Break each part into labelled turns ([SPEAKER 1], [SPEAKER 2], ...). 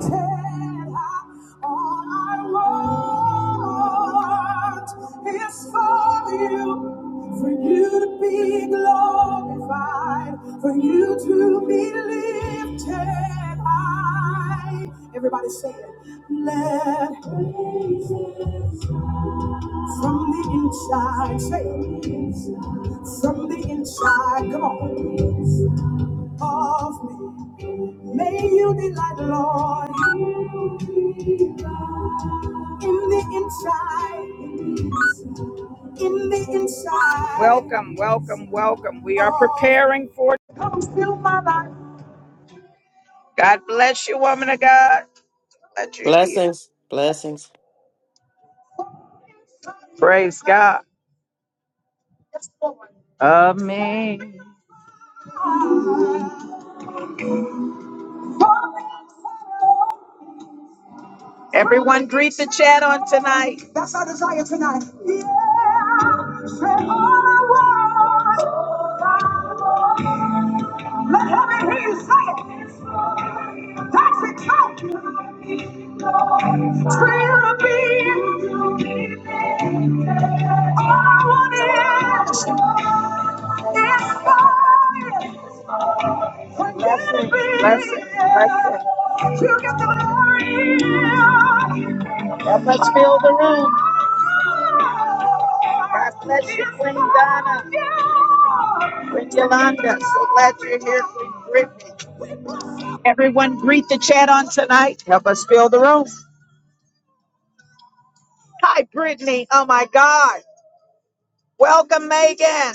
[SPEAKER 1] All I want is for you, for you to be glorified, for you to be lifted high. Everybody say it. Let praises from the inside, say it. From the inside, come on. Of me. May you delight, Lord, in the inside, in the inside. Welcome, welcome, welcome. We are preparing for. God bless you, woman of God. That you're here.
[SPEAKER 2] Blessings. Blessings.
[SPEAKER 1] Praise God. Amen. Everyone, greet the chat on tonight. That's our desire tonight. Yeah, say all I want. Let heaven hear you say it. That's it. Count. Blessing, blessing, blessing. Help us fill the room. God bless you, Queen Donna, Queen Yolanda. So glad you're here, Queen Brittany. Everyone, greet the chat on tonight. Help us fill the room. Hi, Brittany. Oh my God. Welcome, Megan.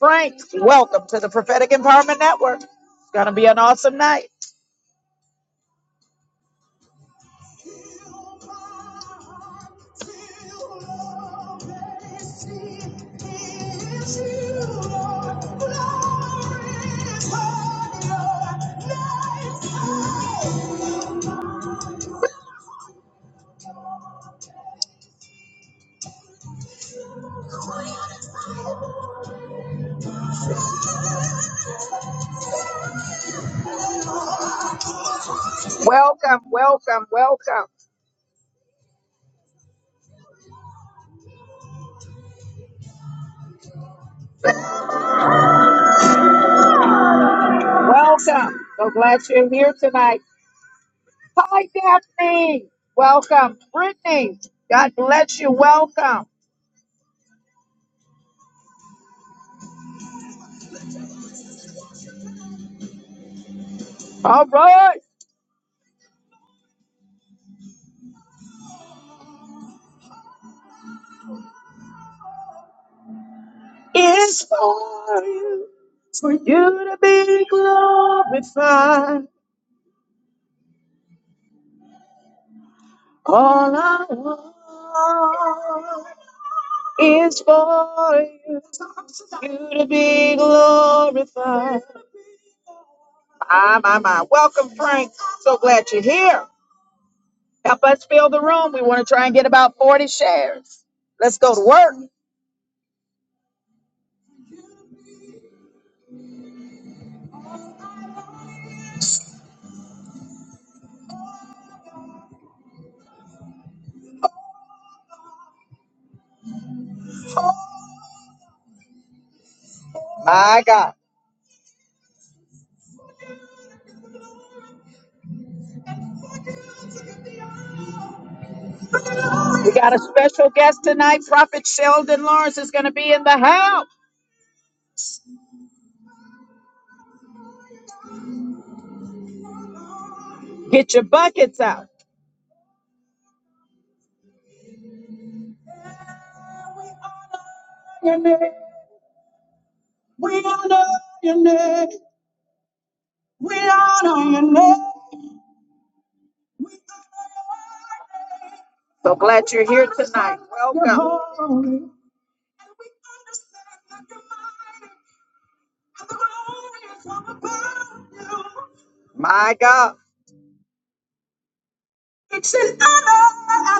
[SPEAKER 1] Frank, welcome to the Prophetic Empowerment Network. It's going to be an awesome night. Welcome, welcome, welcome, welcome. So glad you're here tonight. Hi, Daphne. Welcome. Brittany, God bless you. Welcome. All right. It's for you, for you to be glorified. All I want is for you, you to be glorified. My, my, my. Welcome, Frank. So glad you're here. Help us fill the room. We want to try and get about 40 shares. Let's go to work. My God. We got a special guest tonight. Prophet Sheldon Lawrence is going to be in the house. Get your buckets out. We honor your name. We honor your name. So glad you're here tonight. Welcome. My God. It's an honor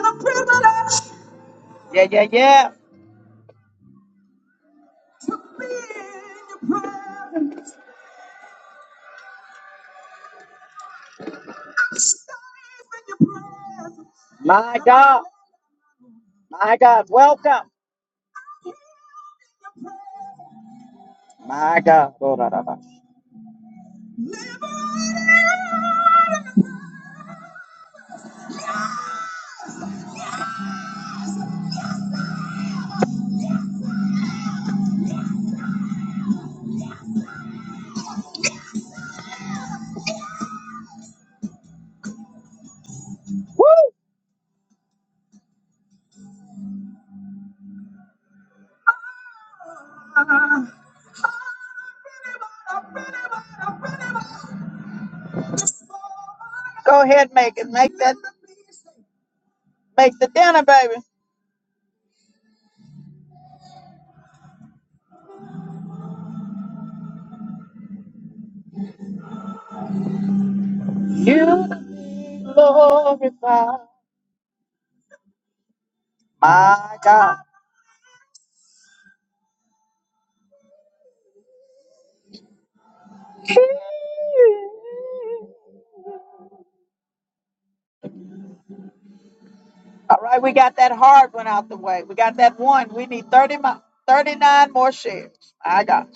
[SPEAKER 1] and a privilege. Yeah, yeah, yeah. My God, my God, welcome. My God. Lord, I love you. Woo! Go ahead, make it. Make that make the dinner, baby. You glorify. My God. All right, we got that hard one out the way. We got that one. We need 30 mo- 39 more shares. My God.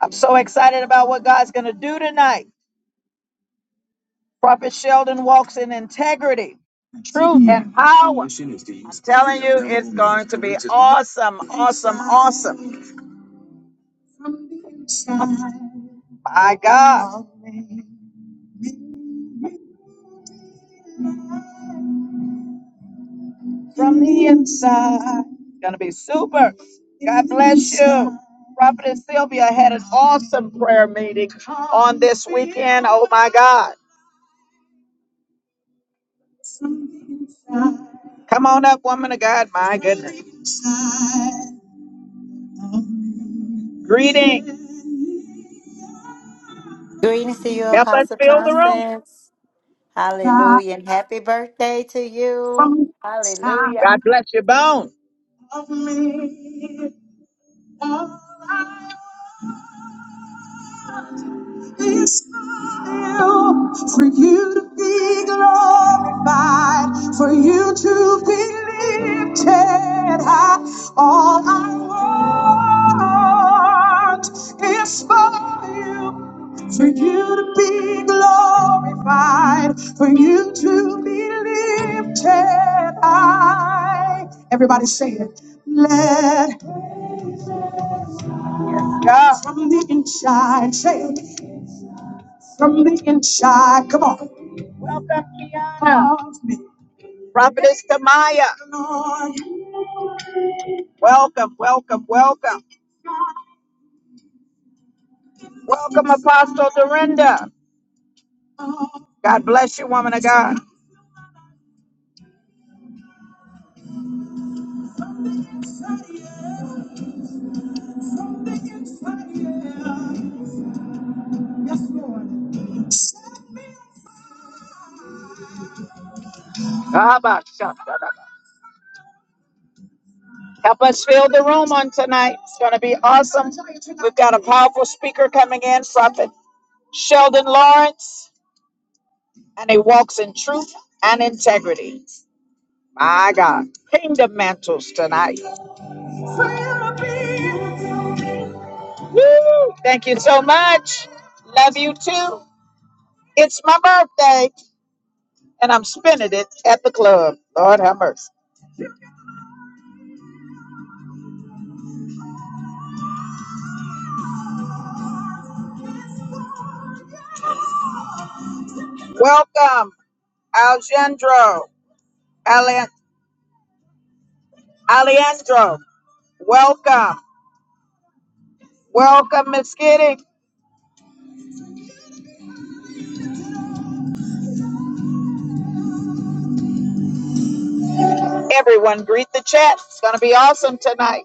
[SPEAKER 1] I'm so excited about what God's going to do tonight. Prophet Sheldon walks in integrity, truth, and power. I'm telling you, it's going to be awesome, awesome, awesome. My God, from the inside, it's going to be super. God bless you. Prophet Sylvia had an awesome prayer meeting on this weekend. Oh my God. Come on up, woman of God. My goodness. Greeting.
[SPEAKER 3] Greetings to you,
[SPEAKER 1] Help us
[SPEAKER 3] Apostle
[SPEAKER 1] fill the room.
[SPEAKER 3] Constance.
[SPEAKER 1] God
[SPEAKER 3] Hallelujah. And happy birthday to you. Hallelujah.
[SPEAKER 1] bless you, Bone. It's time for you to be glorified, for you to be lifted high. All I want is for you, for you to be glorified, for you to be lifted high. Everybody say it. Let God from the inside, say it from the inside. Come on. Welcome, Kiana. Prophetess Kamaya. Welcome, welcome, welcome. Welcome, Apostle Dorinda. God bless you, woman of God. Help us fill the room on tonight. It's going to be awesome. We've got a powerful speaker coming in, Prophet Sheldon Lawrence, and he walks in truth and integrity. My God. Kingdom mantles tonight. Woo! Thank you so much. Love you too. It's my birthday, and I'm spending it at the club. Lord have mercy. Welcome, Alejandro. Ale- Alejandro. Welcome. Welcome, Miss Kitty. Everyone, greet the chat. It's going to be awesome tonight.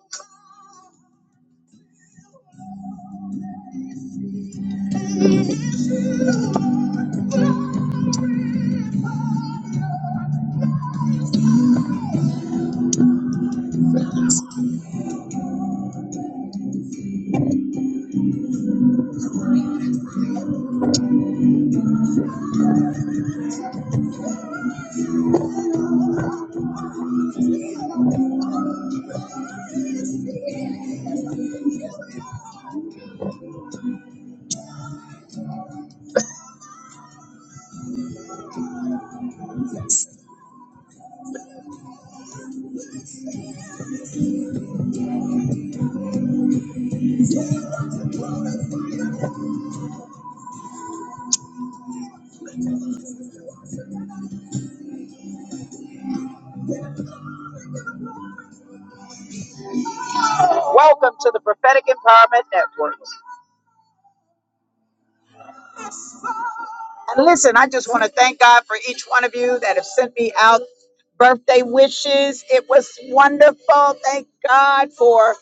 [SPEAKER 1] Welcome to the Prophetic Empowerment Network. And listen, I just want to thank God for each one of you that have sent me out birthday wishes. It was wonderful. Thank God for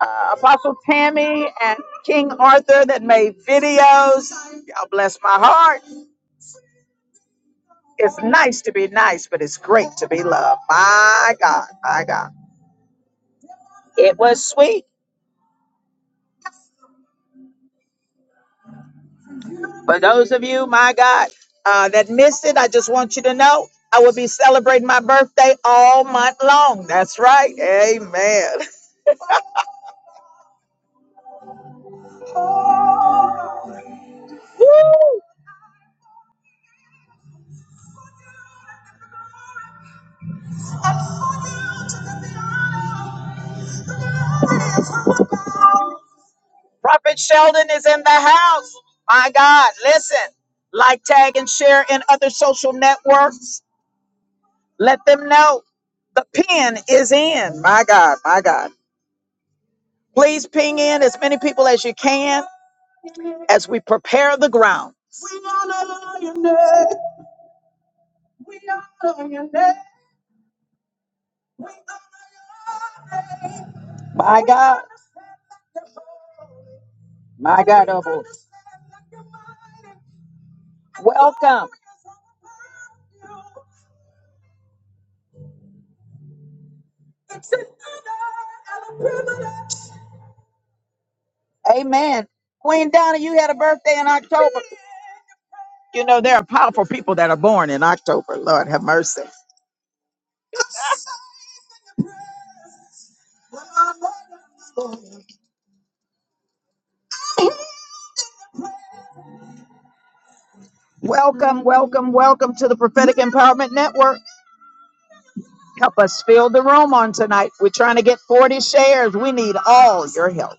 [SPEAKER 1] uh, Apostle Tammy and King Arthur that made videos. Y'all bless my heart. It's nice to be nice, but it's great to be loved. My God, my God. It was sweet. For those of you, my God, uh, that missed it, I just want you to know I will be celebrating my birthday all month long. That's right. Amen. Prophet Sheldon is in the house. My God, listen. Like, tag, and share in other social networks. Let them know the pin is in. My God, my God. Please ping in as many people as you can as we prepare the ground. We honor your name. We honor your name. We honor your name. My God. My God, oh boy. Welcome. Amen. Queen Donna, you had a birthday in October. You know, there are powerful people that are born in October. Lord have mercy. Welcome, welcome, welcome to the Prophetic Empowerment Network. Help us fill the room on tonight. We're trying to get 40 shares. We need all your help.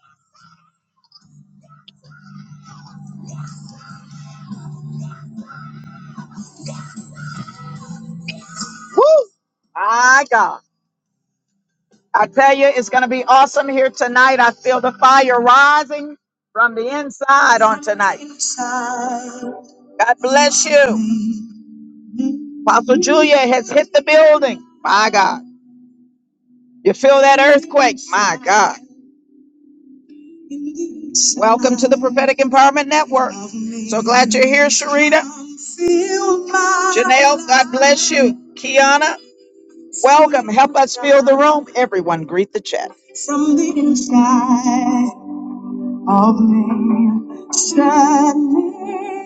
[SPEAKER 1] Woo! My God. I tell you, it's going to be awesome here tonight. I feel the fire rising from the inside on tonight. God bless you. Apostle Julia has hit the building. My God. You feel that earthquake? My God. Welcome to the Prophetic Empowerment Network. So glad you're here, Sharita. Janelle, God bless you. Kiana, welcome. Help us fill the room. Everyone, greet the chat. From the inside. of me. Set me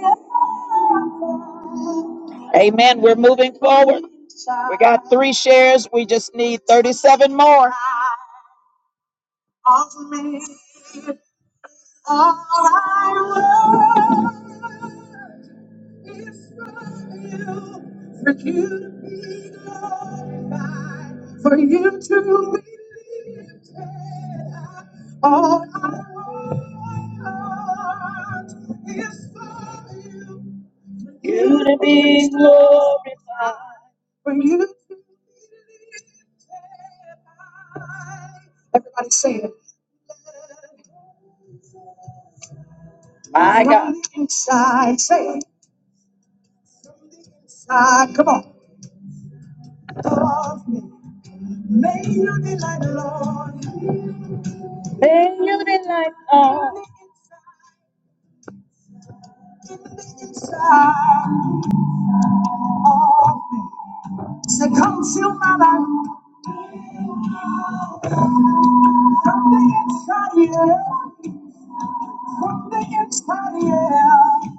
[SPEAKER 1] on Amen. We're moving forward. We got three shares. We just need 37 more. Of me, all I want. Israel, for you to be glorified, for you to be lifted. up. All I want is for you, you for you to be lifted. high. Everybody say it. My God. From the inside, say it. From the inside, come on. Of me, may you delight, Lord. inside of me. say, come fill my life from the inside, yeah. From the inside, yeah.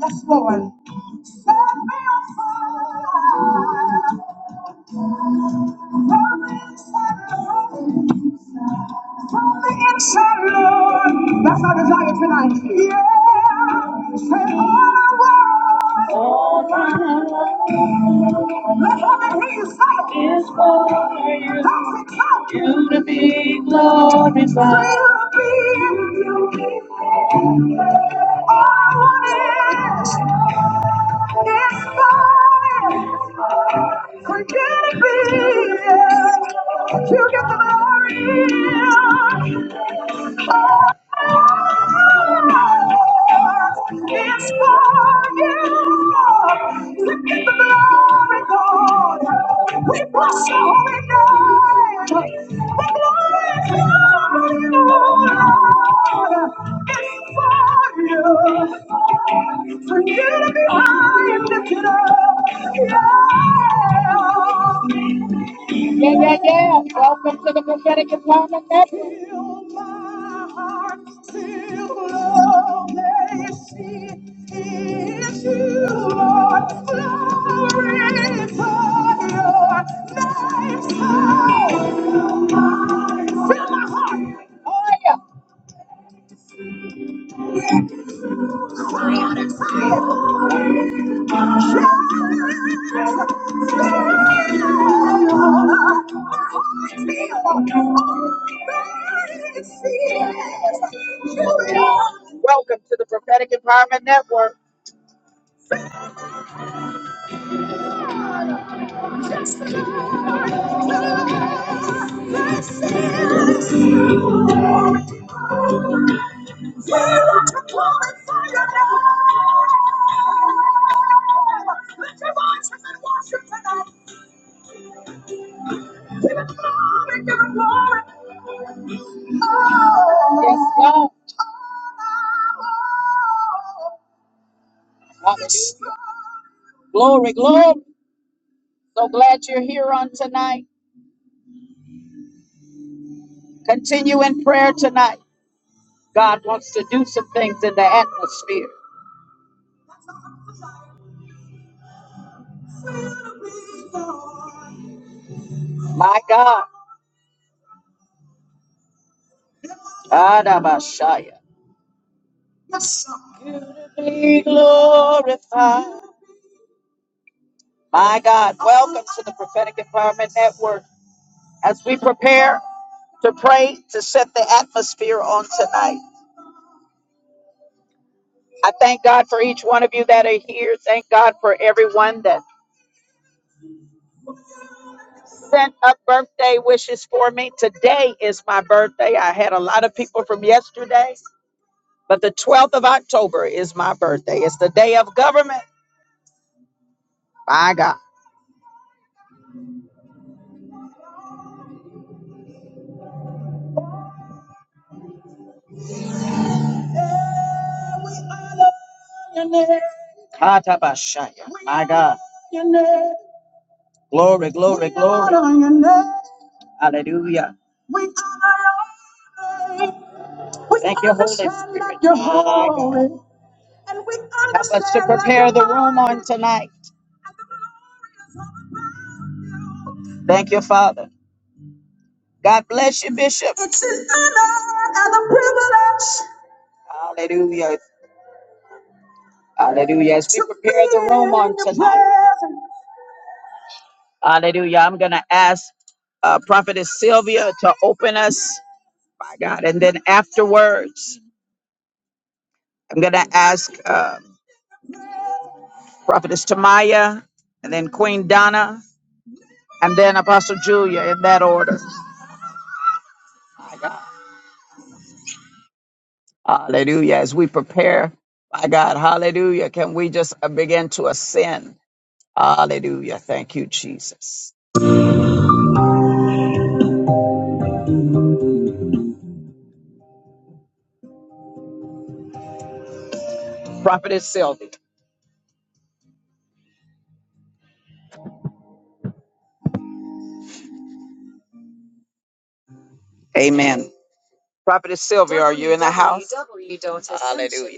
[SPEAKER 1] Yes, Lord. Set me on fire. From the inside, Lord. From the inside, Lord. That's our desire tonight. Yeah. Say all I want. Let heaven hear you say it. That's it. Come. You to be. For you to be. We bless your holy name. The glory of the Lord is for you. For you to be high and lifted up. Yeah. Yeah, yeah, yeah. Welcome to the prophetic empowerment network. Fill my heart till all they see is you, Lord. Glory for your power. Welcome to the prophetic empowerment network. Yes, Lord. Hallelujah. Glory, glory. So glad you're here on tonight. Continue in prayer tonight. God wants to do some things in the atmosphere. My God. Adabashaya. Be glorified. My God. Welcome to the Prophetic Empowerment Network. As we prepare to pray to set the atmosphere on tonight, I thank God for each one of you that are here. Thank God for everyone that sent up birthday wishes for me. Today is my birthday. I had a lot of people from yesterday. But the 12th of October is my birthday. It's the day of government. My God. Katabashaya. My God. Glory, glory, glory. Hallelujah. Thank you, Holy Spirit. My God. Help us to prepare the room on tonight. Thank you, Father. God bless you, Bishop. It's an honor and a privilege. Hallelujah. Hallelujah. As we prepare the room on tonight. Hallelujah. I'm going to ask uh, Prophetess Sylvia to open us, my God. And then afterwards, I'm going to ask uh, Prophetess Tamaya and then Queen Donna and then Apostle Julia in that order. My God. Hallelujah. As we prepare, my God, hallelujah. Can we just uh, begin to ascend? Hallelujah. Thank you, Jesus. Prophetess Sylvia. Amen. Prophetess Sylvia, are you in?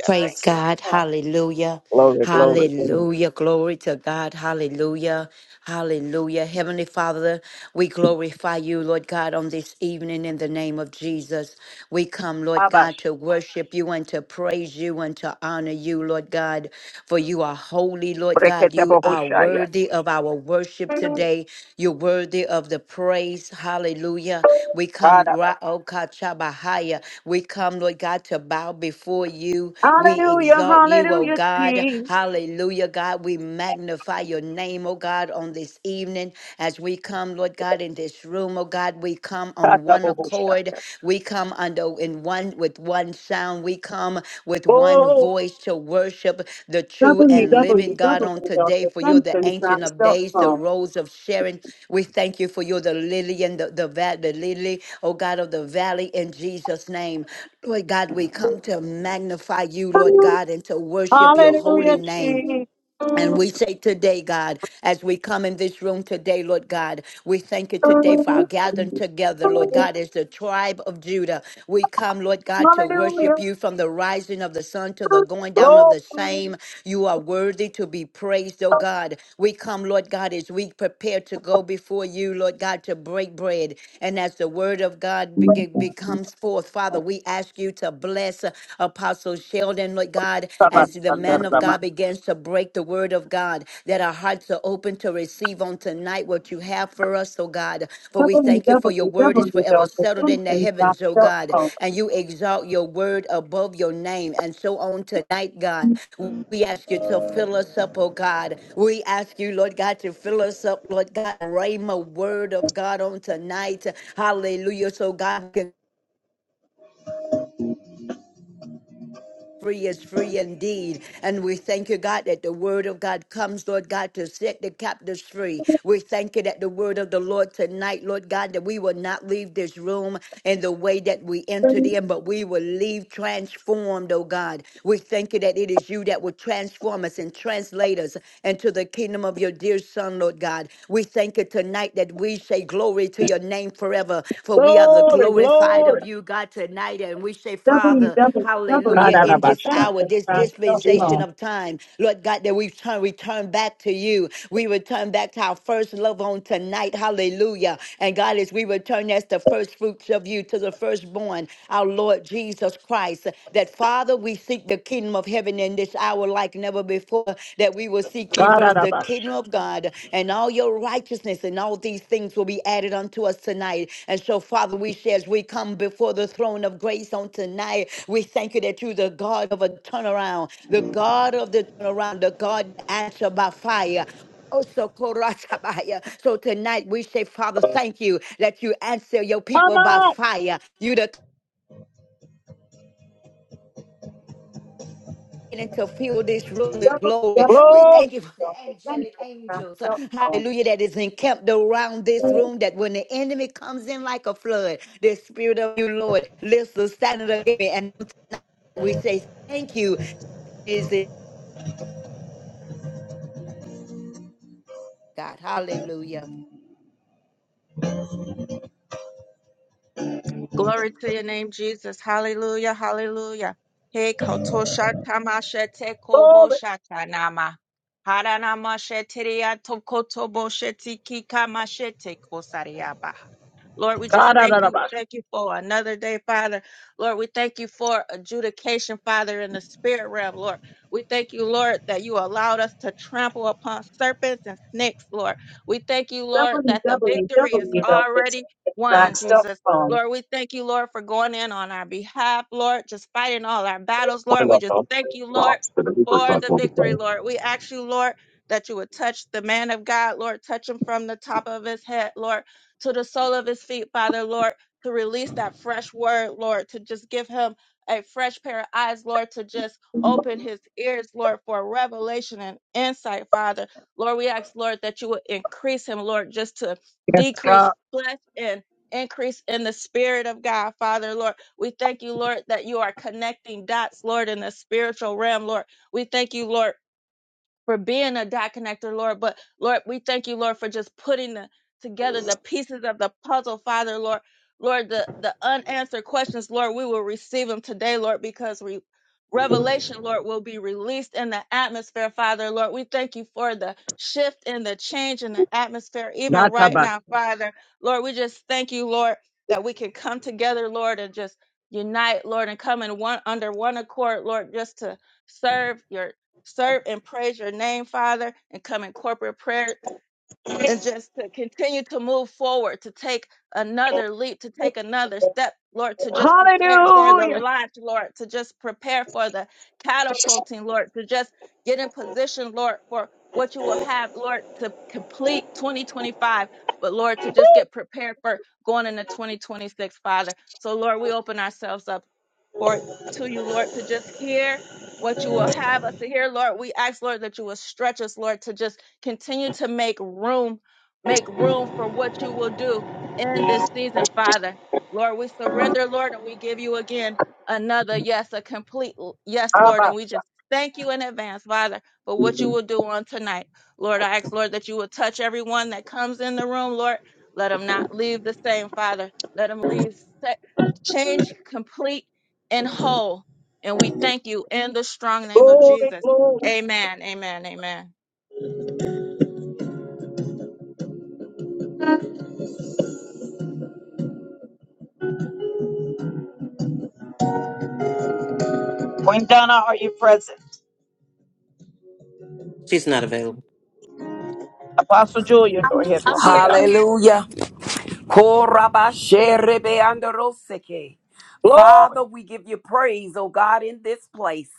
[SPEAKER 3] Praise God. Hallelujah. Hallelujah. Glory to God. Hallelujah. Hallelujah. Heavenly Father, we glorify you, Lord God, on this evening in the name of Jesus. We come, Lord God, to worship you and to praise you and to honor you, Lord God. For you are holy, Lord God. You are worthy of our worship today. You're worthy of the praise. Hallelujah. We come,
[SPEAKER 1] that?
[SPEAKER 3] Ra'okachabahaya. We come, Lord God, to bow before you. We exalt you, oh God. Hallelujah, God. We magnify your name, oh God, on this evening as we come, Lord God, in this room, oh God. We come on on one
[SPEAKER 1] double
[SPEAKER 3] accord. We come under in one with one sound. We come with one voice to worship the
[SPEAKER 1] dot
[SPEAKER 3] true and living God on today.
[SPEAKER 1] the
[SPEAKER 3] For you're the
[SPEAKER 1] sunshine
[SPEAKER 3] ancient
[SPEAKER 1] cracks
[SPEAKER 3] of
[SPEAKER 1] dot
[SPEAKER 3] days, the
[SPEAKER 1] com.
[SPEAKER 3] rose of Sharon. We thank you for you're the lily and the, the, va- the lily, oh God of the valley in Jesus' name. Lord God, we come to magnify you, Lord God, and to worship your
[SPEAKER 1] Hallelujah,
[SPEAKER 3] holy name.
[SPEAKER 1] Jesus.
[SPEAKER 3] And we say today, God, as we come in this room today, Lord God, we thank you today for our gathering together, Lord God, as the tribe of Judah. We come, Lord God, to
[SPEAKER 1] Hallelujah.
[SPEAKER 3] worship you from the rising of the sun to the going down of
[SPEAKER 1] Glory.
[SPEAKER 3] the same. You are worthy to be praised, oh God. We come, Lord God, as we prepare to go before you, Lord God, to break bread. And as the word of God be- becomes forth, Father, we ask you to bless Apostle. Sheldon, Lord God,
[SPEAKER 1] Sabbath,
[SPEAKER 3] as the
[SPEAKER 1] Sabbath,
[SPEAKER 3] man of
[SPEAKER 1] dot
[SPEAKER 3] God begins to break the word of God, that our hearts are open to receive on tonight what you have for us, oh God. For we thank you for your
[SPEAKER 1] the
[SPEAKER 3] word is forever settled in the
[SPEAKER 1] sunshine
[SPEAKER 3] heavens,
[SPEAKER 1] cracks
[SPEAKER 3] oh
[SPEAKER 1] dot
[SPEAKER 3] God,
[SPEAKER 1] com.
[SPEAKER 3] and you exalt your word above your name. And so on tonight, God, we ask you to fill us up, oh God. We ask you, Lord God, to fill us up, Lord God. Rhema word of God on tonight. Hallelujah. So God can free is free indeed. And we thank you, God, that the word of God comes, Lord God, to set the captives free. We thank you that the word of the Lord tonight, Lord God, that we will not leave this room in the way that we entered in, but we will leave transformed, oh God. We thank you that it is you that will transform us and translate us into the kingdom of your dear Son, Lord God. We thank you tonight that we say glory to your name your name forever, for we are the
[SPEAKER 1] Glory,
[SPEAKER 3] glorified of
[SPEAKER 1] glory.
[SPEAKER 3] you, God, tonight. And we say, Father,
[SPEAKER 1] www.ascensiontracks.com. god a
[SPEAKER 3] hallelujah,
[SPEAKER 1] dot
[SPEAKER 3] in
[SPEAKER 1] the
[SPEAKER 3] this hour,
[SPEAKER 1] sunshine
[SPEAKER 3] this
[SPEAKER 1] cracks
[SPEAKER 3] dispensation of time, Lord God, that we turn, we turn back to you. We return back to our first love on tonight, hallelujah. And God, as we return as the first fruits of you to the firstborn, our Lord Jesus Christ, that Father, we seek the kingdom of heaven in this hour like never before that we will seek ye first
[SPEAKER 1] dot
[SPEAKER 3] the
[SPEAKER 1] com.
[SPEAKER 3] kingdom of God and all your righteousness, and all these things will be added unto us tonight. And so, Father, we say as we come before the throne of grace on tonight, we thank you that you're the God of a turnaround, the God of the turnaround, the God that answer by fire. Oh, So Korasabaya. So tonight we say, Father, thank you that you answer your
[SPEAKER 1] Come
[SPEAKER 3] people by
[SPEAKER 1] on.
[SPEAKER 3] fire. You the beginning to fill this room with glory. We
[SPEAKER 1] Glory. W
[SPEAKER 3] thank you for the
[SPEAKER 1] W
[SPEAKER 3] angelic angels, uh, hallelujah, that is encamped around this room. That when the enemy comes in like a flood, the spirit of you, Lord, lifts the standard against me. And we say, Thank you, is it God? Hallelujah.
[SPEAKER 4] Glory to your name, Jesus. Hallelujah. Hallelujah. Hey, kotoshatamashete koboshatanama. Haranamashete riatokotobosheti kikamashete kosariaba. Lord, we just thank you. Thank you for another day, Father. Lord, we thank you for adjudication, Father, in the spirit realm, Lord. We thank you, Lord, that you allowed us to trample upon serpents and snakes, Lord. We thank you, Lord, that the
[SPEAKER 1] W dot
[SPEAKER 4] victory is
[SPEAKER 1] Glory.
[SPEAKER 4] already won, Jesus.
[SPEAKER 1] www.ascensiontracks.com.
[SPEAKER 4] Lord, we thank you, Lord, for going in on our behalf, Lord, just fighting all our battles, Lord. We just thank you, Lord, for
[SPEAKER 1] Yes,
[SPEAKER 4] the victory, Lord. We ask you, Lord, that you would touch the man of God, Lord, touch him from the top of his head, Lord to the sole of his feet, Father, Lord, to release that fresh word, Lord, to just give him a fresh pair of eyes, Lord, to just open his ears, Lord, for revelation and insight, Father. Lord, we ask, Lord, that you would increase him, Lord, just to decrease
[SPEAKER 1] God.
[SPEAKER 4] flesh and increase in the spirit of God, Father, Lord. We thank you, Lord, that you are connecting dots, Lord, in the spiritual realm, Lord. We thank you, Lord for being a dot connector, Lord. But Lord, we thank you, Lord, for just putting the, together the pieces of the puzzle, Father, Lord. Lord, the, the unanswered questions, Lord, we will receive them today, Lord, because we, revelation, Lord, will be released in the atmosphere, Father, Lord. We thank you for the shift and the change in the atmosphere, even right
[SPEAKER 1] Natabas.
[SPEAKER 4] now, Father. Lord, we just thank you, Lord, that we can come together, Lord, and just unite, Lord, and come in one under one accord, Lord, just to serve your serve and praise your name, Father, and come in corporate prayer and just to continue to move forward, to take another leap, to take another step, Lord, to just prepare for the
[SPEAKER 1] Hallelujah.
[SPEAKER 4] launch, Lord, to just prepare for the catapulting, Lord, to just get in position, Lord, for what you will have, Lord, to complete 2025. But Lord, to just get prepared for going into 2026, Father. So, Lord, we open ourselves up or to you, Lord, to just hear what you will have us to hear, Lord. We ask, Lord, that you will stretch us, Lord, to just continue to make room, make room for what you will do in this season, Father. Lord, we surrender, Lord, and we give you again another yes, a complete l- yes, Lord. And we just thank you in advance, Father, for what you will do on tonight. Lord, I ask, Lord, that you will touch everyone that comes in the room, Lord. Let them not leave the same, Father. Let them leave set, change complete and whole. And we thank you in the strong name of
[SPEAKER 1] Glory,
[SPEAKER 4] Jesus.
[SPEAKER 1] glory.
[SPEAKER 4] Amen. Amen. Amen.
[SPEAKER 1] Queen Donna, are you present?
[SPEAKER 2] She's not available.
[SPEAKER 1] Apostle Julia, go ahead,
[SPEAKER 5] I'm
[SPEAKER 1] woman of
[SPEAKER 5] here.
[SPEAKER 1] God.
[SPEAKER 5] I'm here.
[SPEAKER 6] Hallelujah. Korabasherebeandoroseke.
[SPEAKER 1] Glory,
[SPEAKER 6] Father, we give you praise, oh God, in this place.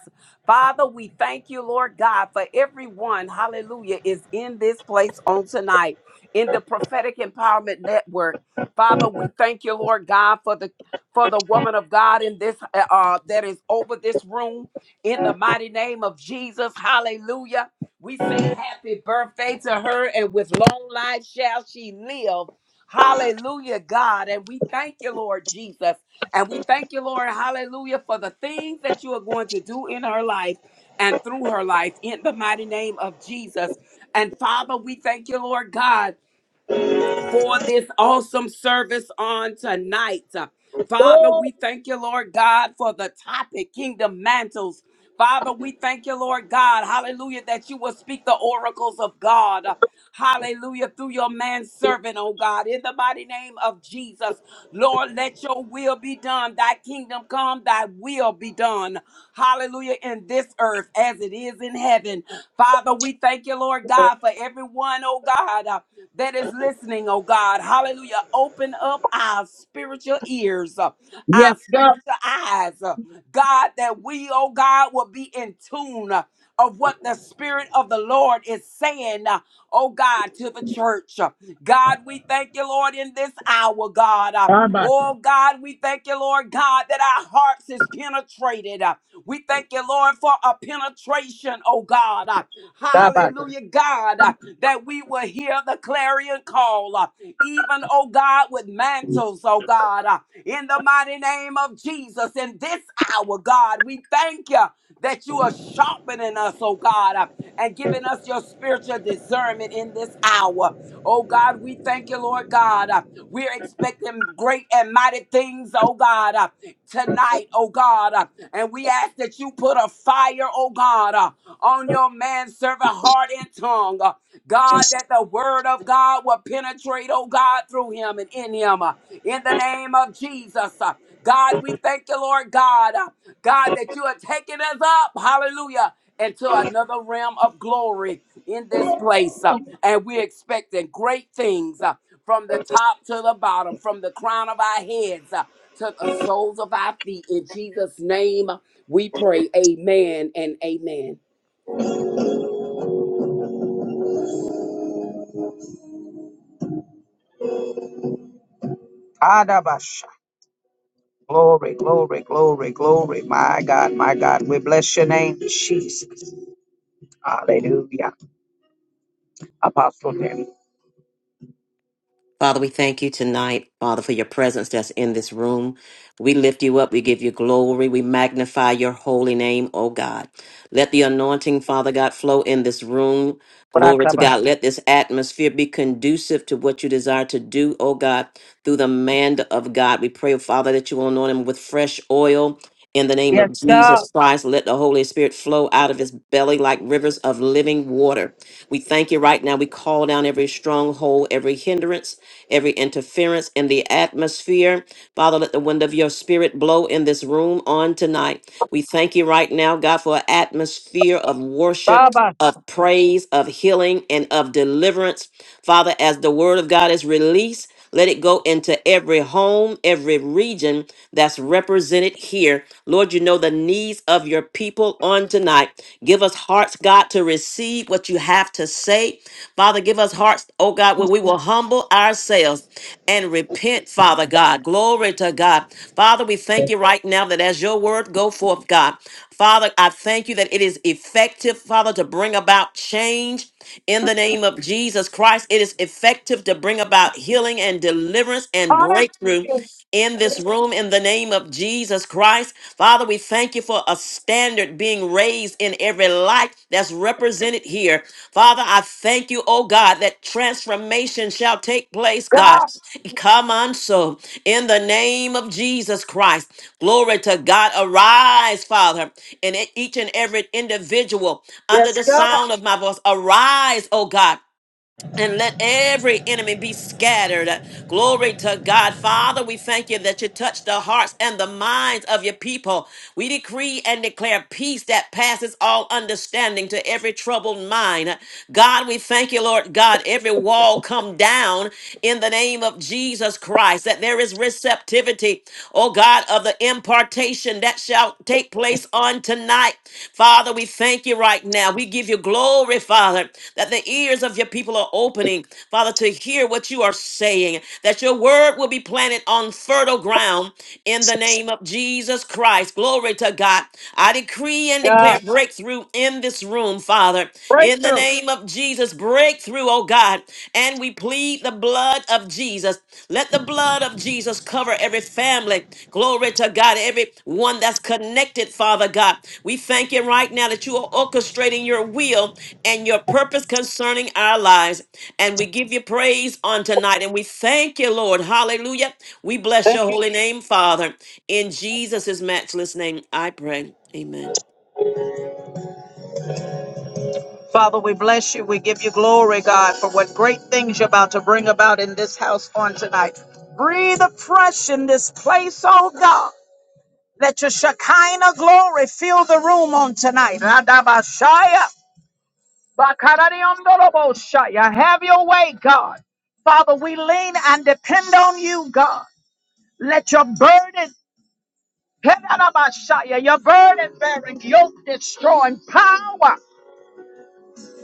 [SPEAKER 6] Father, we thank you, Lord God, for everyone, hallelujah, is in this place on tonight in the prophetic empowerment network. Father, we thank you, Lord God, for the for the woman of God in this uh uh, that is over this room in the mighty name of Jesus. Hallelujah. We say happy birthday to her and with long life shall she live Hallelujah, God. And we thank you, Lord Jesus. And we thank you, Lord, hallelujah, for the things that you are going to do in her life and through her life in the mighty name of Jesus. And Father, we thank you, Lord God for this awesome service on tonight. Uh, Father, we
[SPEAKER 1] glory.
[SPEAKER 6] thank you, Lord God, for the topic, Kingdom Mantles. Father, we thank you, Lord God, hallelujah, that you will speak the oracles of God, Uh, hallelujah, through your man servant, oh God, in the mighty name of Jesus. Lord, let your will be done, thy kingdom come, thy will be done, hallelujah, in this earth as it is in heaven. Father, we thank you, Lord God, for everyone, oh God that is listening, oh God. Hallelujah. Open up our spiritual ears, uh, our spiritual eyes, uh, God, that we, oh God, will be in tune uh, of what the Spirit of the Lord is saying, uh, oh God, to the church. Uh, God, we thank you, Lord, in this hour, God. Uh, Oh God, we thank you, Lord God, that our hearts is penetrated. Uh, We thank you, Lord, for a penetration, oh God. Uh, Hallelujah, God. uh, that we will hear the clarion call, uh, even, oh God, with mantles, oh God, uh, in the mighty name of Jesus. In this hour, God, we thank you that you are sharpening us, oh God, uh, and giving us your spiritual discernment in this hour. Oh God, we thank you, Lord God. uh, We're expecting great and mighty things, oh God, uh, tonight, oh God. uh, And we ask that you put a fire, oh God, uh, on your man servant heart and tongue. uh, God, that the word of God will penetrate, oh God, through him and in him. uh, In the name of Jesus. Uh, God, we thank you, Lord God. uh, God, that you are taking us up, hallelujah, into another realm of glory in this place. uh, And we're expecting great things uh, from the top to the bottom, from the crown of our heads uh, to the soles of our feet. In Jesus' name, we pray. Amen and amen.
[SPEAKER 1] Adabasha. Glory, glory, glory, glory. My God, my God. We bless your name, Jesus. Hallelujah. Apostle Tammy.
[SPEAKER 2] Father, we thank you tonight, Father, for your presence that's in this room. We lift you up. We give you glory. We magnify your holy name, oh God. Let the anointing, Father God, flow in this room. Glory to God. Let this atmosphere be conducive to what you desire to do, oh God, through the man of God. We pray, Father, that you will anoint him with fresh oil. In the name
[SPEAKER 1] Yes,
[SPEAKER 2] of
[SPEAKER 1] God.
[SPEAKER 2] Jesus Christ, let the Holy Spirit flow out of his belly like rivers of living water. We thank you right now. We call down every stronghold, every hindrance every interference in the atmosphere. Father, let the wind of your spirit blow in this room on tonight. We thank you right now, God, for an atmosphere of worship,
[SPEAKER 1] Baba.
[SPEAKER 2] of praise, of healing, and of deliverance Father, as the word of God is released, let it go into every home, every region that's represented here. Lord, you know the needs of your people on tonight. Give us hearts, God, to receive what you have to say. Father, give us hearts, oh God, where we will humble ourselves and repent, Father God. Glory to God. Father, we thank you right now that as your word go forth, God. Father, I thank you that it is effective, Father, to bring about change in the name of Jesus Christ. It is effective to bring about healing and deliverance and breakthrough
[SPEAKER 1] Hallelujah.
[SPEAKER 2] in this room in the name of Jesus Christ. Father, we thank you for a standard being raised in every life that's represented here. Father, I thank you, oh God, that transformation shall take place, God.
[SPEAKER 1] God.
[SPEAKER 2] Come on, so in the name of Jesus Christ. Glory to God. Arise, Father, in e-, each and every individual under
[SPEAKER 1] Yes,
[SPEAKER 2] the
[SPEAKER 1] God.
[SPEAKER 2] sound of my voice. Arise, oh God and let every enemy be scattered. Glory to God. Father, we thank you that you touch the hearts and the minds of your people. We decree and declare peace that passes all understanding to every troubled mind. God, we thank you, Lord God, every wall come down in the name of Jesus Christ, that there is receptivity, oh God, of the impartation that shall take place on tonight. Father, we thank you right now. We give you glory, Father, that the that the ears of your people are opening, Father, to hear what you are saying, that your word will be planted on fertile ground in the name of Jesus Christ. Glory to God. I decree and declare
[SPEAKER 1] God.
[SPEAKER 2] breakthrough in this room, Father, in the
[SPEAKER 1] Breakthrough.
[SPEAKER 2] name of Jesus. Breakthrough, oh God. And we plead the blood of Jesus. Let the blood of Jesus cover every family. Glory to God. Every one that's connected, Father God. We thank you right now that you are orchestrating your will and your purpose concerning our lives. And we give you praise on tonight. And we thank you, Lord. Hallelujah. We bless your holy name, Father. In Jesus' matchless name, I pray. Amen.
[SPEAKER 1] Father, we bless you. We give you glory, God, for what great things you're about to bring about in this house on tonight. Breathe afresh in this place, oh God. Let your Shekinah glory fill the room on tonight. Radabashaya, bakaradiondoroboshaya. Have your way, God. Father, we lean and depend on you, God. Let your burden, Pedadabashaya, your burden bearing, yoke destroying power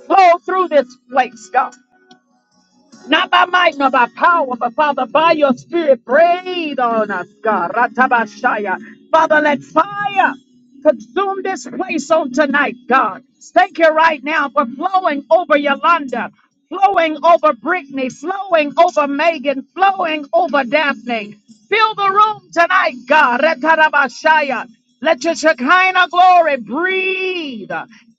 [SPEAKER 1] flow through this place, God. Not by might, not by power, but Father, by your spirit, breathe on us, God. Ratabashaya. Father, let fire. Consume this place on tonight, God. Thank you right now for flowing over Yolanda, flowing over Brittany, flowing over Megan, flowing over Daphne. Fill the room tonight, God. Retarabashaya. Let your Shekinah glory breathe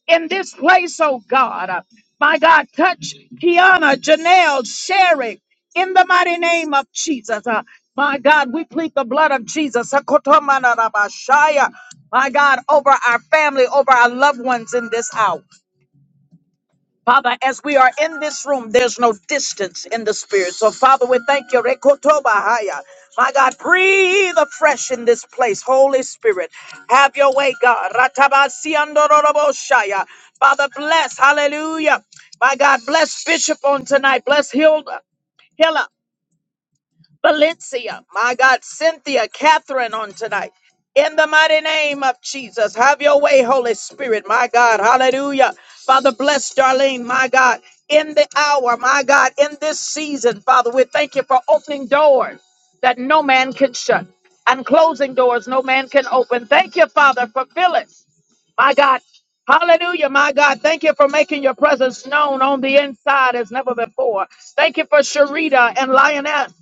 [SPEAKER 1] in this place, oh God. My God, touch Kiana, Janelle, Sherry in the mighty name of Jesus. Uh, my God, we plead the blood of Jesus. Sakotomanarabashaya my God, over our family, over our loved ones in this hour. Father, as we are in this room, there's no distance in the spirit. So, Father, we thank you. Rekotobahaya. My God, breathe afresh in this place. Holy Spirit, have your way, God. Ratabasiandororoboshaya. Father, bless. Hallelujah. My God, bless Bishop on tonight. Bless Hilda. Hilla. Valencia, my God, Cynthia, Catherine on tonight. In the mighty name of Jesus, have your way, Holy Spirit, my God. Hallelujah. Father, bless Darlene, my God, in the hour, my God, in this season, Father, we thank you for opening doors that no man can shut and closing doors no man can open. Thank you, Father, for Phyllis, my God. Hallelujah, my God. Thank you for making your presence known on the inside as never before. Thank you for Sharita and Lioness.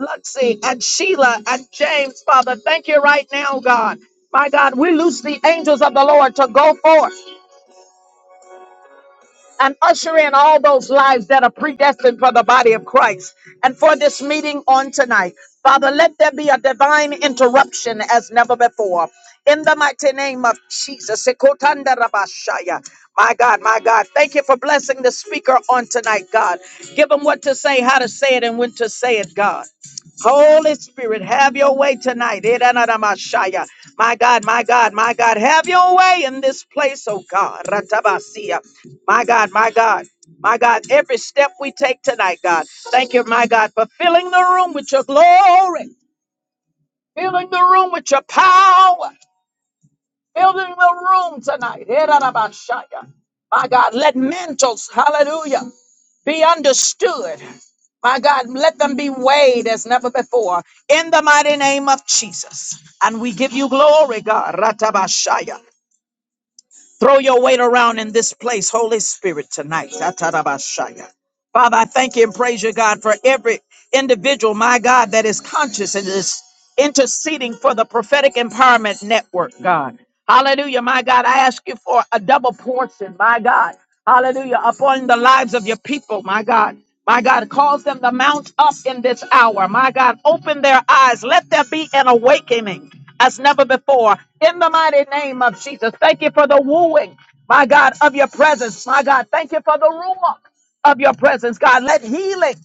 [SPEAKER 1] Luxie and Sheila and James, Father. Thank you right now, God. My God, we loose the angels of the Lord to go forth and usher in all those lives that are predestined for the body of Christ and for this meeting on tonight. Father, let there be a divine interruption as never before. In the mighty name of Jesus. Sekotanda rabashaya. My God, my God, thank you for blessing the speaker on tonight, God. Give him what to say, how to say it, and when to say it, God. Holy Spirit, have your way tonight. Edanadamashaya. My God, my God, my God, have your way in this place, oh God. Ratabasia. My God, my God, my God, every step we take tonight, God. Thank you, my God, for filling the room with your glory, filling the room with your power. Building the room tonight. Erarabashaya. My God, let mantles, hallelujah, be understood. My God, let them be weighed as never before. In the mighty name of Jesus. And we give you glory, God. Ratabashaya. Throw your weight around in this place, Holy Spirit, tonight. Atarabashaya. Father, I thank you and praise you, God, for every individual, my God, that is conscious and is interceding for the prophetic empowerment network, God. Hallelujah, my God. I ask you for a double portion, my God. Hallelujah, upon the lives of your people, my God. My God, cause them to mount up in this hour. My God, open their eyes. Let there be an awakening as never before. In the mighty name of Jesus, thank you for the wooing, my God, of your presence. My God, thank you for the rumor of your presence, God. Let healing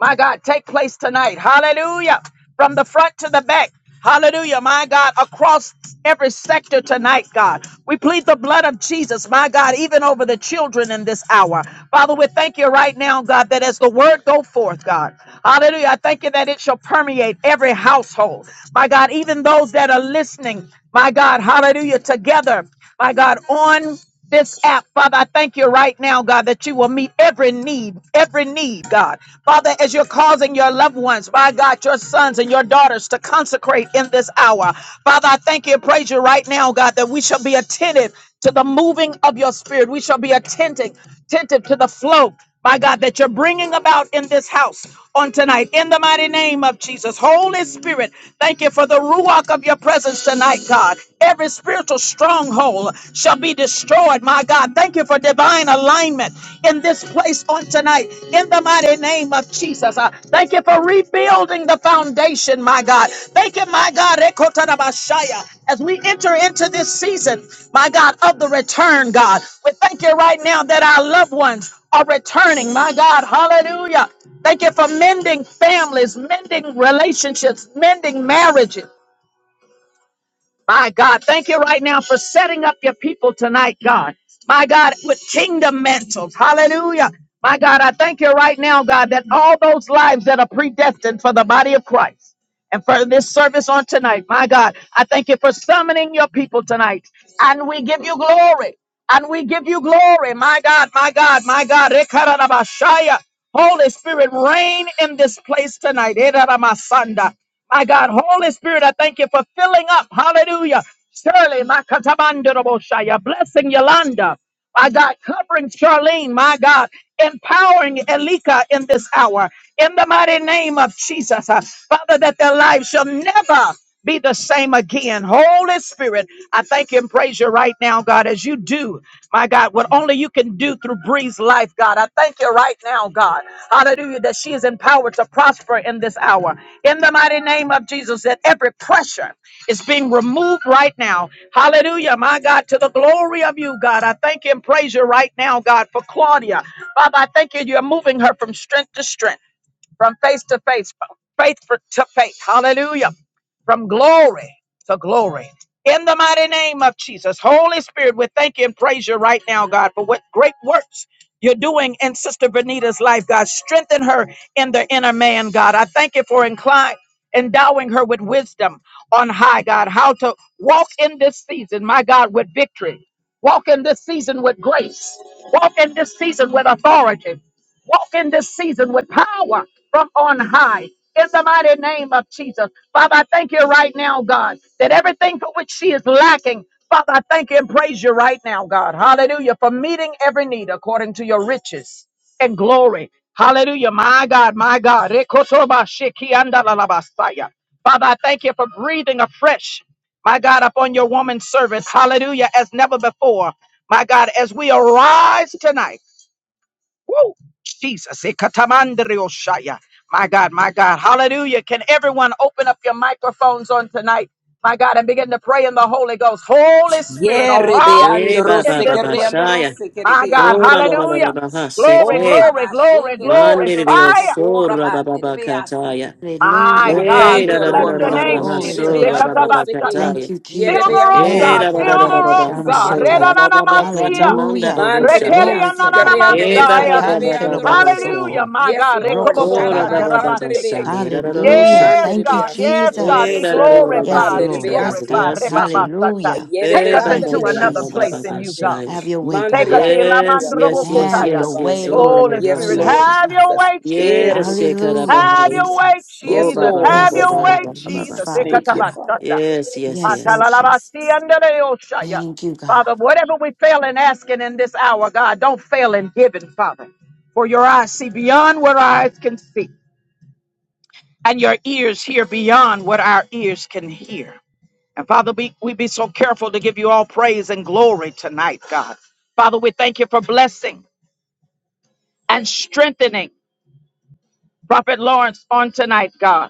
[SPEAKER 1] my God, take place tonight. Hallelujah. From the front to the back. Hallelujah, my God, across every sector tonight, God. We plead the blood of Jesus, my God, even over the children in this hour. Father, we thank you right now, God, that as the word go forth, God. Hallelujah. I thank you that it shall permeate every household. My God, even those that are listening, my God, hallelujah, together, my God, on this app. Father, I thank you right now, God, that you will meet every need, every need, God. Father, as you're causing your loved ones, my God, your sons and your daughters to consecrate in this hour. Father, I thank you and praise you right now, God, that we shall be attentive to the moving of your spirit. We shall be attentive, attentive to the flow my God, that you're bringing about in this house on tonight. In the mighty name of Jesus, Holy Spirit, thank you for the ruach of your presence tonight, God. Every spiritual stronghold shall be destroyed, my God. Thank you for divine alignment in this place on tonight. In the mighty name of Jesus, Uh, thank you for rebuilding the foundation, my God. Thank you, my God, Ekotarabashaya. as we enter into this season, my God, of the return, God. We thank you right now that our loved ones are returning. My God, hallelujah. Thank you for mending families, mending relationships, mending marriages. My God, thank you right now for setting up your people tonight, God. My God, with kingdom mantles. Hallelujah. My God, I thank you right now, God, that all those lives that are predestined for the body of Christ and for this service on tonight, my God, I thank you for summoning your people tonight. And we give you glory. And we give you glory. My God, my God, my God. Ekarabashaya. Holy Spirit, reign in this place tonight. Ekarabasanda. My God, Holy Spirit, I thank you for filling up. Hallelujah. Shirley, my Katabandarabosha, blessing Yolanda. My God, covering Charlene, my God, empowering Elika in this hour. In the mighty name of Jesus, uh, Father, that their lives shall never be the same again. Holy Spirit, I thank you and praise you right now, God, as you do, my God, what only you can do through Breeze Life, God. I thank you right now, God. Hallelujah. That she is empowered to prosper in this hour. In the mighty name of Jesus, that every pressure is being removed right now. Hallelujah. My God, to the glory of you, God. I thank you and praise you right now, God, for Claudia. Father, I thank you. You're moving her from strength to strength from face to face, from faith for- to faith. Hallelujah. From glory to glory. In the mighty name of Jesus, Holy Spirit, we thank you and praise you right now, God, for what great works you're doing in Sister Benita's life, God. Strengthen her in the inner man, God. I thank you for incline, endowing her with wisdom on high, God, how to walk in this season, my God, with victory. Walk in this season with grace. Walk in this season with authority. Walk in this season with power from on high. In the mighty name of Jesus. Father, I thank you right now, God, that everything for which she is lacking, Father, I thank you and praise you right now, God. Hallelujah. For meeting every need according to your riches and glory. Hallelujah. My God, my God. Rekosobashikiandalalabasaya. Father, I thank you for breathing afresh, my God, upon your woman's service. Hallelujah. As never before. My God, as we arise tonight. Woo! Jesus. Ekatamandrioshaya. My God, my God. Hallelujah. Can everyone open up your microphones on tonight? My God, and begin to pray in the Holy Ghost. Holy Spirit,
[SPEAKER 6] Yeah,
[SPEAKER 1] arise
[SPEAKER 2] Eh,
[SPEAKER 6] rebeando
[SPEAKER 2] ba,
[SPEAKER 1] in
[SPEAKER 2] ba,
[SPEAKER 6] rose
[SPEAKER 1] this
[SPEAKER 2] ba,
[SPEAKER 6] que
[SPEAKER 2] ba,
[SPEAKER 1] place.
[SPEAKER 6] reando
[SPEAKER 2] shaya.
[SPEAKER 6] rose que
[SPEAKER 1] My God,
[SPEAKER 6] rebeando
[SPEAKER 2] Oh, ba, ba, ba, ba, ba,
[SPEAKER 1] hallelujah.
[SPEAKER 6] rebeasi.
[SPEAKER 2] ba, ha, sek,
[SPEAKER 1] Glory,
[SPEAKER 2] eh.
[SPEAKER 6] Ora
[SPEAKER 1] glory,
[SPEAKER 6] ba
[SPEAKER 1] glory,
[SPEAKER 6] sheke
[SPEAKER 1] glory.
[SPEAKER 2] Mande
[SPEAKER 6] reando
[SPEAKER 2] de Dios,
[SPEAKER 6] rosso
[SPEAKER 1] Fire.
[SPEAKER 2] so,
[SPEAKER 6] cora
[SPEAKER 2] ba, ba,
[SPEAKER 6] bande
[SPEAKER 2] ba,
[SPEAKER 6] rebeasi.
[SPEAKER 2] kataya.
[SPEAKER 1] My
[SPEAKER 3] Hallelujah,
[SPEAKER 1] God,
[SPEAKER 2] Eh,
[SPEAKER 6] Thank
[SPEAKER 2] da,
[SPEAKER 1] we
[SPEAKER 6] you,
[SPEAKER 2] da, da,
[SPEAKER 1] bless
[SPEAKER 2] da,
[SPEAKER 6] Lord.
[SPEAKER 2] da,
[SPEAKER 1] your
[SPEAKER 3] hallelujah,
[SPEAKER 2] da, da,
[SPEAKER 6] Robo
[SPEAKER 1] name,
[SPEAKER 2] ha,
[SPEAKER 6] she
[SPEAKER 3] glory
[SPEAKER 1] Jesus.
[SPEAKER 3] to
[SPEAKER 2] so,
[SPEAKER 3] God.
[SPEAKER 2] ba,
[SPEAKER 6] rebeando
[SPEAKER 2] ba, ba,
[SPEAKER 6] rose que
[SPEAKER 1] Ekatabashaya.
[SPEAKER 3] Thank
[SPEAKER 2] kataya.
[SPEAKER 3] you,
[SPEAKER 6] yeah
[SPEAKER 1] Fill
[SPEAKER 3] Jesus.
[SPEAKER 1] the
[SPEAKER 6] rebeando
[SPEAKER 1] room,
[SPEAKER 2] Eh,
[SPEAKER 3] Glory.
[SPEAKER 1] God.
[SPEAKER 6] rose
[SPEAKER 2] da,
[SPEAKER 6] que
[SPEAKER 2] da, da,
[SPEAKER 1] Fill
[SPEAKER 2] da, da,
[SPEAKER 3] Abba,
[SPEAKER 2] da,
[SPEAKER 6] rebeando
[SPEAKER 1] the
[SPEAKER 2] da,
[SPEAKER 1] room,
[SPEAKER 2] ha,
[SPEAKER 6] rose que
[SPEAKER 1] God.
[SPEAKER 2] so,
[SPEAKER 3] Shandrata.
[SPEAKER 2] ba,
[SPEAKER 6] rebeando
[SPEAKER 2] ba, ba,
[SPEAKER 6] rebeasi.
[SPEAKER 2] kata,
[SPEAKER 1] Redananamasia.
[SPEAKER 2] manda,
[SPEAKER 3] Hallelujah.
[SPEAKER 2] bo, ho,
[SPEAKER 6] Mande
[SPEAKER 2] sha.
[SPEAKER 3] Glory
[SPEAKER 6] rebeasi
[SPEAKER 3] to
[SPEAKER 6] que
[SPEAKER 3] God.
[SPEAKER 6] reando
[SPEAKER 2] Eh,
[SPEAKER 3] Mm.
[SPEAKER 2] ba
[SPEAKER 6] rose
[SPEAKER 1] Rekeriananamashaya.
[SPEAKER 2] ba
[SPEAKER 6] que
[SPEAKER 2] ba ba ba
[SPEAKER 6] rebeando
[SPEAKER 2] ba
[SPEAKER 3] Akancherable
[SPEAKER 2] ba
[SPEAKER 6] rose.
[SPEAKER 1] Hallelujah,
[SPEAKER 2] Sunday.
[SPEAKER 3] Soko.
[SPEAKER 1] my
[SPEAKER 6] Yes,
[SPEAKER 1] God.
[SPEAKER 6] Lord.
[SPEAKER 3] Roko
[SPEAKER 2] Oh, ra ba ba
[SPEAKER 3] Tabahaya.
[SPEAKER 2] ba
[SPEAKER 6] Sharabakande
[SPEAKER 2] ba
[SPEAKER 1] Rekobobo-shandarabaseke.
[SPEAKER 2] Sunday. Ra
[SPEAKER 6] rebeasi.
[SPEAKER 2] ra ra ra
[SPEAKER 3] Hallelujah.
[SPEAKER 2] Sunday.
[SPEAKER 1] Yes,
[SPEAKER 6] Mande
[SPEAKER 3] Thank you,
[SPEAKER 1] God.
[SPEAKER 6] rebeasi que
[SPEAKER 1] Yes,
[SPEAKER 6] reando
[SPEAKER 1] God.
[SPEAKER 2] Eh,
[SPEAKER 1] Be
[SPEAKER 3] Jesus.
[SPEAKER 2] ra
[SPEAKER 6] rosso
[SPEAKER 2] ra ra ra ra ra
[SPEAKER 6] cora
[SPEAKER 3] Yes,
[SPEAKER 2] ra
[SPEAKER 1] glorified.
[SPEAKER 6] bande
[SPEAKER 1] Be
[SPEAKER 3] Lord.
[SPEAKER 2] Sunday.
[SPEAKER 3] Yes,
[SPEAKER 6] rebeasi.
[SPEAKER 2] We
[SPEAKER 1] glorified.
[SPEAKER 2] are
[SPEAKER 3] God.
[SPEAKER 2] sick.
[SPEAKER 1] Rebabasata.
[SPEAKER 3] Hallelujah.
[SPEAKER 1] Take
[SPEAKER 6] Yerebe
[SPEAKER 2] Eh,
[SPEAKER 1] us
[SPEAKER 2] ba
[SPEAKER 3] Thank
[SPEAKER 2] ba
[SPEAKER 6] andere
[SPEAKER 1] into
[SPEAKER 3] you,
[SPEAKER 2] ba ba
[SPEAKER 1] another
[SPEAKER 2] ba ba
[SPEAKER 1] place
[SPEAKER 2] ba
[SPEAKER 3] Jesus.
[SPEAKER 1] in
[SPEAKER 2] ba
[SPEAKER 1] you,
[SPEAKER 6] asikarabashe.
[SPEAKER 1] God.
[SPEAKER 2] Sunday.
[SPEAKER 3] Have your way,
[SPEAKER 1] Take
[SPEAKER 6] Mandri
[SPEAKER 1] us
[SPEAKER 3] God.
[SPEAKER 1] to
[SPEAKER 6] asikari
[SPEAKER 2] Yes, yes,
[SPEAKER 6] andoroso
[SPEAKER 2] yes,
[SPEAKER 3] Have
[SPEAKER 1] Ilamandrobokotaya.
[SPEAKER 3] your
[SPEAKER 2] yes, yes.
[SPEAKER 3] way,
[SPEAKER 6] korabande.
[SPEAKER 2] Oh, ra
[SPEAKER 3] Lord. We
[SPEAKER 1] Holy
[SPEAKER 2] na ha
[SPEAKER 6] Yes,
[SPEAKER 1] Spirit,
[SPEAKER 3] praise
[SPEAKER 2] Sunday.
[SPEAKER 6] Lord
[SPEAKER 3] you.
[SPEAKER 1] have your
[SPEAKER 6] Jesus.
[SPEAKER 1] way, Jesus.
[SPEAKER 2] Yes,
[SPEAKER 6] Erebekise.
[SPEAKER 3] Hallelujah,
[SPEAKER 1] Have
[SPEAKER 6] Yes,
[SPEAKER 2] Shekarabahai.
[SPEAKER 1] your
[SPEAKER 6] Lord.
[SPEAKER 1] way,
[SPEAKER 3] Jesus.
[SPEAKER 2] Oh,
[SPEAKER 6] Yes,
[SPEAKER 2] ba
[SPEAKER 1] Jesus.
[SPEAKER 2] ba
[SPEAKER 6] Lord.
[SPEAKER 2] ba
[SPEAKER 1] Have
[SPEAKER 2] ba
[SPEAKER 3] Yes,
[SPEAKER 6] Yes,
[SPEAKER 2] ba
[SPEAKER 1] your
[SPEAKER 2] ba
[SPEAKER 1] way,
[SPEAKER 6] Lord
[SPEAKER 2] ba
[SPEAKER 3] Father.
[SPEAKER 2] ba
[SPEAKER 3] Yes,
[SPEAKER 2] ba
[SPEAKER 6] Jesus.
[SPEAKER 2] Sunday.
[SPEAKER 3] Father
[SPEAKER 6] Thank you,
[SPEAKER 3] God.
[SPEAKER 6] Father.
[SPEAKER 1] Jesus.
[SPEAKER 2] Yes, yes,
[SPEAKER 3] Yes,
[SPEAKER 2] yes.
[SPEAKER 3] Lord Jesus.
[SPEAKER 1] Atalalabasiandaleoshaya.
[SPEAKER 3] Thank you, God.
[SPEAKER 1] Father, whatever we fail in asking in this hour, God, don't fail in giving, Father. For your eyes see beyond what our eyes can see, and your ears hear beyond what our ears can hear. And Father, we, we be so careful to give you all praise and glory tonight, God. Father, we thank you for blessing and strengthening Prophet Lawrence on tonight, God.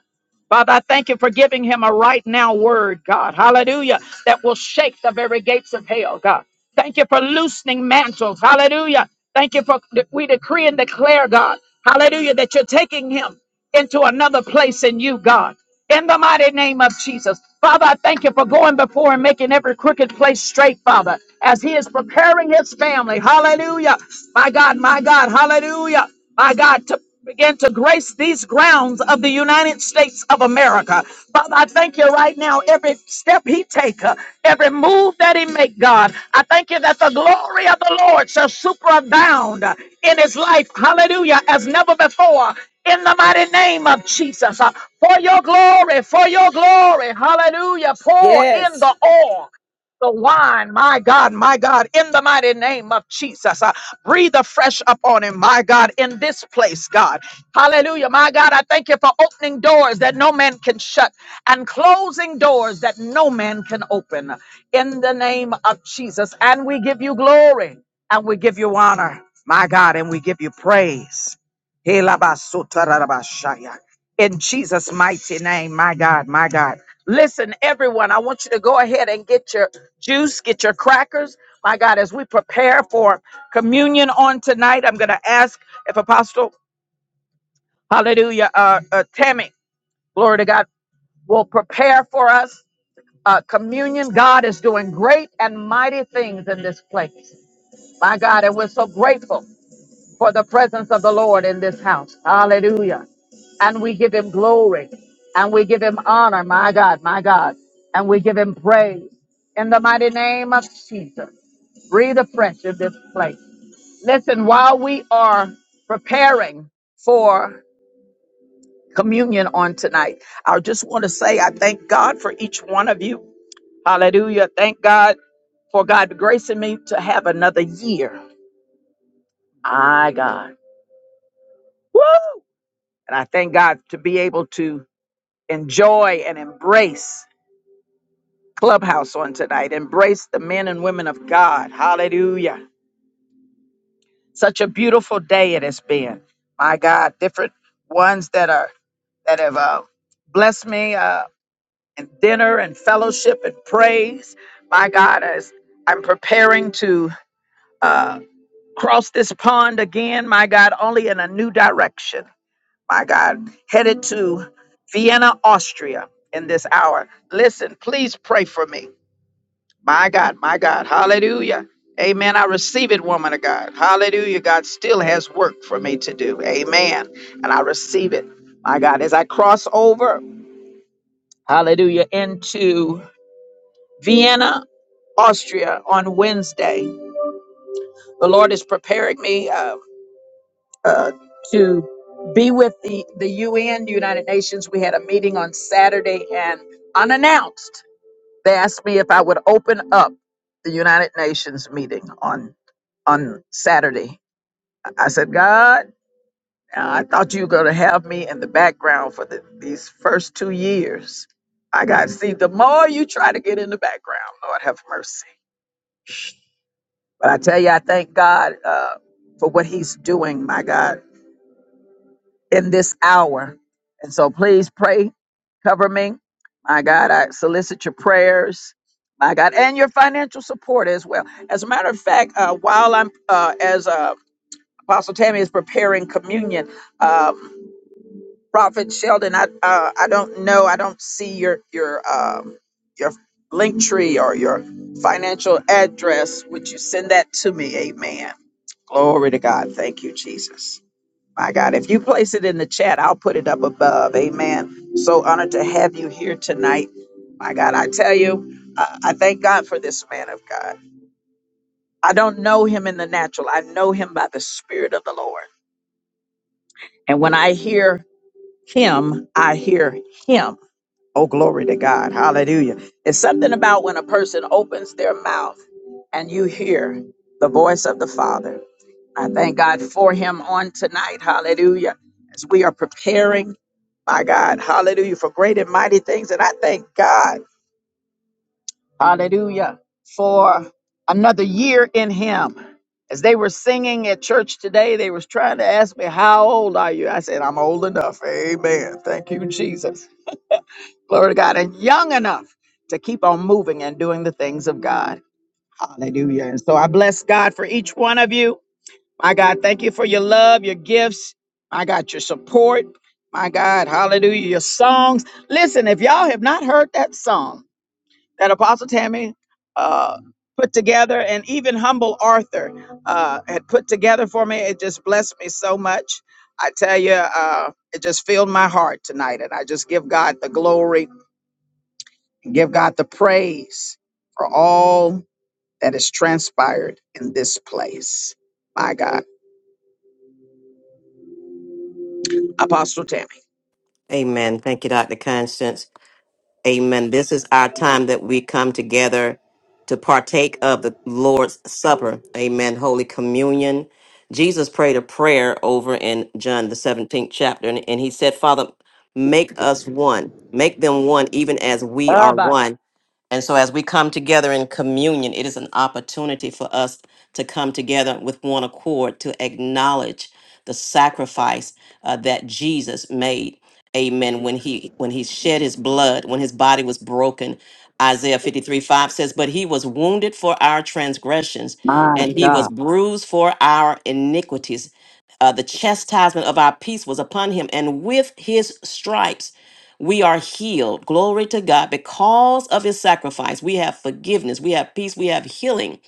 [SPEAKER 1] Father, I thank you for giving him a right now word, God. Hallelujah. That will shake the very gates of hell, God. Thank you for loosening mantles. Hallelujah. Thank you for we decree and declare, God. Hallelujah. That you're taking him into another place in you, God. In the mighty name of Jesus. Father, I thank you for going before and making every crooked place straight, Father, as he is preparing his family. Hallelujah. My God, my God, hallelujah my God, to begin to grace these grounds of the United States of America. Father, I thank you right now. Every step he take, uh, every move that he make, God, I thank you that the glory of the Lord shall superabound uh, in his life. Hallelujah, as never before. In the mighty name of Jesus, uh, for your glory, for your glory, hallelujah, pour in
[SPEAKER 6] Yes.
[SPEAKER 1] the oil the wine, my God, my God, in the mighty name of Jesus. uh, Breathe afresh upon him, my God, in this place, God. Hallelujah. My God, I thank you for opening doors that no man can shut and closing doors that no man can open in the name of Jesus. And we give you glory and we give you honor, my God, and we give you praise. Helabasotarabashaya. In Jesus' mighty name, my God, my God. Listen, everyone, I want you to go ahead and get your juice, get your crackers, my God, as we prepare for communion on tonight. I'm going to ask if Apostle, hallelujah, uh, uh, Tammy, glory to God, will prepare for us uh, communion. God is doing great and mighty things in this place. My God, and we're so grateful for the presence of the Lord in this house. Hallelujah. And we give him glory and we give him honor, my God, my God, and we give him praise in the mighty name of Jesus. Breathe afresh in this place. Listen, while we are preparing for communion on tonight, I just want to say I thank God for each one of you. Hallelujah. Thank God for God gracing me to have another year. My God. Woo! And I thank God to be able to enjoy and embrace Clubhouse on tonight, embrace the men and women of God. Hallelujah. Such a beautiful day it has been. My God, different ones that are that have uh, bless me. Uh, and dinner and fellowship and praise. My God, as I'm preparing to uh, cross this pond again, my God, only in a new direction. My God, headed to Vienna, Austria in this hour. Listen, please pray for me. My God, my God, hallelujah. Amen. I receive it, woman of God. Hallelujah. God still has work for me to do. Amen. And I receive it. My God, as I cross over, hallelujah, into Vienna, Austria on Wednesday. The Lord is preparing me uh, uh, to be with the, the UN, United Nations. We had a meeting on Saturday and unannounced, they asked me if I would open up the United Nations meeting on on Saturday. I said, God, I thought you were going to have me in the background for the, these first two years. I got to see, the more you try to get in the background, Lord have mercy. But I tell you, I thank God uh, for what He's doing, my God, in this hour. And so please pray, cover me. My God, I solicit your prayers, my God, and your financial support as well. As a matter of fact, uh, while I'm, uh, as uh, Apostle Tammy is preparing communion, um, Prophet Sheldon, I uh, I don't know, I don't see your your um, your link tree or your financial address. Would you send that to me? Amen. Glory to God. Thank you, Jesus. My God, if you place it in the chat, I'll put it up above. Amen. So honored to have you here tonight. My God, I tell you, I, I thank God for this man of God. I don't know him in the natural, I know him by the Spirit of the Lord. And when I hear him, I hear him. Oh, glory to God. Hallelujah. It's something about when a person opens their mouth and you hear the voice of the Father. I thank God for him on tonight. Hallelujah. As we are preparing, my God, hallelujah, for great and mighty things. And I thank God, hallelujah, for another year in him. As they were singing at church today, they was trying to ask me, How old are you? I said, I'm old enough. Amen. Thank you, Jesus. Glory to God. And young enough to keep on moving and doing the things of God. Hallelujah. And so I bless God for each one of you. My God, thank you for your love, your gifts. My God, your support. My God, hallelujah, your songs. Listen, if y'all have not heard that song that Apostle Tammy uh, put together and even Humble Arthur uh, had put together for me, it just blessed me so much. I tell you, uh, it just filled my heart tonight. And I just give God the glory and give God the praise for all that has transpired in this place. My God, Apostle Tammy.
[SPEAKER 2] Amen. Thank you, Dr. Constance. Amen. This is our time that we come together to partake of the Lord's Supper. Amen. Holy Communion. Jesus prayed a prayer over in John, the 17th chapter, and, and he said, Father, make us one, make them one, even as we
[SPEAKER 1] Ah,
[SPEAKER 2] are
[SPEAKER 1] but
[SPEAKER 2] one and so, as we come together in communion, it is an opportunity for us to come together with one accord to acknowledge the sacrifice uh, that Jesus made. Amen. When he when he shed his blood, when his body was broken, Isaiah 53, 5 says, But he was wounded for our transgressions,
[SPEAKER 1] my
[SPEAKER 2] and he was
[SPEAKER 1] God.
[SPEAKER 2] bruised for our iniquities. Uh, the chastisement of our peace was upon him, and with his stripes we are healed. Glory to God. Because of his sacrifice, we have forgiveness, we have peace, we have healing.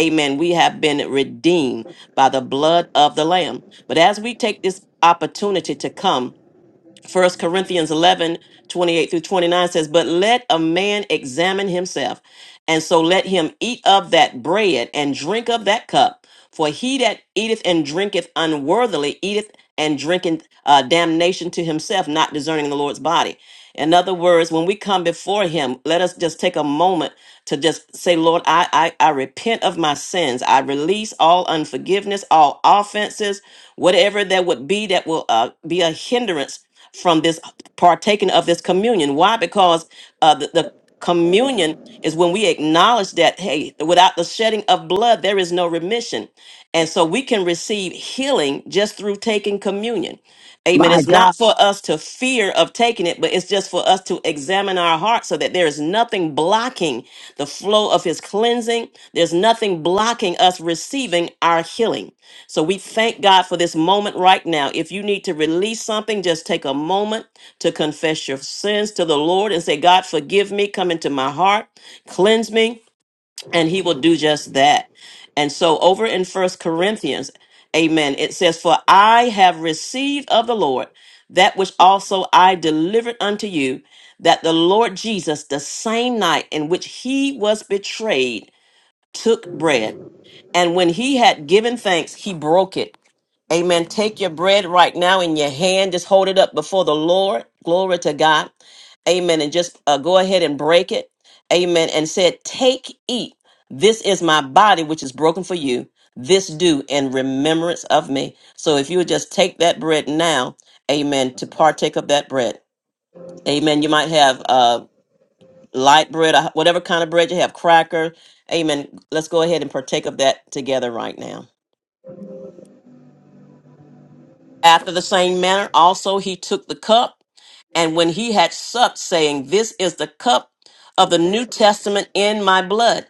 [SPEAKER 2] Amen. We have been redeemed by the blood of the Lamb. But as we take this opportunity to come, First Corinthians 11 28 through 29 says, But let a man examine himself, and so let him eat of that bread and drink of that cup. For he that eateth and drinketh unworthily eateth and drinketh uh, damnation to himself, not discerning the Lord's body. In other words, when we come before him, let us just take a moment to just say, Lord, I, I, I repent of my sins. I release all unforgiveness, all offenses, whatever that would be that will uh, be a hindrance from this partaking of this communion. Why? Because uh, the, the Communion is when we acknowledge that, hey, without the shedding of blood, there is no remission. And so we can receive healing just through taking communion. Amen.
[SPEAKER 1] My
[SPEAKER 2] It's
[SPEAKER 1] God.
[SPEAKER 2] not for us to fear of taking it, but it's just for us to examine our hearts so that there is nothing blocking the flow of his cleansing. There's nothing blocking us receiving our healing. So we thank God for this moment right now. If you need to release something, just take a moment to confess your sins to the Lord and say, God, forgive me, come into my heart, cleanse me and he will do just that. And so over in First Corinthians, amen, it says, For I have received of the Lord that which also I delivered unto you, that the Lord Jesus, the same night in which he was betrayed, took bread. And when he had given thanks, he broke it Amen. Take your bread right now in your hand. Just hold it up before the Lord. Glory to God. Amen. And just uh, go ahead and break it. Amen. And said, Take, eat. This is my body, which is broken for you. This do in remembrance of me. So if you would just take that bread now, amen, to partake of that bread. Amen. You might have uh, light bread, uh, whatever kind of bread you have, cracker. Amen. Let's go ahead and partake of that together right now. After the same manner, also he took the cup, and when he had supped, saying, This is the cup of the New Testament in my blood.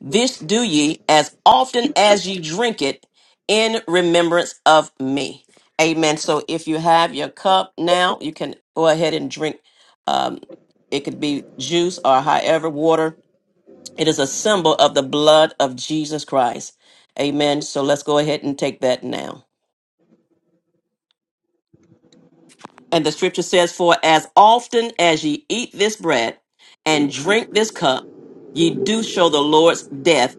[SPEAKER 2] This do ye as often as ye drink it in remembrance of me. Amen. So if you have your cup now, you can go ahead and drink. Um, it could be juice or however, water. It is a symbol of the blood of Jesus Christ. Amen. So let's go ahead and take that now. And the scripture says, For as often as ye eat this bread and drink this cup, ye do show the Lord's death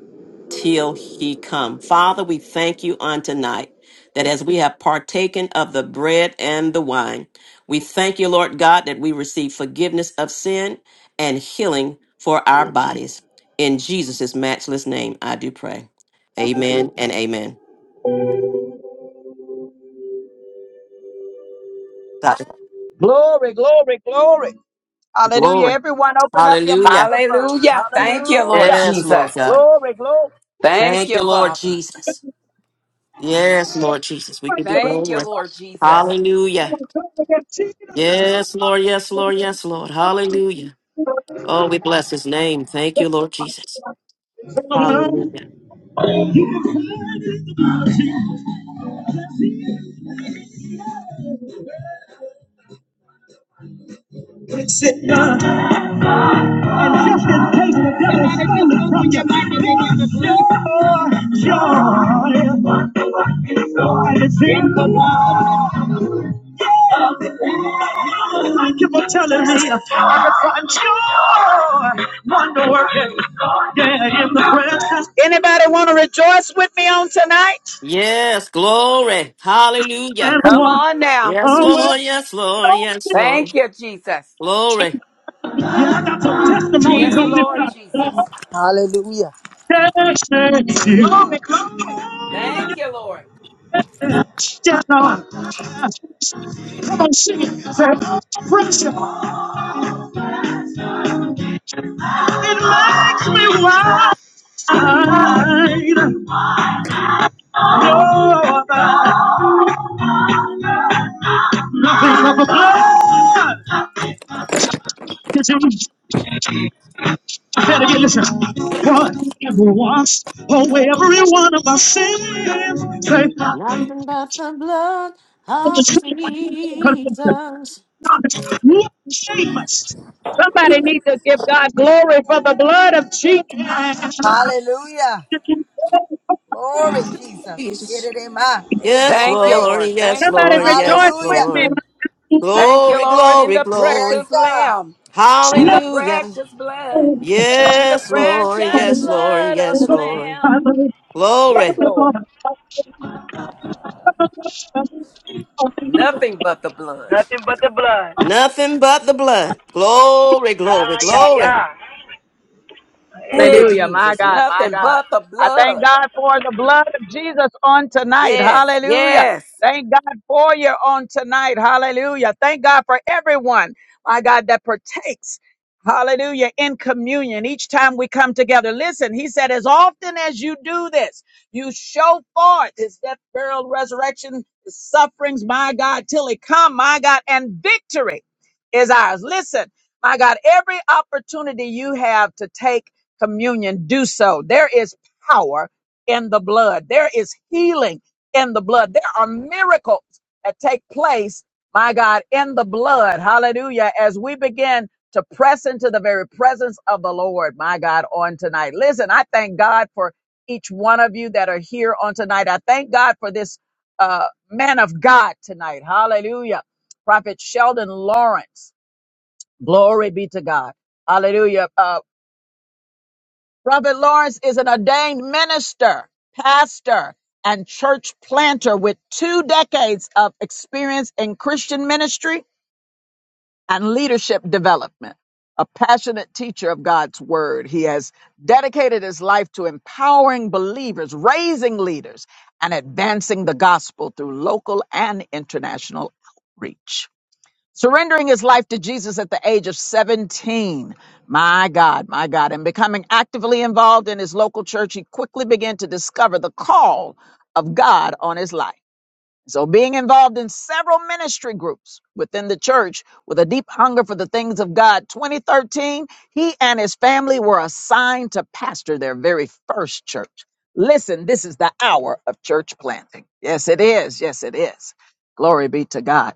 [SPEAKER 2] till he come. Father, we thank you on tonight that as we have partaken of the bread and the wine, we thank you, Lord God, that we receive forgiveness of sin and healing for our bodies. In Jesus' matchless name, I do pray. Amen and amen. God,
[SPEAKER 1] Glory, glory, glory. Hallelujah.
[SPEAKER 2] glory.
[SPEAKER 1] Everyone open up your
[SPEAKER 2] Hallelujah.
[SPEAKER 1] microphone.
[SPEAKER 6] Hallelujah. Thank you, Lord
[SPEAKER 1] Hallelujah.
[SPEAKER 2] Yes, Lord
[SPEAKER 6] Jesus.
[SPEAKER 2] God.
[SPEAKER 1] Glory, glory.
[SPEAKER 6] Thank
[SPEAKER 2] Thank
[SPEAKER 6] you,
[SPEAKER 2] you, Lord
[SPEAKER 6] Father.
[SPEAKER 2] Jesus. Yes, Lord Jesus. We give you
[SPEAKER 6] Thank you,
[SPEAKER 2] glory.
[SPEAKER 6] Lord Jesus.
[SPEAKER 2] Hallelujah. Yes, Lord. Yes, Lord. Yes, Lord. Hallelujah. Oh, we bless his name. Thank you, Lord Jesus. Hallelujah.
[SPEAKER 1] Wonder working, yeah, in the presence Anybody want to rejoice with me on tonight?
[SPEAKER 2] Yes, glory. Hallelujah.
[SPEAKER 1] and
[SPEAKER 6] Come
[SPEAKER 1] one
[SPEAKER 6] on now.
[SPEAKER 2] Yes,
[SPEAKER 1] always.
[SPEAKER 2] Lord. Yes, Lord.
[SPEAKER 1] Yeah,
[SPEAKER 2] Yes, Lord.
[SPEAKER 6] Thank you, Jesus.
[SPEAKER 2] Glory.
[SPEAKER 1] I got some testimonies
[SPEAKER 6] Yes,
[SPEAKER 1] on this
[SPEAKER 6] Lord Jesus.
[SPEAKER 1] side.
[SPEAKER 7] Hallelujah.
[SPEAKER 1] Yeah, yeah, yeah.
[SPEAKER 6] Thank you, Lord.
[SPEAKER 1] Yeah, Lord. Come on, sing it. Say, pressure. Me wide. You're nothing but a blood. Better get listen. God ever washed every one of our sins. Say,
[SPEAKER 2] Nothing but the blood of Jesus.
[SPEAKER 1] Somebody needs to give God glory for the blood of Jesus.
[SPEAKER 7] Hallelujah. Glory, Jesus. Get
[SPEAKER 2] Jesus.
[SPEAKER 7] it in my hey,
[SPEAKER 2] Yes,
[SPEAKER 6] Thank you,
[SPEAKER 7] glory.
[SPEAKER 2] Lord.
[SPEAKER 6] Lord.
[SPEAKER 2] Yes,
[SPEAKER 6] Thank you,
[SPEAKER 1] Somebody
[SPEAKER 2] Lord.
[SPEAKER 6] Jesus.
[SPEAKER 2] Yes,
[SPEAKER 1] rejoice with
[SPEAKER 7] Hallelujah.
[SPEAKER 2] Lord.
[SPEAKER 6] Thank you,
[SPEAKER 2] Glory,
[SPEAKER 6] Lord, in
[SPEAKER 2] glory,
[SPEAKER 6] the
[SPEAKER 7] Yes,
[SPEAKER 2] glory.
[SPEAKER 6] precious
[SPEAKER 7] God.
[SPEAKER 6] Lamb, in the
[SPEAKER 2] Hallelujah.
[SPEAKER 6] precious blood, in the
[SPEAKER 2] Yes, Lord.
[SPEAKER 6] precious
[SPEAKER 2] Yes, Lord.
[SPEAKER 6] blood of
[SPEAKER 2] Yes,
[SPEAKER 6] the
[SPEAKER 2] Lord.
[SPEAKER 6] Lamb. Yes,
[SPEAKER 2] Glory.
[SPEAKER 6] Lord,
[SPEAKER 1] me.
[SPEAKER 6] nothing but the blood.
[SPEAKER 7] Nothing but the blood.
[SPEAKER 2] Nothing but the blood. Glory, glory,
[SPEAKER 7] Ah, yeah,
[SPEAKER 2] glory.
[SPEAKER 7] yeah. Hey.
[SPEAKER 6] Hallelujah,
[SPEAKER 1] Hallelujah. My
[SPEAKER 6] Jesus,
[SPEAKER 1] God, my
[SPEAKER 6] nothing
[SPEAKER 1] God.
[SPEAKER 6] but the
[SPEAKER 1] I thank
[SPEAKER 6] blood.
[SPEAKER 1] God for the blood of Jesus on tonight.
[SPEAKER 6] Yes,
[SPEAKER 1] Hallelujah.
[SPEAKER 6] yes.
[SPEAKER 1] Thank God for you on tonight. Hallelujah. Thank God for everyone, my God, that partakes. Hallelujah. In communion, each time we come together. Listen, he said, as often as you do this, you show forth his death, burial, resurrection, his sufferings, my God, till he come, my God, and victory is ours. Listen, my God, every opportunity you have to take communion, do so. There is power in the blood. There is healing in the blood. There are miracles that take place, my God, in the blood. Hallelujah. As we begin to press into the very presence of the Lord, my God, on tonight. Listen, I thank God for each one of you that are here on tonight. I thank God for this uh, man of God tonight. Hallelujah. Prophet Sheldon Lawrence. Glory be to God. Hallelujah. Uh, Robert Lawrence is an ordained minister, pastor, and church planter with two decades of experience in Christian ministry and leadership development. A passionate teacher of God's word, he has dedicated his life to empowering believers, raising leaders, and advancing the gospel through local and international outreach. Surrendering his life to Jesus at the age of 17. My God, my God. And becoming actively involved in his local church, he quickly began to discover the call of God on his life. So, being involved in several ministry groups within the church with a deep hunger for the things of God, 2013, he and his family were assigned to pastor their very first church. Listen, this is the hour of church planting. Yes, it is. Yes, it is. Glory be to God.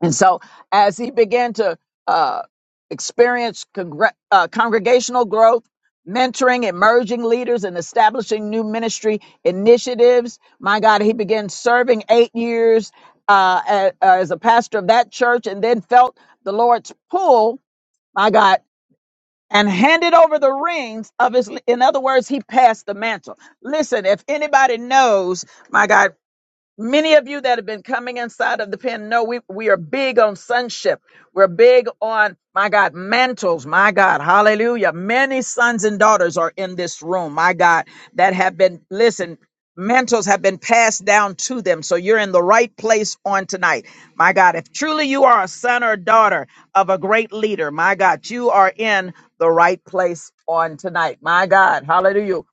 [SPEAKER 1] And so, as he began to uh, experience congre- uh, congregational growth, mentoring emerging leaders, and establishing new ministry initiatives, my God, he began serving eight years uh, a- as a pastor of that church and then felt the Lord's pull, my God. And handed over the reins of his, in other words, he passed the mantle. Listen, if anybody knows, my God. Many of you that have been coming inside of the pen know we, we are big on sonship. We're big on, my God, mantles. My God, hallelujah. Many sons and daughters are in this room, my God, that have been, listen, mantles have been passed down to them. So you're in the right place on tonight. My God, if truly you are a son or daughter of a great leader, my God, you are in the right place on tonight. My God, hallelujah.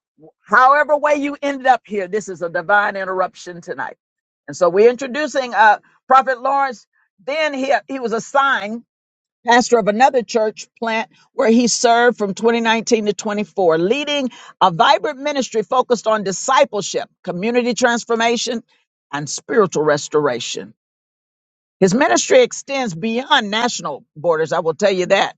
[SPEAKER 1] However way you ended up here, this is a divine interruption tonight. And so we're introducing uh, Prophet Lawrence. Then he, he was assigned pastor of another church plant where he served from 2019 to 24, leading a vibrant ministry focused on discipleship, community transformation, and spiritual restoration. His ministry extends beyond national borders, I will tell you that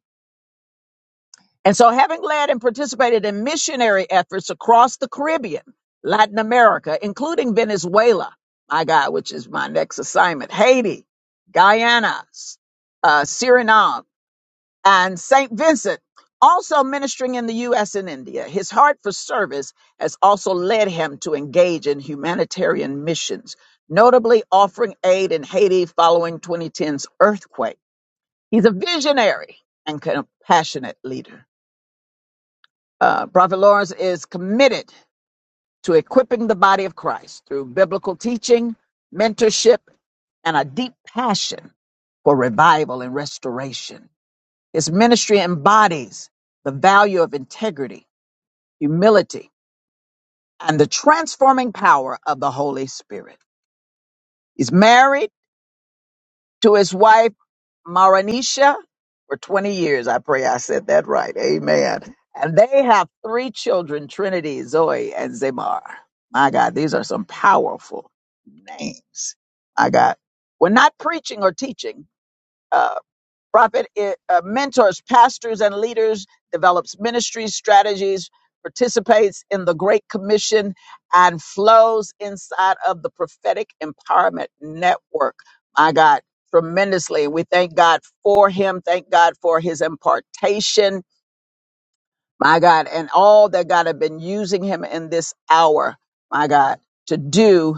[SPEAKER 1] and so, having led and participated in missionary efforts across the Caribbean, Latin America, including Venezuela, my God, which is my next assignment, Haiti, Guyana, uh, Suriname, and St. Vincent, also ministering in the U.S. and India, his heart for service has also led him to engage in humanitarian missions, notably offering aid in Haiti following 2010's earthquake. He's a visionary and compassionate leader. Uh, Prophet Lawrence is committed to equipping the body of Christ through biblical teaching, mentorship, and a deep passion for revival and restoration. His ministry embodies the value of integrity, humility, and the transforming power of the Holy Spirit. He's married to his wife Maranisha for 20 years. I pray I said that right. Amen. And they have three children, Trinity, Zoe, and Zamar. My God, these are some powerful names. My God. We're not preaching or teaching. uh, Prophet eh, uh, mentors pastors and leaders, develops ministry strategies, participates in the Great Commission, and flows inside of the Prophetic Empowerment Network. My God, tremendously. We thank God for him. Thank God for his impartation. My God, and all that God have been using him in this hour. My God, to do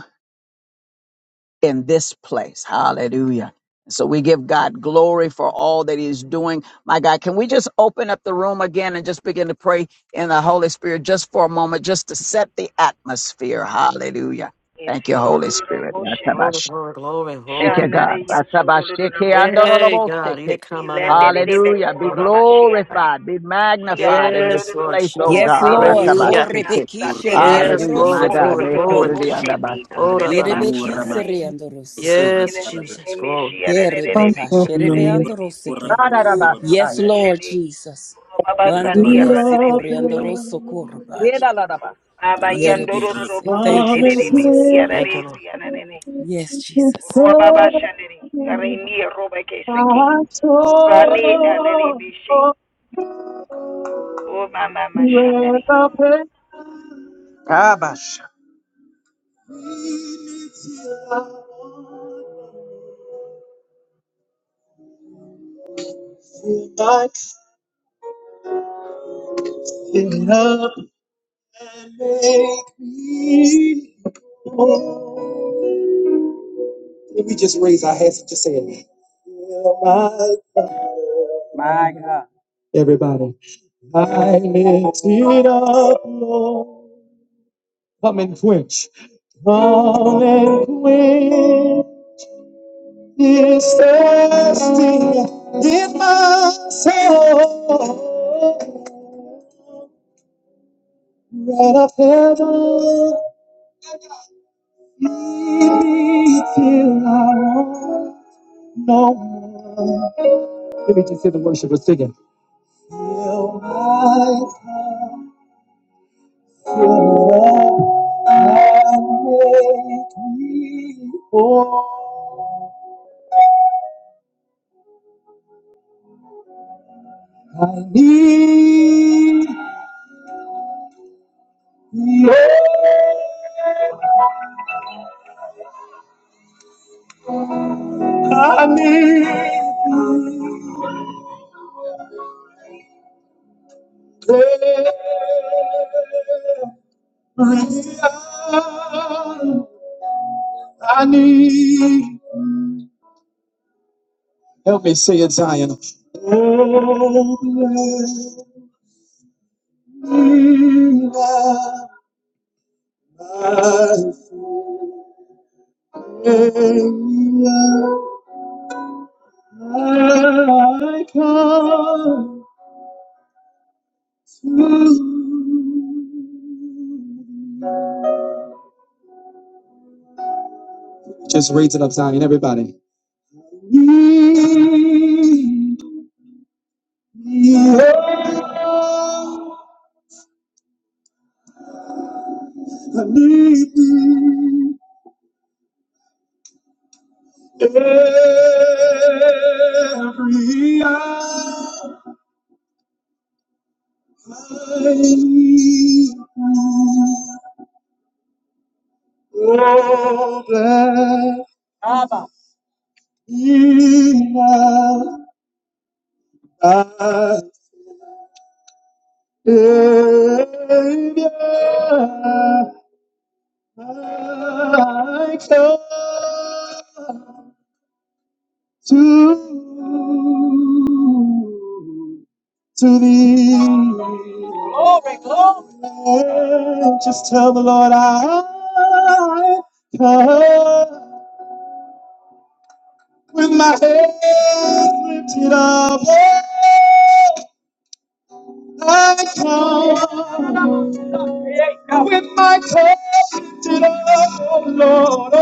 [SPEAKER 1] in this place. Hallelujah. So we give God glory for all that He's doing. My God, can we just open up the room again and just begin to pray in the Holy Spirit just for a moment, just to set the atmosphere? Hallelujah.
[SPEAKER 7] It's
[SPEAKER 1] Thank you,
[SPEAKER 7] your
[SPEAKER 1] Holy Spirit.
[SPEAKER 7] Moshe.
[SPEAKER 2] Glory,
[SPEAKER 1] Atabash.
[SPEAKER 2] glory, glory.
[SPEAKER 1] Thank
[SPEAKER 2] Hold
[SPEAKER 1] you,
[SPEAKER 2] up.
[SPEAKER 1] God.
[SPEAKER 7] Shanare
[SPEAKER 2] us.
[SPEAKER 7] Yasodororo
[SPEAKER 1] Atabashiki
[SPEAKER 7] Masa.
[SPEAKER 2] Yay, God.
[SPEAKER 1] andorolobosiki.
[SPEAKER 2] It come on on
[SPEAKER 7] Milende de de
[SPEAKER 2] us.
[SPEAKER 1] Hallelujah. Be
[SPEAKER 7] Bekura
[SPEAKER 2] Hold up.
[SPEAKER 7] Baba
[SPEAKER 2] us.
[SPEAKER 7] Shianga.
[SPEAKER 1] glorified, be magnified in
[SPEAKER 7] Sialondo do
[SPEAKER 1] this
[SPEAKER 7] do
[SPEAKER 2] Yes,
[SPEAKER 7] do
[SPEAKER 2] Lord
[SPEAKER 1] place, oh
[SPEAKER 7] Bokoro
[SPEAKER 2] Jesus.
[SPEAKER 6] Yes,
[SPEAKER 7] de
[SPEAKER 1] God.
[SPEAKER 7] de
[SPEAKER 6] Lord.
[SPEAKER 7] Besia.
[SPEAKER 8] Ramendir
[SPEAKER 2] Hallelujah.
[SPEAKER 1] Ratabashiki.
[SPEAKER 6] Horebekishe
[SPEAKER 7] Sate.
[SPEAKER 2] Yes,
[SPEAKER 1] Hallelujah, my
[SPEAKER 2] glory,
[SPEAKER 6] riandoroso
[SPEAKER 7] Sikondo
[SPEAKER 1] God.
[SPEAKER 2] glory,
[SPEAKER 7] do do do
[SPEAKER 2] glory.
[SPEAKER 6] kurabande.
[SPEAKER 7] Boshe di
[SPEAKER 2] Hold
[SPEAKER 7] Rade
[SPEAKER 2] up.
[SPEAKER 7] de de
[SPEAKER 2] us.
[SPEAKER 6] Yerebekise
[SPEAKER 7] Mafia.
[SPEAKER 6] riandoroseke.
[SPEAKER 2] Yes, Jesus. Glory.
[SPEAKER 6] Yerebekashe rebeandoroseke.
[SPEAKER 1] May
[SPEAKER 6] Yes, Lord Jesus.
[SPEAKER 1] Yeah,
[SPEAKER 6] Mandoria sikoriandoroso
[SPEAKER 1] da, da, da, ba.
[SPEAKER 6] Yerebekise. Thank you, Jesus.
[SPEAKER 2] Thank you, Lord.
[SPEAKER 6] Yes, Jesus.
[SPEAKER 1] up and Let me just raise our hands and just say it. Everybody. I lift it up, Lord. Come and quench. Come and quench this thirsting in my soul. Bread of heaven, feed me till I want no more. Let me just hear the worshipers singing. Till my cup fill up and make me whole. I need your I need I need help me say it, Zion. Oh, let me not I come to Thee. Yeah, I need thee every hour. I need thee, oh, that in my Savior, I come to to thee. Just tell the Lord I come with my head lifted up. I come with my head lifted up, Lord.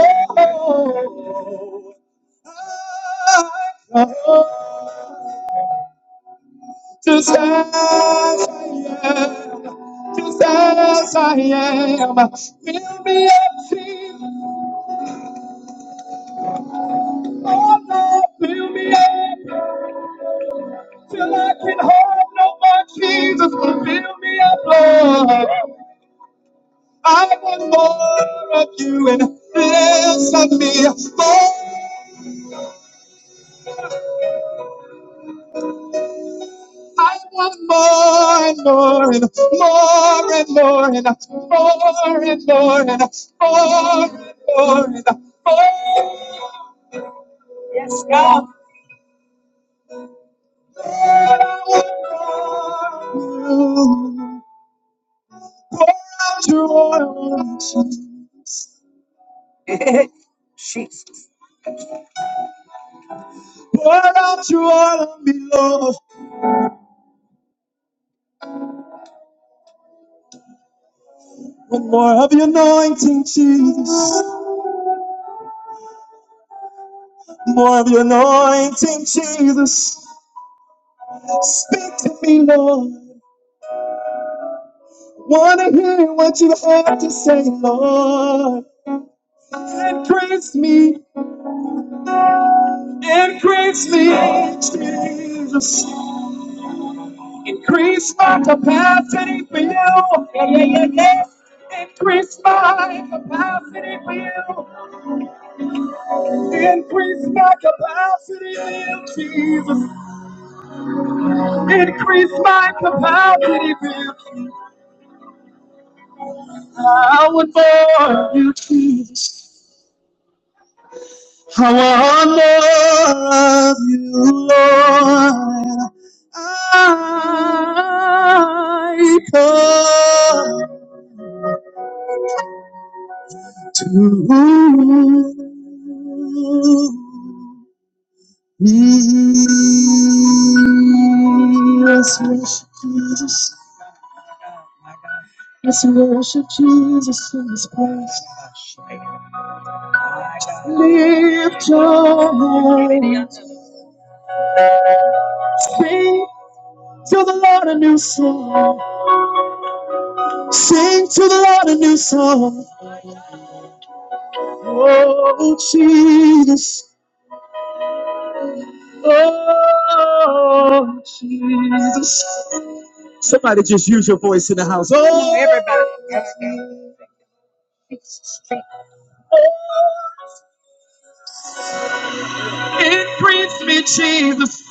[SPEAKER 1] Oh, I come just as I am. Jesus, as I am. Fill me up, Jesus. Oh Lord, fill me up till I can hold no more, Jesus. Fill me up, Lord. I want more of you and less of me. More, I want more and more and more and more and more and more and more and more and more. Oh, I want more of you. Pour out your oil on me, Jesus. Pour out your oil on me, Lord. One more of your anointing, Jesus. More of your anointing, Jesus. Speak to me, Lord. Wanna hear what you have to say, Lord. Increase me, increase me, Jesus. Increase my capacity for you. Yeah, yeah, yeah, yeah. Increase my capacity for you. Increase my capacity, will Jesus. Increase my capacity, will Jesus. I want more of you, Jesus. I want more of you, Lord. I come to me. Yes, yes, Jesus. Let's worship Jesus in this place. Lift your hands. Sing to the Lord a new song. Sing to the Lord a new song. Oh, Jesus. Oh, Jesus. Somebody just use your voice in the house. Oh, everybody. Increase me, Jesus.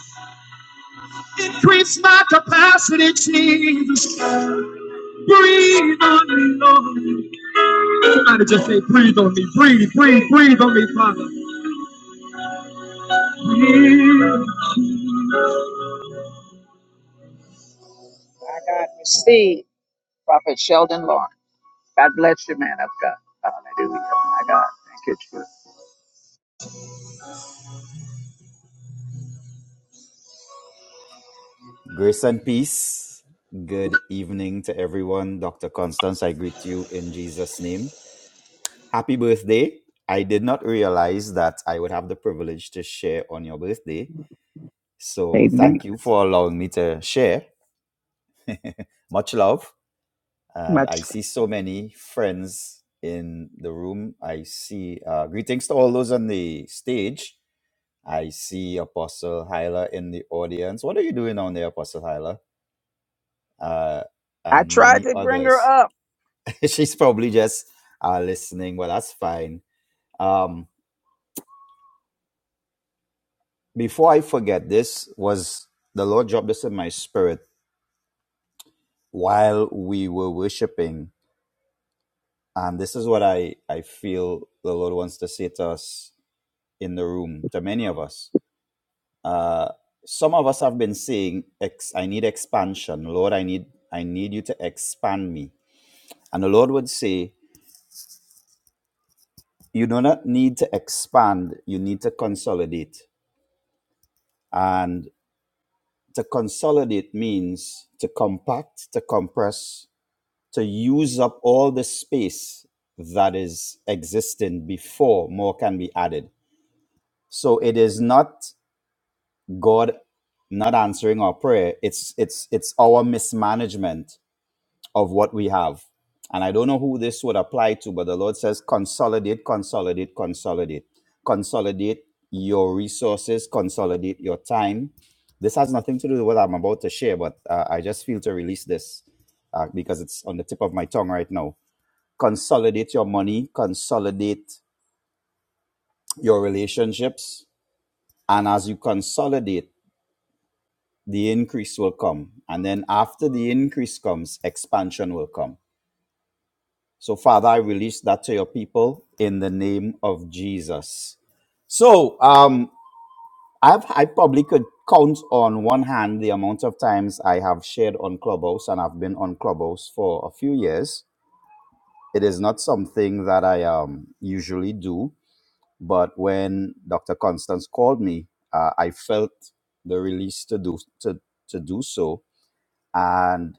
[SPEAKER 1] Increase my capacity, Jesus. Breathe on me, Lord. Somebody just say, breathe on me, breathe, breathe, breathe on me, Father. Breathe. Prophet Sheldon Lawrence. God bless you, man of God. Hallelujah. My God. Thank you, Jesus.
[SPEAKER 9] Grace and peace. Good evening to everyone. Dr. Constance, I greet you in Jesus' name. Happy birthday. I did not realize that I would have the privilege to share on your birthday. So
[SPEAKER 1] Amen.
[SPEAKER 9] thank you for allowing me to share. Much love. And
[SPEAKER 1] much.
[SPEAKER 9] I see so many friends in the room. I see uh, greetings to all those on the stage. I see Apostle Hyla in the audience. What are you doing on there, Apostle Hyla? Uh,
[SPEAKER 1] I
[SPEAKER 9] and
[SPEAKER 1] tried
[SPEAKER 9] many
[SPEAKER 1] to bring her
[SPEAKER 9] others.
[SPEAKER 1] up.
[SPEAKER 9] She's probably just uh, listening. Well, that's fine. Um, before I forget, this was the Lord dropped this in my spirit while we were worshiping. And this is what I, I feel the Lord wants to say to us in the room, to many of us. Uh, some of us have been saying, ex- I need expansion. Lord, I need, I need you to expand me. And the Lord would say, You do not need to expand, you need to consolidate. And To consolidate means to compact, to compress, to use up all the space that is existing before more can be added. So it is not God not answering our prayer. It's it's it's our mismanagement of what we have. And I don't know who this would apply to, but the Lord says, consolidate, consolidate, consolidate. Consolidate your resources, consolidate your time. This has nothing to do with what I'm about to share, but uh, I just feel to release this uh, because it's on the tip of my tongue right now. Consolidate your money, consolidate your relationships. And as you consolidate, the increase will come. And then after the increase comes, expansion will come So, Father, I release that to your people in the name of Jesus. So, um, I've, I probably could count on one hand the amount of times I have shared on Clubhouse, and I've been on Clubhouse for a few years. It is not something that I um, usually do, but when Dr. Constance called me, uh, I felt the release to do to, to do so. And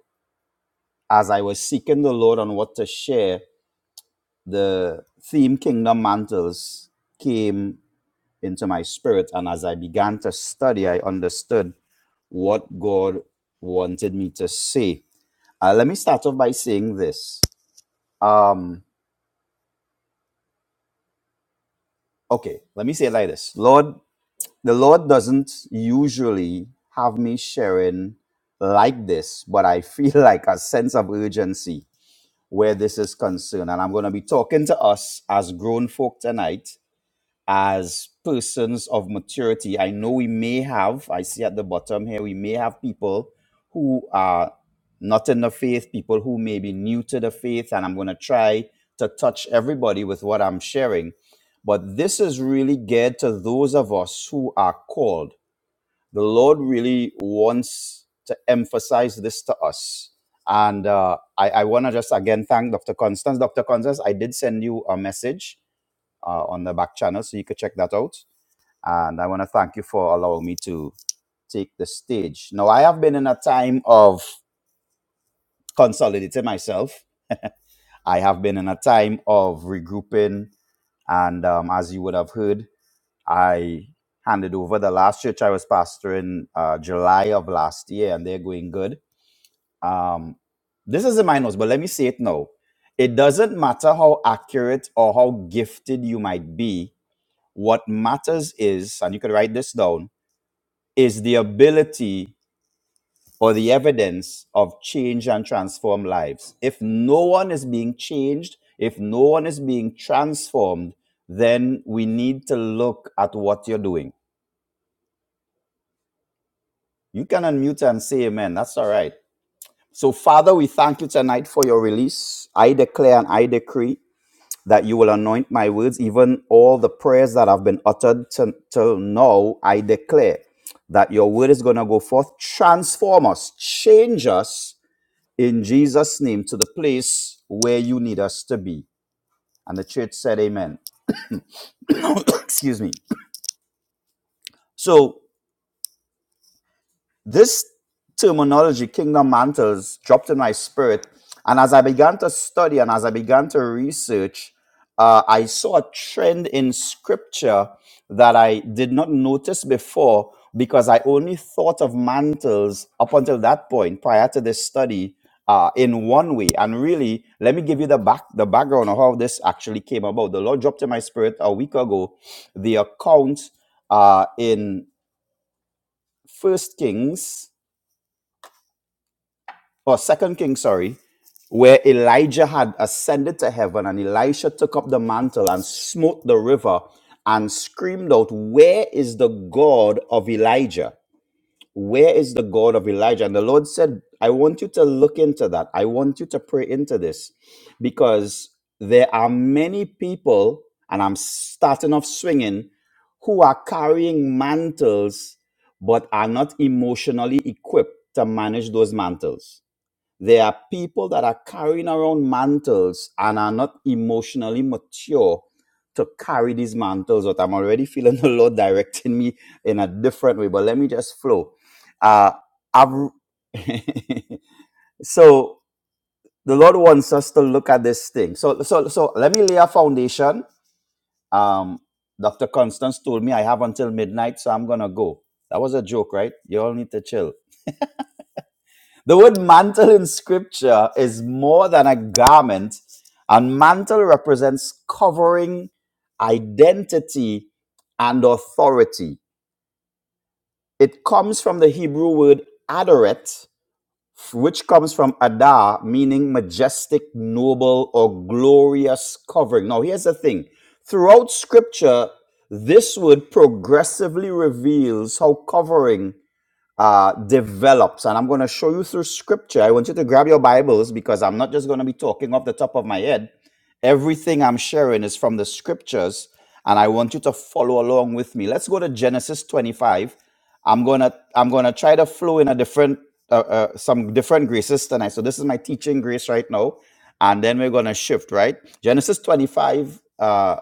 [SPEAKER 9] as I was seeking the Lord on what to share, the theme Kingdom Mantles came into my spirit. And as I began to study, I understood what God wanted me to say. Uh, let me start off by saying this. Um, okay, let me say it like this Lord, the Lord doesn't usually have me sharing like this, but I feel like a sense of urgency where this is concerned. And I'm going to be talking to us as grown folk tonight as persons of maturity. I know we may have, I see at the bottom here, we may have people who are not in the faith, people who may be new to the faith, and I'm going to try to touch everybody with what I'm sharing. But this is really geared to those of us who are called. The Lord really wants to emphasize this to us. And uh, I, I want to just again thank Dr. Constance. Dr. Constance, I did send you a message uh, on the back channel, so you could check that out. And I want to thank you for allowing me to take the stage. Now, I have been in a time of consolidating myself. I have been in a time of regrouping. And um, as you would have heard, I handed over the last church I was pastoring uh, July of last year, and they're going good. Um, this is in my notes, but let me say it now. It doesn't matter how accurate or how gifted you might be. What matters is, and you could write this down, is the ability or the evidence of change and transform lives. If no one is being changed, if no one is being transformed, then we need to look at what you're doing. You can unmute and say amen. That's all right. So, Father, we thank you tonight for your release. I declare and I decree that you will anoint my words, even all the prayers that have been uttered to, to now. I declare that your word is going to go forth, transform us, change us in Jesus' name to the place where you need us to be. And the church said, Amen. Excuse me. So, this terminology, kingdom mantles, dropped in my spirit. And as I began to study and as I began to research, uh, I saw a trend in scripture that I did not notice before because I only thought of mantles up until that point prior to this study uh, in one way. And really, let me give you the back the background of how this actually came about. The Lord dropped in my spirit a week ago the account uh, in First Kings or Second Kings, sorry, where Elijah had ascended to heaven and Elisha took up the mantle and smote the river and screamed out, Where is the God of Elijah? Where is the God of Elijah? And the Lord said, I want you to look into that. I want you to pray into this because there are many people, and I'm starting off swinging, who are carrying mantles but are not emotionally equipped to manage those mantles there are people that are carrying around mantles and are not emotionally mature to carry these mantles out. I'm already feeling the Lord directing me in a different way, but let me just flow. Uh, I've, so the Lord wants us to look at this thing. So, so, so let me lay a foundation. Um, Dr. Constance told me I have until midnight, so I'm gonna go. That was a joke, right? You all need to chill. The word mantle in scripture is more than a garment, and mantle represents covering, identity, and authority. It comes from the Hebrew word adoret, which comes from adar, meaning majestic, noble, or glorious covering. Now, here's the thing throughout scripture, this word progressively reveals how covering uh, develops. And I'm going to show you through scripture. I want you to grab your Bibles because I'm not just going to be talking off the top of my head. Everything I'm sharing is from the scriptures, and I want you to follow along with me. Let's go to Genesis 25. I'm gonna I'm gonna try to flow in a different uh, uh, some different graces tonight. So this is my teaching grace right now, and then we're gonna shift right. Genesis 25 uh,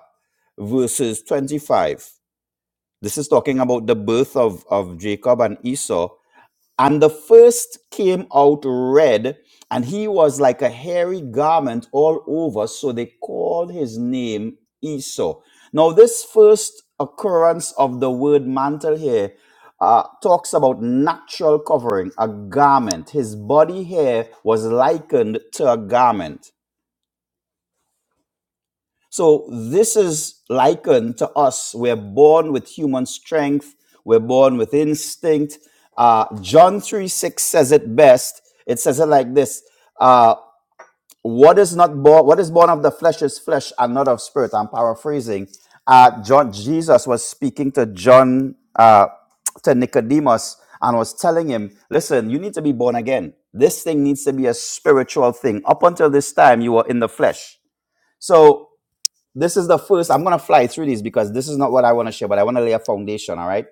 [SPEAKER 9] verses 25. This is talking about the birth of of Jacob and Esau and the first came out red, and he was like a hairy garment all over, so they called his name Esau. Now, this first occurrence of the word mantle here uh, talks about natural covering, a garment. His body hair was likened to a garment. So this is likened to us. We're born with human strength. We're born with instinct. Uh, John 3 6 says it best. It says it like this. Uh, what is not born, what is born of the flesh is flesh and not of spirit. I'm paraphrasing. Uh, John, Jesus was speaking to John, uh, to Nicodemus and was telling him, listen, you need to be born again. This thing needs to be a spiritual thing. Up until this time, you were in the flesh. So this is the first i'm going to fly through these because this is not what i want to share but i want to lay a foundation all right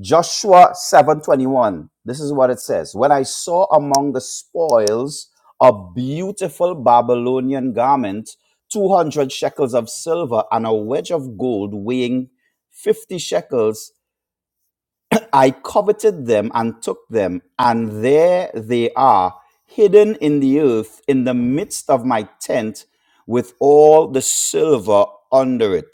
[SPEAKER 9] joshua 721 this is what it says when i saw among the spoils a beautiful babylonian garment 200 shekels of silver and a wedge of gold weighing 50 shekels i coveted them and took them and there they are hidden in the earth in the midst of my tent with all the silver under it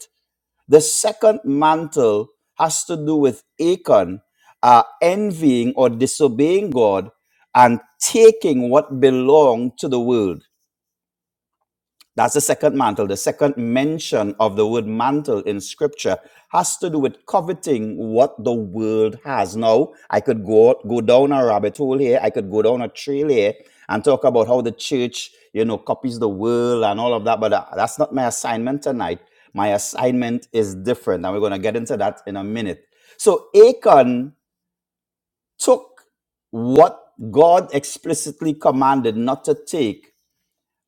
[SPEAKER 9] the second mantle has to do with Achan uh, envying or disobeying God and taking what belonged to the world. That's the second mantle. The second mention of the word mantle in scripture has to do with coveting what the world has. Now, I could go, go down a rabbit hole here. I could go down a trail here and talk about how the church, you know, copies the world and all of that. But uh, that's not my assignment tonight. My assignment is different. And we're going to get into that in a minute. So Achan took what God explicitly commanded not to take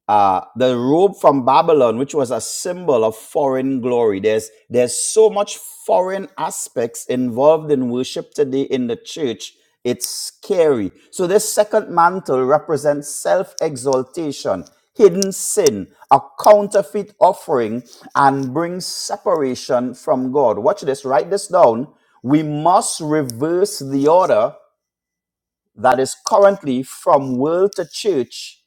[SPEAKER 9] uh, the robe from Babylon, which was a symbol of foreign glory. There's there's so much foreign aspects involved in worship today in the church. It's scary. So this second mantle represents self-exaltation, hidden sin, a counterfeit offering, and brings separation from God. Watch this. Write this down. We must reverse the order that is currently from world to church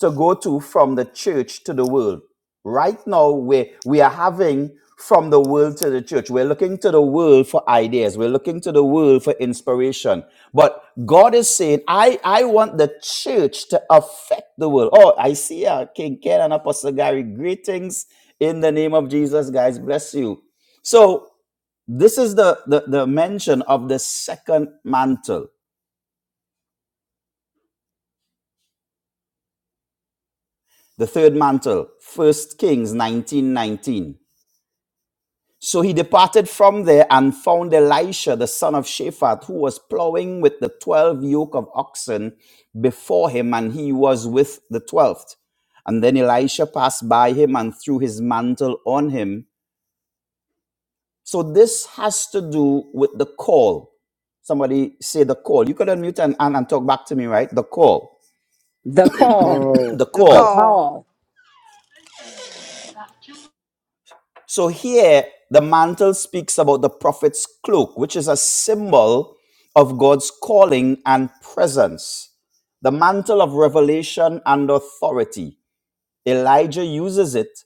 [SPEAKER 9] to go to from the church to the world. Right now, we we are having from the world to the church. We're looking to the world for ideas. We're looking to the world for inspiration. But God is saying, I, I want the church to affect the world. Oh, I see uh, King Ken and Apostle Gary. Greetings in the name of Jesus, guys. Bless you. So this is the, the, the mention of the second mantle, the third mantle, First Kings 1919. So he departed from there and found Elisha, the son of Shaphat, who was plowing with the twelve yoke of oxen before him, and he was with the twelfth. And then Elisha passed by him and threw his mantle on him. So this has to do with the call. Somebody say the call. You could unmute and, and, and talk back to me, right? The call.
[SPEAKER 6] The call.
[SPEAKER 10] Nicole,
[SPEAKER 9] The
[SPEAKER 7] The
[SPEAKER 6] The
[SPEAKER 9] call.
[SPEAKER 7] call.
[SPEAKER 6] call.
[SPEAKER 9] So here, the mantle speaks about the prophet's cloak, which is a symbol of God's calling and presence. The mantle of revelation and authority. Elijah uses it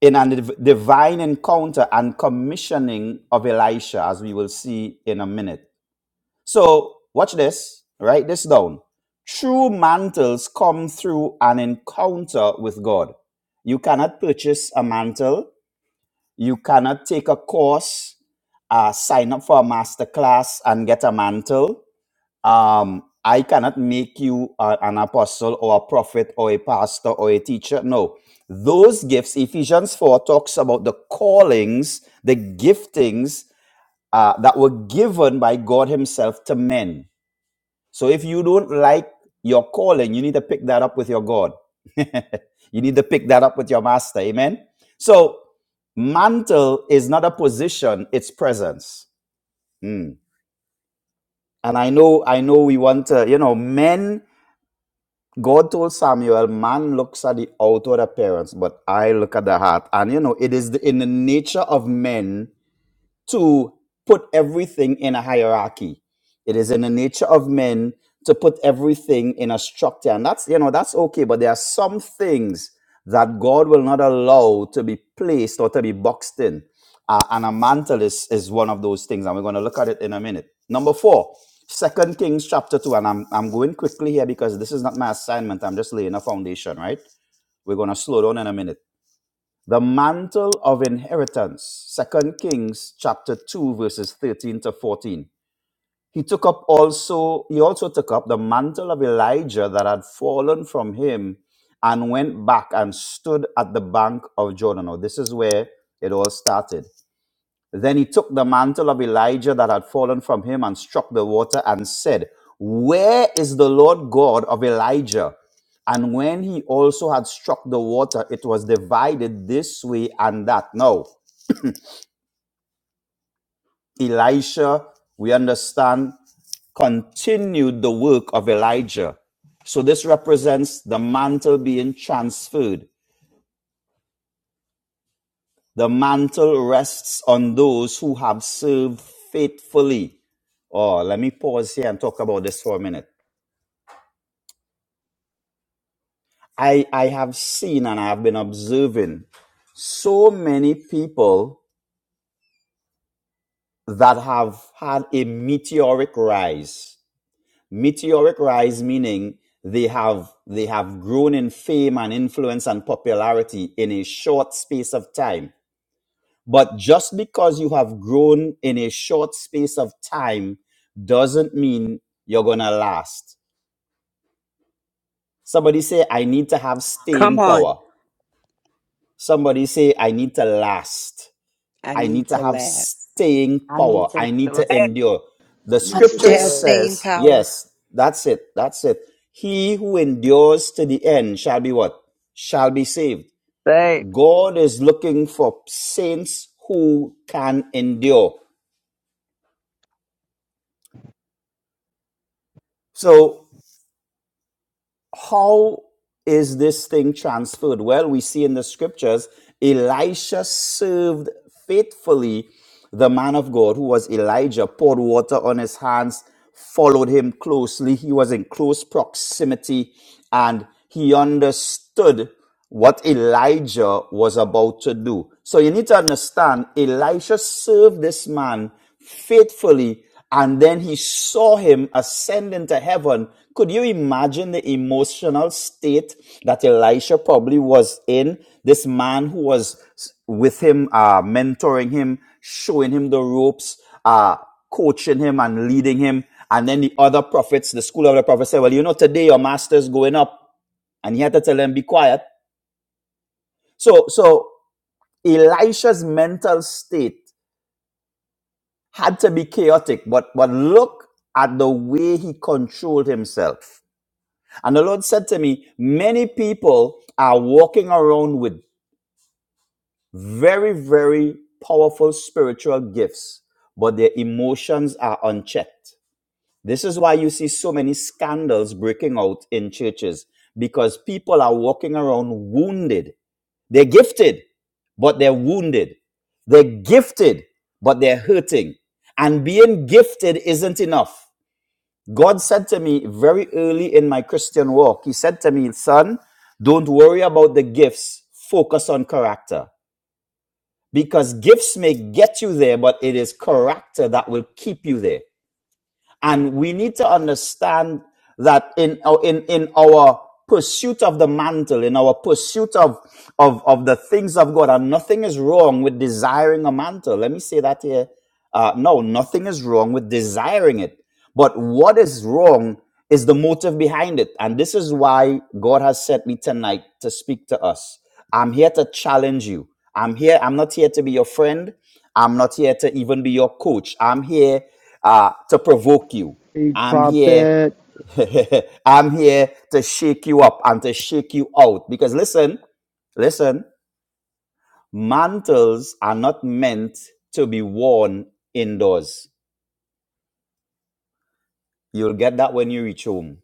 [SPEAKER 9] in a div- divine encounter and commissioning of Elisha, as we will see in a minute. So, watch this, write this down. True mantles come through an encounter with God. You cannot purchase a mantle you cannot take a course, uh, sign up for a master class, and get a mantle. Um, I cannot make you a- an apostle or a prophet or a pastor or a teacher. No. Those gifts, Ephesians 4 talks about the callings, the giftings uh, that were given by God Himself to men so if you don't like your calling, you need to pick that up with your God. you need to pick that up with your master. Amen. So mantle is not a position, it's presence. Mm. And I know, I know we want to, you know, men, God told Samuel, man looks at the outward appearance, but I look at the heart. And you know, it is the, in the nature of men to put everything in a hierarchy. It is in the nature of men to put everything in a structure. And that's, you know, that's okay. But there are some things that God will not allow to be placed or to be boxed in. Uh, and a mantle is, is one of those things. And we're going to look at it in a minute. Number four, Second Kings chapter 2. And I'm, I'm going quickly here because this is not my assignment. I'm just laying a foundation, right? We're going to slow down in a minute. The mantle of inheritance, Second Kings chapter 2, verses 13 to 14. He took up also, he also took up the mantle of Elijah that had fallen from him and went back and stood at the bank of Jordan. Now, this is where it all started. Then he took the mantle of Elijah that had fallen from him and struck the water and said, Where is the Lord God of Elijah? And when he also had struck the water, it was divided this way and that. Now, Elisha, we understand, continued the work of Elijah. So this represents the mantle being transferred. The mantle rests on those who have served faithfully. Oh, let me pause here and talk about this for a minute. I, I have seen and I have been observing so many people that have had a meteoric rise. Meteoric rise meaning they have they have grown in fame and influence and popularity in a short space of time But just because you have grown in a short space of time doesn't mean you're going to last. Somebody say, I need to have
[SPEAKER 6] Come
[SPEAKER 9] staying
[SPEAKER 6] on.
[SPEAKER 9] power. Somebody say, I need to last.
[SPEAKER 6] I
[SPEAKER 9] I need
[SPEAKER 6] need
[SPEAKER 9] to
[SPEAKER 6] to
[SPEAKER 9] have
[SPEAKER 6] last.
[SPEAKER 9] staying
[SPEAKER 3] I need
[SPEAKER 9] power.
[SPEAKER 3] to
[SPEAKER 9] I
[SPEAKER 1] The
[SPEAKER 9] need to
[SPEAKER 1] last
[SPEAKER 3] rest.
[SPEAKER 9] endure.
[SPEAKER 10] I
[SPEAKER 9] The
[SPEAKER 7] I
[SPEAKER 10] need
[SPEAKER 7] need
[SPEAKER 10] to
[SPEAKER 7] to
[SPEAKER 9] scripture
[SPEAKER 7] have
[SPEAKER 10] laugh.
[SPEAKER 7] staying
[SPEAKER 9] says,
[SPEAKER 7] power.
[SPEAKER 9] yes, that's it. That's it. He who endures to the end shall be what? Shall be saved.
[SPEAKER 1] day.
[SPEAKER 9] God is looking for saints who can endure. So how is this thing transferred? Well, we see in the scriptures, Elisha served faithfully the man of God who was Elijah, poured water on his hands, followed him closely. He was in close proximity and he understood what Elijah was about to do. So you need to understand, Elisha served this man faithfully, and then he saw him ascend into heaven. Could you imagine the emotional state that Elisha probably was in? This man who was with him, uh, mentoring him, showing him the ropes, uh, coaching him and leading him. And then the other prophets, the school of the prophets said, Well, you know, today your master's going up. And he had to tell them, Be quiet. So, so Elisha's mental state had to be chaotic, but, but look at the way he controlled himself. And the Lord said to me, many people are walking around with very, very powerful spiritual gifts, but their emotions are unchecked. This is why you see so many scandals breaking out in churches because people are walking around wounded. They're gifted, but they're wounded. They're gifted, but they're hurting. And being gifted isn't enough. God said to me very early in my Christian walk, He said to me, Son, don't worry about the gifts, focus on character. Because gifts may get you there, but it is character that will keep you there. And we need to understand that in, in, in our pursuit of the mantle, in our pursuit of, of, of the things of God, and nothing is wrong with desiring a mantle. Let me say that here. Uh, no, nothing is wrong with desiring it. But what is wrong is the motive behind it. And this is why God has sent me tonight to speak to us. I'm here to challenge you. I'm here. I'm not here to be your friend. I'm not here to even be your coach. I'm here uh, to provoke you.
[SPEAKER 10] Big
[SPEAKER 9] I'm here.
[SPEAKER 10] prophet.
[SPEAKER 9] I'm here to shake you up and to shake you out. Because listen, listen, mantles are not meant to be worn indoors. You'll get that when you reach home.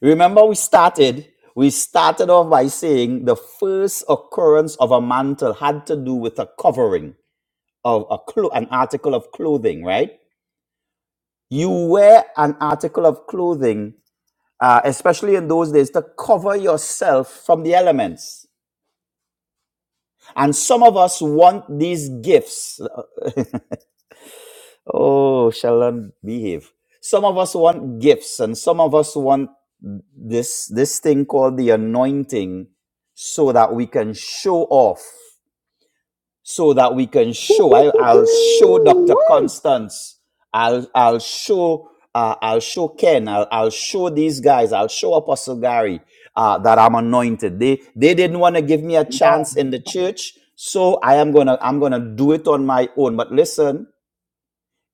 [SPEAKER 9] Remember, we started. We started off by saying the first occurrence of a mantle had to do with a covering of a clo- an article of clothing, right? You wear an article of clothing uh, especially in those days, to cover yourself from the elements. And some of us want these gifts. Oh, Sheldon, behave. Some of us want gifts, and some of us want this this thing called the anointing, so that we can show off. so that we can show. I,
[SPEAKER 10] Woo-hoo-hoo-hoo.
[SPEAKER 9] I'll show
[SPEAKER 10] Woo! woo,
[SPEAKER 9] Dr.
[SPEAKER 10] woo, woo.
[SPEAKER 9] Constance. I'll I'll show uh, I'll show Ken. I'll, I'll show these guys. I'll show Apostle Gary uh, that I'm anointed. They they didn't want to give me a
[SPEAKER 1] Oh,
[SPEAKER 9] chance in the church, so I am gonna I'm gonna do it on my own. But listen,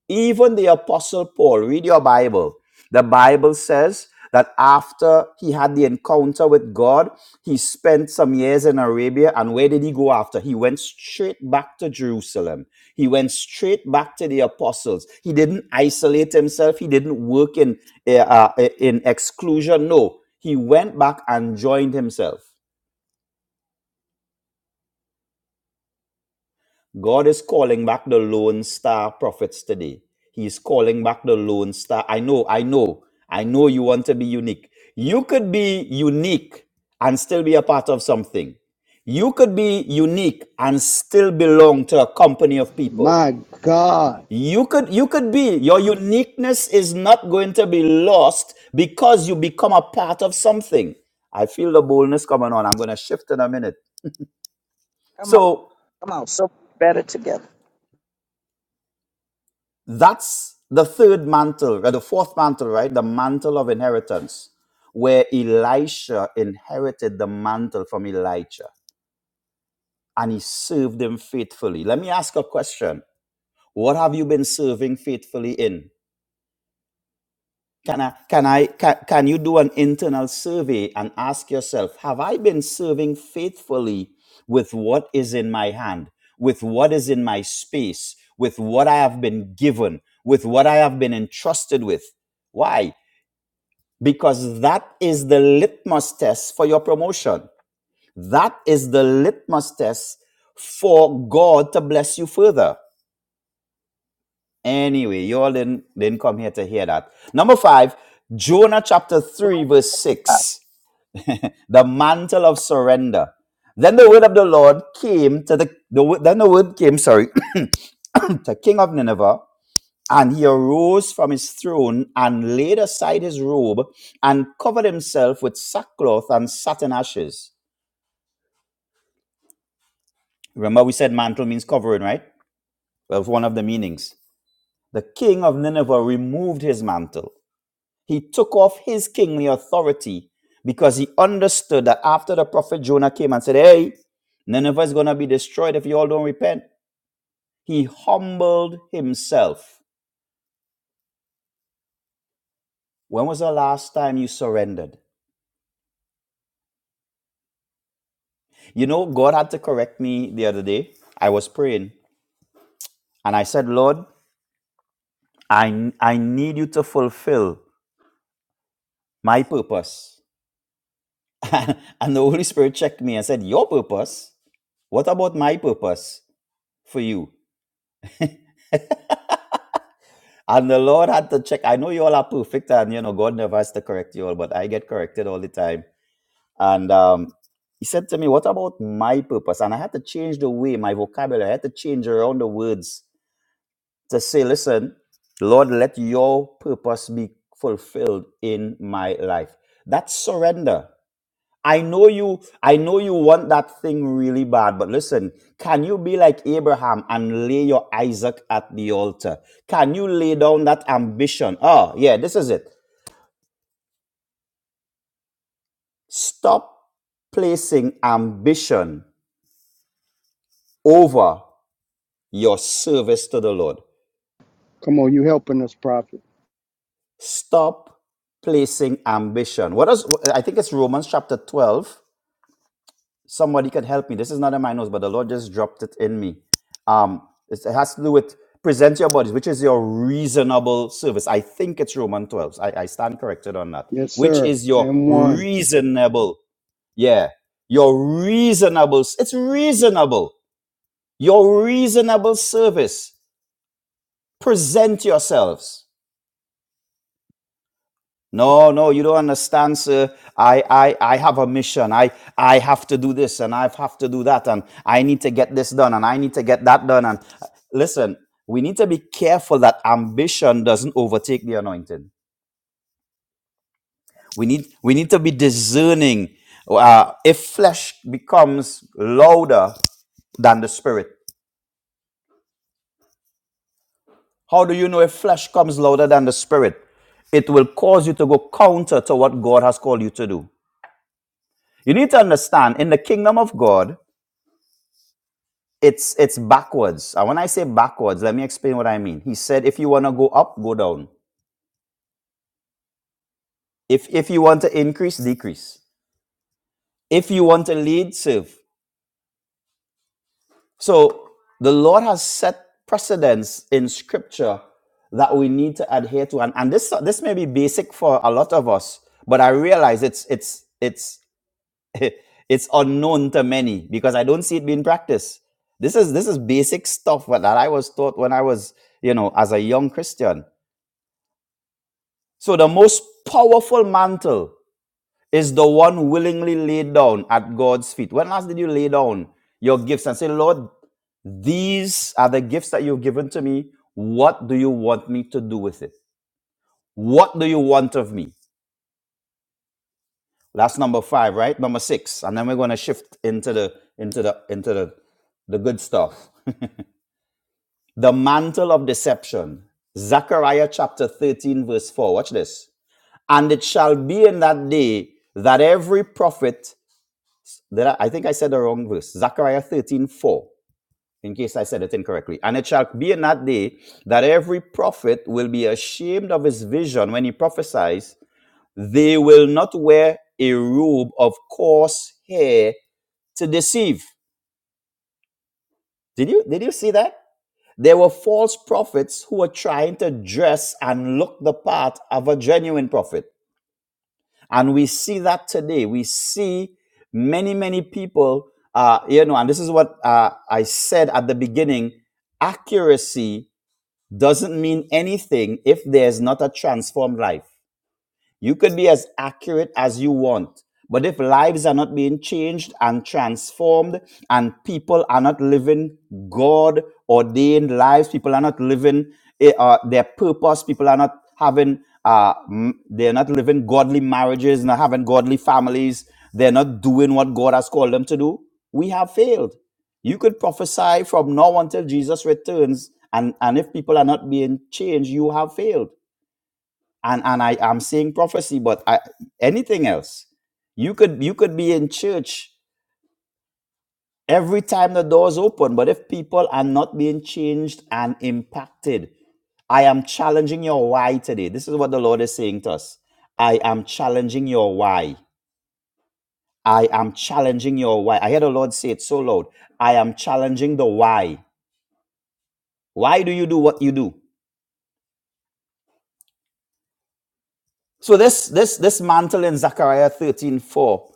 [SPEAKER 9] even the Apostle Paul, read your Bible. The Bible says that after he had the encounter with God, he spent some years in Arabia. And where did he go after? He went straight back to Jerusalem. He went straight back to the apostles. He didn't isolate himself, he didn't work in, uh, uh, eh, in exclusion. No, he went back and joined himself. God is calling back the lone star prophets today. He is calling back the lone star. I know, I know, I know you want to be unique. You could be unique and still be a part of something. You could be unique and still belong to a company of people.
[SPEAKER 10] My God.
[SPEAKER 9] You could you could be your uniqueness is not going to be lost because you become a part of something. I feel the boldness coming on. I'm going to shift in a minute.
[SPEAKER 1] come on,
[SPEAKER 9] So.
[SPEAKER 1] come on. So better together.
[SPEAKER 9] That's the third mantle, or the fourth mantle, right? The mantle of inheritance, where Elisha inherited the mantle from Elijah and he served him faithfully. Let me ask a question. What have you been serving faithfully in? Can I, can I, can, can you do an internal survey and ask yourself, have I been serving faithfully with what is in my hand, with what is in my space, with what I have been given, with what I have been entrusted with? Why? because that is the litmus test for your promotion. That is the litmus test for God to bless you further. Anyway, you all didn't, didn't come here to hear that. Number five, Jonah chapter 3, verse
[SPEAKER 1] I was
[SPEAKER 9] 6, the mantle of surrender. Then the word of the Lord came to the, the wo- then the word came, sorry, to King of Nineveh And he arose from his throne and laid aside his robe and covered himself with sackcloth and sat in ashes. Remember, we said mantle means covering, right? Well, one of the meanings. The king of Nineveh removed his mantle. He took off his kingly authority because he understood that after the prophet Jonah came and said, Hey, Nineveh is going to be destroyed if you all don't repent, he humbled himself. When was the last time you surrendered? You know, God had to correct me the other day. I was praying and I said, Lord, I, I need you to fulfill my purpose. and the Holy Spirit checked me and said, Your purpose? What about my purpose for you? And the Lord had to check. I know you all are perfect and, you know, God never has to correct you all, but I get corrected all the time. And um, he said to me, What about my purpose? And I had to change the way my vocabulary, I had to change around the words to say, listen, Lord, let your purpose be fulfilled in my life. That's surrender. I know you, I know you want that thing really bad, but listen, can you be like Abraham and lay your Isaac at the altar? Can you lay down that ambition? Oh, yeah, this is it. Stop placing ambition over your service to the Lord.
[SPEAKER 10] Come on, you helping us, prophet.
[SPEAKER 9] Stop placing ambition. What does I think it's Romans chapter 12 somebody can help me. This is not in my notes, but the Lord just dropped it in me. Um, it's- it has to do with present your bodies, which is your reasonable service. I think it's Roman 12. I, I stand corrected on that.
[SPEAKER 10] Yes,
[SPEAKER 9] Which
[SPEAKER 10] sir.
[SPEAKER 9] is your
[SPEAKER 10] And one.
[SPEAKER 9] reasonable, yeah, your reasonable. s- It's reasonable. Your reasonable service. Present yourselves. No, no, you don't understand, sir. I, I, I have a mission. I, I have to do this and I have to do that and I need to get this done and I need to get that done. And listen, we need to be careful that ambition doesn't overtake the anointing. We need, we need to be discerning. Uh, if flesh becomes louder than the spirit, how do you know if flesh comes louder than the spirit? It will cause you to go counter to what God has called you to do. You need to understand in the kingdom of God, It's it's backwards. And when I say backwards, let me explain what I mean. He said, if you want to go up, go down. If if you want to increase, decrease. If you want to lead, serve. So the Lord has set precedents in Scripture that we need to adhere to, and and this this may be basic for a lot of us, but I realize it's it's it's it's unknown to many because I don't see it being practiced. This is this is basic stuff that I was taught when I was you know as a young Christian So the most powerful mantle is the one willingly laid down at God's feet. When last did you lay down your gifts and say, Lord, these are the gifts that you've given to me. What do you want me to do with it? What do you want of me? That's number five, right? Number six. And then we're going to shift into the into the into the the good stuff. the mantle of deception. Zechariah chapter 13, verse 4. Watch this. And it shall be in that day that every prophet Did I, I think I said the wrong verse. Zechariah 13 4. in case I said it incorrectly. And it shall be in that day that every prophet will be ashamed of his vision when he prophesies. They will not wear a robe of coarse hair to deceive. Did you, did you see that? There were false prophets who were trying to dress and look the part of a genuine prophet. And we see that today. We see many, many people, uh, you know, and this is what uh, I said at the beginning accuracy doesn't mean anything if there's not a transformed life. You could be as accurate as you want. But if lives are not being changed and transformed, and people are not living God ordained lives, people are not living eh, uh, their purpose, people are not having, uh, m- they're not living godly marriages, not having godly families, they're not doing what God has called them to do, we have failed. You could prophesy from now until Jesus returns, and, and if people are not being changed, you have failed and and I am seeing prophecy, but I, anything else, you could you could be in church every time the doors open, but if people are not being changed and impacted, I am challenging your why today. This is what the Lord is saying to us. I am challenging your why. I am challenging your why. I hear the Lord say it so loud. I am challenging the why. Why do you do what you do? So this this this mantle in Zechariah 13:4.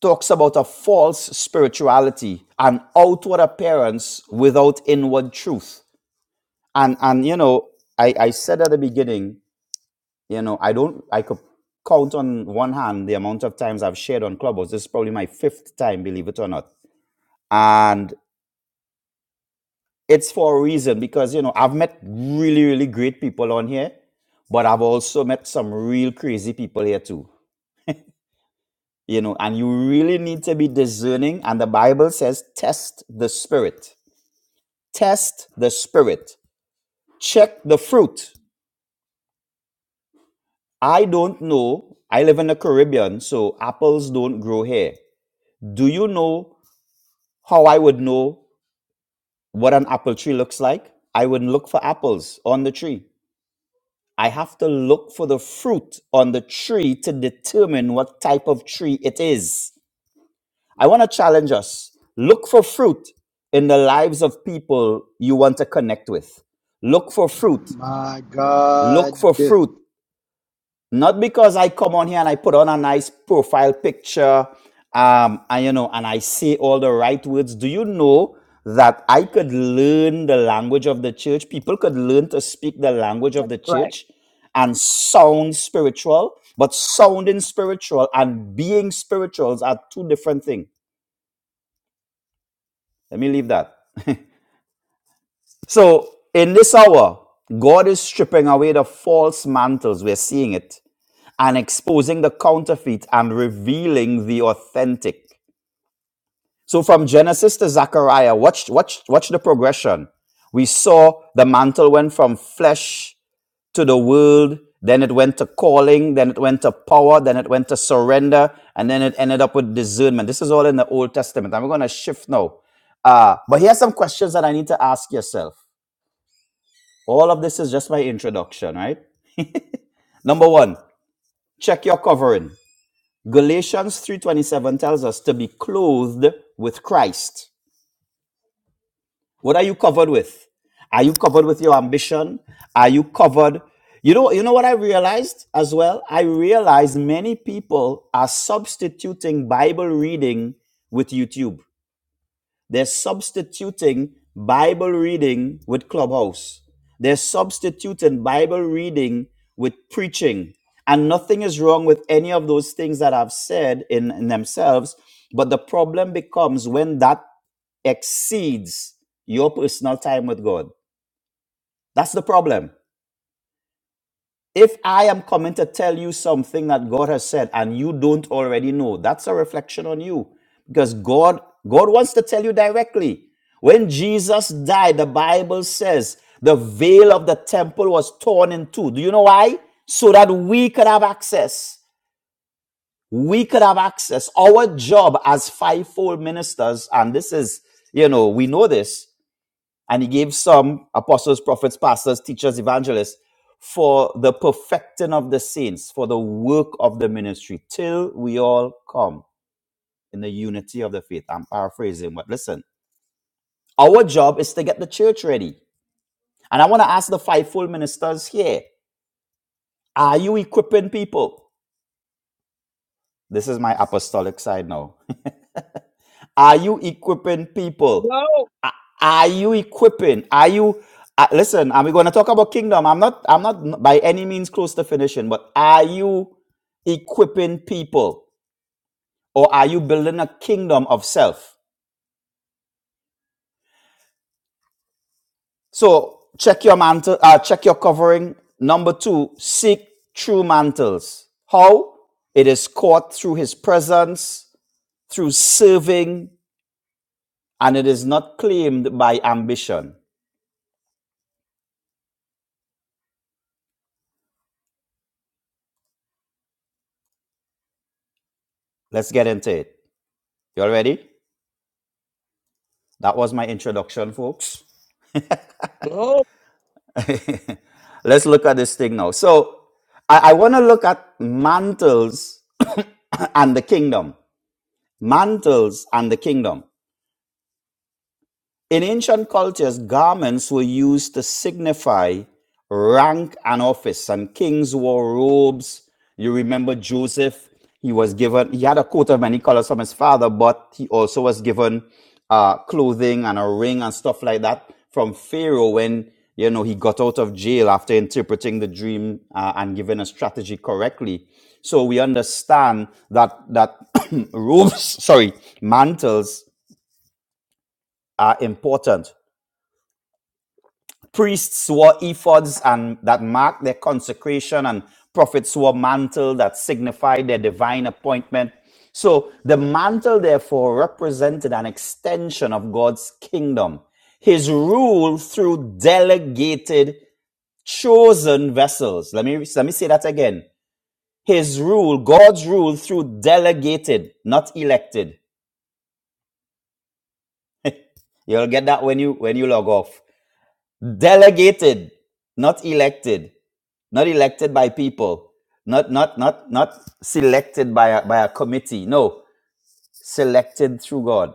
[SPEAKER 9] talks about a false spirituality, an outward appearance without inward truth. And and you know, I, I said at the beginning, you know, I don't I could count on one hand the amount of times I've shared on Clubhouse. This is probably my fifth time, believe it or not. And it's for a reason because you know I've met really, really great people on here, but I've also met some real crazy people here too. You know, and you really need to be discerning, and the Bible says, test the spirit Test the spirit. Check the fruit. I don't know. I live in the Caribbean, so apples don't grow here. Do you know how I would know what an apple tree looks like? I would look for apples on the tree. I have to look for the fruit on the tree to determine what type of tree it is. I want to challenge us. Look for fruit in the lives of people you want to connect with. Look for fruit.
[SPEAKER 10] My
[SPEAKER 9] Look
[SPEAKER 10] God.
[SPEAKER 9] for fruit. not because I come on here and I put on a nice profile picture, um, and you know, and I say all the right words. Do you know that I could learn the language of the church? People could learn to speak the language of the
[SPEAKER 1] like,
[SPEAKER 9] church and sound spiritual, but sounding spiritual and being spirituals are two different things. Let me leave that. So in this hour, God is stripping away the false mantles. We're seeing it. and exposing the counterfeit and revealing the authentic. So from Genesis to Zechariah, watch, watch, watch the progression. We saw the mantle went from flesh to the world, then it went to calling, then it went to power, then it went to surrender, and then it ended up with discernment. This is all in the Old Testament. I'm going to shift now. Uh, but here's some questions that I need to ask yourself. All of this is just my introduction, right? Number one, check your covering. Galatians 3:27 tells us to be clothed with Christ. What are you covered with? Are you covered with your ambition? Are you covered? You know, you know what I realized as well? I realized many people are substituting Bible reading with YouTube. They're substituting Bible reading with Clubhouse. They're substituting Bible reading with preaching. And nothing is wrong with any of those things that I've said in, in themselves. But the problem becomes when that exceeds your personal time with God. That's the problem. If I am coming to tell you something that God has said and you don't already know, that's a reflection on you because God God wants to tell you directly. When Jesus died, the Bible says the veil of the temple was torn in two. Do you know why? So that we could have access. We could have access. Our job as fivefold ministers, and this is, you know, we know this, and he gave some apostles, prophets, pastors, teachers, evangelists for the perfecting of the saints, for the work of the ministry, till we all come in the unity of the faith. I'm paraphrasing, but listen, our job is to get the church ready. And I want to ask the fivefold ministers here are you equipping people? This is my apostolic side now. Are you equipping people?
[SPEAKER 1] no,
[SPEAKER 9] A- Are you equipping? Are you uh, listen? I'm going to talk about kingdom. I'm not. I'm not by any means close to finishing. But are you equipping people, or are you building a kingdom of self? So check your mantle. Uh, check your covering. Number two, seek true mantles. How? It is caught through His presence, through serving, and it is not claimed by ambition. Let's get into it. You all ready? That was my introduction, folks.
[SPEAKER 1] no.
[SPEAKER 9] Let's look at this thing now. So I, I want to look at mantles and the kingdom. Mantles and the kingdom. In ancient cultures, garments were used to signify rank and office, and kings wore robes. You remember Joseph, he was given, he had a coat of many colors from his father, but he also was given uh, clothing and a ring and stuff like that from Pharaoh when, you know, he got out of jail after interpreting the dream uh, and giving a strategy correctly. So we understand that, that robes, sorry, mantles are important Priests wore ephods and that marked their consecration, and prophets wore mantle that signified their divine appointment. So the mantle, therefore, represented an extension of God's kingdom, his rule through delegated, chosen vessels. Let me, let me say that again. His rule, God's rule through delegated, not elected. You'll get that when you when you log off. Delegated, not elected. not elected by people not not not not selected by a, by a committee no selected through god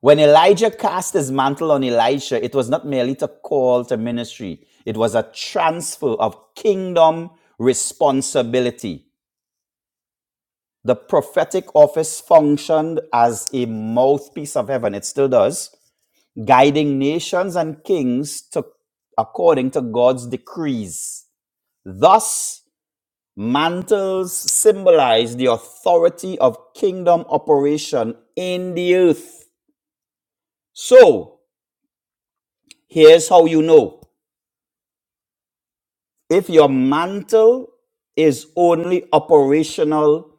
[SPEAKER 9] when elijah cast his mantle on elisha it was not merely to call to ministry it was a transfer of kingdom responsibility the prophetic office functioned as a mouthpiece of heaven it still does guiding nations and kings to according to god's decrees thus Mantles symbolize the authority of kingdom operation in the earth. So, here's how you know if your mantle is only operational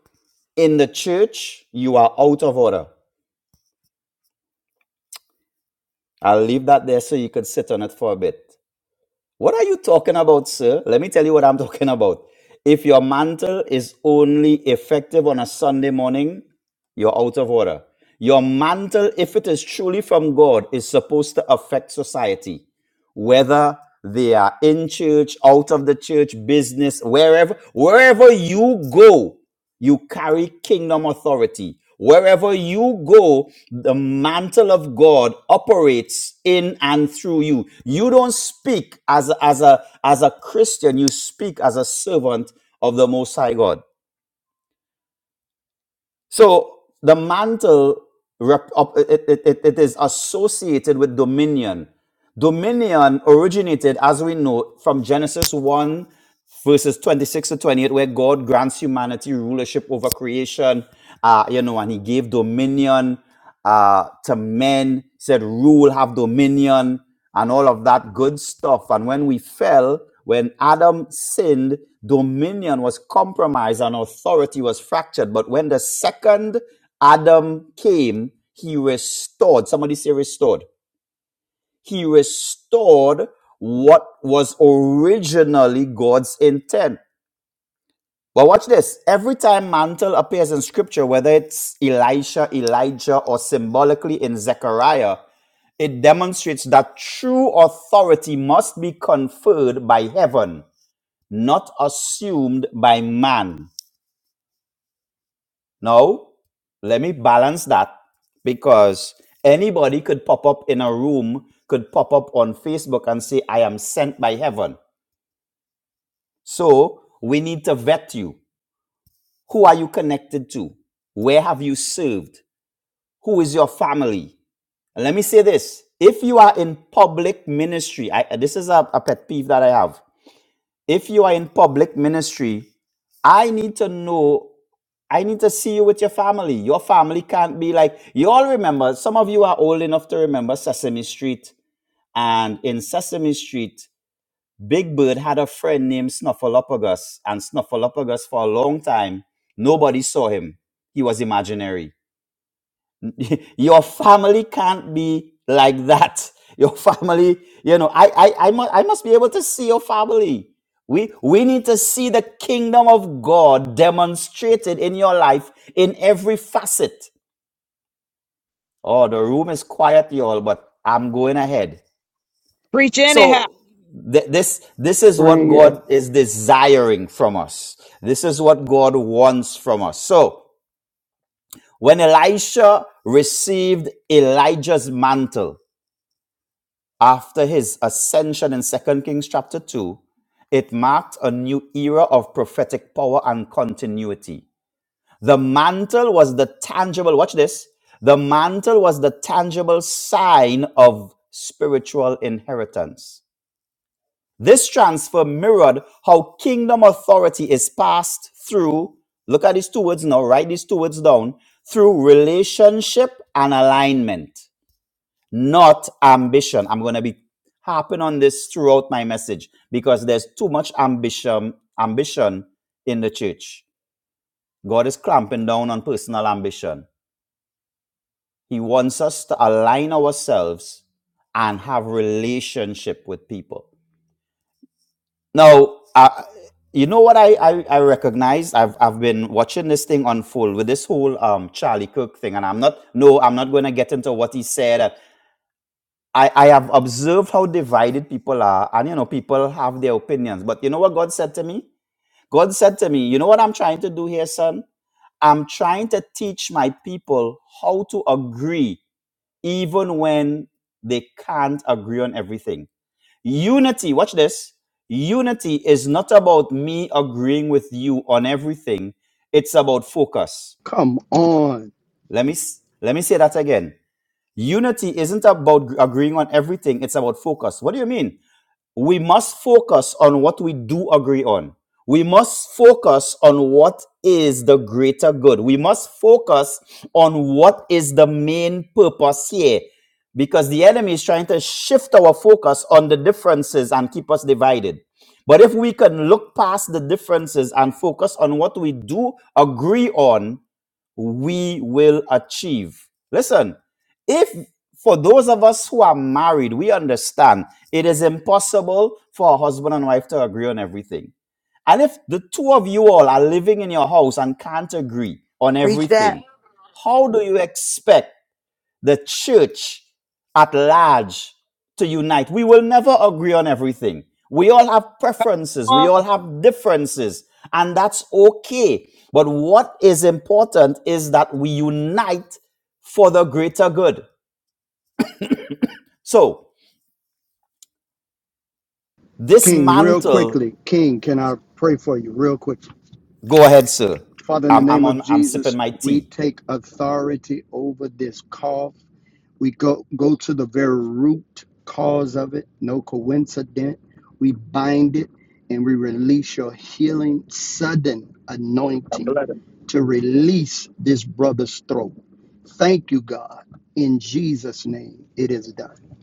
[SPEAKER 9] in the church, you are out of order. I'll leave that there so you could sit on it for a bit. What are you talking about, sir? Let me tell you what I'm talking about. If your mantle is only effective on a Sunday morning, you're out of order. Your mantle, if it is truly from God, is supposed to affect society, whether they are in church, out of the church, business, wherever, wherever you go. You carry kingdom authority. Wherever you go, the mantle of God operates in and through you. You don't speak as, as, a, as a Christian, you speak as a servant of the Most High God. So the mantle rep- op- it, it, it it is associated with dominion. Dominion originated, as we know, from Genesis 1, verses 26 to 28, where God grants humanity rulership over creation, uh, you know, and he gave dominion uh, to men, said, rule, have dominion and all of that good stuff. And when we fell, when Adam sinned, dominion was compromised and authority was fractured. But when the second Adam came, he restored. Somebody say restored. He restored what was originally God's intent. Well, watch this. Every time mantle appears in scripture, whether it's Elisha, Elijah, or symbolically in Zechariah, it demonstrates that true authority must be conferred by heaven, not assumed by man. Now, let me balance that because anybody could pop up in a room, could pop up on Facebook and say, I am sent by heaven. So we need to vet you. Who are you connected to? Where have you served? who is your family. And let me say this if you are in public ministry, I, this is a, a pet peeve that I have. If you are in public ministry, I need to know, I need to see you with your family. Your family can't be like, you all remember, some of you are old enough to remember Sesame Street. And in Sesame Street, Big Bird had a friend named Snuffleupagus. And Snuffleupagus, for a long time, nobody saw him. He was imaginary. your family can't be like that your family you know i i i must, I must be able to see your family we we need to see the kingdom of god demonstrated in your life in every facet oh the room is quiet y'all but i'm going ahead
[SPEAKER 1] Preach anyhow.
[SPEAKER 9] so th- this this is what
[SPEAKER 10] Bring it.
[SPEAKER 9] god is desiring from us this is what god wants from us so when elisha received elijah's mantle after his ascension in Second Kings chapter 2, it marked a new era of prophetic power and continuity. The mantle was the tangible, watch this, the mantle was the tangible sign of spiritual inheritance. This transfer mirrored how kingdom authority is passed through, look at these two words now, write these two words down, through relationship and alignment not ambition. I'm going to be harping on this throughout my message because there's too much ambition ambition in the church. God is clamping down on personal ambition. He wants us to align ourselves and have relationship with people. Now, uh, you know what I, I, I recognize? I've, I've been watching this thing unfold with this whole um, Charlie Cook thing, and I'm not, no, I'm not going to get into what he said. I, I have observed how divided people are, and you know, people have their opinions. But you know what God said to me? God said to me, You know what I'm trying to do here, son? I'm trying to teach my people how to agree, even when they can't agree on everything. Unity, watch this. Unity is not about me agreeing with you on everything. It's about focus.
[SPEAKER 10] Come on.
[SPEAKER 9] Let me s- let me say that again. Unity isn't about g- agreeing on everything. It's about focus. What do you mean? we must focus on what we do agree on. We must focus on what is the greater good. We must focus on what is the main purpose here because the enemy is trying to shift our focus on the differences and keep us divided. But if we can look past the differences and focus on what we do agree on, we will achieve. Listen, if for those of us who are married, we understand it is impossible for a husband and wife to agree on everything. And if the two of you all are living in your house and can't agree on
[SPEAKER 7] Preach that.
[SPEAKER 9] everything, how do you expect? the church at large to unite. We will never agree on everything. We all have preferences, we all have differences, and that's okay. But what is important is that we unite for the greater good. So, this
[SPEAKER 10] King, real
[SPEAKER 9] mantle,
[SPEAKER 10] quickly. King, can I pray for you real quick?
[SPEAKER 9] go ahead, sir.
[SPEAKER 10] Father, in the
[SPEAKER 9] I'm, I'm
[SPEAKER 10] name
[SPEAKER 9] on,
[SPEAKER 10] of
[SPEAKER 9] I'm sipping
[SPEAKER 10] Jesus,
[SPEAKER 9] my
[SPEAKER 10] we
[SPEAKER 9] tea.
[SPEAKER 10] take authority over this cough. We go go to the very root cause of it, no coincidence. We bind it and we release your healing sudden anointing to release this brother's throat. Thank you, God. In Jesus' name, it is done.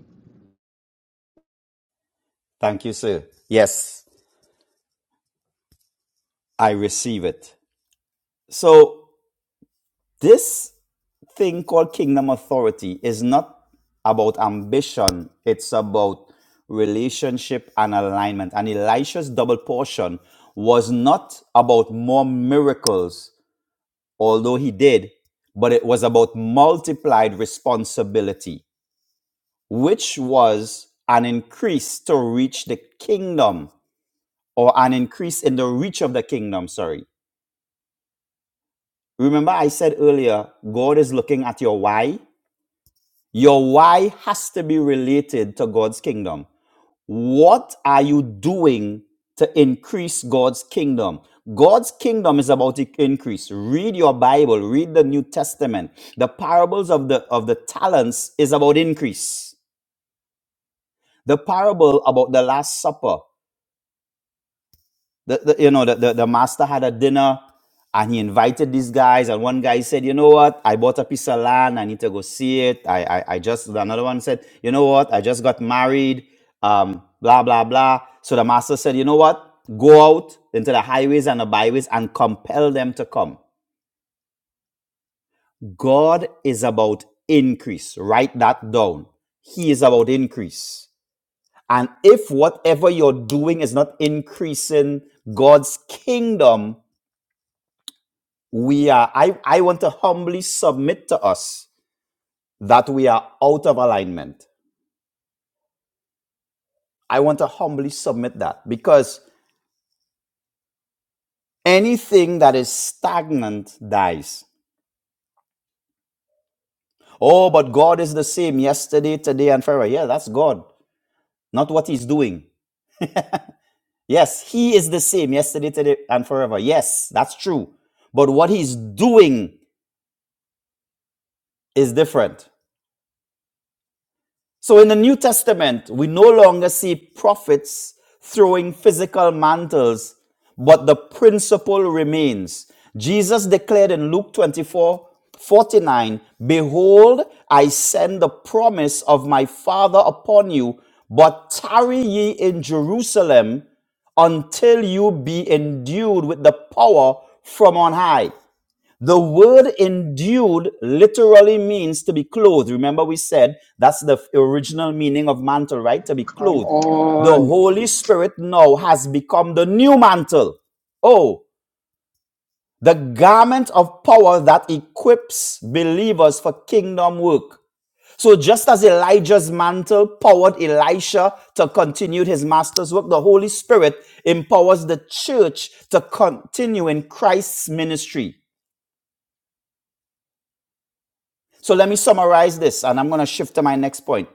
[SPEAKER 9] Thank you, sir. Yes, I receive it. So, this thing called kingdom authority is not about ambition, it's about relationship and alignment. And Elisha's double portion was not about more miracles, although he did, but it was about multiplied responsibility, which was an increase to reach the kingdom or an increase in the reach of the kingdom. Sorry. Remember, I said earlier, God is looking at your why. Your why has to be related to God's kingdom. What are you doing to increase God's kingdom? God's kingdom is about to increase. Read your Bible, read the New Testament. The parables of the of the talents is about increase. The parable about the last supper the, the you know the, the, the master had a dinner and he invited these guys and one guy said you know what i bought a piece of land i need to go see it i i, I just another one said you know what i just got married um blah blah blah so the master said you know what go out into the highways and the byways and compel them to come god is about increase write that down he is about increase and if whatever you're doing is not increasing god's kingdom we are I, I want to humbly submit to us that we are out of alignment i want to humbly submit that because anything that is stagnant dies oh but god is the same yesterday today and forever yeah that's god not what he's doing yes he is the same yesterday today and forever yes that's true but what he's doing is different So in the New Testament, we no longer see prophets throwing physical mantles, but the principle remains. Jesus declared in Luke 24 49, Behold, I send the promise of my Father upon you, but tarry ye in Jerusalem until you be endued with the power from on high. The word endued literally means to be clothed. Remember, we said that's the original meaning of mantle, right? To be
[SPEAKER 10] Come
[SPEAKER 9] clothed. The
[SPEAKER 10] on.
[SPEAKER 9] Holy Spirit now has become the new mantle. Oh, the garment of power that equips believers for kingdom work. So, just as Elijah's mantle powered Elisha to continue his master's work, the Holy Spirit empowers the church to continue in Christ's ministry. So let me summarize this and I'm going to shift to my next point.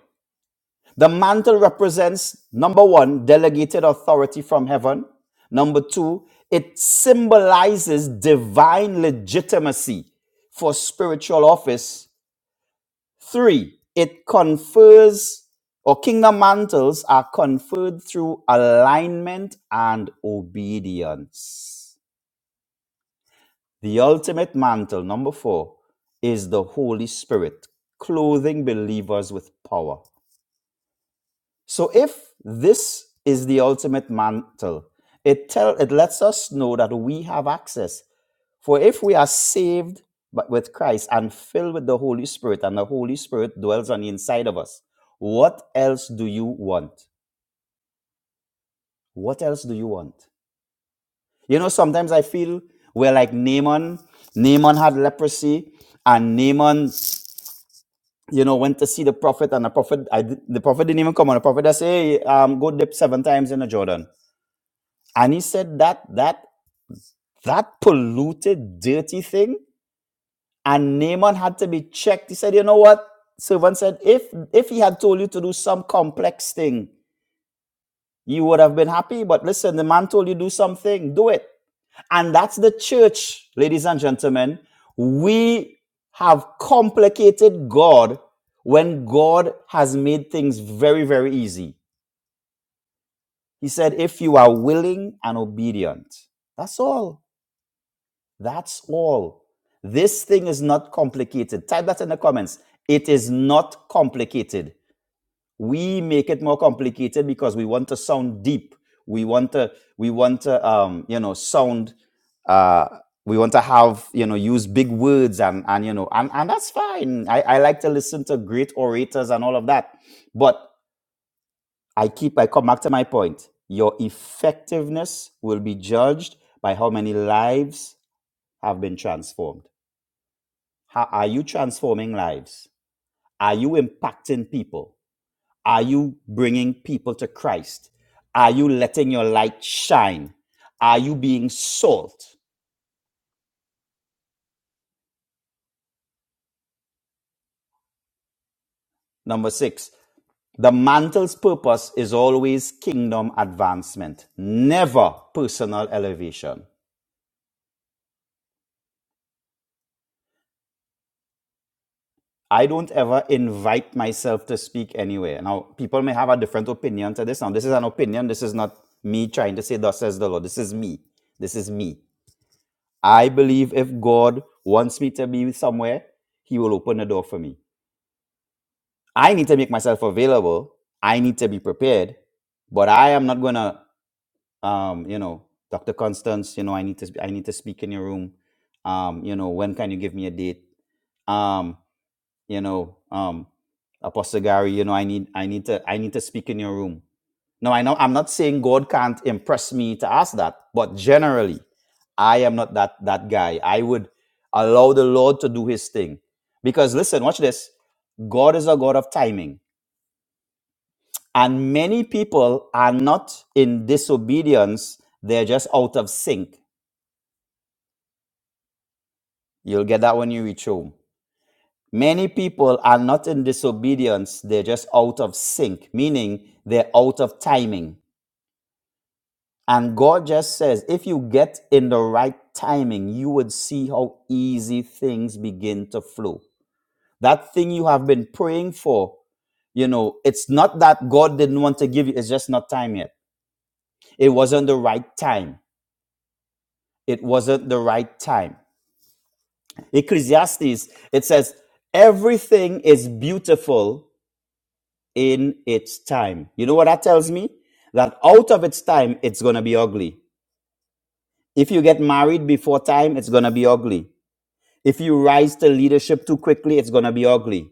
[SPEAKER 9] The mantle represents number one, delegated authority from heaven. Number two, it symbolizes divine legitimacy for spiritual office. Three, it confers or kingdom mantles are conferred through alignment and obedience. The ultimate mantle, number four, is the Holy Spirit, clothing believers with power. So if this is the ultimate mantle, it tell it lets us know that we have access. For if we are saved but with Christ and filled with the Holy Spirit, and the Holy Spirit dwells on the inside of us, what else do you want? What else do you want? You know, sometimes I feel we're like Naaman. Naaman had leprosy, and Naaman, you know, went to see the prophet, and the prophet, I, the prophet didn't even come on. The prophet just say, hey, um, go dip seven times in the Jordan. And he said that that that polluted, dirty thing, and Naaman had to be checked. He said, you know what? Servant said, if if he had told you to do some complex thing, you would have been happy. But listen, the man told you do something, do it. And that's the church, ladies and gentlemen. We have complicated God when God has made things very, very easy. He said, if you are willing and obedient. That's all. That's all. This thing is not complicated. Type that in the comments. It is not complicated. We make it more complicated because we want to sound deep. We want to we want to um, you know sound uh, we want to have you know use big words and and you know and, and that's fine. I, I like to listen to great orators and all of that. But I keep I come back to my point. Your effectiveness will be judged by how many lives have been transformed. How, are you transforming lives? Are you impacting people? Are you bringing people to Christ? Are you letting your light shine? Are you being salt? Number six, the mantle's purpose is always kingdom advancement, never personal elevation. I don't ever invite myself to speak anywhere. Now, people may have a different opinion to this. Now, this is an opinion. This is not me trying to say, Thus says the Lord. This is me. This is me. I believe if God wants me to be somewhere, He will open the door for me. I need to make myself available. I need to be prepared, but I am not gonna, um, you know, Doctor Constance. You know, I need to, I need to speak in your room. Um, you know, when can you give me a date? Um, you know, um, Apostle Gary. You know, I need, I need to, I need to speak in your room now, I know I'm not saying God can't impress me to ask that, but generally, I am not that that guy. I would allow the Lord to do His thing, because listen, watch this. God is a God of timing, and many people are not in disobedience; they're just out of sync. You'll get that when you reach home. Many people are not in disobedience; they're just out of sync, meaning they're out of timing. And God just says, if you get in the right timing, you would see how easy things begin to flow. That thing you have been praying for, you know, it's not that God didn't want to give you, it's just not time yet. It wasn't the right time. It wasn't the right time. Ecclesiastes, it says, everything is beautiful in its time. You know what that tells me? That out of its time, it's going to be ugly. If you get married before time, it's going to be ugly If you rise to leadership too quickly, it's going to be ugly.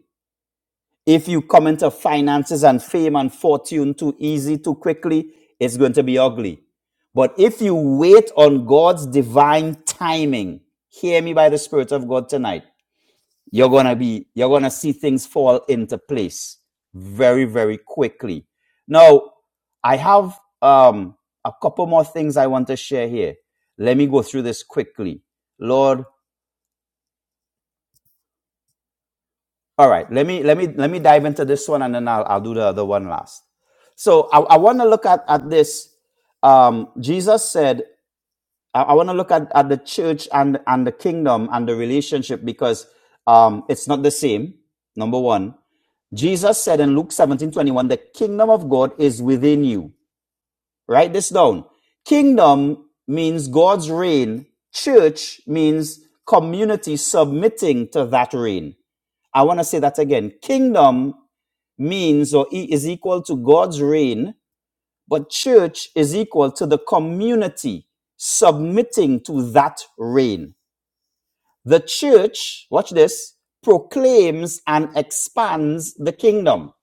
[SPEAKER 9] If you come into finances and fame and fortune too easy, too quickly, it's going to be ugly. But if you wait on God's divine timing, hear me by the Spirit of God tonight, you're going to be, you're going to see things fall into place very, very quickly. Now, I have um, a couple more things I want to share here. Let me go through this quickly. Lord, All right, let me let me let me dive into this one, and then I'll I'll do the other one last. So I, I want to look at at this. Um, Jesus said, I, I want to look at, at the church and and the kingdom and the relationship because um, it's not the same. Number one, Jesus said in Luke seventeen twenty one, the kingdom of God is within you. Write this down. Kingdom means God's reign. Church means community submitting to that reign. I want to say that again. Kingdom means or e- is equal to God's reign, but church is equal to the community submitting to that reign. The church, watch this, proclaims and expands the kingdom.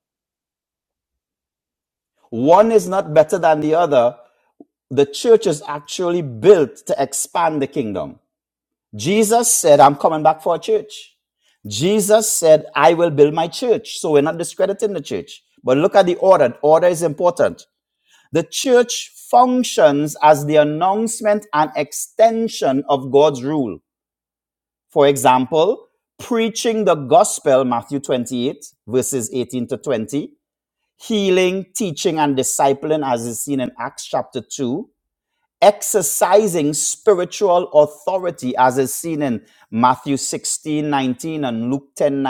[SPEAKER 9] One is not better than the other. The church is actually built to expand the kingdom. Jesus said, I'm coming back for a church. Jesus said, I will build my church. So we're not discrediting the church. But look at the order. Order is important. The church functions as the announcement and extension of God's rule. For example, preaching the gospel, Matthew 28, verses 18 to 20, healing, teaching, and discipling, as is seen in Acts chapter 2, exercising spiritual authority, as is seen in Matthew 16:19 and Luke 10:19.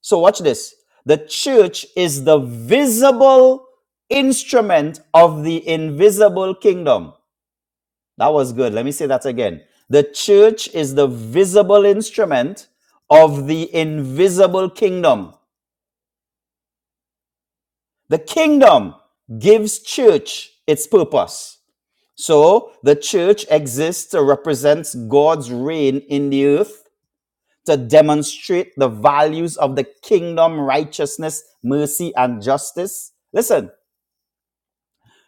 [SPEAKER 9] So watch this. The church is the visible instrument of the invisible kingdom. That was good. Let me say that again. The church is the visible instrument of the invisible kingdom. The kingdom gives church its purpose. So the church exists to represent God's reign in the earth to demonstrate the values of the kingdom righteousness, mercy, and justice. Listen,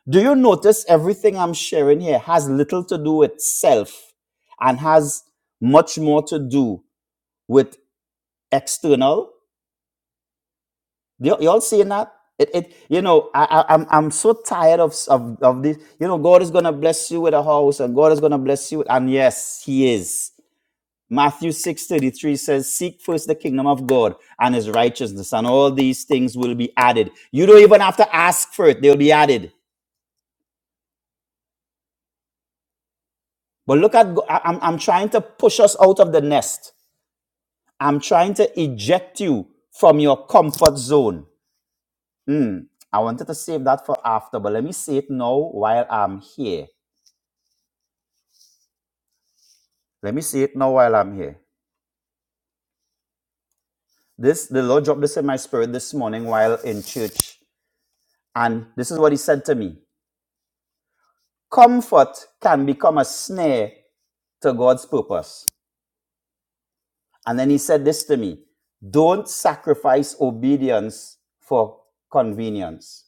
[SPEAKER 9] Do you notice everything I'm sharing here has little to do with self and has much more to do with external? You, you all seeing that? It, it you know I, I I'm I'm so tired of, of of this you know God is gonna bless you with a house and God is gonna bless you with, and yes He is Matthew six thirty three says seek first the kingdom of God and His righteousness and all these things will be added you don't even have to ask for it they'll be added But look at, I- I'm, I'm trying to push us out of the nest. I'm trying to eject you from your comfort zone. Hmm. I wanted to save that for after, but let me say it now while I'm here. Let me say it now while I'm here. This, the Lord dropped this in my spirit this morning while in church. And this is what he said to me. Comfort can become a snare to God's purpose. And then he said this to me. Don't sacrifice obedience for convenience.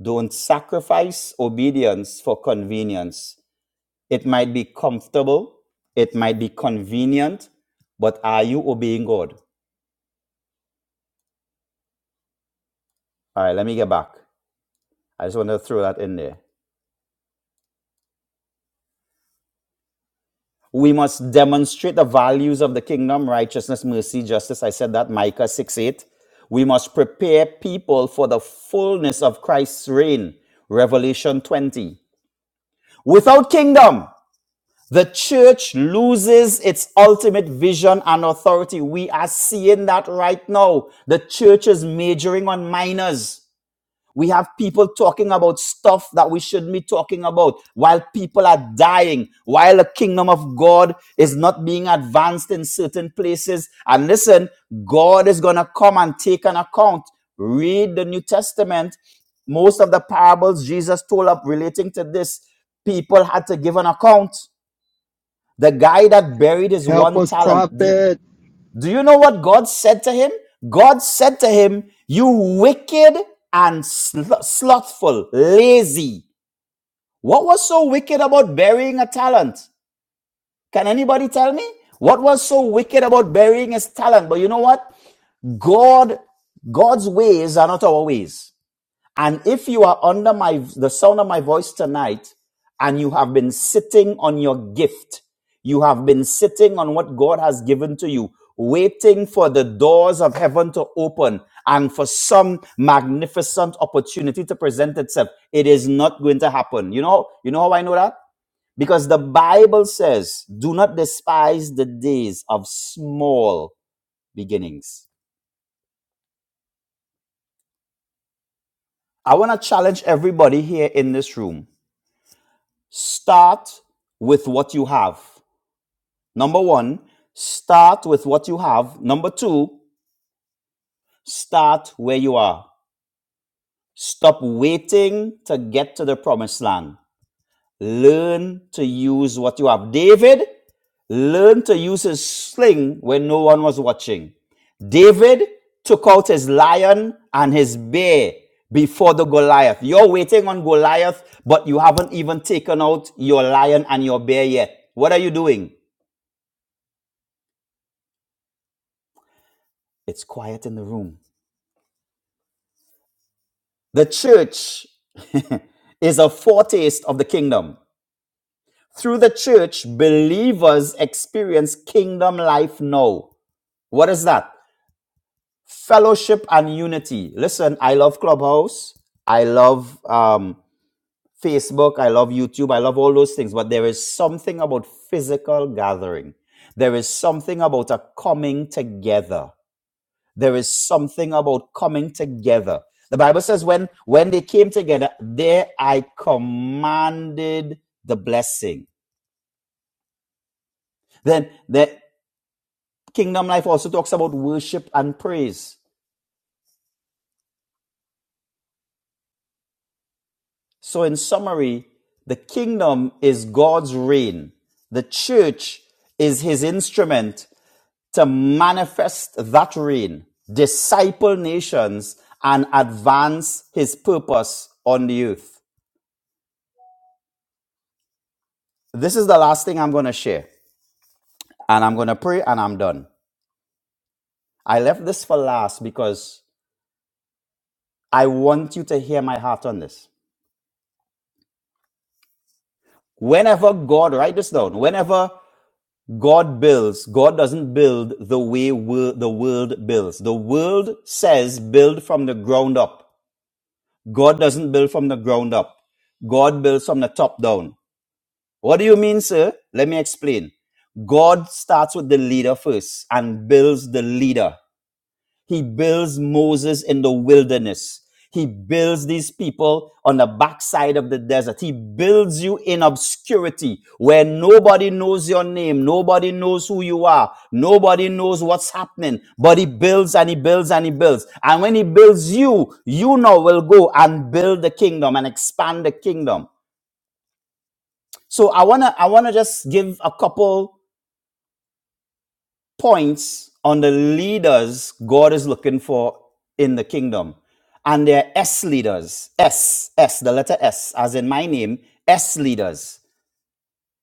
[SPEAKER 9] Don't sacrifice obedience for convenience. It might be comfortable, it might be convenient, but are you obeying God? All right, let me get back. I just want to throw that in there. We must demonstrate the values of the kingdom righteousness, mercy, justice. I said that, Micah 6 8. We must prepare people for the fullness of Christ's reign, Revelation 20. Without kingdom, The church loses its ultimate vision and authority. We are seeing that right now. The church is majoring on minors. We have people talking about stuff that we shouldn't be talking about while people are dying, while the kingdom of God is not being advanced in certain places. And listen, God is going to come and take an account. Read the New Testament. Most of the parables Jesus told up relating to this, people had to give an account. The guy that buried his
[SPEAKER 10] Help
[SPEAKER 9] one
[SPEAKER 10] us,
[SPEAKER 9] talent. Do,
[SPEAKER 10] prophet.
[SPEAKER 9] do you know what God said to him? God said to him, You wicked and sl- slothful, lazy. What was so wicked about burying a talent? Can anybody tell me? What was so wicked about burying his talent? But you know what? God, God's ways are not our ways. And if you are under my the sound of my voice tonight and you have been sitting on your gift, you have been sitting on what God has given to you, waiting for the doors of heaven to open and for some magnificent opportunity to present itself. It is not going to happen. You know, you know how I know that? Because the Bible says, do not despise the days of small beginnings. I want to challenge everybody here in this room Start with what you have. Number one, start with what you have. Number two, start where you are. Stop waiting to get to the promised land. Learn to use what you have. David learned to use his sling when no one was watching. David took out his lion and his bear before the Goliath. You're waiting on Goliath, but you haven't even taken out your lion and your bear yet. What are you doing? It's quiet in the room. The church is a foretaste of the kingdom. Through the church, believers experience kingdom life now. What is that? Fellowship and unity. Listen, I love Clubhouse. I love um, Facebook. I love YouTube. I love all those things. But there is something about physical gathering, there is something about a coming together There is something about coming together. The Bible says when when they came together, there I commanded the blessing. Then the kingdom life also talks about worship and praise. So in summary, the kingdom is God's reign. The church is his instrument to manifest that reign, disciple nations, and advance his purpose on the earth. This is the last thing I'm going to share. and I'm going to pray and I'm done. I left this for last because I want you to hear my heart on this. Whenever God, write this down, whenever God builds, God doesn't build the way wor- the world builds. The world says build from the ground up. God doesn't build from the ground up. God builds from the top down. What do you mean, sir? Let me explain. God starts with the leader first and builds the leader. He builds Moses in the wilderness. He builds these people on the backside of the desert. He builds you in obscurity where nobody knows your name. Nobody knows who you are. Nobody knows what's happening. But he builds and he builds and he builds. And when he builds you, you now will go and build the kingdom and expand the kingdom. So I wanna I wanna just give a couple points on the leaders God is looking for in the kingdom. And they're S leaders. S, S, the letter S, as in my name, S leaders.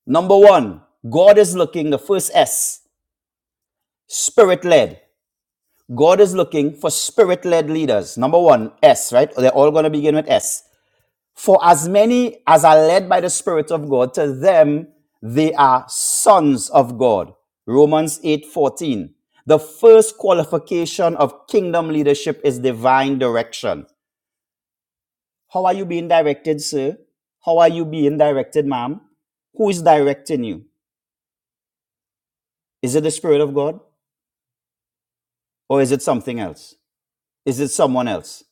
[SPEAKER 9] Number one, God is looking, the first S, spirit led. God is looking for spirit led leaders. Number one, S, right? They're all going to begin with S. For as many as are led by the Spirit of God, to them they are sons of God. Romans 8:14. The first qualification of kingdom leadership is divine direction. How are you being directed, sir? How are you being directed, ma'am? Who is directing you? Is it the Spirit of God or is it something else? Is it someone else?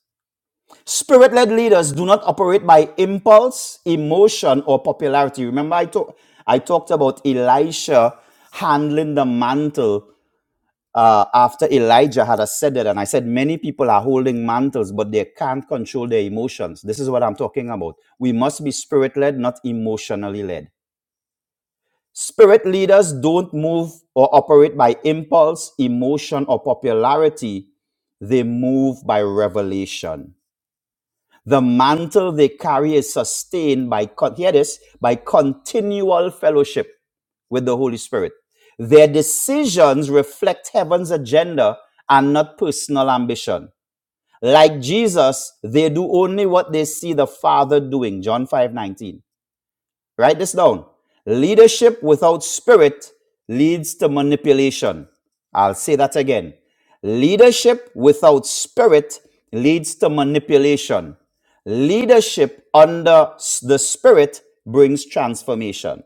[SPEAKER 9] Spirit led leaders do not operate by impulse, emotion, or popularity. Remember, I, talk, I talked about Elisha handling the mantle uh, after Elijah had ascended. And I said, many people are holding mantles, but they can't control their emotions. This is what I'm talking about. We must be spirit led, not emotionally led. Spirit leaders don't move or operate by impulse, emotion, or popularity, they move by revelation. The mantle they carry is sustained by, con- hear this, by continual fellowship with the Holy Spirit. Their decisions reflect heaven's agenda and not personal ambition. Like Jesus, they do only what they see the Father doing. John 5:19. Write this down. Leadership without spirit leads to manipulation. I'll say that again. Leadership without spirit leads to manipulation. Leadership under s- the spirit brings transformation.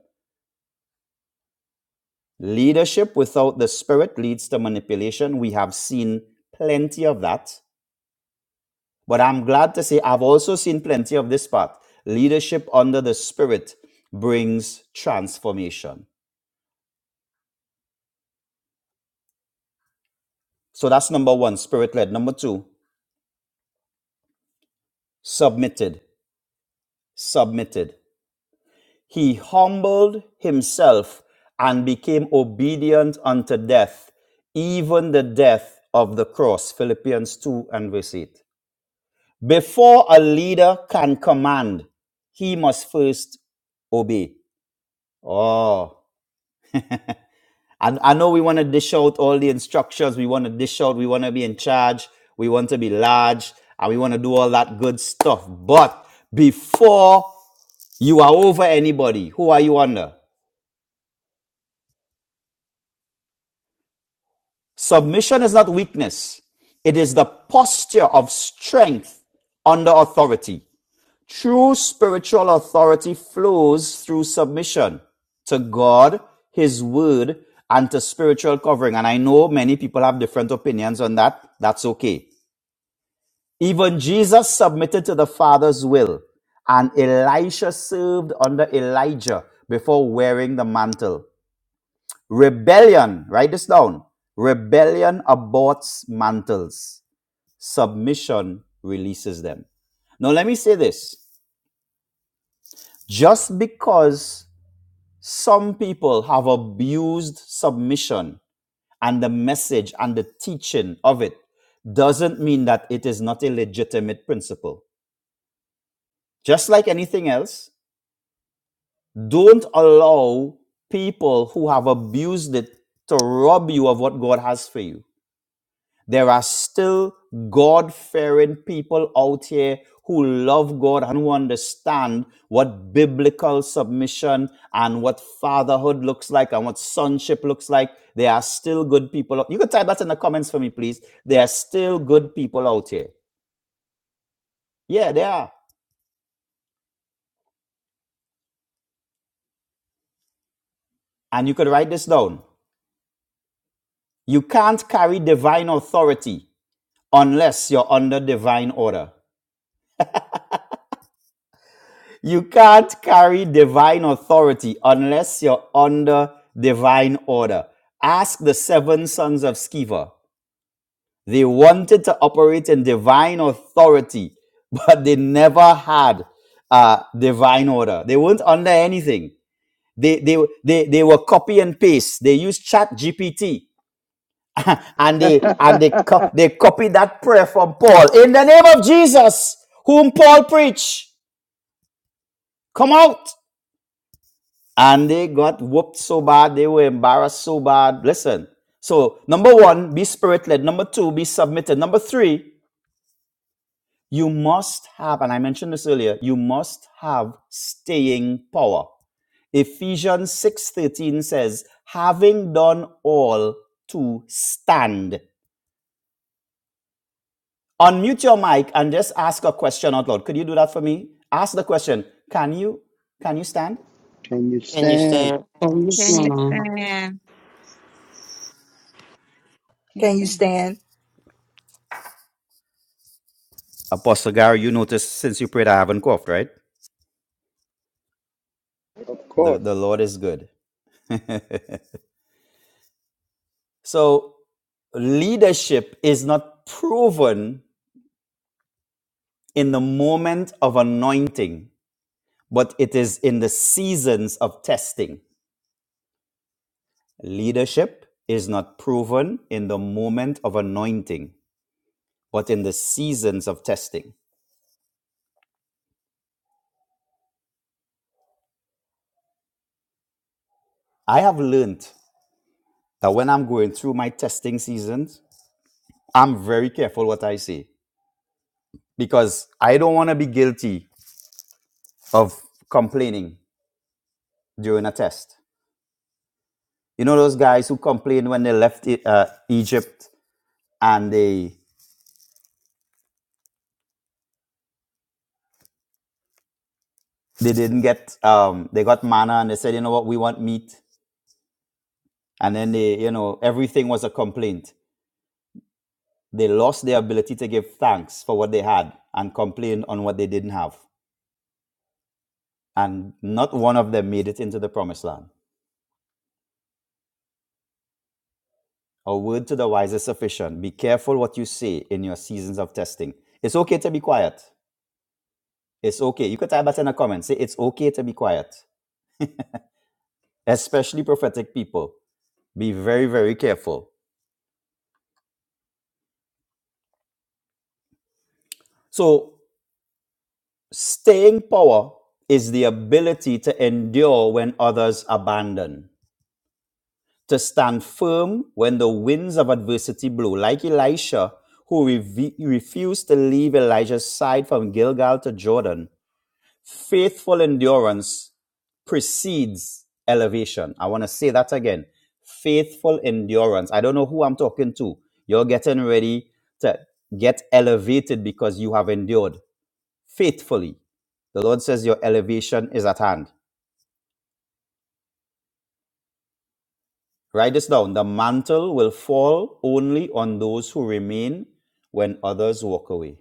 [SPEAKER 9] Leadership without the spirit leads to manipulation. We have seen plenty of that. But I'm glad to say I've also seen plenty of this part. Leadership under the spirit brings transformation. So that's number one, spirit led. Number two, submitted. Submitted. He humbled himself and became obedient unto death, even the death of the cross. Philippians 2 and verse 8. Before a leader can command, he must first obey. Oh, And I know we want to dish out all the instructions. We want to dish out. We want to be in charge. We want to be large. And we want to do all that good stuff. But before you are over anybody, who are you under? Submission is not weakness, it is the posture of strength under authority. True spiritual authority flows through submission to God, His Word, and to spiritual covering. And I know many people have different opinions on that. That's okay. Even Jesus submitted to the Father's will, and Elisha served under Elijah before wearing the mantle. Rebellion, write this down. Rebellion aborts mantles, submission releases them. Now, let me say this just because some people have abused submission and the message and the teaching of it doesn't mean that it is not a legitimate principle. Just like anything else, Don't allow people who have abused it to rob you of what God has for you. There are still God fearing people out here who love God and who understand what biblical submission and what fatherhood looks like and what sonship looks like. There are still good people. out- You could type that in the comments for me, please. There are still good people out here. Yeah, there are. And you could write this down. You can't carry divine authority unless you're under divine order. You can't carry divine authority unless you're under divine order. Ask the seven sons of Sceva. They wanted to operate in divine authority, but they never had uh, divine order. They weren't under anything. They, they, they, they were copy and paste. They used chat GPT and they and they, co- they copied that prayer from Paul in the name of Jesus, whom Paul preached. come out. And they got whooped so bad, they were embarrassed so bad. Listen, so number one, be spirit led. Number two, be submitted. Number three, you must have, and I mentioned this earlier, you must have staying power. Ephesians 6:13 says, having done all to stand. Unmute your mic and just ask a question out loud. Could you do that for me? Ask the question, can you can you stand?
[SPEAKER 10] Can you
[SPEAKER 2] Can you
[SPEAKER 10] stand?
[SPEAKER 2] stand?
[SPEAKER 1] You
[SPEAKER 4] Can
[SPEAKER 1] stay
[SPEAKER 4] you
[SPEAKER 3] Amen.
[SPEAKER 4] stand?
[SPEAKER 11] Can you
[SPEAKER 7] Can you
[SPEAKER 11] stand?
[SPEAKER 7] stand?
[SPEAKER 9] Apostle Gary, you notice since you prayed I haven't coughed, right?
[SPEAKER 10] Of
[SPEAKER 9] The,
[SPEAKER 10] course.
[SPEAKER 9] the Lord is good. so, leadership is not proven in the moment of anointing, but it is in the seasons of testing. Leadership is not proven in the moment of anointing, but in the seasons of testing. I have learned that when I'm going through my testing seasons, I'm very careful what I say because I don't want to be guilty of complaining during a test. You know those guys who complained when they left E- uh, Egypt and they they didn't get um, they got manna and they said, you know what, we want meat, and then they you know everything was a complaint. They lost their ability to give thanks for what they had and complain on what they didn't have, and not one of them made it into the promised land. A word to the wise is sufficient. Be careful what you say in your seasons of testing. It's okay to be quiet. It's okay. You could type that in a comment. Say it's okay to be quiet, especially prophetic people. Be very, very careful. So, staying power is the ability to endure when others abandon, to stand firm when the winds of adversity blow, like Elisha, who reve- refused to leave Elijah's side from Gilgal to Jordan. Faithful endurance precedes elevation. I want to say that again. Faithful endurance. I don't know who I'm talking to. You're getting ready to get elevated because you have endured faithfully. The Lord says, Your elevation is at hand. Write this down. The mantle will fall only on those who remain when others walk away.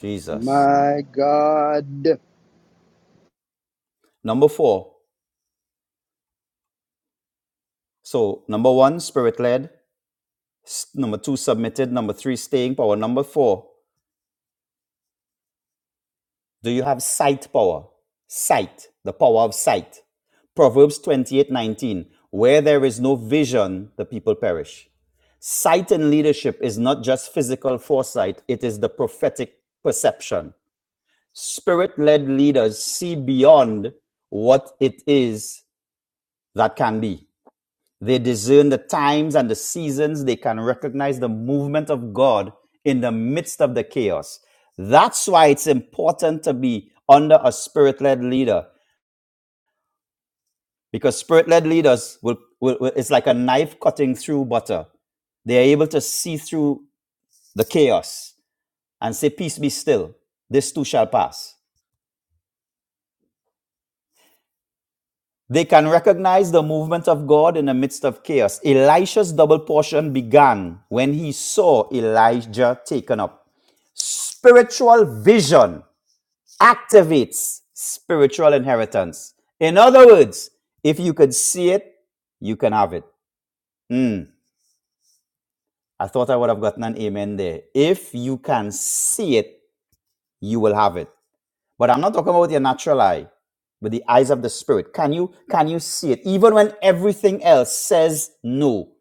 [SPEAKER 9] Jesus.
[SPEAKER 10] My God.
[SPEAKER 9] Number four. So, number one, spirit led. Number two, submitted. Number three, staying power. Number four, do you have sight power? Sight, the power of sight. Proverbs twenty-eight nineteen. Where there is no vision, the people perish. sight in leadership is not just physical foresight, it is the prophetic perception. Spirit led leaders see beyond what it is that can be. They discern the times and the seasons. They can recognize the movement of God in the midst of the chaos. That's why it's important to be under a spirit led leader because spirit led leaders will, will, will, it's like a knife cutting through butter. They are able to see through the chaos. and say, Peace be still. This too shall pass. They can recognize the movement of God in the midst of chaos. Elisha's double portion began when he saw Elijah taken up. Spiritual vision activates spiritual inheritance. In other words, if you could see it, you can have it. Hmm. I thought I would have gotten an amen there. If you can see it, you will have it. But I'm not talking about your natural eye, but the eyes of the spirit. Can you can you see it? Even when everything else says no.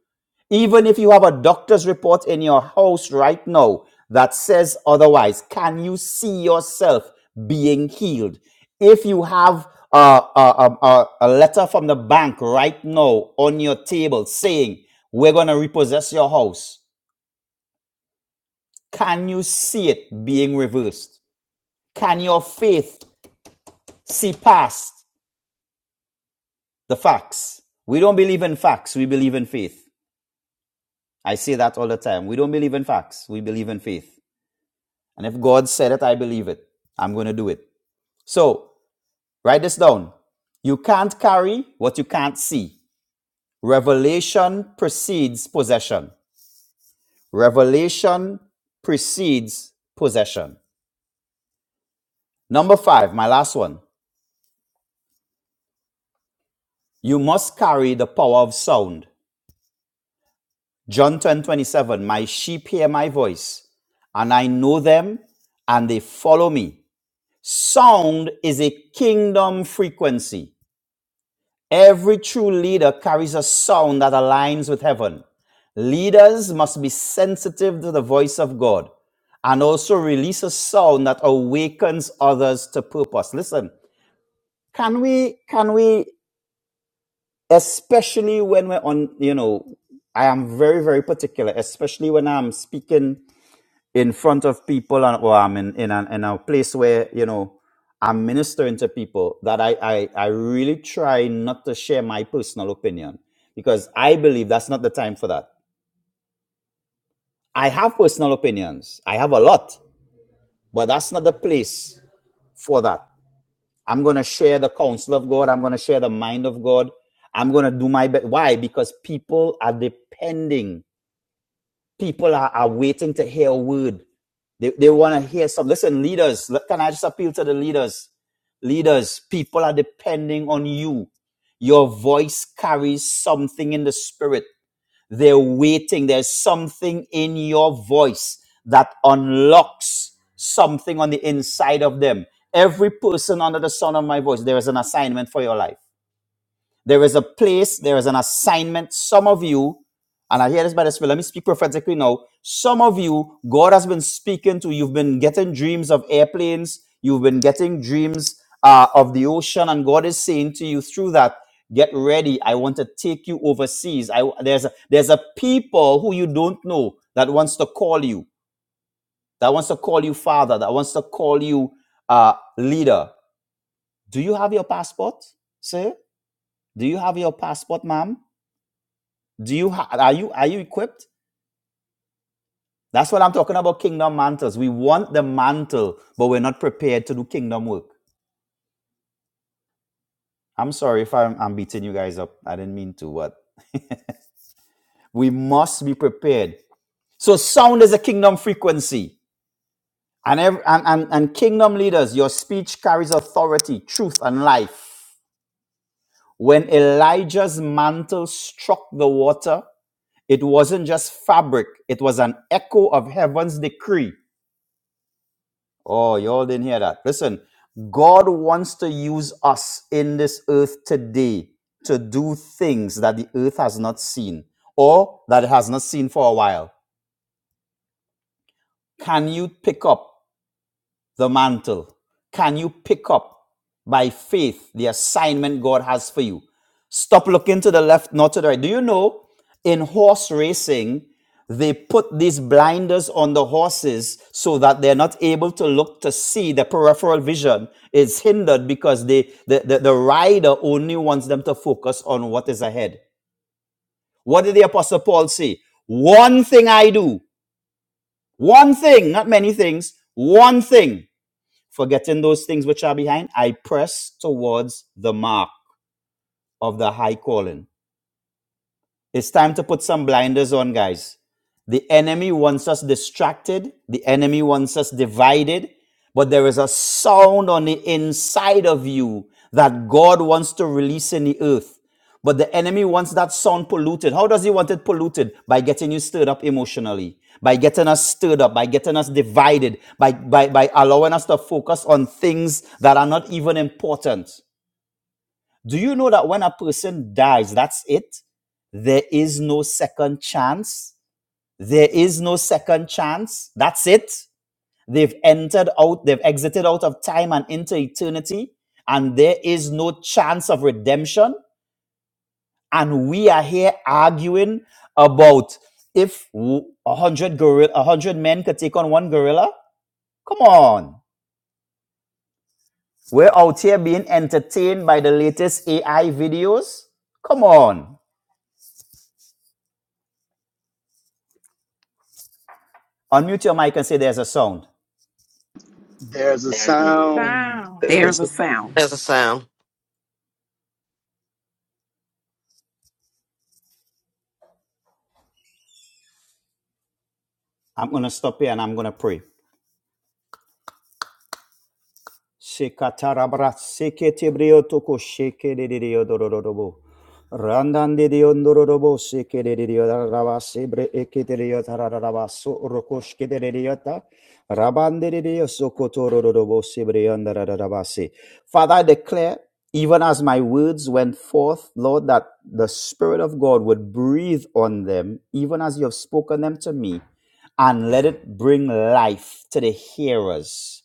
[SPEAKER 9] Even if you have a doctor's report in your house right now that says otherwise, can you see yourself being healed? If you have a, a, a, a letter from the bank right now on your table saying, We're going to repossess your house, can you see it being reversed? Can your faith see past? the facts. We don't believe in facts, we believe in faith. I say that all the time. We don't believe in facts, we believe in faith. And if God said it, I believe it. I'm going to do it. So, write this down. You can't carry what you can't see. Revelation precedes possession. Revelation precedes possession. Number five, my last one. You must carry the power of sound. John 10 27. my sheep hear my voice, and I know them, and they follow me. Sound is a kingdom frequency. Every true leader carries a sound that aligns with heaven. Leaders must be sensitive to the voice of God and also release a sound that awakens others to purpose. Listen, can we, can we, especially when we're on, you know, I am very, very particular, especially when I'm speaking in front of people and, or I'm in, in, a, in a place where, you know, I'm ministering to people that I, I, I really try not to share my personal opinion because I believe that's not the time for that. I have personal opinions. I have a lot, but that's not the place for that. I'm going to share the counsel of God. I'm going to share the mind of God. I'm going to do my best. Why? Because people are depending. People are, are waiting to hear a word They, they want to hear some. Listen, leaders, can I just appeal to the leaders? Leaders, people are depending on you. Your voice carries something in the spirit. They're waiting. There's something in your voice that unlocks something on the inside of them. Every person under the sound of my voice, there is an assignment for your life. There is a place, there is an assignment. Some of you, and I hear this by the Spirit, let me speak prophetically now. Some of you, God has been speaking to, you've been getting dreams of airplanes, you've been getting dreams uh, of the ocean, and God is saying to you through that, get ready. I want to take you overseas. I, there's, a, there's a people who you don't know that wants to call you, that wants to call you father, that wants to call you uh, leader. Do you have your passport, sir? Do you have your passport, ma'am? Do you ha- are you are you equipped? That's what I'm talking about. Kingdom mantles. We want the mantle, but we're not prepared to do kingdom work. I'm sorry if I'm, I'm beating you guys up. I didn't mean to. But we must be prepared. So sound is a kingdom frequency, and ev- and, and and kingdom leaders, your speech carries authority, truth, and life. When Elijah's mantle struck the water, it wasn't just fabric; it was an echo of heaven's decree. Oh, y'all didn't hear that. Listen, God wants to use us in this earth today to do things that the earth has not seen or that it has not seen for a while. Can you pick up? the mantle? Can you pick up by faith the assignment God has for you? Stop looking to the left, not to the right. Do you know in horse racing, they put these blinders on the horses so that they're not able to look to see the peripheral vision is hindered because they, the, the, the rider only wants them to focus on what is ahead. What did the Apostle Paul say? One thing I do, one thing, not many things, one thing. Forgetting those things which are behind, I press towards the mark of the high calling it's time to put some blinders on, guys. The enemy wants us distracted, the enemy wants us divided, but there is a sound on the inside of you that God wants to release in the earth. But the enemy wants that sound polluted. How does he want it polluted? By getting you stirred up emotionally, by getting us stirred up, by getting us divided, by, by, by allowing us to focus on things that are not even important. Do you know that when a person dies, that's it? There is no second chance. There is no second chance. That's it. They've entered out, they've exited out of time and into eternity, and there is no chance of redemption. And we are here arguing about if a a hundred gorilla, a hundred men could take on one gorilla. Come on, we're out here being entertained by the latest AI videos. Come on. Unmute your mic and say there's a sound.
[SPEAKER 10] There's a
[SPEAKER 4] There's a
[SPEAKER 10] sound.
[SPEAKER 12] Oh
[SPEAKER 4] sound.
[SPEAKER 1] there, is
[SPEAKER 6] There's a
[SPEAKER 1] it?
[SPEAKER 6] sound.
[SPEAKER 2] There's a sound.
[SPEAKER 9] I'm going to stop here and I'm going to pray. Shekatarabra seketebrio toko shekerereo dororobo. Randande de ondorobo sekerereo daraba sebre eketereo tararaba so rokoshketereo ta. Rabandereo sokotororobo sebre andararaba se. Father, I declare, even as my words went forth, Lord, that the Spirit of God would breathe on them, even as you have spoken them to me, and let it bring life to the hearers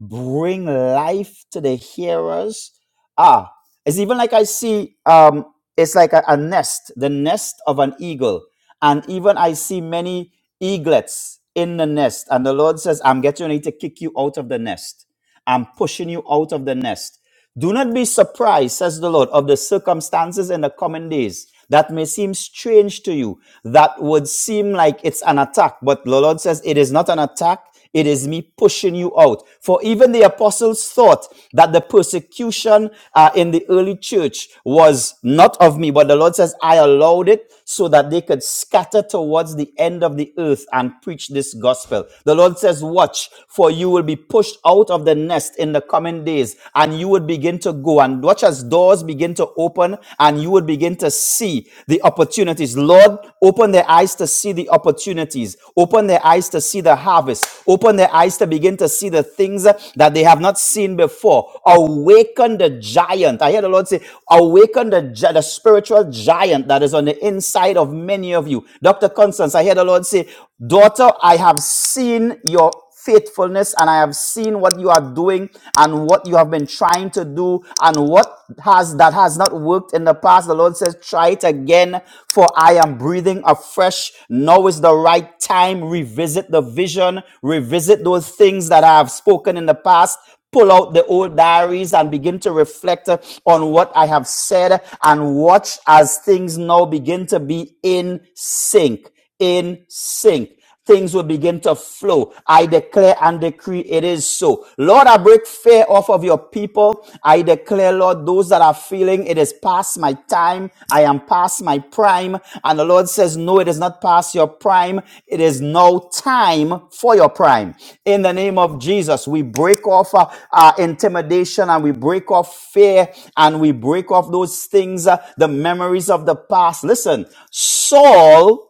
[SPEAKER 9] bring life to the hearers. Ah, it's even like I see um, it's like a, a nest, the nest of an eagle. And even I see many eaglets in the nest. And the Lord says, I'm getting ready to kick you out of the nest. I'm pushing you out of the nest. Do not be surprised, says the Lord, of the circumstances in the coming days that may seem strange to you, that would seem like it's an attack. But the Lord says, It is not an attack. It is me pushing you out. For even the apostles thought that the persecution uh, in the early church was not of me, but the Lord says, I allowed it so that they could scatter towards the end of the earth and preach this gospel. The Lord says, Watch, for you will be pushed out of the nest in the coming days, and you would begin to go. And watch as doors begin to open, and you would begin to see the opportunities. Lord, open their eyes to see the opportunities, open their eyes to see the harvest, open their eyes to begin to see the things that they have have not seen before. Awaken the giant. I hear the Lord say, awaken the, gi- the spiritual giant that is on the inside of many of you. Dr. Constance, I hear the Lord say, daughter, I have seen your faithfulness and I have seen what you are doing and what you have been trying to do and what has that has not worked in the past. The Lord says, try it again for I am breathing breathing afresh. Now is the right time. Revisit the vision, revisit those things that I have spoken in the past. Pull out the old diaries and begin to reflect uh, on what I have said and watch as things now begin to be in sync. In sync things will begin to flow. I declare and decree it is so. Lord, I break fear off of your people. I declare, Lord, those that are feeling it is past my time. I am past my prime. And the Lord says, no, it is not past your prime. It is no time for your prime. In the name of Jesus, we break off uh, uh, intimidation and we break off fear and we break off those things, uh, the memories of the past. Listen, Saul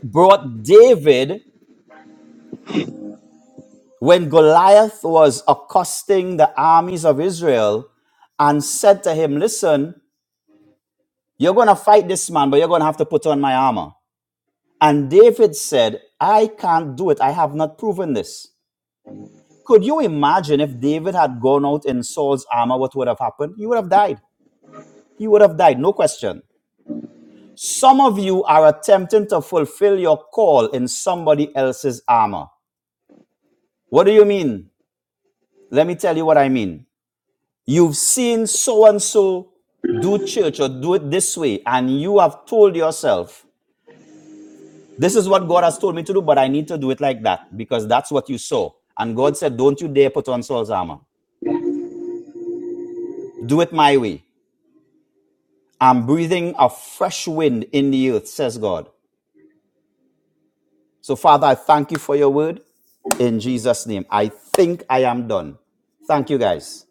[SPEAKER 9] brought David When Goliath was accosting the armies of Israel and said to him, Listen, you're going to fight this man, but you're going to have to put on my armor. And David said, I can't do it. I have not proven this. Could you imagine if David had gone out in Saul's armor, what would have happened? He would have died. He would have died, no question. Some of you are attempting to fulfill your call in somebody else's armor. What do you mean? Let me tell you what I mean. You've seen so and so do church or do it this way, and you have told yourself, This is what God has told me to do, but I need to do it like that because that's what you saw. And God said, Don't you dare put on Saul's armor. Do it my way. I'm breathing a fresh wind in the earth, says God. So, Father, I thank you for your word in Jesus' name. I think I am done. Thank you, guys.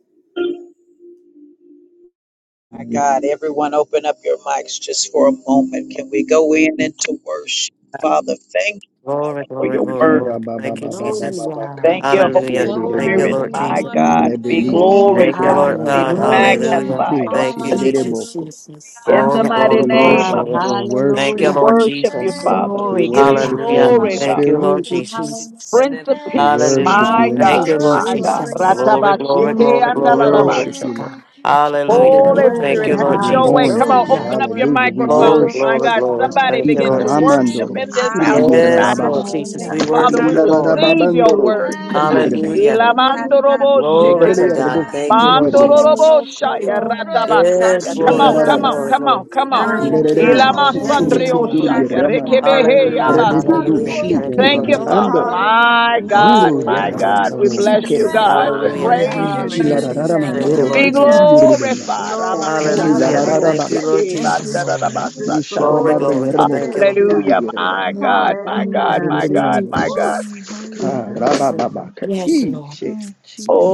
[SPEAKER 1] My God, everyone open up your mics just for a moment. Can we go in into worship? Father, thank you,
[SPEAKER 2] Glory,
[SPEAKER 1] Father, for
[SPEAKER 2] glory,
[SPEAKER 1] your
[SPEAKER 2] glory,
[SPEAKER 1] word.
[SPEAKER 2] glory. Thank you, Jesus.
[SPEAKER 3] Hallelujah.
[SPEAKER 1] Thank you, Holy
[SPEAKER 11] Hallelujah.
[SPEAKER 2] Hallelujah.
[SPEAKER 4] You're
[SPEAKER 2] Thank you,
[SPEAKER 1] Spirit,
[SPEAKER 10] Karababababababakatishiledemoko.
[SPEAKER 2] Lord
[SPEAKER 4] worthy.
[SPEAKER 11] Hallelujah.
[SPEAKER 3] Hallelujah.
[SPEAKER 4] You're
[SPEAKER 1] my
[SPEAKER 2] Jesus.
[SPEAKER 4] worthy.
[SPEAKER 11] Hallelujah.
[SPEAKER 1] God. Be
[SPEAKER 13] Thank
[SPEAKER 10] Rebedi
[SPEAKER 13] you,
[SPEAKER 3] Oh,
[SPEAKER 2] Thank you,
[SPEAKER 11] Thank
[SPEAKER 13] Jesus.
[SPEAKER 11] you,
[SPEAKER 1] glorified,
[SPEAKER 2] Lord
[SPEAKER 11] God,
[SPEAKER 1] be
[SPEAKER 10] Shlikona
[SPEAKER 11] for
[SPEAKER 2] God.
[SPEAKER 11] the
[SPEAKER 10] Rabba
[SPEAKER 3] hallelujah.
[SPEAKER 2] Hallelujah.
[SPEAKER 13] Thank
[SPEAKER 11] revelation.
[SPEAKER 1] magnified
[SPEAKER 10] Kite
[SPEAKER 1] on
[SPEAKER 13] you,
[SPEAKER 2] Thank you,
[SPEAKER 1] this-
[SPEAKER 3] Thank
[SPEAKER 13] Jesus.
[SPEAKER 3] you,
[SPEAKER 4] Hallelujah.
[SPEAKER 2] Jesus.
[SPEAKER 10] Shilereboko.
[SPEAKER 3] Jesus.
[SPEAKER 1] in
[SPEAKER 12] my
[SPEAKER 1] the
[SPEAKER 2] Glory,
[SPEAKER 4] Hallelujah.
[SPEAKER 10] Father,
[SPEAKER 1] mighty
[SPEAKER 13] Thank
[SPEAKER 2] glory,
[SPEAKER 10] we
[SPEAKER 13] you,
[SPEAKER 2] glory,
[SPEAKER 1] name
[SPEAKER 10] worship
[SPEAKER 1] of
[SPEAKER 3] Oh,
[SPEAKER 2] glory,
[SPEAKER 10] you. We
[SPEAKER 13] Jesus.
[SPEAKER 2] glory.
[SPEAKER 1] Jesus.
[SPEAKER 2] Thank
[SPEAKER 10] worship.
[SPEAKER 1] We
[SPEAKER 2] you,
[SPEAKER 3] hallelujah.
[SPEAKER 2] Lord
[SPEAKER 1] worship you,
[SPEAKER 2] Jesus.
[SPEAKER 13] Thank
[SPEAKER 4] Thank
[SPEAKER 1] Father.
[SPEAKER 13] you.
[SPEAKER 11] Hallelujah.
[SPEAKER 4] you,
[SPEAKER 10] We
[SPEAKER 1] We
[SPEAKER 3] Glory
[SPEAKER 1] give
[SPEAKER 3] to
[SPEAKER 1] you
[SPEAKER 3] God.
[SPEAKER 10] worship
[SPEAKER 4] Jesus.
[SPEAKER 11] Hallelujah.
[SPEAKER 10] you
[SPEAKER 2] Hallelujah.
[SPEAKER 13] Thank
[SPEAKER 10] in the
[SPEAKER 1] glory, God.
[SPEAKER 2] Thank you,
[SPEAKER 4] Hallelujah.
[SPEAKER 10] spirit.
[SPEAKER 2] Lord
[SPEAKER 3] Thank you,
[SPEAKER 2] Jesus.
[SPEAKER 4] Hallelujah.
[SPEAKER 3] Jesus.
[SPEAKER 1] Prince of
[SPEAKER 10] We
[SPEAKER 1] Peace,
[SPEAKER 13] you,
[SPEAKER 2] Hallelujah.
[SPEAKER 10] worship you
[SPEAKER 1] my
[SPEAKER 10] in
[SPEAKER 3] Thank
[SPEAKER 11] Hallelujah.
[SPEAKER 10] the
[SPEAKER 13] Jesus.
[SPEAKER 1] God,
[SPEAKER 2] Thank
[SPEAKER 3] you,
[SPEAKER 2] you, Lord
[SPEAKER 10] truth.
[SPEAKER 4] Glory,
[SPEAKER 1] my
[SPEAKER 13] Thank
[SPEAKER 11] Jesus,
[SPEAKER 13] you, Jesus. Thank you.
[SPEAKER 1] God.
[SPEAKER 4] glory.
[SPEAKER 2] Jesus.
[SPEAKER 3] Jesus.
[SPEAKER 11] Jesus,
[SPEAKER 2] Glory,
[SPEAKER 4] Hallelujah.
[SPEAKER 2] glory,
[SPEAKER 1] Ratabashike
[SPEAKER 11] Jesus,
[SPEAKER 2] glory,
[SPEAKER 10] We
[SPEAKER 3] Mm,
[SPEAKER 2] glory,
[SPEAKER 14] Hallelujah.
[SPEAKER 11] Jesus.
[SPEAKER 1] andalalaba.
[SPEAKER 3] glory
[SPEAKER 2] glory.
[SPEAKER 10] worship
[SPEAKER 4] Hallelujah.
[SPEAKER 3] to
[SPEAKER 10] you, Lord.
[SPEAKER 3] God.
[SPEAKER 13] Thank you.
[SPEAKER 2] Hallelujah.
[SPEAKER 4] You're
[SPEAKER 1] Holy
[SPEAKER 11] Lord,
[SPEAKER 4] worthy,
[SPEAKER 2] Thank
[SPEAKER 3] Hallelujah.
[SPEAKER 1] Spirit,
[SPEAKER 2] you,
[SPEAKER 1] have
[SPEAKER 10] That's what
[SPEAKER 2] Lord
[SPEAKER 10] we're
[SPEAKER 4] Lord.
[SPEAKER 1] your way.
[SPEAKER 10] born
[SPEAKER 2] Jesus.
[SPEAKER 1] Come
[SPEAKER 10] to
[SPEAKER 1] on,
[SPEAKER 11] Yamahaya,
[SPEAKER 10] do.
[SPEAKER 3] Hallelujah.
[SPEAKER 4] You're
[SPEAKER 1] open up
[SPEAKER 13] Thank
[SPEAKER 1] your
[SPEAKER 13] you,
[SPEAKER 4] worthy,
[SPEAKER 10] Hallelujah. We
[SPEAKER 11] yes,
[SPEAKER 4] Lord.
[SPEAKER 13] Jesus.
[SPEAKER 2] Glory,
[SPEAKER 1] microphones.
[SPEAKER 4] You're
[SPEAKER 10] worship.
[SPEAKER 1] My
[SPEAKER 2] glory,
[SPEAKER 3] Mm,
[SPEAKER 1] God,
[SPEAKER 4] worthy,
[SPEAKER 2] glory.
[SPEAKER 4] Lord.
[SPEAKER 1] somebody
[SPEAKER 11] Hallelujah,
[SPEAKER 2] Thank you,
[SPEAKER 1] begin
[SPEAKER 2] Lord
[SPEAKER 1] to
[SPEAKER 11] Kordari,
[SPEAKER 14] Glory to
[SPEAKER 2] Jesus.
[SPEAKER 1] worship
[SPEAKER 13] Thank
[SPEAKER 14] your
[SPEAKER 10] Ikaramandoro
[SPEAKER 1] in
[SPEAKER 14] name,
[SPEAKER 11] Yamahaya,
[SPEAKER 1] this
[SPEAKER 13] you,
[SPEAKER 4] Ah,
[SPEAKER 1] house
[SPEAKER 14] Jesus.
[SPEAKER 11] yes,
[SPEAKER 2] Yes,
[SPEAKER 13] Jesus.
[SPEAKER 1] tonight.
[SPEAKER 2] Lord
[SPEAKER 10] surubidirabababa.
[SPEAKER 4] tabasha,
[SPEAKER 2] Jesus. We
[SPEAKER 13] Thank
[SPEAKER 14] Hallelujah.
[SPEAKER 1] Father,
[SPEAKER 2] worship
[SPEAKER 11] Hallelujah,
[SPEAKER 4] tekosa,
[SPEAKER 1] we
[SPEAKER 2] you, Lord.
[SPEAKER 4] tabai.
[SPEAKER 14] Bless
[SPEAKER 1] receive
[SPEAKER 11] Hallelujah,
[SPEAKER 1] your
[SPEAKER 14] your
[SPEAKER 10] Ilararababandoro
[SPEAKER 14] holy
[SPEAKER 1] word
[SPEAKER 14] name,
[SPEAKER 1] tonight.
[SPEAKER 13] you.
[SPEAKER 2] Hallelujah.
[SPEAKER 10] kuturubidirabanda.
[SPEAKER 14] Jesus.
[SPEAKER 11] Hallelujah,
[SPEAKER 15] Thank
[SPEAKER 14] Your word
[SPEAKER 4] Okata
[SPEAKER 14] is
[SPEAKER 11] Hallelujah,
[SPEAKER 2] Glory
[SPEAKER 1] Ilamandoroboshike.
[SPEAKER 2] to God.
[SPEAKER 11] Hallelujah,
[SPEAKER 14] Jesus.
[SPEAKER 10] Rerererebok
[SPEAKER 4] Nirarama
[SPEAKER 13] Thank
[SPEAKER 2] Thank you, Lord
[SPEAKER 13] you,
[SPEAKER 11] Hallelujah.
[SPEAKER 10] surubidirabama.
[SPEAKER 3] thank
[SPEAKER 2] Jesus.
[SPEAKER 4] Sheto
[SPEAKER 14] Hallelujah.
[SPEAKER 13] Jesus.
[SPEAKER 3] you,
[SPEAKER 1] Bandororoboshaya
[SPEAKER 3] God.
[SPEAKER 4] Kobo
[SPEAKER 11] Oh,
[SPEAKER 3] Thank
[SPEAKER 14] Jesus,
[SPEAKER 4] Da
[SPEAKER 3] you,
[SPEAKER 2] Yes,
[SPEAKER 1] ratabasaya.
[SPEAKER 11] you're
[SPEAKER 14] Thank
[SPEAKER 1] Come
[SPEAKER 14] you
[SPEAKER 2] glory,
[SPEAKER 1] on,
[SPEAKER 14] for
[SPEAKER 11] worthy,
[SPEAKER 2] glory,
[SPEAKER 14] your
[SPEAKER 1] come
[SPEAKER 11] God.
[SPEAKER 1] on,
[SPEAKER 4] Narama
[SPEAKER 2] glory,
[SPEAKER 14] mighty
[SPEAKER 3] Jesus.
[SPEAKER 1] come
[SPEAKER 10] Ilarararabaka.
[SPEAKER 1] on,
[SPEAKER 2] glory.
[SPEAKER 1] come on.
[SPEAKER 4] Na
[SPEAKER 14] Lord God.
[SPEAKER 15] you.
[SPEAKER 3] Thank
[SPEAKER 11] Thank
[SPEAKER 3] you,
[SPEAKER 11] you,
[SPEAKER 4] Ma
[SPEAKER 10] Ilerererebok
[SPEAKER 3] God.
[SPEAKER 2] Thank
[SPEAKER 1] Ilama
[SPEAKER 11] Jesus.
[SPEAKER 2] you,
[SPEAKER 14] Thank
[SPEAKER 3] Thank
[SPEAKER 11] Thank
[SPEAKER 3] you,
[SPEAKER 4] Shete
[SPEAKER 11] you,
[SPEAKER 2] Jesus.
[SPEAKER 14] you,
[SPEAKER 3] God,
[SPEAKER 13] Hallelujah.
[SPEAKER 3] for your
[SPEAKER 4] Kota
[SPEAKER 11] Jesus.
[SPEAKER 1] sandrioshaya
[SPEAKER 3] word,
[SPEAKER 14] Jesus.
[SPEAKER 3] God.
[SPEAKER 10] kusurukuturubidirabanda.
[SPEAKER 4] Tikika
[SPEAKER 14] Hallelujah.
[SPEAKER 1] rekebehe
[SPEAKER 11] Holinamahi
[SPEAKER 2] Hallelujah,
[SPEAKER 4] Baya.
[SPEAKER 11] under
[SPEAKER 1] yabas.
[SPEAKER 11] ya
[SPEAKER 10] Rebedudu
[SPEAKER 2] hallelujah.
[SPEAKER 3] Hallelujah.
[SPEAKER 2] Thank
[SPEAKER 11] ESC
[SPEAKER 2] you,
[SPEAKER 10] Shlikida
[SPEAKER 11] under
[SPEAKER 1] Thank
[SPEAKER 2] Lord
[SPEAKER 13] Halakonima
[SPEAKER 1] you,
[SPEAKER 11] your
[SPEAKER 2] Jesus.
[SPEAKER 4] Glory,
[SPEAKER 13] mama
[SPEAKER 1] Father.
[SPEAKER 11] quarter to
[SPEAKER 10] Mahando
[SPEAKER 4] glory,
[SPEAKER 13] nina
[SPEAKER 14] Hallelujah.
[SPEAKER 1] My
[SPEAKER 11] Yamaha.
[SPEAKER 14] Thank
[SPEAKER 2] Thank you,
[SPEAKER 3] Mm,
[SPEAKER 1] God,
[SPEAKER 13] nanane
[SPEAKER 10] Zuru
[SPEAKER 2] Lord
[SPEAKER 1] my
[SPEAKER 3] Thank
[SPEAKER 13] leo
[SPEAKER 4] glory.
[SPEAKER 14] you.
[SPEAKER 3] you,
[SPEAKER 2] Jesus.
[SPEAKER 1] God,
[SPEAKER 13] sana.
[SPEAKER 10] Yeramanda
[SPEAKER 1] we bless you,
[SPEAKER 11] Hallelujah.
[SPEAKER 10] Sikerebo
[SPEAKER 3] Jesus.
[SPEAKER 13] Thank
[SPEAKER 1] God. We
[SPEAKER 13] you,
[SPEAKER 2] Hallelujah.
[SPEAKER 14] Glory.
[SPEAKER 1] praise
[SPEAKER 3] Thank
[SPEAKER 16] Hallelujah,
[SPEAKER 3] you,
[SPEAKER 1] you.
[SPEAKER 3] Jesus.
[SPEAKER 11] Hallelujah.
[SPEAKER 16] Jesus.
[SPEAKER 14] Hallelujah.
[SPEAKER 16] Thank
[SPEAKER 4] Worthy.
[SPEAKER 16] you,
[SPEAKER 2] Thank
[SPEAKER 10] Ilarararamando
[SPEAKER 3] Yes.
[SPEAKER 2] you,
[SPEAKER 14] Thank
[SPEAKER 1] Be
[SPEAKER 2] Lord
[SPEAKER 13] thank
[SPEAKER 16] Lord.
[SPEAKER 11] Hallelujah.
[SPEAKER 10] Rokuturu
[SPEAKER 14] you.
[SPEAKER 2] Jesus.
[SPEAKER 10] Yerubenda
[SPEAKER 11] Hallelujah.
[SPEAKER 1] glorified.
[SPEAKER 3] Oh,
[SPEAKER 14] Glory.
[SPEAKER 16] Thank you,
[SPEAKER 3] holy
[SPEAKER 11] Yes,
[SPEAKER 2] Hallelujah.
[SPEAKER 11] Lord.
[SPEAKER 3] God.
[SPEAKER 14] Hallelujah.
[SPEAKER 16] Father.
[SPEAKER 13] you.
[SPEAKER 2] Thank
[SPEAKER 10] Ilarararababa
[SPEAKER 2] you, Lord
[SPEAKER 1] Amasandariosiki
[SPEAKER 14] Thank
[SPEAKER 16] Thank you,
[SPEAKER 14] you,
[SPEAKER 2] Jesus.
[SPEAKER 16] Lord.
[SPEAKER 14] Jesus.
[SPEAKER 1] bandarabasata.
[SPEAKER 3] Lord,
[SPEAKER 2] Glory,
[SPEAKER 10] Nisharabara
[SPEAKER 14] Glory
[SPEAKER 3] protect
[SPEAKER 2] glory.
[SPEAKER 14] to
[SPEAKER 3] us.
[SPEAKER 10] Yerabo
[SPEAKER 2] Thank you,
[SPEAKER 14] your
[SPEAKER 2] Lord
[SPEAKER 14] name,
[SPEAKER 10] Kuru
[SPEAKER 14] God.
[SPEAKER 1] Hallelujah,
[SPEAKER 10] Yerba
[SPEAKER 1] my
[SPEAKER 13] Oh,
[SPEAKER 3] Mm,
[SPEAKER 1] God, my
[SPEAKER 3] Thank
[SPEAKER 1] God,
[SPEAKER 3] you,
[SPEAKER 14] Hallelujah.
[SPEAKER 1] my
[SPEAKER 2] Jesus.
[SPEAKER 1] God, my
[SPEAKER 10] Keremeriandos
[SPEAKER 14] Woo,
[SPEAKER 1] God.
[SPEAKER 3] Jesus.
[SPEAKER 11] Holy, holy,
[SPEAKER 2] Hallelujah.
[SPEAKER 14] Jesus.
[SPEAKER 11] holy,
[SPEAKER 3] Yes, Lord.
[SPEAKER 10] Karababa
[SPEAKER 11] holy.
[SPEAKER 3] Yes, Lord.
[SPEAKER 10] Katishe
[SPEAKER 11] Oh,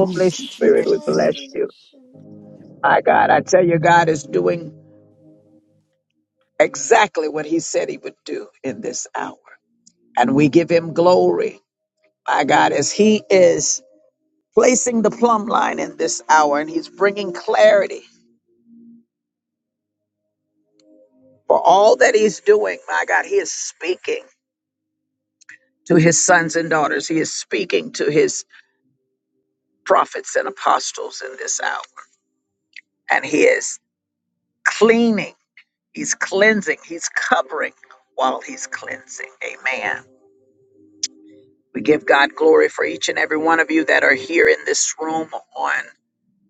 [SPEAKER 3] Thank you.
[SPEAKER 1] Spirit,
[SPEAKER 12] goodness.
[SPEAKER 11] Jesus.
[SPEAKER 1] we bless you.
[SPEAKER 13] bless you.
[SPEAKER 1] My God, I tell you, God is doing exactly what he said he would do in this hour. And we give him glory, my God, as he is placing the plumb line in this hour and he's bringing clarity for all that he's doing. My God, he is speaking to his sons and daughters, he is speaking to his prophets and apostles in this hour. And he is cleaning, he's cleansing, he's covering while he's cleansing. Amen. We give God glory for each and every one of you that are here in this room on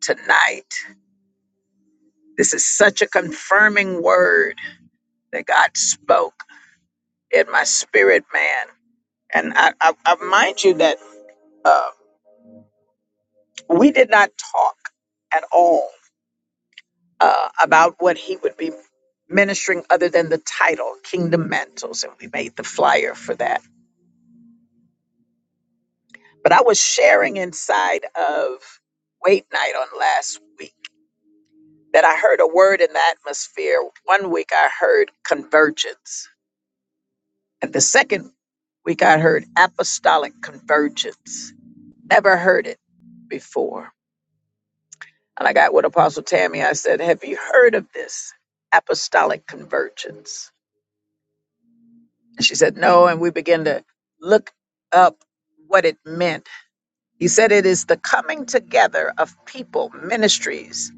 [SPEAKER 1] tonight. This is such a confirming word that God spoke in my spirit, man. And I, I, I remind you that uh, we did not talk at all uh, about what he would be ministering other than the title, Kingdom Mantles. And we made the flyer for that. But I was sharing inside of Wait Night on last week that I heard a word in the atmosphere. One week I heard convergence And the second week, I heard apostolic convergence. Never heard it before. And I got with Apostle Tammy. I said, Have you heard of this apostolic convergence? And she said, No. And we began to look up what it meant. He said, It is the coming together of people, ministries,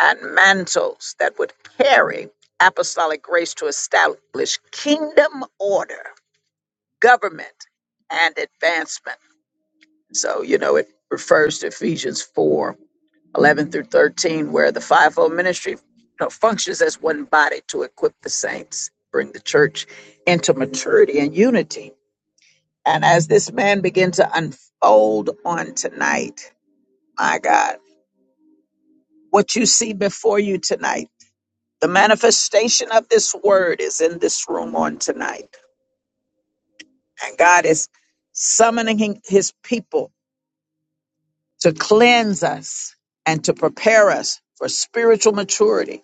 [SPEAKER 1] and mantles that would carry apostolic grace to establish kingdom order, government, and advancement. So, you know, it refers to Ephesians 4 11 through 13, where the fivefold ministry you know, functions as one body to equip the saints, bring the church into maturity and unity. And as this man began to unfold on tonight, my God, what you see before you tonight, the manifestation of this word is in this room on tonight. And God is summoning his people to cleanse us and to prepare us for spiritual maturity,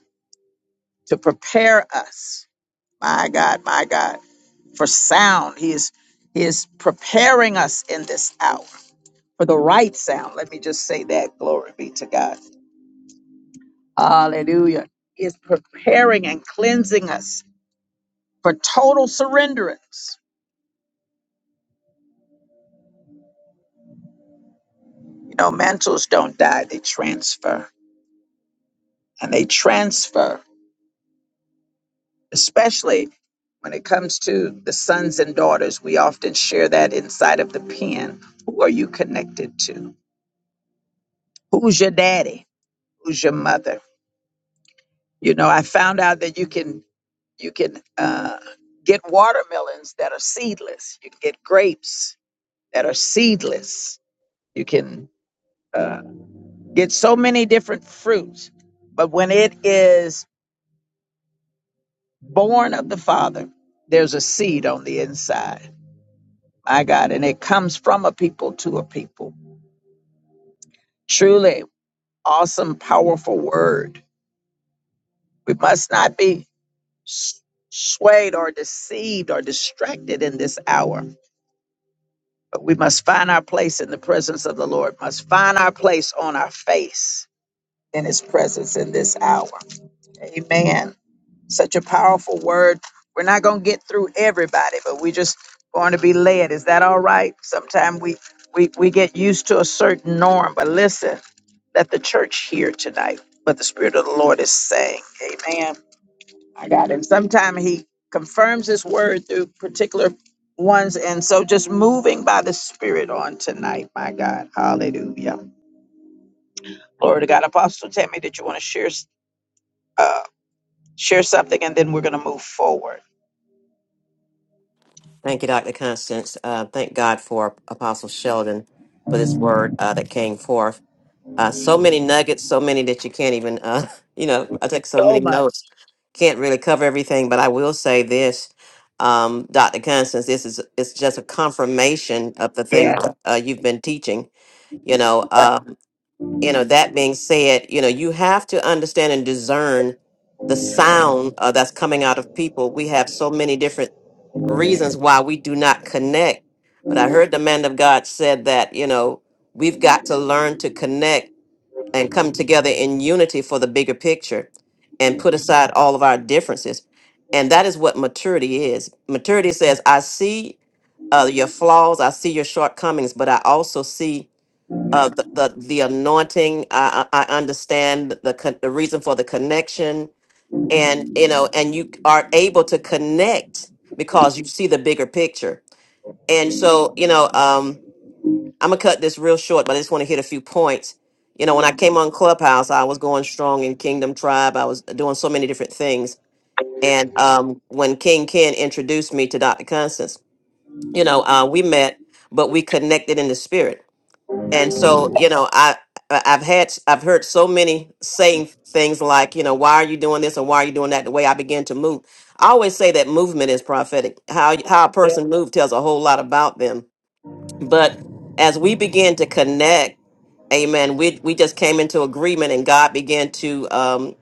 [SPEAKER 1] to prepare us, my God, my God, for sound. He is, he is preparing us in this hour for the right sound. Let me just say that. Glory be to God. Hallelujah. He is preparing and cleansing us for total surrenderance. You know, mantles don't die, they transfer. And they transfer especially when it comes to the sons and daughters. We often share that inside of the pen. Who are you connected to? Who's your daddy? Who's your mother? You know, I found out that you can you can uh, get watermelons that are seedless. You can get grapes that are seedless. You can uh, get so many different fruits, but when it is born of the Father, there's a seed on the inside My God, and it comes from a people to a people. Truly awesome, powerful word. We must not be s- swayed or deceived or distracted in this hour, but we must find our place in the presence of the Lord, must find our place on our face in his presence in this hour. Amen. Such a powerful word. We're not going to get through everybody, but we're just going to be led. Is that all right? Sometimes we, we, we get used to a certain norm, but listen, let the church hear tonight what the Spirit of the Lord is saying. Amen. I got him. Sometimes he confirms his word through particular ones. And so just moving by the Spirit on tonight, my God. Hallelujah. Glory to God. Apostle Tammy, did you want to share, uh, share something? And then we're going to move forward.
[SPEAKER 2] Thank you, Dr. Constance. Uh, thank God for Apostle Sheldon for this word uh, that came forth. Uh, so many nuggets, so many that you can't even, uh, you know, I take so many notes, can't really cover everything. But I will say this, um, Dr. Constance, this is it's just a confirmation of the things uh, you've been teaching. You know, um, you know. That being said, you know, you have to understand and discern the sound uh, that's coming out of people. We have so many different reasons why we do not connect. But I heard the man of God said that, you know, we've got to learn to connect and come together in unity for the bigger picture and put aside all of our differences. And that is what maturity is. Maturity says, I see uh, your flaws, I see your shortcomings, but I also see uh, the, the, the anointing. I, I I understand the, con- the reason for the connection. And, you know, and you are able to connect because you see the bigger picture. And so, you know, um, I'm gonna cut this real short, but I just want to hit a few points. You know, when I came on Clubhouse, I was going strong in Kingdom Tribe. I was doing so many different things. And um, when King Ken introduced me to Dr. Constance, you know, uh, we met, but we connected in the spirit. And so, you know, I I- I've had I've heard so many saying things like, you know, why are you doing this and why are you doing that? The way I began to move, I always say that movement is prophetic. How how a person moves tells a whole lot about them. But as we begin to connect Amen. We we just came into agreement, and God began to. Um,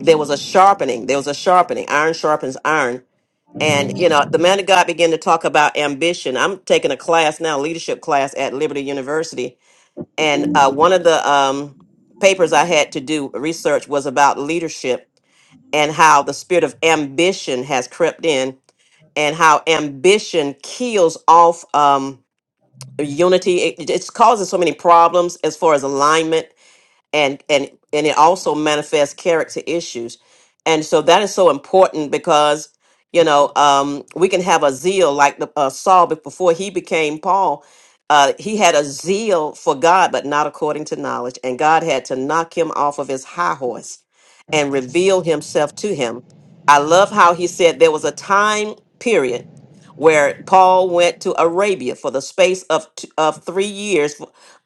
[SPEAKER 2] there was a sharpening. There was a sharpening. Iron sharpens iron. And you know, the man of God began to talk about ambition. I'm taking a class now, leadership class at Liberty University, and uh, one of the um, papers I had to do research was about leadership and how the spirit of ambition has crept in, and how ambition kills off um, unity. It, it causes so many problems as far as alignment and and and it also manifests character issues and so that is so important because you know um we can have a zeal like the uh, saul be- before he became paul uh he had a zeal for god but not according to knowledge and god had to knock him off of his high horse and reveal himself to him i love how he said there was a time period where paul went to arabia for the space of t- of 3 years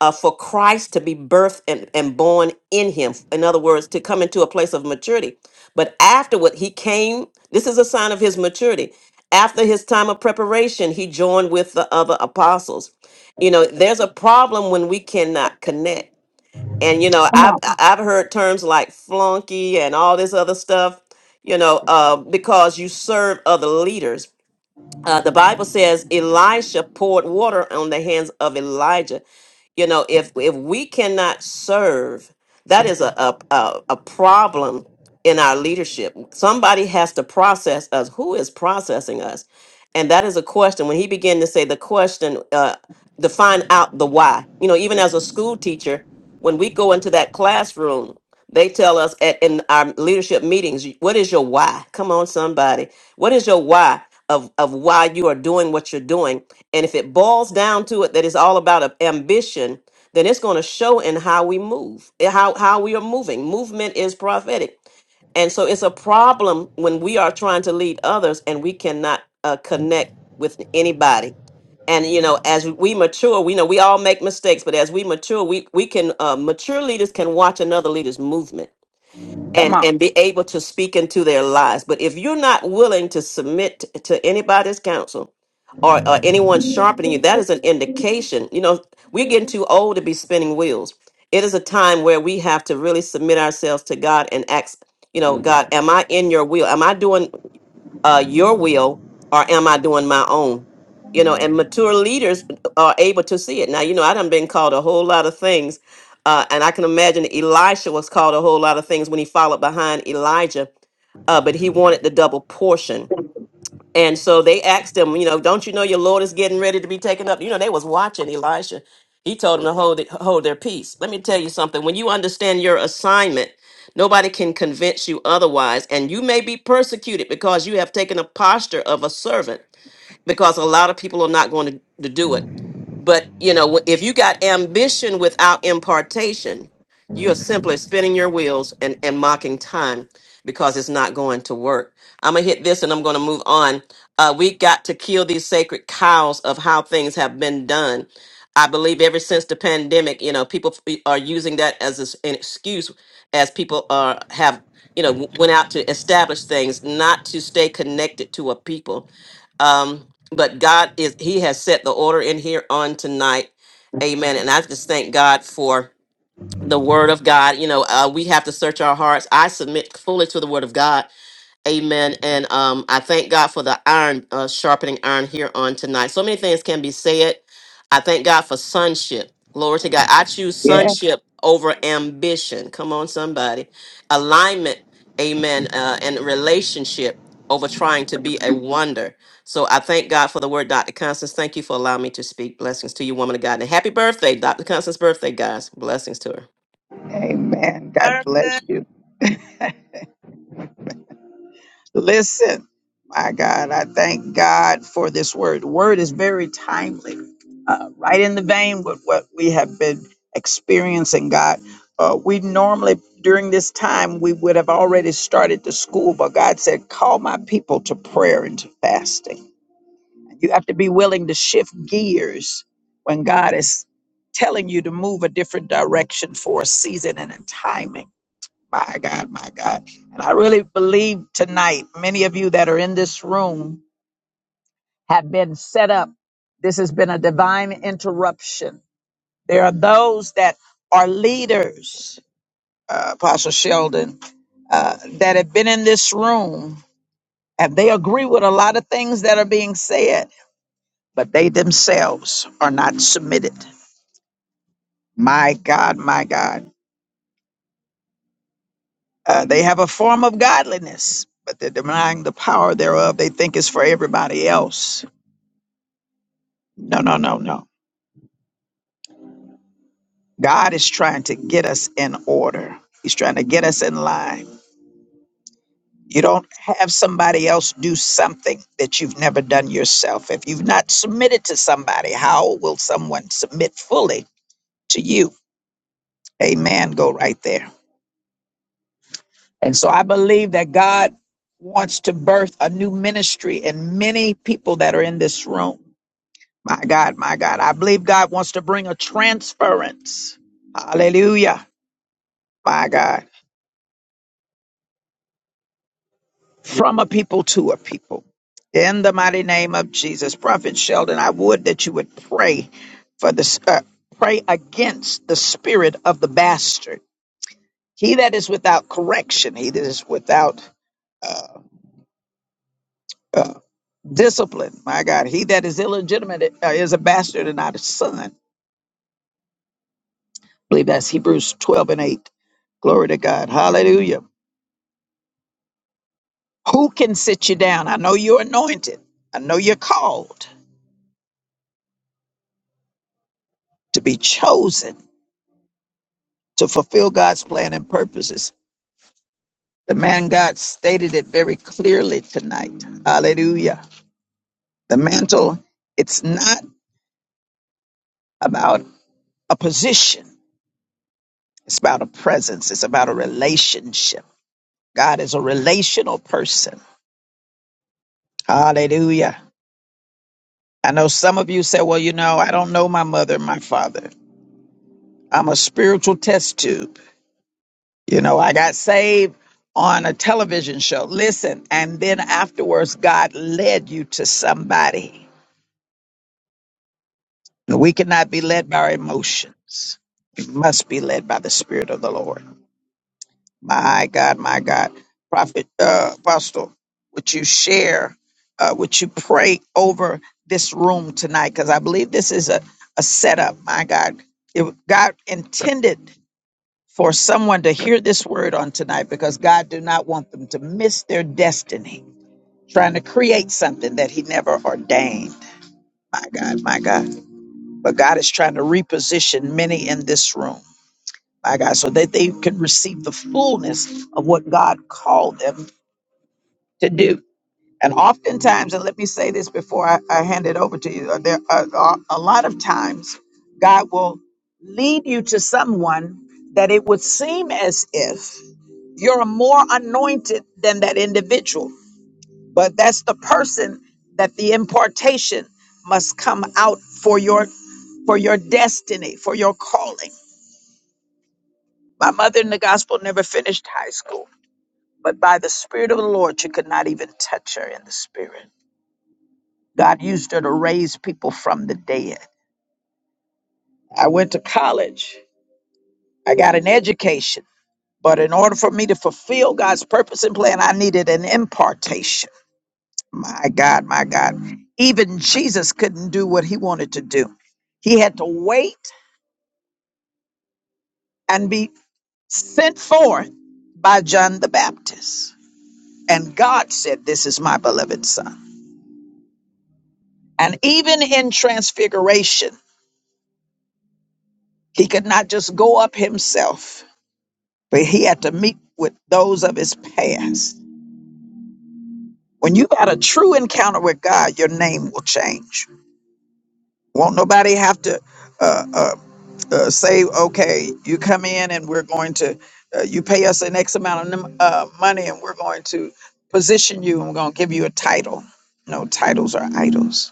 [SPEAKER 2] uh, for Christ to be birthed and, and born in him. In other words, to come into a place of maturity. But afterward, he came. This is a sign of his maturity. After his time of preparation, he joined with the other apostles. You know, there's a problem when we cannot connect. And you know,
[SPEAKER 1] Come
[SPEAKER 2] I've
[SPEAKER 1] on.
[SPEAKER 2] I've heard terms like flunky and all this other stuff. You know, uh, because you serve other leaders uh, the Bible says Elisha poured water on the hands of Elijah. You know, if if we cannot serve, that is a a, a, a problem in our leadership. Somebody has to process us. Who is processing us? And that is a question. When he began to say the question, uh, to find out the why. You know, even as a school teacher, when we go into that classroom, they tell us at in our leadership meetings, what is your why? Come on, somebody. What is your why? of of why you are doing what you're doing. And if it boils down to it that it's all about a- ambition, then it's going to show in how we move, eh, how how we are moving. Movement is prophetic. And so it's a problem when we are trying to lead others and we cannot uh, connect with anybody. And you know, as we mature, we know we all make mistakes, but as we mature, we we can uh, mature leaders can watch another leader's movement and and be able to speak into their lives. But if you're not willing to submit t- to anybody's counsel or, or anyone sharpening you, that is an indication. You know, we're getting too old to be spinning wheels. It is a time where we have to really submit ourselves to God and ask, you know, God, am I in your will? Am I doing? uh, your will or am I doing my own? You know, and mature leaders are able to see it. Now, you know, I done been called a whole lot of things. Uh, and I can imagine Elisha was called a whole lot of things when he followed behind Elijah, uh, but he wanted the double portion and so they asked him, you know, don't you know your Lord is getting ready to be taken up? You know, they was watching Elisha. He told them to hold it, hold their peace. Let me tell you something. When you understand your assignment, nobody can convince you otherwise. And you may be persecuted because you have taken a posture of a servant, because a lot of people are not going to, to do it. But you know, if you got ambition without impartation, you are simply spinning your wheels and, and mocking time because it's not going to work. I'm gonna hit this and I'm gonna move on. Uh, we got to kill these sacred cows of how things have been done. I believe ever since the pandemic, you know, people f- are using that as a s- an excuse as people are have you know w- went out to establish things, not to stay connected to a people. Um, but God is He has set the order in here on tonight. Amen. And I just thank God for the word of God. You know, uh, we have to search our hearts. I submit fully to the word of God Amen. And um, I thank God for the iron, uh, sharpening iron here on tonight. So many things can be said. I thank God for sonship. Glory to God. I choose sonship over ambition. Come on, somebody. Alignment, amen, uh, and relationship over trying to be a wonder. So I thank God for the word, Dr. Constance. Thank you for allowing me to speak. Blessings to you, woman of God. And happy birthday, Dr. Constance's birthday, guys. Blessings to her.
[SPEAKER 1] Amen. God
[SPEAKER 12] gracious.
[SPEAKER 1] bless you. Listen, my God, I thank God for this word. The word is very timely, uh, right in the vein with what we have been experiencing, God. Uh, we normally, during this time, we would have already started the school, but God said, Call my people to prayer and to fasting. You have to be willing to shift gears when God is telling you to move a different direction for a season and a timing. My God, my God. And I really believe tonight, many of you that are in this room have been set up. This has been a divine interruption. There are those that are leaders, uh, Apostle Sheldon, uh, that have been in this room and they agree with a lot of things that are being said, but they themselves are not submitted. My God, my God. Uh, they have a form of godliness, but they're denying the power thereof. They think it's for everybody else. No, no, no, no. God is trying to get us in order, He's trying to get us in line. You don't have somebody else do something that you've never done yourself. If you've not submitted to somebody, how will someone submit fully to you? Amen. Go right there. And so I believe that God wants to birth a new ministry in many people that are in this room My God, my God. I believe God wants to bring a transference. Hallelujah. My God. From a people to a people. In the mighty name of Jesus. Prophet Sheldon, I would that you would pray for this, uh, pray against the spirit of the bastard. He that is without correction, he that is without, uh, uh, discipline. My God, he that is illegitimate uh, is a bastard and not a son. I believe that's Hebrews 12 and 8. Glory to God. Hallelujah. Who can sit you down? I know you're anointed. I know you're called to be chosen to fulfill God's plan and purposes. The man God stated it very clearly tonight. Hallelujah. The mantle, it's not about a position, it's about a presence, it's about a relationship. God is a relational person. Hallelujah. I know some of you say, well, you know, I don't know my mother and my father. I'm a spiritual test tube. You know, I got saved on a television show. Listen, and then afterwards, God led you to somebody. And we cannot be led by our emotions. We must be led by the Spirit of the Lord. My God, my God. Prophet, uh, Apostle, would you share, uh, would you pray over this room tonight? Because I believe this is a, a setup, my God. It, God intended for someone to hear this word on tonight because God do not want them to miss their destiny trying to create something that he never ordained. My God, my God. But God is trying to reposition many in this room. My God, so that they can receive the fullness of what God called them to do. And oftentimes, and let me say this before I, I hand it over to you, uh, there are, are a lot of times God will lead you to someone that it would seem as if you're more anointed than that individual, but that's the person that the impartation must come out for your for your destiny, for your calling. My mother in the gospel never finished high school, but by the spirit of the Lord, you could not even touch her in the spirit. God used her to raise people from the dead. I went to college. I got an education. But in order for me to fulfill God's purpose and plan, I needed an impartation. My God, my God. Even Jesus couldn't do what he wanted to do. He had to wait and be sent forth by John the Baptist. And God said, This is my beloved son. And even in transfiguration, he could not just go up himself but he had to meet with those of his past. When you got a true encounter with God, your name will change. Won't nobody have to uh, uh, uh, say, okay, you come in and we're going to, uh, you pay us an X amount of num- uh, money and we're going to position you and we're going to give you a title. No, titles are idols.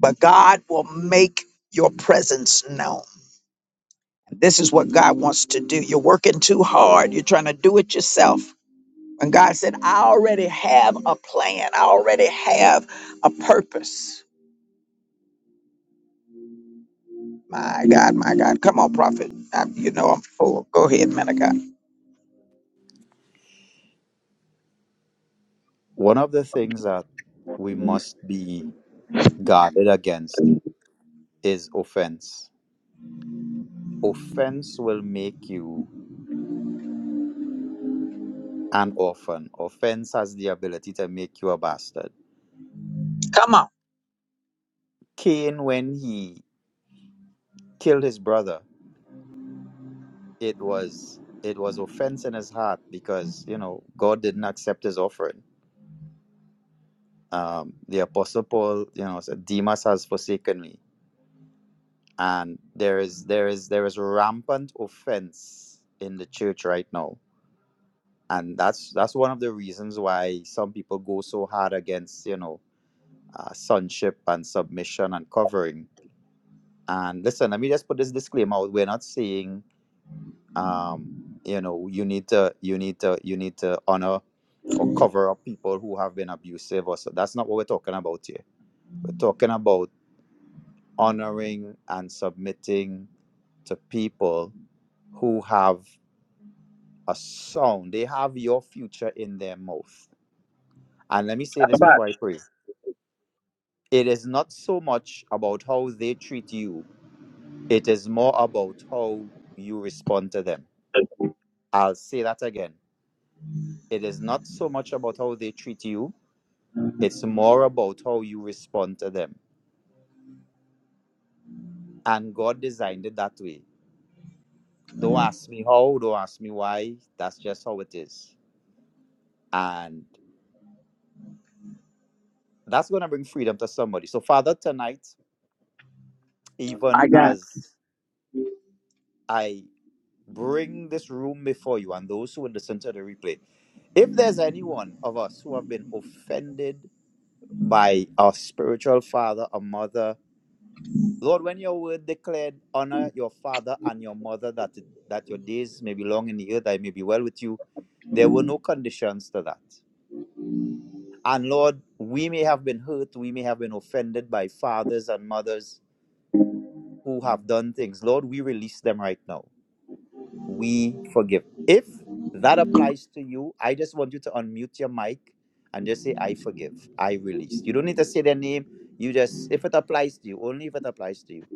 [SPEAKER 1] But God will make your presence known. This is what God wants to do. You're working too hard. You're trying to do it yourself. And God said, I already have a plan. I already have a purpose. My God, my God. Come on, prophet. I, you know I'm full. Go ahead, man of God.
[SPEAKER 9] One of the things that we must be guarded against is offense. offense will make you an orphan. Offense has the ability to make you a bastard.
[SPEAKER 1] Come on.
[SPEAKER 9] Cain, when he killed his brother, it was it was offense in his heart because you know God didn't accept his offering. Um, the apostle Paul, you know, said, "Demas has forsaken me," and there is there is there is rampant offense in the church right now, and that's that's one of the reasons why some people go so hard against you know uh, sonship and submission and covering. And listen, let me just put this disclaimer out. We're not saying, um, you know, you need to, you need to, you need to honor or cover up people who have been abusive or so. That's not what we're talking about here. We're talking about honoring and submitting to people who have a sound. They have your future in their mouth. And let me say
[SPEAKER 1] How
[SPEAKER 9] this
[SPEAKER 1] about
[SPEAKER 9] before I pray. It is not so much about how they treat you It is more about how you respond to them.
[SPEAKER 1] you?
[SPEAKER 9] I'll say that again. It is not so much about how they treat you, it's more about how you respond to them. And God designed it that way. Don't ask me how, don't ask me why. That's just how it is. And that's going to bring freedom to somebody. So, Father, tonight, even as I bring this room before you and those who will listen to the replay, if there's anyone of us who have been offended by a spiritual father, or mother. Lord, when your word declared, honor your father and your mother, that it, that your days may be long in the earth, I may be well with you. There were no conditions to that. And Lord, we may have been hurt, we may have been offended by fathers and mothers who have done things. Lord, we release them right now. we forgive. If that applies to you, I just want you to unmute your mic and just say, I forgive, I release. You don't need to say their name. You just, if it applies to you, only if it applies to you.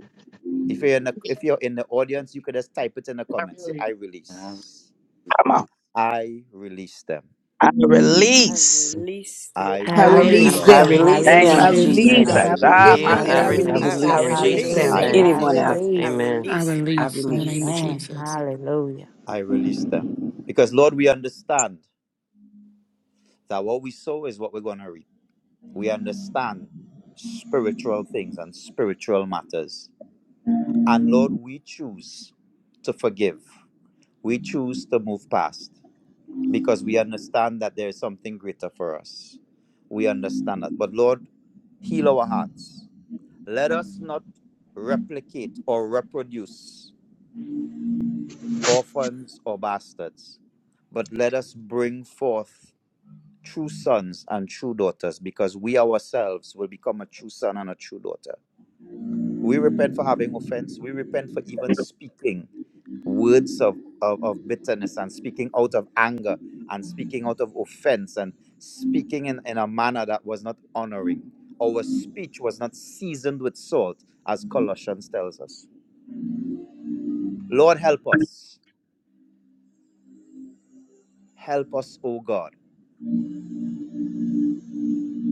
[SPEAKER 9] If you're in the, if you're in the audience, you could just type it in the comments. Say, I release.
[SPEAKER 1] Come on.
[SPEAKER 9] I release them.
[SPEAKER 1] I release.
[SPEAKER 9] I
[SPEAKER 3] I
[SPEAKER 7] I
[SPEAKER 1] I
[SPEAKER 5] I
[SPEAKER 9] release
[SPEAKER 2] I
[SPEAKER 7] release
[SPEAKER 5] release
[SPEAKER 13] I
[SPEAKER 9] them.
[SPEAKER 6] I
[SPEAKER 2] release
[SPEAKER 3] release,
[SPEAKER 7] them.
[SPEAKER 5] them.
[SPEAKER 3] I
[SPEAKER 2] in
[SPEAKER 6] release
[SPEAKER 1] thank
[SPEAKER 13] release
[SPEAKER 1] my
[SPEAKER 7] I
[SPEAKER 6] them,
[SPEAKER 13] them.
[SPEAKER 2] Jesus'
[SPEAKER 3] release,
[SPEAKER 7] release
[SPEAKER 13] I
[SPEAKER 1] Jesus.
[SPEAKER 7] them.
[SPEAKER 2] name.
[SPEAKER 9] I
[SPEAKER 6] Jesus.
[SPEAKER 2] I
[SPEAKER 7] I
[SPEAKER 1] Ah,
[SPEAKER 9] release
[SPEAKER 7] forgive
[SPEAKER 1] my
[SPEAKER 3] I
[SPEAKER 2] forgive,
[SPEAKER 7] them
[SPEAKER 9] them.
[SPEAKER 7] and
[SPEAKER 2] I
[SPEAKER 7] I
[SPEAKER 1] God.
[SPEAKER 13] release.
[SPEAKER 6] I
[SPEAKER 7] release
[SPEAKER 13] I
[SPEAKER 3] release,
[SPEAKER 2] release
[SPEAKER 5] I
[SPEAKER 7] them
[SPEAKER 2] in
[SPEAKER 6] release
[SPEAKER 5] release
[SPEAKER 7] in
[SPEAKER 2] Jesus'
[SPEAKER 7] the
[SPEAKER 13] release
[SPEAKER 9] I
[SPEAKER 5] them.
[SPEAKER 3] hallelujah,
[SPEAKER 7] name
[SPEAKER 2] name.
[SPEAKER 7] of
[SPEAKER 13] Jesus.
[SPEAKER 3] I
[SPEAKER 6] anyone
[SPEAKER 9] release them.
[SPEAKER 7] Jesus.
[SPEAKER 6] I've,
[SPEAKER 13] I
[SPEAKER 3] release.
[SPEAKER 2] Amen.
[SPEAKER 16] I
[SPEAKER 13] release him,
[SPEAKER 6] I
[SPEAKER 16] release in the name of
[SPEAKER 6] release.
[SPEAKER 13] Jesus.
[SPEAKER 3] Amen,
[SPEAKER 16] Jesus.
[SPEAKER 3] hallelujah.
[SPEAKER 9] I release them. Because Lord, we understand that what we sow is what we're going to reap. we understand spiritual things and spiritual matters. And Lord, we choose to forgive. We choose to move past because we understand that there is something greater for us. We understand that. But Lord, heal our hearts. Let us not replicate or reproduce orphans or bastards, but let us bring forth true sons and true daughters because we ourselves will become a true son and a true daughter We repent for having offense. We repent for even speaking words of, of, of bitterness and speaking out of anger and speaking out of offense and speaking in, in a manner that was not honoring. Our speech was not seasoned with salt, as Colossians tells us. Lord, help us. Help us, O God.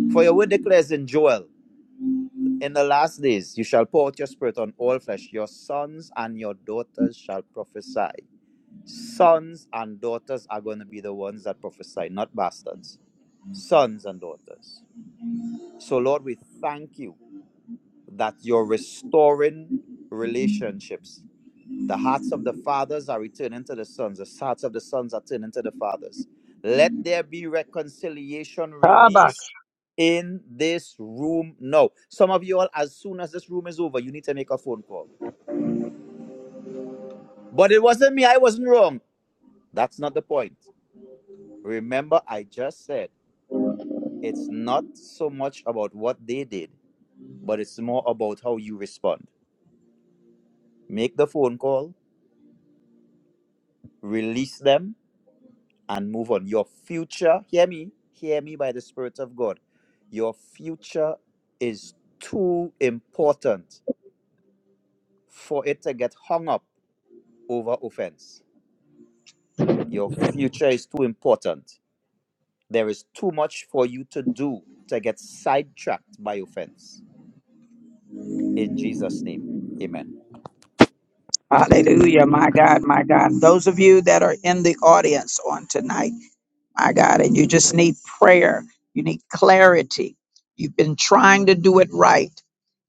[SPEAKER 9] For your word declares in Joel, in the last days you shall pour out your spirit on all flesh. Your sons and your daughters shall prophesy. Sons and daughters are going to be the ones that prophesy, not bastards. Sons and daughters. So, Lord, we thank you that you're restoring relationships. The hearts of the fathers are returning to the sons, the hearts of the sons are turning to the fathers. Let there be reconciliation released in this room now. Some of you all, as soon as this room is over, you need to make a phone call. But it wasn't me, I wasn't wrong. That's not the point. Remember, I just said. it's not so much about what they did, but it's more about how you respond. Make the phone call, release them, and move on. Your future, hear me, hear me by the Spirit of God. Your future is too important for it to get hung up over offense. Your future is too important. There is too much for you to do to get sidetracked by offense. In Jesus' name, amen.
[SPEAKER 1] Hallelujah, my God, my God. Those of you that are in the audience on tonight, my God, and you just need prayer, you need clarity. You've been trying to do it right,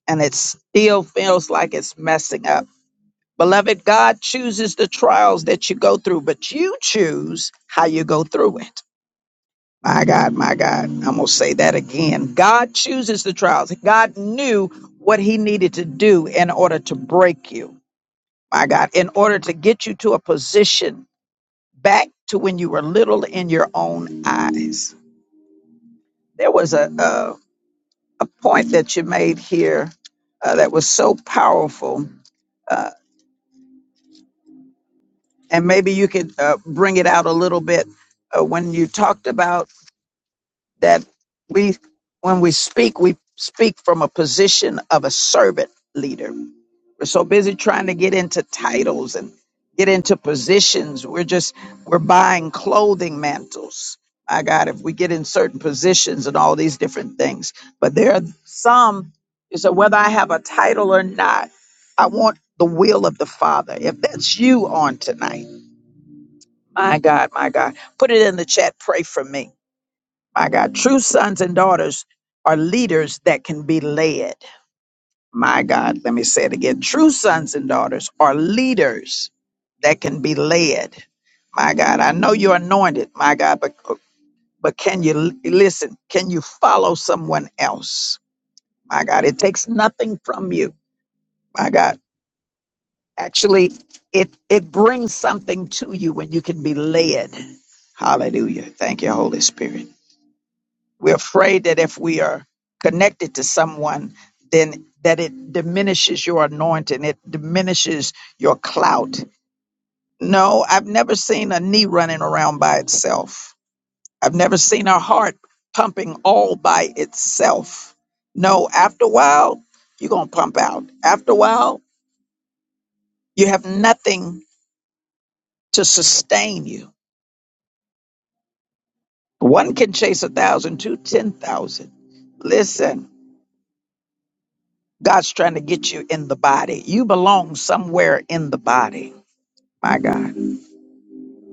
[SPEAKER 1] and it still feels like it's messing up Beloved, God chooses the trials that you go through, but you choose how you go through it. My God, my God. I'm going to say that again. God chooses the trials. God knew what he needed to do in order to break you. My God, in order to get you to a position back to when you were little in your own eyes. There was a, a, a point that you made here uh, that was so powerful uh, and maybe you could uh, bring it out a little bit uh, when you talked about that we when we speak we speak from a position of a servant leader we're so busy trying to get into titles and get into positions we're just we're buying clothing mantles my god if we get in certain positions and all these different things but there are some you said whether i have a title or not i want the will of the father if that's you on tonight my God, my God. Put it in the chat. Pray for me. My God. True sons and daughters are leaders that can be led. My God. Let me say it again. True sons and daughters are leaders that can be led. My God. I know you're anointed. My God. But, but can you l- listen? Can you follow someone else? My God. It takes nothing from you. My God. Actually, it, it brings something to you when you can be led. Hallelujah. Thank you, Holy Spirit. We're afraid that if we are connected to someone, then that it diminishes your anointing, it diminishes your clout. No, I've never seen a knee running around by itself. I've never seen a heart pumping all by itself. No, after a while, you're going to pump out. After a while, you have nothing to sustain you. One can chase a thousand, two, ten thousand. Listen. God's trying to get you in the body. You belong somewhere in the body. My God.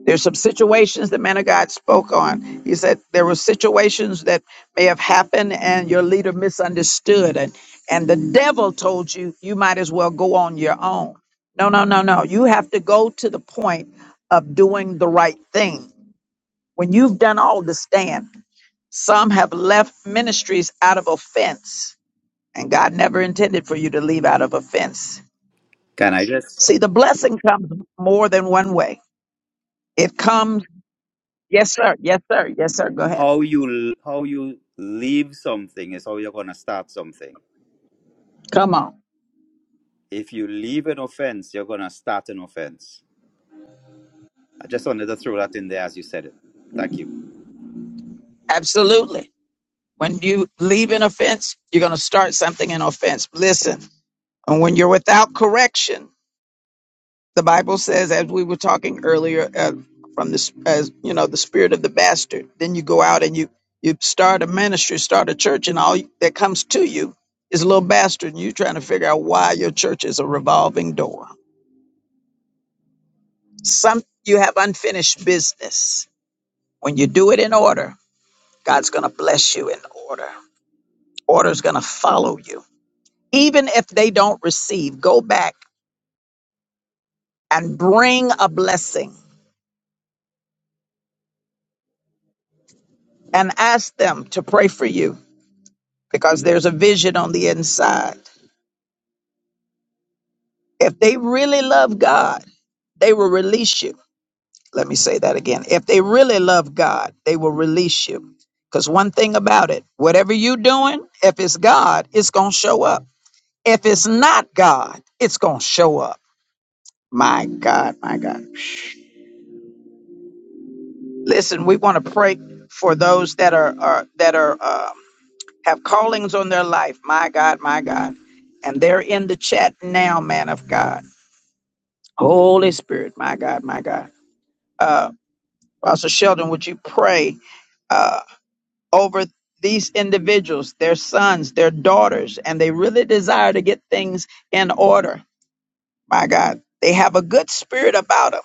[SPEAKER 1] There's some situations that man of God spoke on. He said there were situations that may have happened and your leader misunderstood and and the devil told you you might as well go on your own. No, no, no, no. You have to go to the point of doing the right thing. When you've done all to stand, some have left ministries out of offense, and God never intended for you to leave out of offense.
[SPEAKER 9] Can I just
[SPEAKER 1] See, the blessing comes more than one way. It comes, yes, sir, yes, sir, yes, sir. Go ahead.
[SPEAKER 9] how you how you leave something is how you're gonna start something.
[SPEAKER 1] Come on.
[SPEAKER 9] If you leave an offense, you're gonna start an offense. I just wanted to throw that in there as you said it. Thank you,
[SPEAKER 1] Absolutely. When you leave an offense, you're going to start something in offense. Listen, and when you're without correction, the Bible says, as we were talking earlier, uh, from this, as you know, the spirit of the bastard. Then you go out and you you start a ministry, start a church, and all that comes to you is a little bastard, and you trying to figure out why your church is a revolving door. Some you have unfinished business. When you do it in order, God's going to bless you in order. Order's going to follow you. Even if they don't receive, go back and bring a blessing and ask them to pray for you because there's a vision on the inside. If they really love God, they will release you. Let me say that again. If they really love God, they will release you. Because one thing about it, whatever you're doing, if it's God, it's going to show up. If it's not God, it's going to show up. My God, my God. Listen, we want to pray for those that are, are that are um, have callings on their life. My God, my God. And they're in the chat now, man of God. Holy Spirit, my God, my God. Uh, Pastor Sheldon, would you pray uh, over these individuals, their sons, their daughters, and they really desire to get things in order. My God, they have a good spirit about them.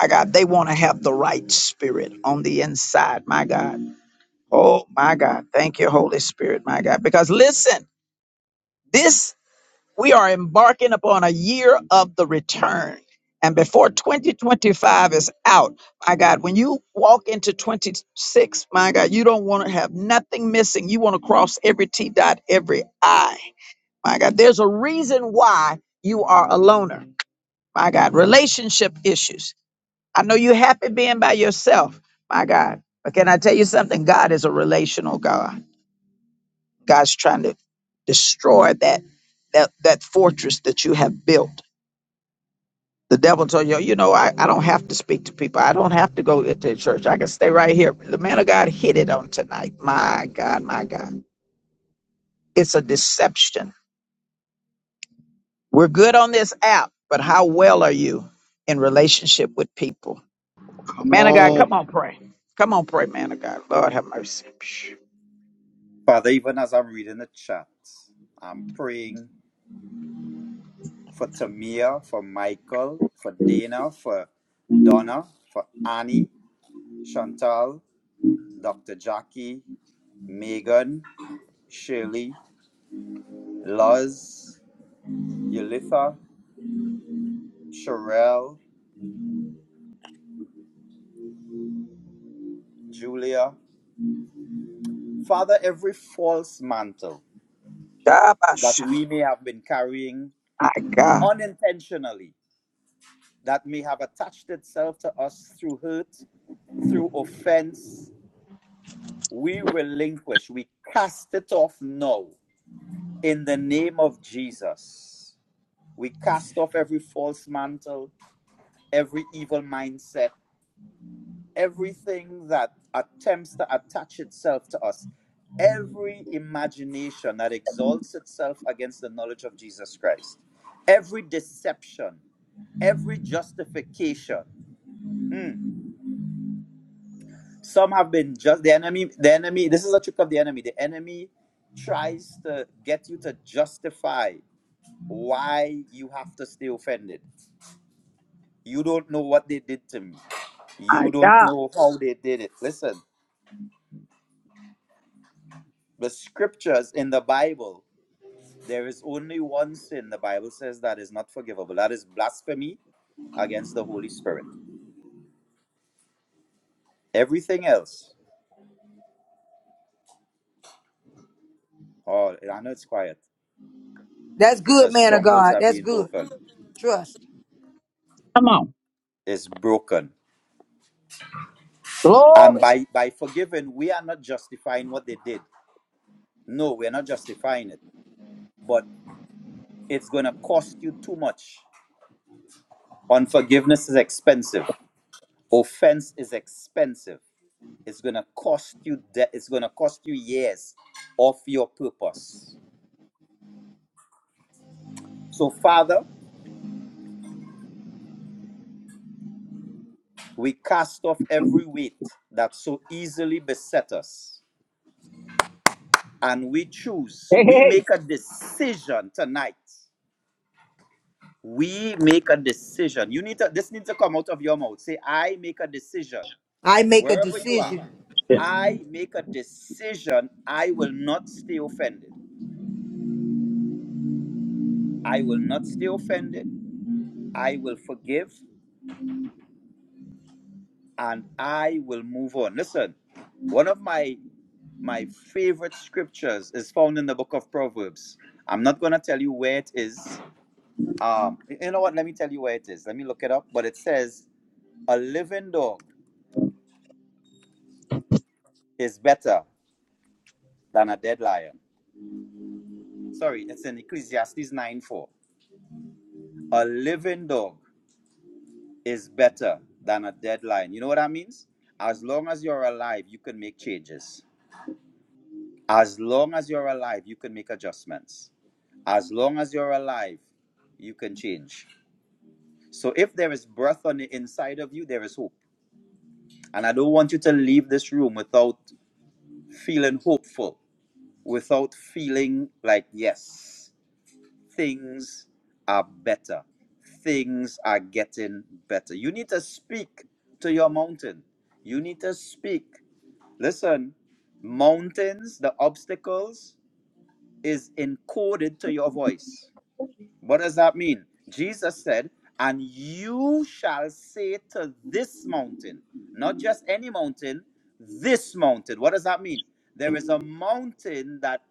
[SPEAKER 1] My God, they want to have the right spirit on the inside. My God. Oh, my God. Thank you, Holy Spirit. My God. Because listen, this, we are embarking upon a year of the return. And before 2025 is out, my God, when you walk into 26, my God, you don't want to have nothing missing. You want to cross every T dot, every I. My God, there's a reason why you are a loner. My God, relationship issues. I know you're happy being by yourself. My God. But can I tell you something? God is a relational God. God's trying to destroy that that that fortress that you have built. The devil told you, you know, I, I don't have to speak to people. I don't have to go into church. I can stay right here. The man of God hit it on tonight. My God, my God. It's a deception. We're good on this app, but how well are you in relationship with people?
[SPEAKER 10] Come
[SPEAKER 1] Man of God,
[SPEAKER 10] on.
[SPEAKER 1] come on, pray. Come on, pray, man of God. Lord have mercy.
[SPEAKER 9] Father. Even as I'm reading the chat, I'm praying for Tamia, for Michael, for Dana, for Donna, for Annie, Chantal, Dr. Jackie, Megan, Shirley, Luz, Yulitha, Sherelle, Julia, Father, every false mantle
[SPEAKER 1] God, my
[SPEAKER 9] that
[SPEAKER 1] sh-
[SPEAKER 9] we may have been carrying
[SPEAKER 1] my God.
[SPEAKER 9] unintentionally, that may have attached itself to us through hurt, through offense, we relinquish, we cast it off now in the name of Jesus. We cast off every false mantle, every evil mindset, everything that attempts to attach itself to us, every imagination that exalts itself against the knowledge of Jesus Christ, every deception, every justification. Hmm. Some have been just the enemy, the enemy, this is a trick of the enemy. The enemy tries to get you to justify why you have to stay offended. You don't know what they did to me. You don't know how they did it. Listen, the scriptures in the Bible There is only one sin the Bible says that is not forgivable. That is blasphemy against the Holy Spirit. Everything else, oh, I know it's quiet
[SPEAKER 7] That's good,
[SPEAKER 9] because
[SPEAKER 7] man of
[SPEAKER 9] strongholds
[SPEAKER 7] God.
[SPEAKER 9] are
[SPEAKER 7] That's
[SPEAKER 9] being
[SPEAKER 7] good.
[SPEAKER 9] broken.
[SPEAKER 7] Trust.
[SPEAKER 9] It's broken. And
[SPEAKER 1] Glory.
[SPEAKER 9] by, by forgiving, we are not justifying what they did. No, we're not justifying it. But it's going to cost you too much. Unforgiveness is expensive. Offense is expensive. It's going to cost you de- it's going to cost you years of your purpose. So Father, We cast off every weight that so easily beset us, and we choose. We make a decision tonight. We make a decision. You need to, this needs to come out of your mouth. Say, I make a decision.
[SPEAKER 7] I make a
[SPEAKER 9] Wherever you are,
[SPEAKER 13] And
[SPEAKER 7] decision.
[SPEAKER 9] I make a decision. I will not stay offended. I will not stay offended. I will forgive and I will move on. Listen, one of my my favorite scriptures is found in the book of Proverbs. I'm not going to tell you where it is. Um, you know what? Let me tell you where it is. Let me look it up. But it says, a living dog is better than a dead lion. Sorry, it's in Ecclesiastes 9 4. A living dog is better than a dead lion. You know what that means? As long as you're alive, you can make changes. As long as you're alive, you can make adjustments. As long as you're alive, you can change So if there is breath on the inside of you, there is hope. And I don't want you to leave this room without feeling hopeful, without feeling like, yes, things are better. Things are getting better. You need to speak to your mountain. You need to speak. Listen, mountains, the obstacles is encoded to your voice. What does that mean? Jesus said, And you shall say to this mountain, not just any mountain, this mountain. What does that mean? There is a mountain that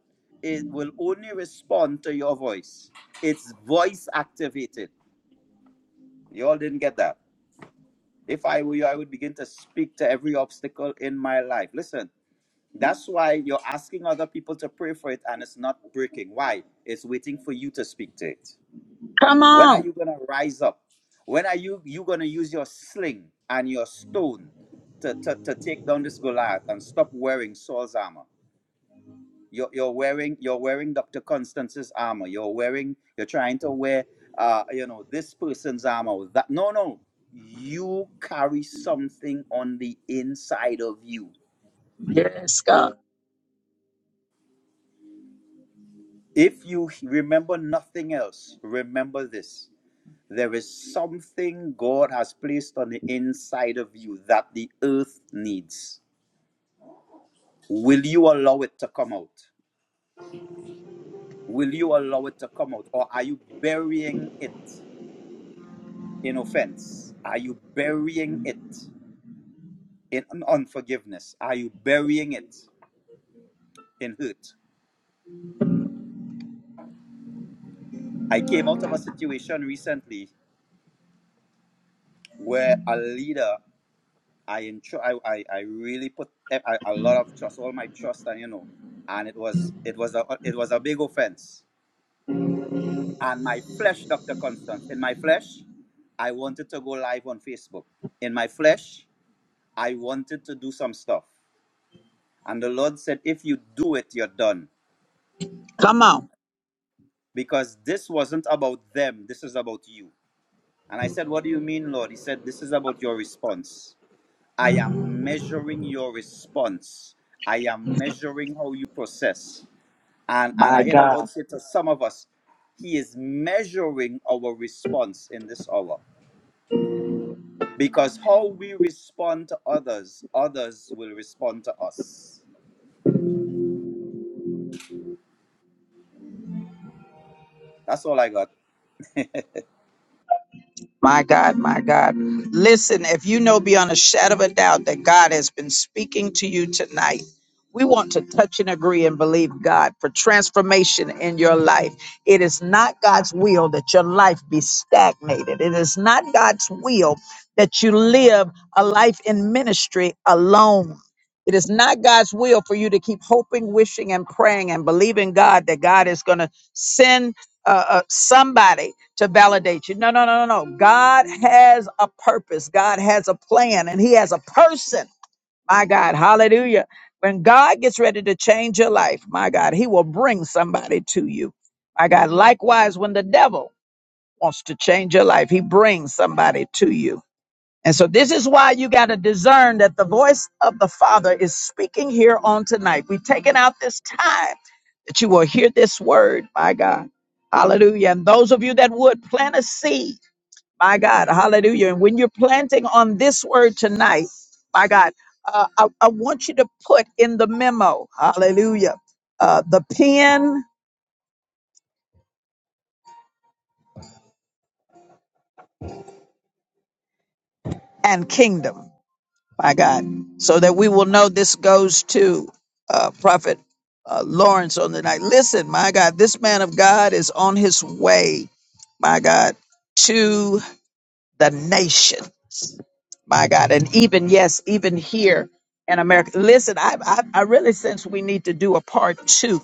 [SPEAKER 9] it will only respond to your voice. It's voice activated. You all didn't get that. If I were you, I would begin to speak to every obstacle in my life. Listen, that's why you're asking other people to pray for it and it's not breaking. Why? It's waiting for you to speak to it. When are you going to rise up? When are you you going to use your sling and your stone to, to, to take down this Goliath and stop wearing Saul's armor? You're, you're wearing you're wearing Dr. Constance's armor. You're wearing you're trying to wear uh you know this person's armor. or That no no you carry something on the inside of you.
[SPEAKER 1] Yes, God.
[SPEAKER 9] If you remember nothing else, remember this. There is something God has placed on the inside of you that the earth needs. Will you allow it to come out? Will you allow it to come out? Or are you burying it in offense? Are you burying it in unforgiveness? Are you burying it in hurt? I came out of a situation recently where a leader I intro I, I, I really put a, a lot of trust, all my trust and you know, and it was it was a it was a big offense And my flesh, Dr. Constance, in my flesh, I wanted to go live on Facebook. In my flesh, I wanted to do some stuff. And the Lord said, if you do it, you're done.
[SPEAKER 1] Come on.
[SPEAKER 9] Because this wasn't about them, this is about you. And I said, What do you mean, Lord? He said, This is about your response. I am measuring your response. I am measuring how you process. And and I hear the Lord say to some of us, He is measuring our response in this hour. Because how we respond to others, others will respond to us. That's all I got.
[SPEAKER 1] My God, my God. Listen, if you know beyond a shadow of a doubt that God has been speaking to you tonight, we want to touch and agree and believe God for transformation in your life. It is not God's will that your life be stagnated. It is not God's will that you live a life in ministry alone. It is not God's will for you to keep hoping, wishing, and praying and believing God that God is going to send uh, uh, somebody to validate you. No, no, no, no, no. God has a purpose, God has a plan, and He has a person. My God, hallelujah. When God gets ready to change your life, my God, He will bring somebody to you. My God, likewise, when the devil wants to change your life, He brings somebody to you. And so, this is why you got to discern that the voice of the Father is speaking here on tonight. We've taken out this time that you will hear this word, my God. Hallelujah. And those of you that would plant a seed, my God, hallelujah. And when you're planting on this word tonight, my God, uh, I, I want you to put in the memo, hallelujah, uh, the pen and kingdom, my God, so that we will know this goes to uh, Prophet uh, Lawrence on the night. Listen, my God, this man of God is on his way, my God, to the nation. My God. And even, yes, even here in America. Listen, I, I, I really sense we need to do a part two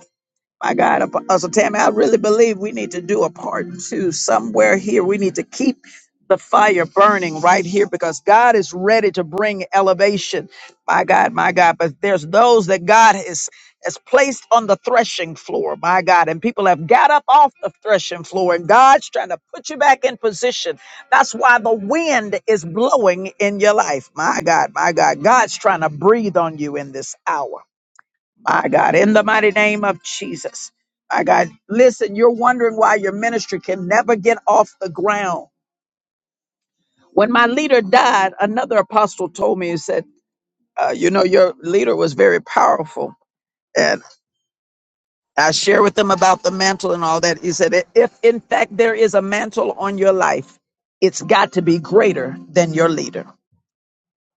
[SPEAKER 1] my God, Ap- Apostle Tammy, I really believe we need to do a part two somewhere here. We need to keep the fire burning right here because God is ready to bring elevation. My God, my God. But there's those that God has, has placed on the threshing floor, my God, and people have got up off the threshing floor, and God's trying to put you back in position. That's why the wind is blowing in your life. My God, my God. God's trying to breathe on you in this hour. My God, in the mighty name of Jesus. My God, listen, you're wondering why your ministry can never get off the ground. When my leader died, another apostle told me, he said, uh, You know, your leader was very powerful. And I share with them about the mantle and all that. He said, "I- If in fact there is a mantle on your life, it's got to be greater than your leader.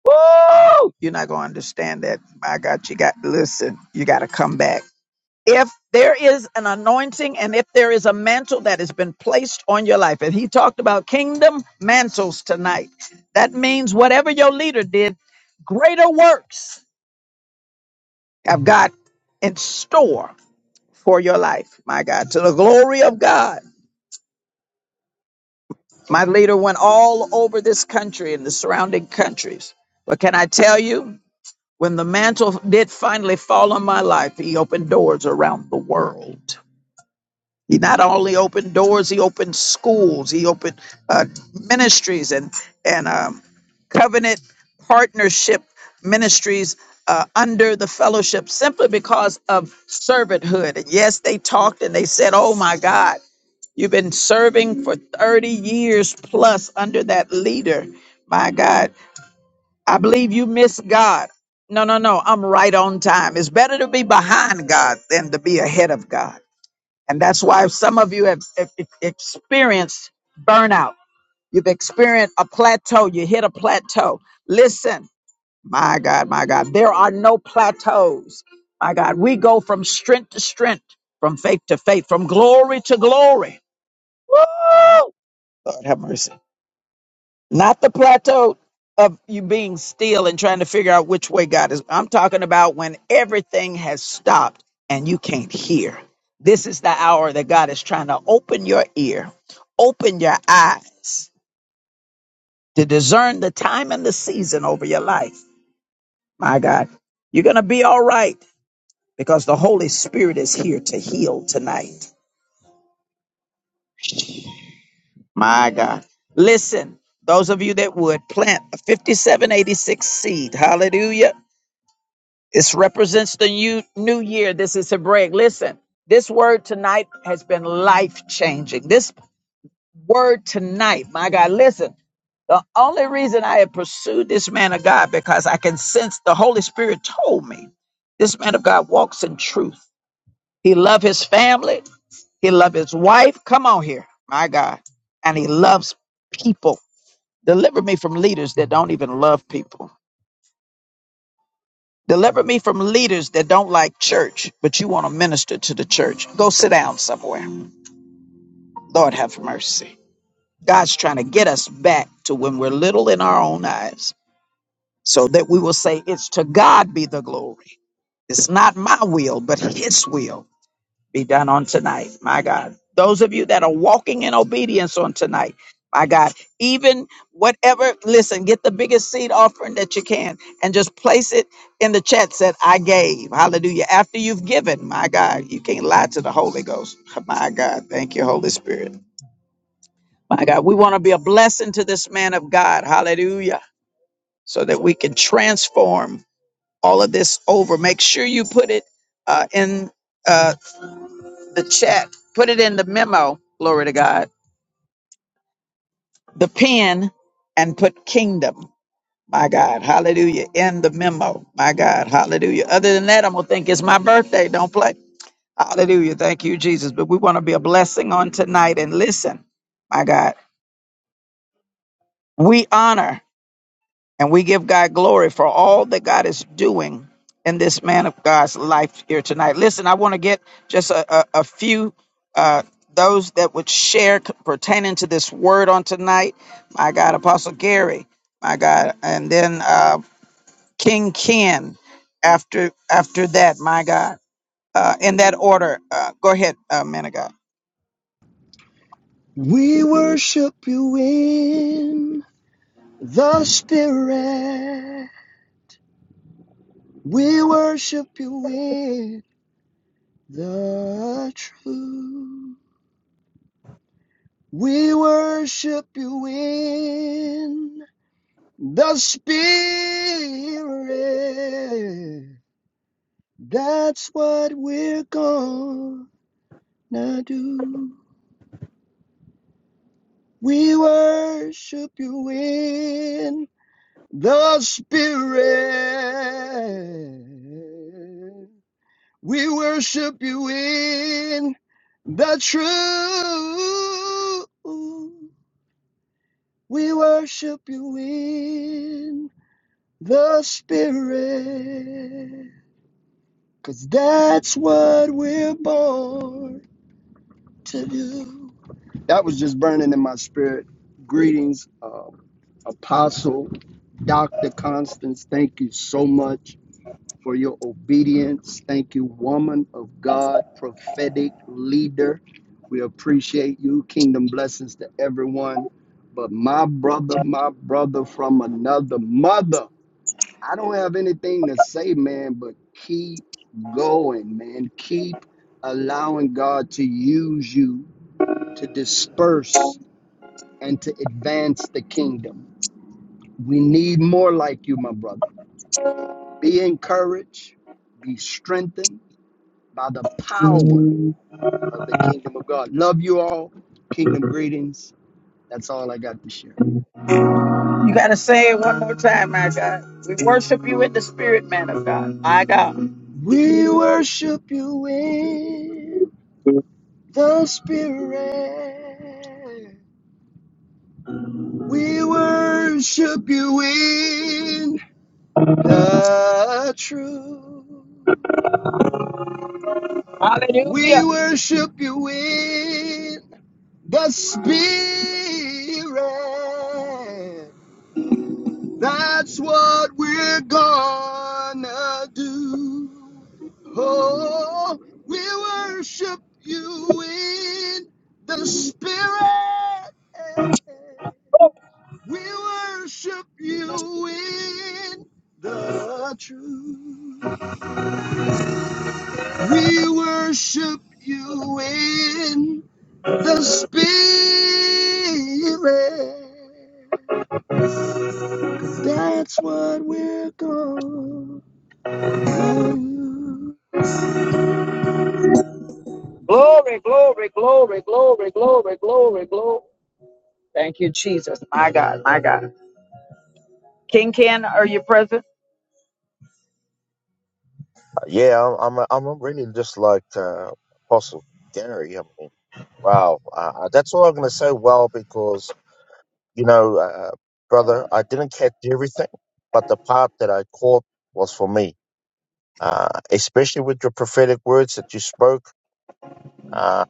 [SPEAKER 1] Woo! You're not going to understand that. My God, you got, listen, you got to come back. if there is an anointing and if there is a mantle that has been placed on your life, and he talked about kingdom mantles tonight, that means whatever your leader did, greater works have God in store for your life, my God, to the glory of God. My leader went all over this country and the surrounding countries. But can I tell you, when the mantle did finally fall on my life, he opened doors around the world. He not only opened doors, he opened schools, he opened uh, ministries and and um, covenant partnership ministries uh, under the fellowship simply because of servanthood. And yes, they talked and they said, "Oh my God, you've been serving for thirty years plus under that leader. My God, I believe you miss God." No, no, no. I'm right on time. It's better to be behind God than to be ahead of God. And that's why some of you have, have e-, experienced burnout. You've experienced a plateau. You hit a plateau. Listen, my God, my God, there are no plateaus. My God, we go from strength to strength, from faith to faith, from glory to glory. Woo! Lord have mercy. Not the plateau of you being still and trying to figure out which way God is. I'm talking about when everything has stopped and you can't hear. This is the hour that God is trying to open your ear, open your eyes to discern the time and the season over your life. My God, you're going to be all right because the Holy Spirit is here to heal tonight. My God. Listen, those of you that would plant a 5786 seed, hallelujah This represents the new, new year. This is Hebraic. Listen, this word tonight has been life changing. This word tonight, my God, listen. The only reason I had pursued this man of God because I can sense the Holy Spirit told me this man of God walks in truth. He loved his family. He loved his wife. Come on here, my God. And he loves people. Deliver me from leaders that don't even love people. Deliver me from leaders that don't like church, but you want to minister to the church. Go sit down somewhere. Lord have mercy. God's trying to get us back to when we're little in our own eyes so that we will say, It's to God be the glory. It's not my will, but His will be done on tonight. My God. Those of you that are walking in obedience on tonight, my God, even whatever, listen, get the biggest seed offering that you can and just place it in the chat that I gave. Hallelujah. After you've given, my God, you can't lie to the Holy Ghost. My God, thank you, Holy Spirit. My God, we want to be a blessing to this man of God. Hallelujah. So that we can transform all of this over. Make sure you put it uh, in. uh, the chat, put it in the memo, glory to God, the pen, and put kingdom, my God, hallelujah, in the memo, my God, hallelujah. Other than that, I'm going to think it's my birthday. Don't play. Hallelujah. Thank you, Jesus. But we want to be a blessing on tonight and listen, my God. We honor. And we give God glory for all that God is doing in this man of God's life here tonight. Listen, I want to get just a, a, a few, uh, those that would share pertaining to this word on tonight. My God, Apostle Gary, my God, and then uh, King Ken after after that, my God. Uh, in that order, uh, go ahead, uh, man of God.
[SPEAKER 10] We worship you in the spirit. We worship you in the truth. We worship you in the spirit. That's what we're gonna do. We worship you in the spirit. We worship you in the truth. We worship you in the Spirit, because that's what we're born to do. That was just burning in my spirit. Greetings, um, Apostle Dr. Constance. Thank you so much for your obedience. Thank you, woman of God, prophetic leader. We appreciate you. Kingdom blessings to everyone. But my brother, my brother from another mother. I don't have anything to say, man, but keep going, man. Keep allowing God to use you to disperse and to advance the kingdom. We need more like you, my brother. Be encouraged, be strengthened by the power of the kingdom of God. Love you all. Kingdom greetings. That's all I got to share.
[SPEAKER 1] You got to say it one more time, my God. We worship you in the spirit, man of God. My God.
[SPEAKER 10] We worship you in the spirit. We worship you in the truth.
[SPEAKER 1] Hallelujah.
[SPEAKER 10] We worship you in the spirit. That's what we're gonna do. Oh, we worship you in the spirit. We worship you in the truth. We worship you in the spirit. Cause that's what we're gonna do.
[SPEAKER 1] glory, glory, glory, glory, glory. Thank you, Jesus. My God, my God. King Ken, are you present?
[SPEAKER 17] Yeah, I'm I'm I'm really just like uh, Apostle Gary. I mean, wow, uh, uh, that's all I'm gonna say. Well, because you know, uh, uh, brother, I didn't catch everything, but the part that I caught was for me. Uh, especially with your prophetic words that you spoke, uh,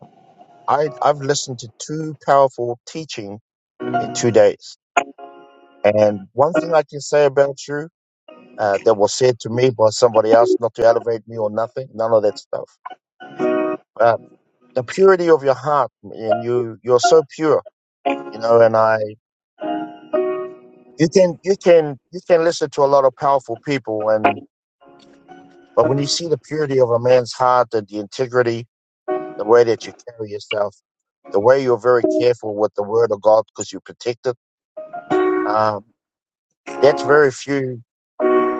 [SPEAKER 17] I I've listened to two powerful teaching in two days, and one thing I can say about you uh, that was said to me by somebody else, not to elevate me or nothing, none of that stuff. Uh, the purity of your heart and you you're so pure you know and i you can you can you can listen to a lot of powerful people and but when you see the purity of a man's heart and the integrity the way that you carry yourself the way you're very careful with the word of god because you protect it um, that's very few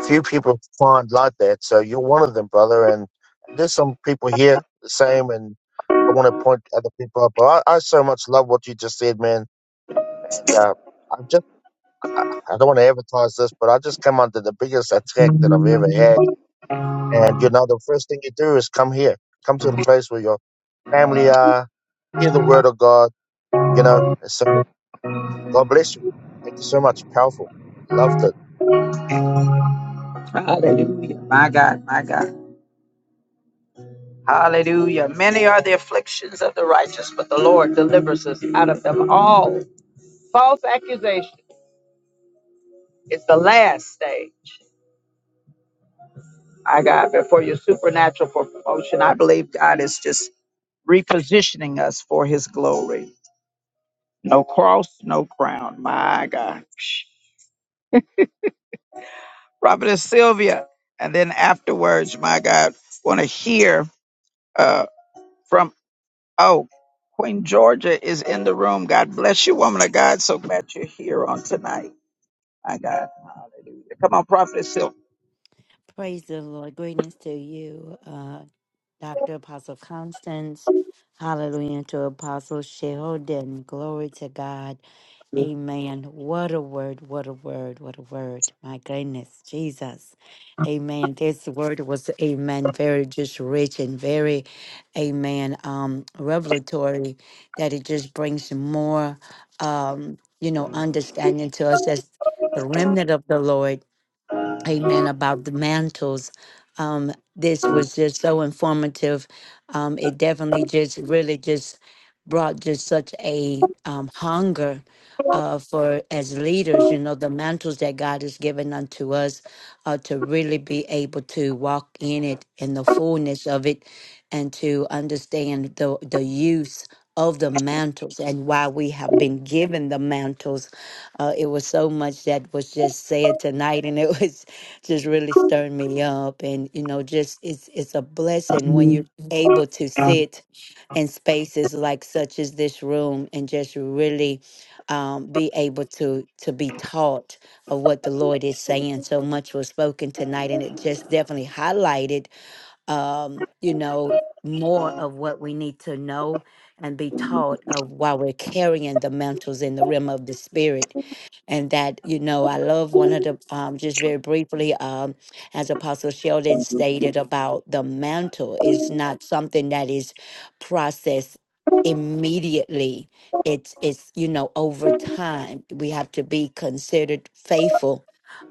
[SPEAKER 17] few people find like that so you're one of them brother and there's some people here the same and i want to point other people out but I, I so much love what you just said man and uh, I've just I I don't want to advertise this, but I just come under the biggest attack that I've ever had. And you know, the first thing you do is come here, come to the place where your family are, hear the word of God. You know, so God bless you. Thank you so much. Powerful. Loved it.
[SPEAKER 1] Hallelujah. My God, my God. Hallelujah. Many are the afflictions of the righteous, but the Lord delivers us out of them all. False accusation is the last stage. My God, before your supernatural promotion, I believe God is just repositioning us for his glory. No cross, no crown. My God. Prophetess Sylvia. And then afterwards, my God, want to hear uh, from, oh, Queen Georgia is in the room. God bless you, woman of God. So glad you're here on tonight. My God. Hallelujah. Come on, Prophetess Sylvia.
[SPEAKER 3] Praise the Lord. Greetings to you, Dr. Apostle Constance. Hallelujah And to Apostle Sheldon. Glory to God. Amen. What a word. What a word. What a word. My goodness. Jesus. Amen. This word was, amen, very just rich and very, amen, um, revelatory that it just brings more, um, you know, understanding to us as the remnant of the Lord amen about the mantles um this was just so informative um it definitely just really just brought just such a um hunger uh for as leaders you know the mantles that god has given unto us uh to really be able to walk in it in the fullness of it and to understand the the use of the mantles and why we have been given the mantles uh, it was so much that was just said tonight and it was just really stirred me up and you know just it's it's a blessing when you're able to sit in spaces like such as this room and just really um, be able to to be taught of what the lord is saying so much was spoken tonight and it just definitely highlighted um, you know more of what we need to know and be taught of while we're carrying the mantles in the realm of the spirit and that you know i love one of the um, just very briefly um, as apostle sheldon stated about the mantle is not something that is processed immediately it's it's you know over time we have to be considered faithful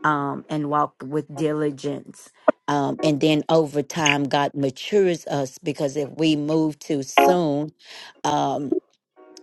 [SPEAKER 3] um, and walk with diligence um, and then over time god matures us because if we move too soon um,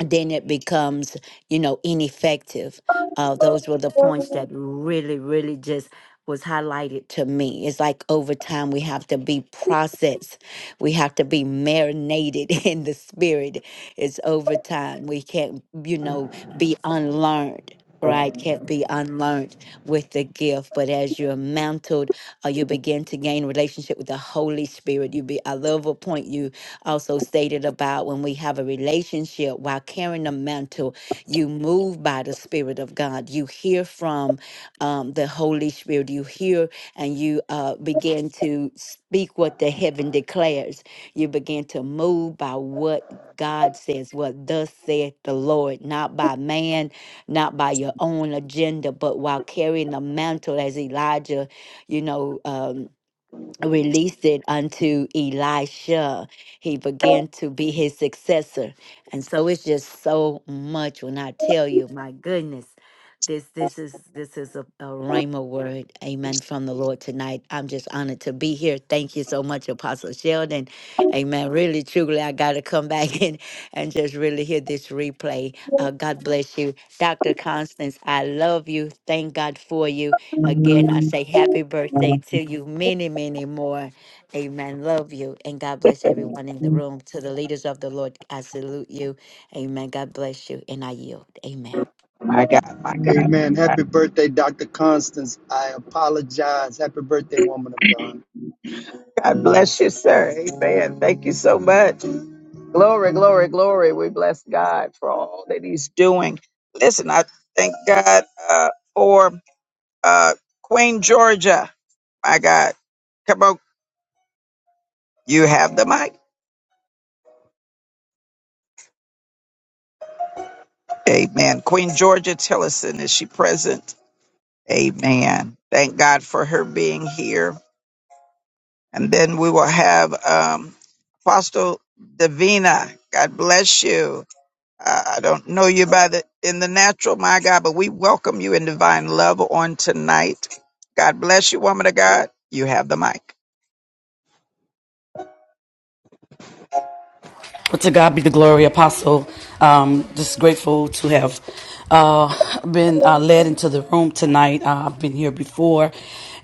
[SPEAKER 3] then it becomes, you know, ineffective. Uh, those were the points that really, really just was highlighted to me. It's like over time we have to be processed. We have to be marinated in the spirit. It's over time. We can't, you know, be unlearned, right? Can't be unlearned with the gift. But as you're mantled, uh, you begin to gain relationship with the Holy Spirit. You be I love a point you also stated about when we have a relationship while carrying the mantle, you move by the Spirit of God. You hear from um, the Holy Spirit. You hear and you uh, begin to speak what the heaven declares. You begin to move by what God says, what thus saith the Lord, not by man, not by your own agenda, but while carrying the mantle as Elijah, you know. Um, released it unto Elisha. He began to be his successor. And so it's just so much when I tell you, my goodness. This this is this is a, a rhema word, amen, from the Lord tonight. I'm just honored to be here. Thank you so much, Apostle Sheldon. Amen. Really, truly, I gotta come back and, and just really hear this replay. Uh, God bless you. Dr. Constance, I love you. Thank God for you. Again, I say happy birthday to you. Many, many more. Amen. Love you. And God bless everyone in the room. To the leaders of the Lord, I salute you. Amen. God bless you. And I yield. Amen.
[SPEAKER 1] My God.
[SPEAKER 10] Amen. Happy birthday, Dr. Constance. I apologize. Happy birthday, woman of God.
[SPEAKER 1] God bless you, sir. Amen. Thank you so much. Glory, glory, glory. We bless God for all that He's doing. Listen, I thank God uh, for uh, Queen Georgia. My God. Come on. You have the mic. Amen. Queen Georgia Tillison, is she present? Amen. Thank God for her being here. And then we will have um, Apostle Davina. God bless you. Uh, I don't know you by the in the natural, my God, but we welcome you in divine love on tonight. God bless you, woman of God. You have the mic.
[SPEAKER 18] But to God be the glory, Apostle. Um, just grateful to have uh, been uh, led into the room tonight. Uh, I've been here before.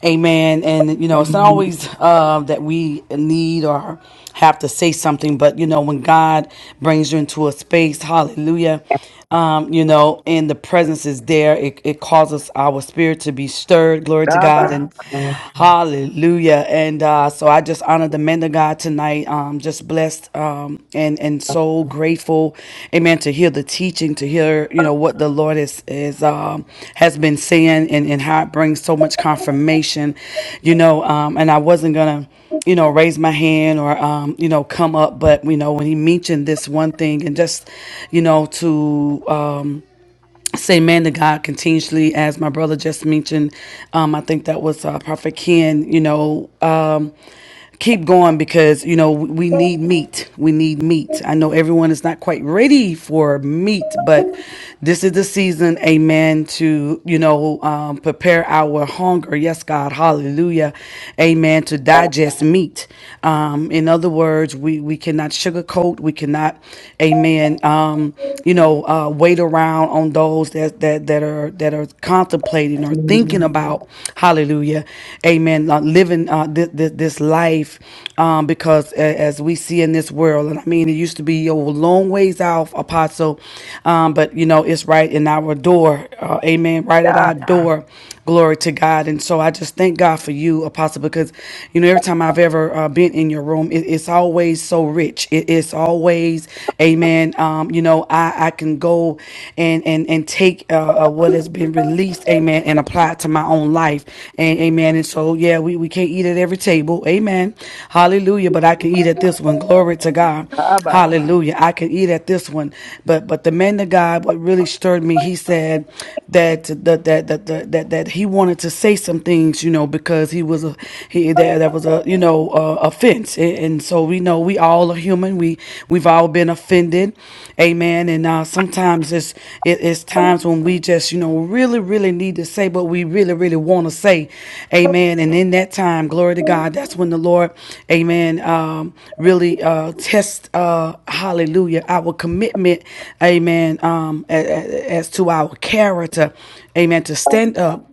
[SPEAKER 18] Amen. And, you know, it's not always uh, that we need or have to say something, but, you know, when God brings you into a space, hallelujah um, you know, and the presence is there. It, it causes our spirit to be stirred. Glory to God
[SPEAKER 1] Abba.
[SPEAKER 18] and hallelujah. And uh, so I just honor the men of God tonight. Um, just blessed um, and and so grateful, amen, to hear the teaching, to hear, you know, what the Lord is, is um, has been saying and, and how it brings so much confirmation, you know, um, and I wasn't going to you know, raise my hand or, um, you know, come up. But, you know, when he mentioned this one thing and just, you know, to, um, say man to God continuously, as my brother just mentioned. Um, I think that was uh, Prophet Ken, you know. Um, keep going because you know we need meat we need meat i know everyone is not quite ready for meat but this is the season amen to you know um, prepare our hunger yes god hallelujah amen to digest meat um, in other words we we cannot sugarcoat we cannot amen Amen. Um, you know, uh, wait around on those that that that are that are contemplating or thinking about, Hallelujah, Amen. Uh, living uh, this, this this life, um, because a- as we see in this world, and I mean, it used to be a long ways off, Apostle, um, but you know, it's right in our door, uh, Amen. Right at
[SPEAKER 1] Yeah,
[SPEAKER 18] our door, Glory to God. And so I just thank God for you, Apostle, because, you know, every time I've ever uh, been in your room, it, it's always so rich. It- it's always, amen. Um, you know, I, I can go and, and, and take uh, uh, what has been released, amen, and apply it to my own life. And, amen. And so, yeah, we, we can't eat at every table. Amen. Hallelujah. But I can eat at this one. Glory to God.
[SPEAKER 1] Abba.
[SPEAKER 18] Hallelujah. I could eat at this one. But but the man of God, what really stirred me, he said that that that that that, that, that he wanted to say some things, you know, because he was a he that, that was a you know uh, offense. And, and so we know we all are human. We we've all been offended. Amen. And uh, sometimes it's it's it, it's times when we just you know really really need to say what we really really want to say, Amen. And in that time, glory to God. That's when the Lord, Amen, um, really uh, tests, uh, Hallelujah, our commitment, Amen, um, a- as to our character, Amen, to stand up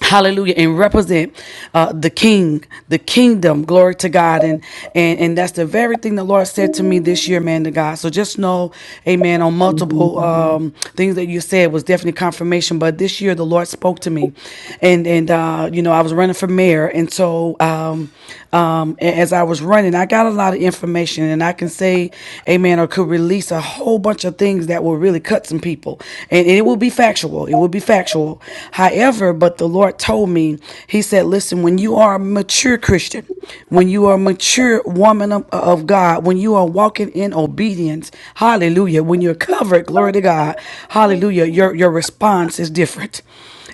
[SPEAKER 18] hallelujah and represent uh, the king the kingdom glory to god and and and that's the very thing the lord said to me this year man to god so just know amen on multiple um things that you said was definitely confirmation but this year the lord spoke to me and and uh you know i was running for mayor and so um um a- as i was running i got a lot of information and i can say amen or could release a whole bunch of things that were really really cut some people. And and it will be factual. It will be factual. However, but the Lord told me, He said, listen, when you are a mature Christian, when you are a mature woman of, of God, when you are walking in obedience, hallelujah, when you're covered, glory to God, hallelujah, your, your response is different.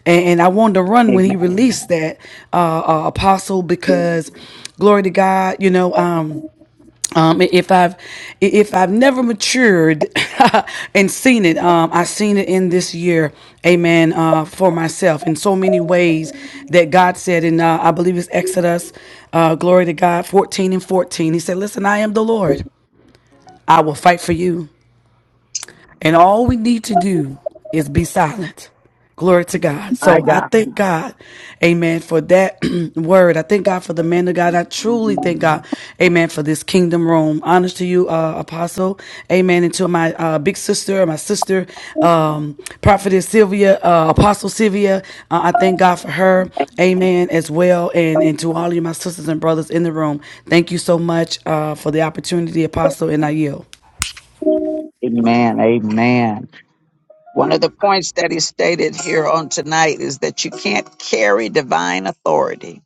[SPEAKER 18] And, and I wanted to run when he released that, uh, uh, apostle, because glory to God, you know, um, um, if I've if I've never matured and seen it, um, I seen it in this year, Amen. Uh, for myself, in so many ways that God said, in uh, I believe it's Exodus, uh, glory to God, fourteen and fourteen. He said, "Listen, I am the Lord. I will fight for you." And all we need to do is be silent. Glory to God.
[SPEAKER 1] My
[SPEAKER 18] So I
[SPEAKER 1] God.
[SPEAKER 18] thank God, amen, for that word. I thank God for the man of God. I truly thank God, amen, for this kingdom room. Honors to you, uh, apostle, amen, and to my uh, big sister, my sister, um, prophetess Sylvia, uh, apostle Sylvia. Uh, I thank God for her, amen, as well, and, and to all of you, my sisters and brothers in the room. Thank you so much uh, for the opportunity, apostle, and I yield.
[SPEAKER 1] Amen. Amen. One of the points that is stated here on tonight is that you can't carry divine authority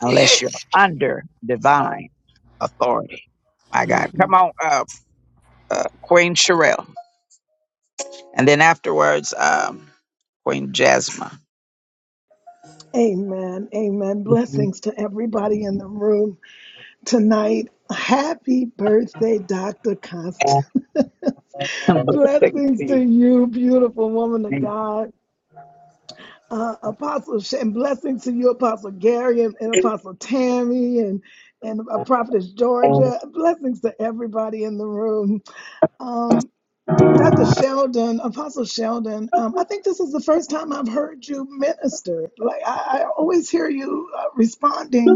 [SPEAKER 1] unless you're under divine authority. My God. Come on, uh, uh, Queen Sherelle. And then afterwards, um, Queen Jasmine.
[SPEAKER 19] Amen. Amen. Blessings to everybody in the room tonight. Happy birthday, Dr. Constant. blessings to you, beautiful woman of God. Uh, Apostle, Sh- and blessings to you, Apostle Gary and, and Apostle Tammy and, and uh, Prophetess Georgia. Blessings to everybody in the room. Um, Dr. Sheldon, Apostle Sheldon, um, I think this is the first time I've heard you minister. Like, I, I always hear you uh, responding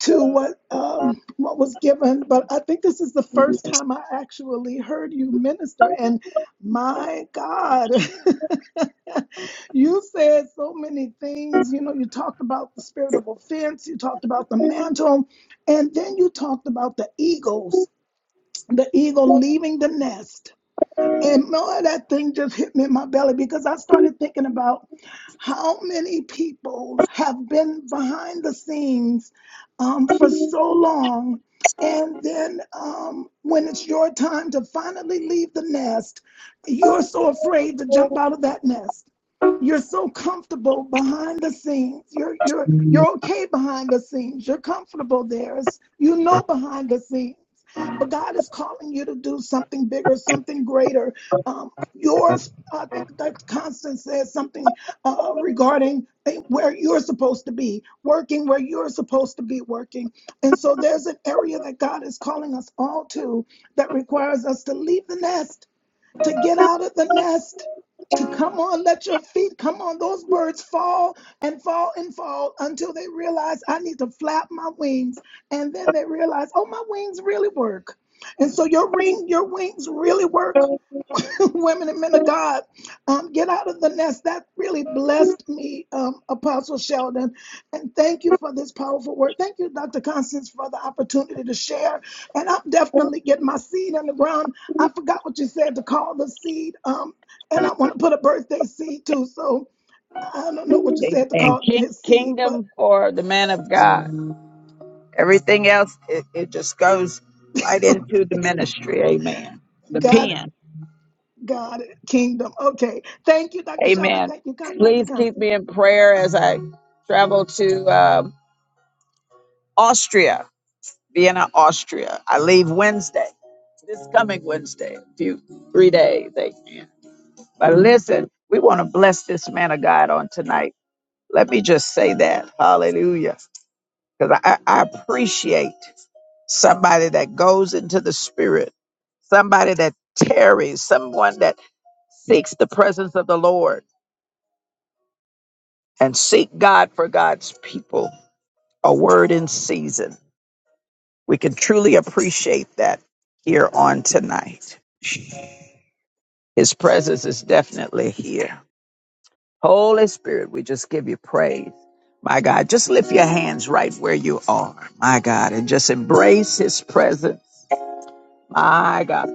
[SPEAKER 19] to what um, what was given, but I think this is the first time I actually heard you minister. And my God, you said so many things. You know, you talked about the spirit of offense, you talked about the mantle, and then you talked about the eagles, the eagle leaving the nest and more that thing just hit me in my belly because I started thinking about how many people have been behind the scenes um, for so long. And then um, when it's your time to finally leave the nest, you're so afraid to jump out of that nest. You're so comfortable behind the scenes. You're you're you're okay behind the scenes. You're comfortable there. It's- you know behind the scenes. But God is calling you to do something bigger, something greater um, yours. I think that Constance said something uh, regarding eh, where you're supposed to be working, where you're supposed to be working. And so there's an area that God is calling us all to that requires us to leave the nest, to get out of the nest, to come on, let your feet come on. Those birds fall and fall and fall until they realize I need to flap my wings. And then they realize, oh, my wings really work. And so your ring, your wings really work women and men of God, um, get out of the nest. That really blessed me, um, Apostle Sheldon. And thank you for this powerful word. Thank you, Dr. Constance, for the opportunity to share. And I'm definitely getting my seed in the ground. I forgot what you said to call the seed. Um, and I want to put a birthday seed too. So I don't know what you said to
[SPEAKER 1] And
[SPEAKER 19] call
[SPEAKER 1] ki-
[SPEAKER 19] his seed, but
[SPEAKER 1] kingdom for the man of God. Everything else, it, it just goes right into the ministry. Amen. The
[SPEAKER 19] God,
[SPEAKER 1] pen.
[SPEAKER 19] God, kingdom. Okay. Thank you, Dr. Sheldon.
[SPEAKER 1] Amen.
[SPEAKER 19] Thank you, Dr.
[SPEAKER 1] Please keep
[SPEAKER 19] Constance.
[SPEAKER 1] me in prayer as I travel to. Austria, Vienna, Austria. I leave Wednesday, this coming Wednesday, a few three days. Amen. But listen, we want to bless this man of God on tonight. Let me just say that. Hallelujah. Because I, I appreciate somebody that goes into the spirit, somebody that tarries, someone that seeks the presence of the Lord and seek God for God's people. A word in season. We can truly appreciate that here on tonight. His presence is definitely here. Holy Spirit, we just give you praise. My God, just lift your hands right where you are. My God, and just embrace his presence. My God.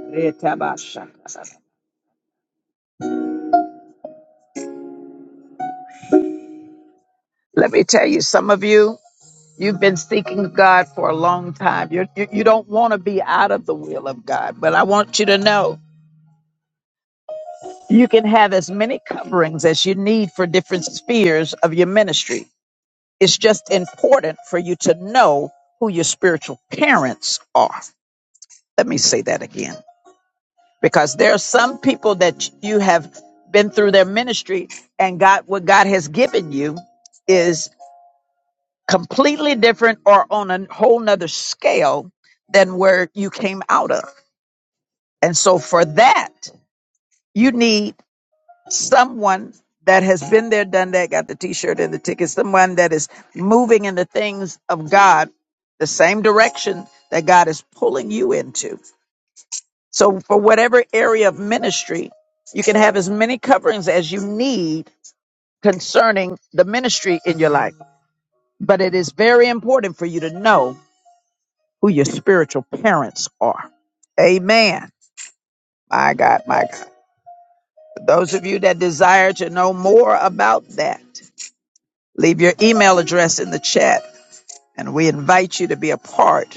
[SPEAKER 1] Let me tell you, some of you, you've been seeking God for a long time. You're, you, you don't want to be out of the will of God, but I want you to know You can have as many coverings as you need for different spheres of your ministry. It's just important for you to know who your spiritual parents are. Let me say that again, because there are some people that you have been through their ministry and God, what God has given you is completely different or on a whole nother scale than where you came out of. And so for that, you need someone that has been there, done that, got the t-shirt and the ticket, someone that is moving in the things of God, the same direction that God is pulling you into. So for whatever area of ministry, you can have as many coverings as you need concerning the ministry in your life. But it is very important for you to know who your spiritual parents are. Amen. My God, my God. For those of you that desire to know more about that, Leave your email address in the chat, and we invite you to be a part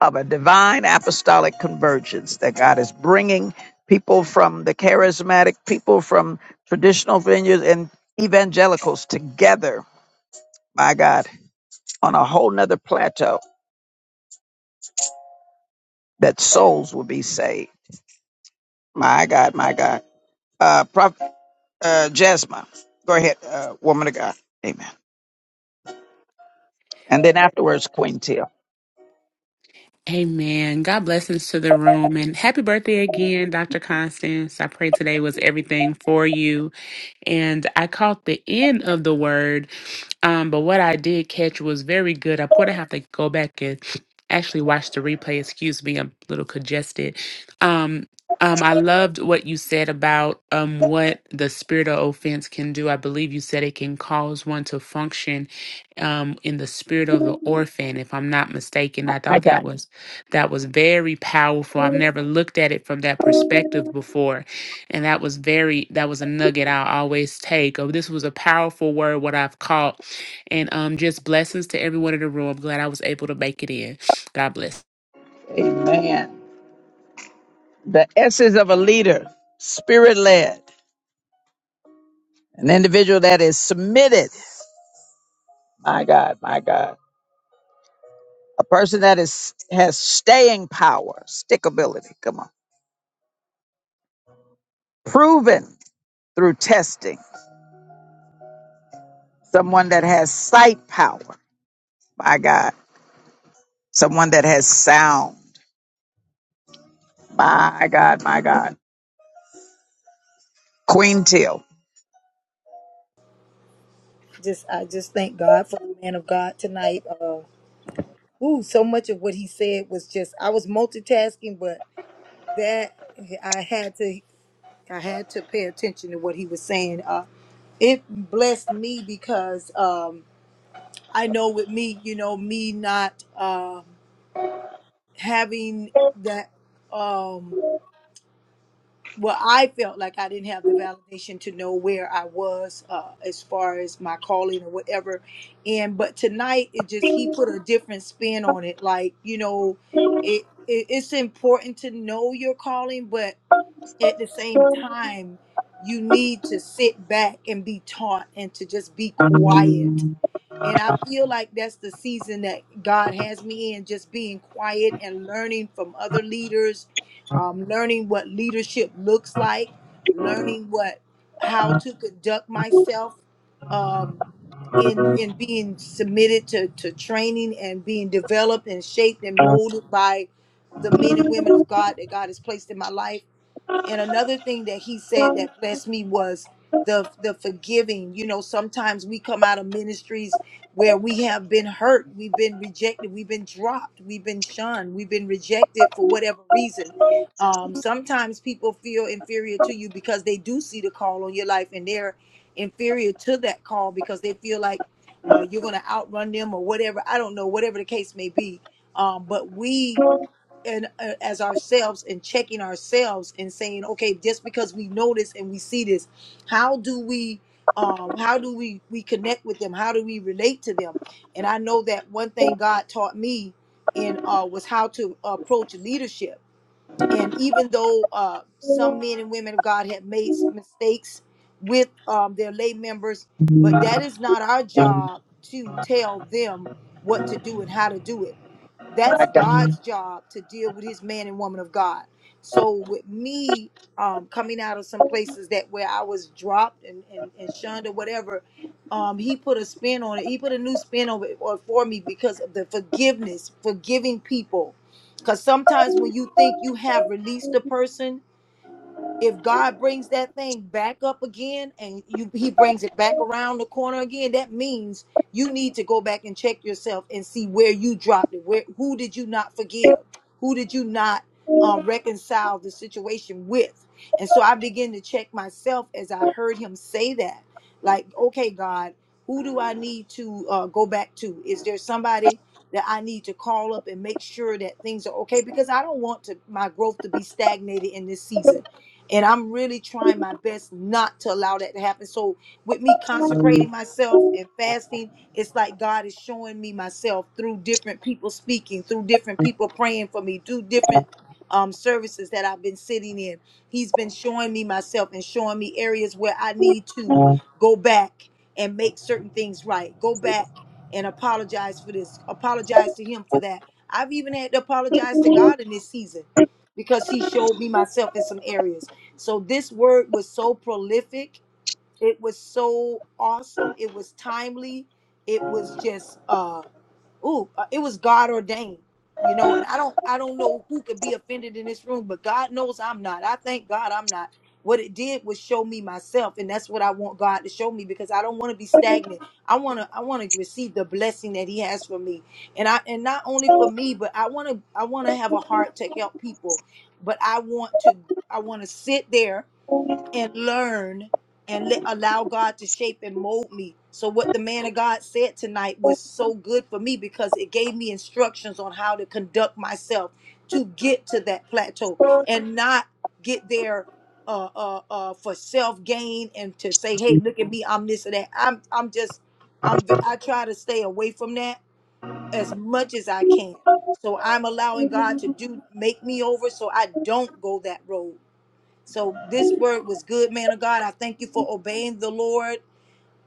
[SPEAKER 1] of a divine apostolic convergence that God is bringing people from the charismatic, people from traditional venues, and evangelicals together, my God, on a whole nother plateau that souls will be saved. My God, my God. Uh, Prophet uh, Jasmine, go ahead, uh, woman of God. Amen. And then afterwards, Queen Till.
[SPEAKER 16] Amen. God blessings to the room and happy birthday again, Dr. Constance. I pray today was everything for you. and I caught the end of the word, um, but what I did catch was very good. I'm going to have to go back and actually watch the replay. Excuse me, I'm a little congested. Um, um, I loved what you said about um, what the spirit of offense can do. I believe you said it can cause one to function um, in the spirit of the orphan, if I'm not mistaken. I
[SPEAKER 1] My
[SPEAKER 16] thought that
[SPEAKER 1] God.
[SPEAKER 16] was that was very powerful. I've never looked at it from that perspective before and that was very, that was a nugget I always take. Oh, this was a powerful word, what I've caught. And um, just blessings to everyone in the room. I'm glad I was able to make it in. God bless.
[SPEAKER 1] Amen. The essence of a leader, spirit led, an individual that is submitted. My God, my God. A person that is has staying power, stickability. Come on. Proven through testing. Someone that has sight power. My God. Someone that has sound. My God, my God. Queen Till.
[SPEAKER 7] Just I just thank God for the man of God tonight. Uh, ooh, so much of what he said was just I was multitasking, but that I had to I had to pay attention to what he was saying. Uh, it blessed me because um, I know with me, you know, me not. Um, having that um well i felt like i didn't have the validation to know where i was uh, as far as my calling or whatever and but tonight it just he put a different spin on it like you know it, it it's important to know your calling but at the same time you need to sit back and be taught and to just be quiet and I feel like that's the season that God has me in, just being quiet and learning from other leaders, um, learning what leadership looks like, learning what how to conduct myself um, in in being submitted to to training and being developed and shaped and molded by the men and women of God that God has placed in my life. And another thing that he said that blessed me was the the forgiving. You know, sometimes we come out of ministries where we have been hurt, we've been rejected, we've been dropped, we've been shunned, we've been rejected for whatever reason. Um, sometimes people feel inferior to you because they do see the call on your life and they're inferior to that call because they feel like uh, you're going to outrun them or whatever. I don't know, whatever the case may be. Um, but we and uh, as ourselves and checking ourselves and saying okay just because we know this and we see this how do we um how do we we connect with them how do we relate to them and i know that one thing god taught me in uh was how to approach leadership and even though uh some men and women of god have made s- mistakes with um their lay members but that is not our job to tell them what to do and how to do it that's God's job to deal with his man and woman of God. So with me um, coming out of some places that where I was dropped and, and, and shunned or whatever, um, he put a spin on it. He put a new spin on it or for me because of the forgiveness, forgiving people. Because sometimes when you think you have released a person, if God brings that thing back up again and you he brings it back around the corner again, that means you need to go back and check yourself and see where you dropped it. Where who did you not forgive? Who did you not um, reconcile the situation with? And so I began to check myself as I heard him say that. Like, okay, God, who do I need to uh, go back to? Is there somebody that I need to call up and make sure that things are okay? Because I don't want to my growth to be stagnated in this season. And I'm really trying my best not to allow that to happen. So with me consecrating myself and fasting, it's like God is showing me myself through different people speaking, through different people praying for me, through different um, services that I've been sitting in. He's been showing me myself and showing me areas where I need to go back and make certain things right. Go back and apologize for this. Apologize to him for that. I've even had to apologize to God in this season because he showed me myself in some areas. So this word was so prolific. It was so awesome. It was timely. It was just uh ooh, uh, it was God ordained. You know, and I don't I don't know who could be offended in this room, but God knows I'm not. I thank God I'm not. What it did was show me myself, and that's what I want God to show me because I don't want to be stagnant. I want to I want to receive the blessing that he has for me. And I and not only for me, but I want to I want to have a heart to help people. But I want to I want to sit there and learn and let allow God to shape and mold me. So what the man of God said tonight was so good for me because it gave me instructions on how to conduct myself to get to that plateau and not get there uh, uh, uh, for self gain and to say, "Hey, look at me, I'm this or that." I'm I'm just I'm v- I try to stay away from that as much as I can. So I'm allowing God to do make me over so I don't go that road so this word was good, man of God. I thank you for obeying the Lord.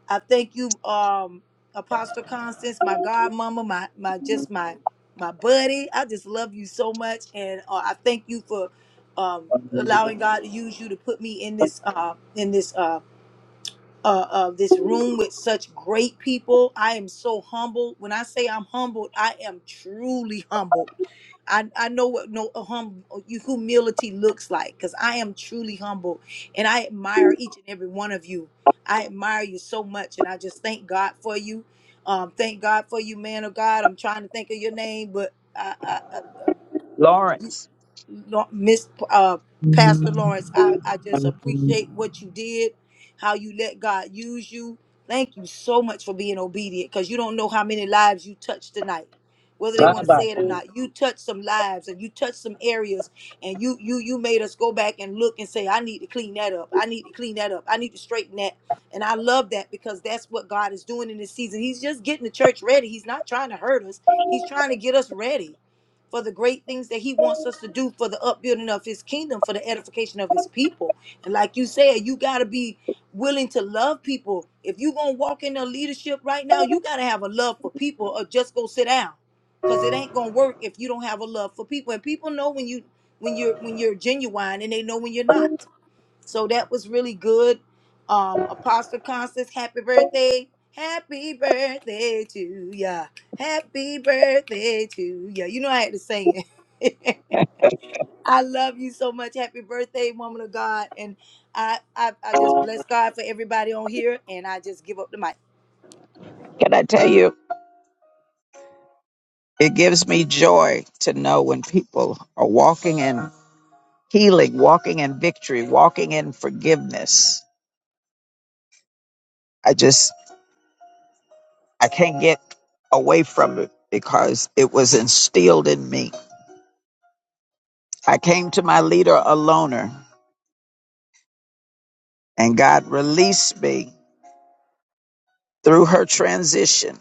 [SPEAKER 7] I thank you, um, Apostle Constance, my godmama, my my just my my buddy. I just love you so much, and uh, I thank you for um, allowing God to use you to put me in this uh, in this. uh, uh, uh, this room with such great people. I am so humbled. When I say I'm humbled, I am truly humbled. I, I know what no uh, hum humility looks like because I am truly humble and I admire each and every one of you. I admire you so much and I just thank God for you. Um, thank God for you, man of God. I'm trying to think of your name, but I, I, I, Lo- Miss uh, Pastor Lawrence, I, I just appreciate what you did, how you let God use you. Thank you so much for being obedient because you don't know how many lives you touched tonight. Whether they want to say it or not, you touched some lives and you touched some areas, and you you you made us go back and look and say, "I need to clean that up. I need to clean that up. I need to straighten that." And I love that because that's what God is doing in this season. He's just getting the church ready. He's not trying to hurt us. He's trying to get us ready for the great things that he wants us to do for the upbuilding of his kingdom, for the edification of his people. And like you said, you got to be willing to love people. If you're going to walk in the leadership right now, you got to have a love for people or just go sit down because it ain't going to work if you don't have a love for people. And people know when you when you're when you're genuine and they know when you're not. So that was really good. Um, Apostle Constance, happy birthday. Happy birthday to ya. Happy birthday to ya. You know I had to sing it. I love you so much. Happy birthday, woman of God. And I, I I just bless God for everybody on here and I just give up the mic.
[SPEAKER 1] Can I tell you? It gives me joy to know when people are walking in healing, walking in victory, walking in forgiveness. I just I can't get away from it because it was instilled in me. I came to my leader a loner, and God released me through her transition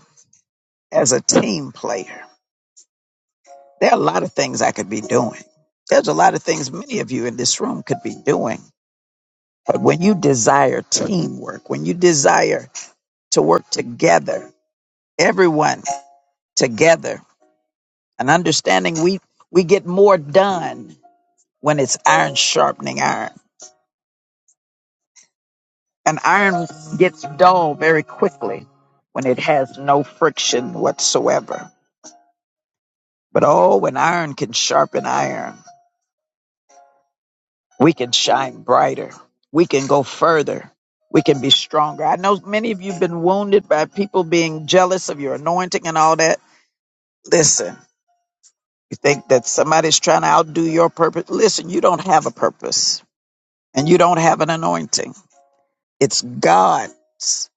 [SPEAKER 1] as a team player. There are a lot of things I could be doing. There's a lot of things many of you in this room could be doing. But when you desire teamwork, when you desire to work together, everyone together, and understanding we, we get more done when it's iron sharpening iron. And iron gets dull very quickly when it has no friction whatsoever. But oh, when iron can sharpen iron, we can shine brighter. We can go further. We can be stronger. I know many of you have been wounded by people being jealous of your anointing and all that. Listen, you think that somebody's trying to outdo your purpose? Listen, you don't have a purpose and you don't have an anointing. It's God's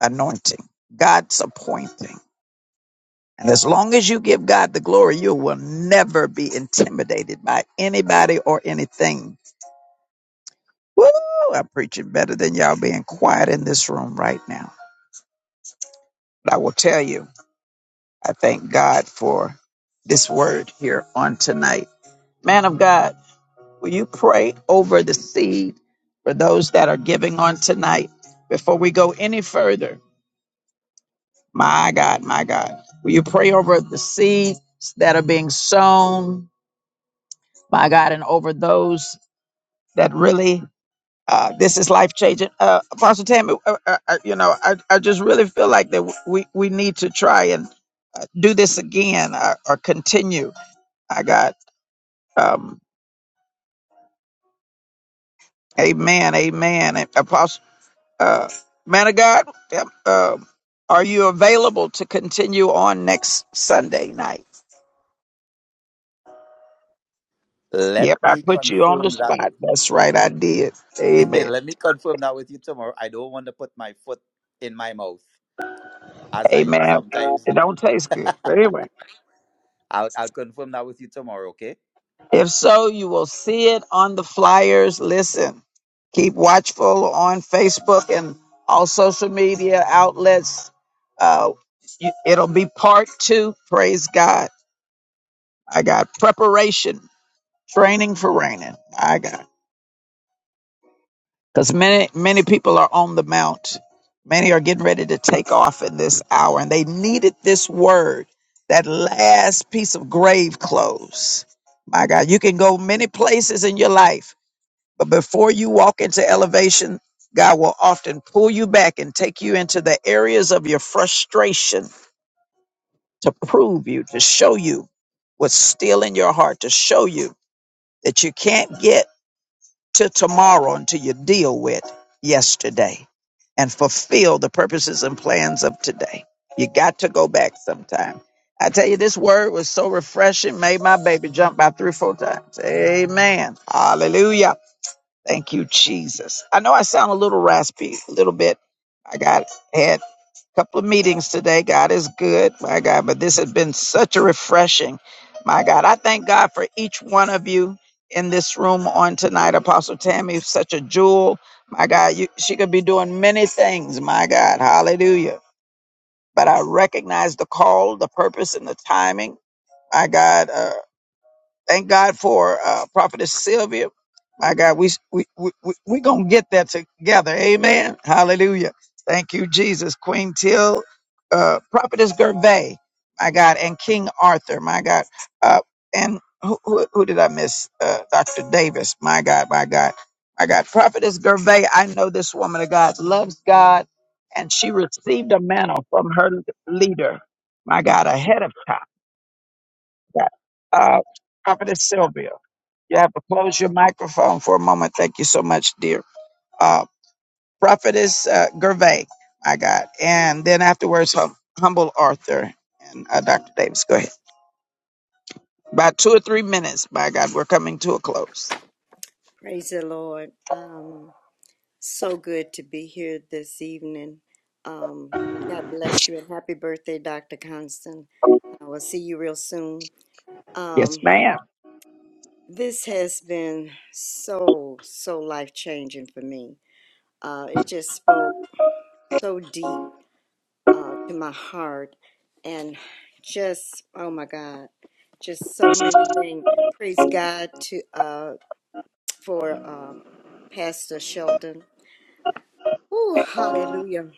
[SPEAKER 1] anointing, God's appointing. And as long as you give God the glory, you will never be intimidated by anybody or anything. Woo! I'm preaching better than y'all being quiet in this room right now. But I will tell you, I thank God for this word here on tonight. Man of God, will you pray over the seed for those that are giving on tonight? Before we go any further, my God, my God, will you pray over the seeds that are being sown? my God, and over those that really uh, this is life changing. Uh, Apostle Tammy, uh, uh, uh, you know, I, I just really feel like that we, we need to try and uh, do this again or, or continue. I got um, amen, amen. And Apostle, uh, man of God, yep, um are you available to continue on next Sunday night?
[SPEAKER 9] Let
[SPEAKER 1] Yep, I
[SPEAKER 9] me
[SPEAKER 1] put you on the
[SPEAKER 9] confirm that.
[SPEAKER 1] spot. That's right, I did. Amen.
[SPEAKER 9] Let me confirm that with you tomorrow. I don't want to put my foot in my mouth as I
[SPEAKER 1] Amen.
[SPEAKER 9] sometimes
[SPEAKER 1] It
[SPEAKER 9] do.
[SPEAKER 1] don't taste good, but anyway.
[SPEAKER 9] I'll, I'll confirm that with you tomorrow, okay?
[SPEAKER 1] If so, you will see it on the flyers. Listen, keep watchful on Facebook and all social media outlets. Uh, you- it'll be part two. Praise God. I got preparation, training for raining. I got because many many people are on the mount. Many are getting ready to take off in this hour, and they needed this word, that last piece of grave clothes. My God, you can go many places in your life But before you walk into elevation, God will often pull you back and take you into the areas of your frustration to prove you, to show you what's still in your heart, to show you that you can't get to tomorrow until you deal with yesterday and fulfill the purposes and plans of today. You got to go back sometime. I tell you, this word was so refreshing, made my baby jump by three, four times. Amen. Hallelujah. Thank you, Jesus. I know I sound a little raspy, a little bit. I got had a couple of meetings today. God is good, my God. But this has been such a refreshing, my God. I thank God for each one of you in this room on tonight. Apostle Tammy, is such a jewel, my God. You, she could be doing many things, my God. Hallelujah. But I recognize the call, the purpose, and the timing, my God. uh, Thank God for uh, Prophetess Sylvia. My God, we we we we we gonna get that together. Amen. Hallelujah. Thank you, Jesus. Queen Till, uh, Prophetess Gervais. My God, and King Arthur. My God, uh, and who, who who did I miss? Uh, Doctor Davis. My God, my God, my God. Prophetess Gervais. I know this woman of God loves God, and she received a mantle from her leader. My God, ahead of time. God. Uh, Prophetess Sylvia. You have to close your microphone for a moment. Thank you so much, dear. Uh, Prophetess uh, Gervais, I got. And then afterwards, hum- Humble Arthur and uh, Dr. Davis. Go ahead. About two or three minutes, by God, we're coming to a close.
[SPEAKER 13] praise the Lord. Um, so good to be here this evening. Um, God bless you and happy birthday, Dr. Constant. I will see you real soon. Um, this has been so, so life changing for me. Uh, it just spoke so deep uh, to my heart and just oh my god just so many things praise god to uh for uh pastor shelton Ooh, hallelujah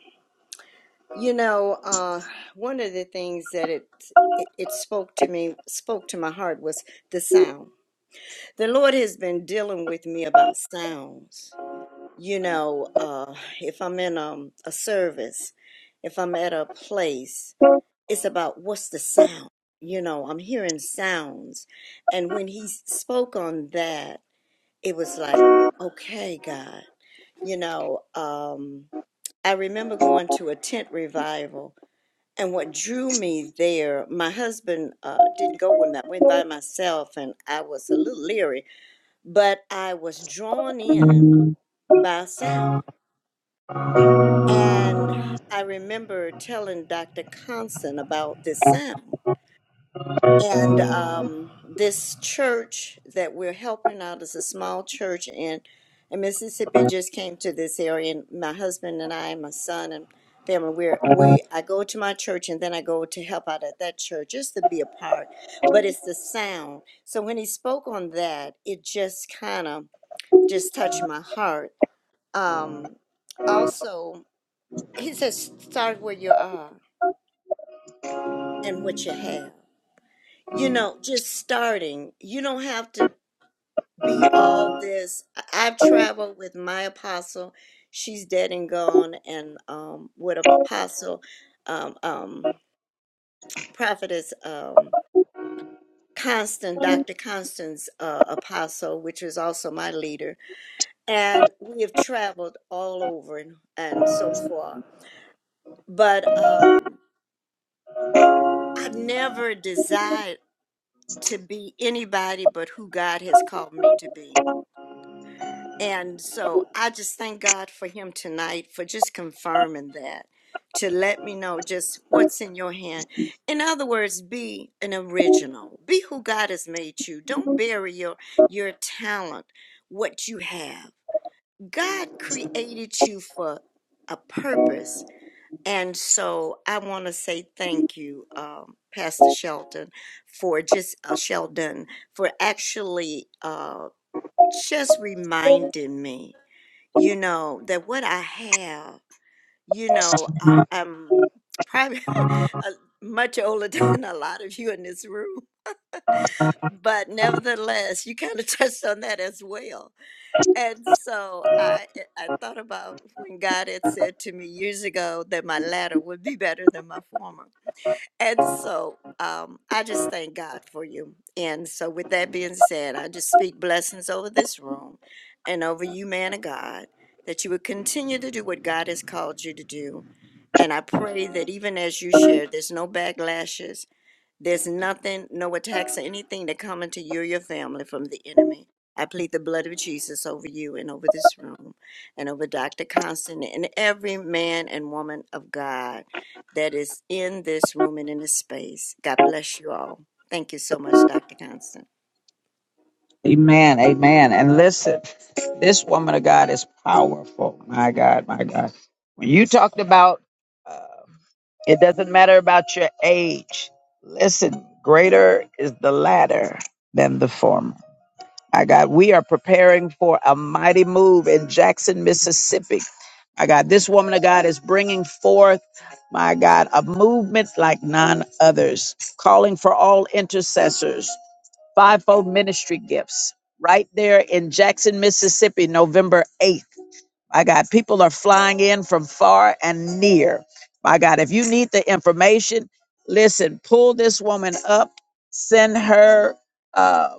[SPEAKER 13] you know uh one of the things that it, it it spoke to me spoke to my heart was the sound the lord has been dealing with me about sounds you know uh if i'm in um, a service if i'm at a place it's about what's the sound you know i'm hearing sounds and when he spoke on that it was like okay god you know um i remember going to a tent revival and what drew me there my husband uh, didn't go with me i went by myself and i was a little leery but i was drawn in by sound and i remember telling dr constant about this sound And um, this church that we're helping out is a small church in, in Mississippi. Just came to this area, and my husband and I, and my son and family, we're we. I go to my church, and then I go to help out at that church just to be a part. But it's the sound. So when he spoke on that, it just kind of just touched my heart. Um, also, he says, "Start where you are and what you have." you know, just starting. You don't have to be all this. I- I've traveled with my apostle. She's dead and gone, and um, with apostle, um, um, prophetess, um, Constant, Dr. Constance, uh, apostle, which is also my leader. And we have traveled all over and, and so far. But um, I've never desired to be anybody but who God has called me to be And so I just thank God for him tonight for just confirming that, to let me know just what's in your hand. In other words, be an original. Be who God has made you. Don't bury your your talent, what you have. God created you for a purpose. And so I want to say thank you, um, Pastor Shelton, for just uh, Sheldon for actually uh, just reminding me you know, that what I have, you know, I, I'm probably uh, much older than a lot of you in this room, but nevertheless, you kind of touched on that as well. And so I, eh, I thought about when God had said to me years ago that my latter would be better than my former. And so um, I just thank God for you. And so, with that being said, I just speak blessings over this room and over you, man of God, that you would continue to do what God has called you to do. And I pray that even as you share, there's no backlashes, there's nothing, no attacks or anything that come into you or your family from the enemy. I plead the blood of Jesus over you and over this room and over Dr. Constant and every man and woman of God that is in this room and in this space. God bless you all. Thank you so much, Dr. Constant.
[SPEAKER 1] Amen. Amen. And listen, this woman of God is powerful. My God, my God. When you talked about uh, it doesn't matter about your age, listen, greater is the latter than the former. My God, we are preparing for a mighty move in Jackson, Mississippi. My God, this woman of God is bringing forth, my God, a movement like none others, calling for all intercessors, fivefold ministry gifts, right there in Jackson, Mississippi, November 8th. My God, people are flying in from far and near. My God, if you need the information, listen, pull this woman up, send her uh,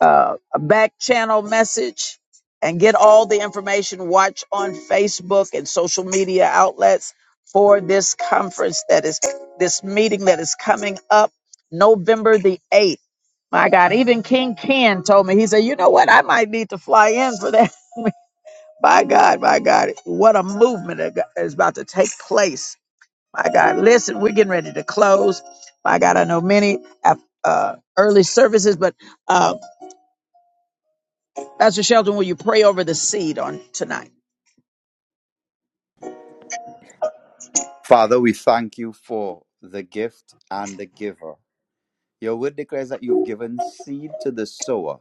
[SPEAKER 1] uh, a back channel message, and get all the information. Watch on Facebook and social media outlets for this conference that is this meeting that is coming up November the 8th. My God, even King Ken told me, he said, you know what? I might need to fly in for that. My God, my God, what a movement that go- is about to take place. My God, listen, we're getting ready to close. My God, I know many have uh, early services, but uh, Pastor Shelton, will you pray over the seed on tonight?
[SPEAKER 9] Father, we thank you for the gift and the giver. Your word declares that you've given seed to the sower,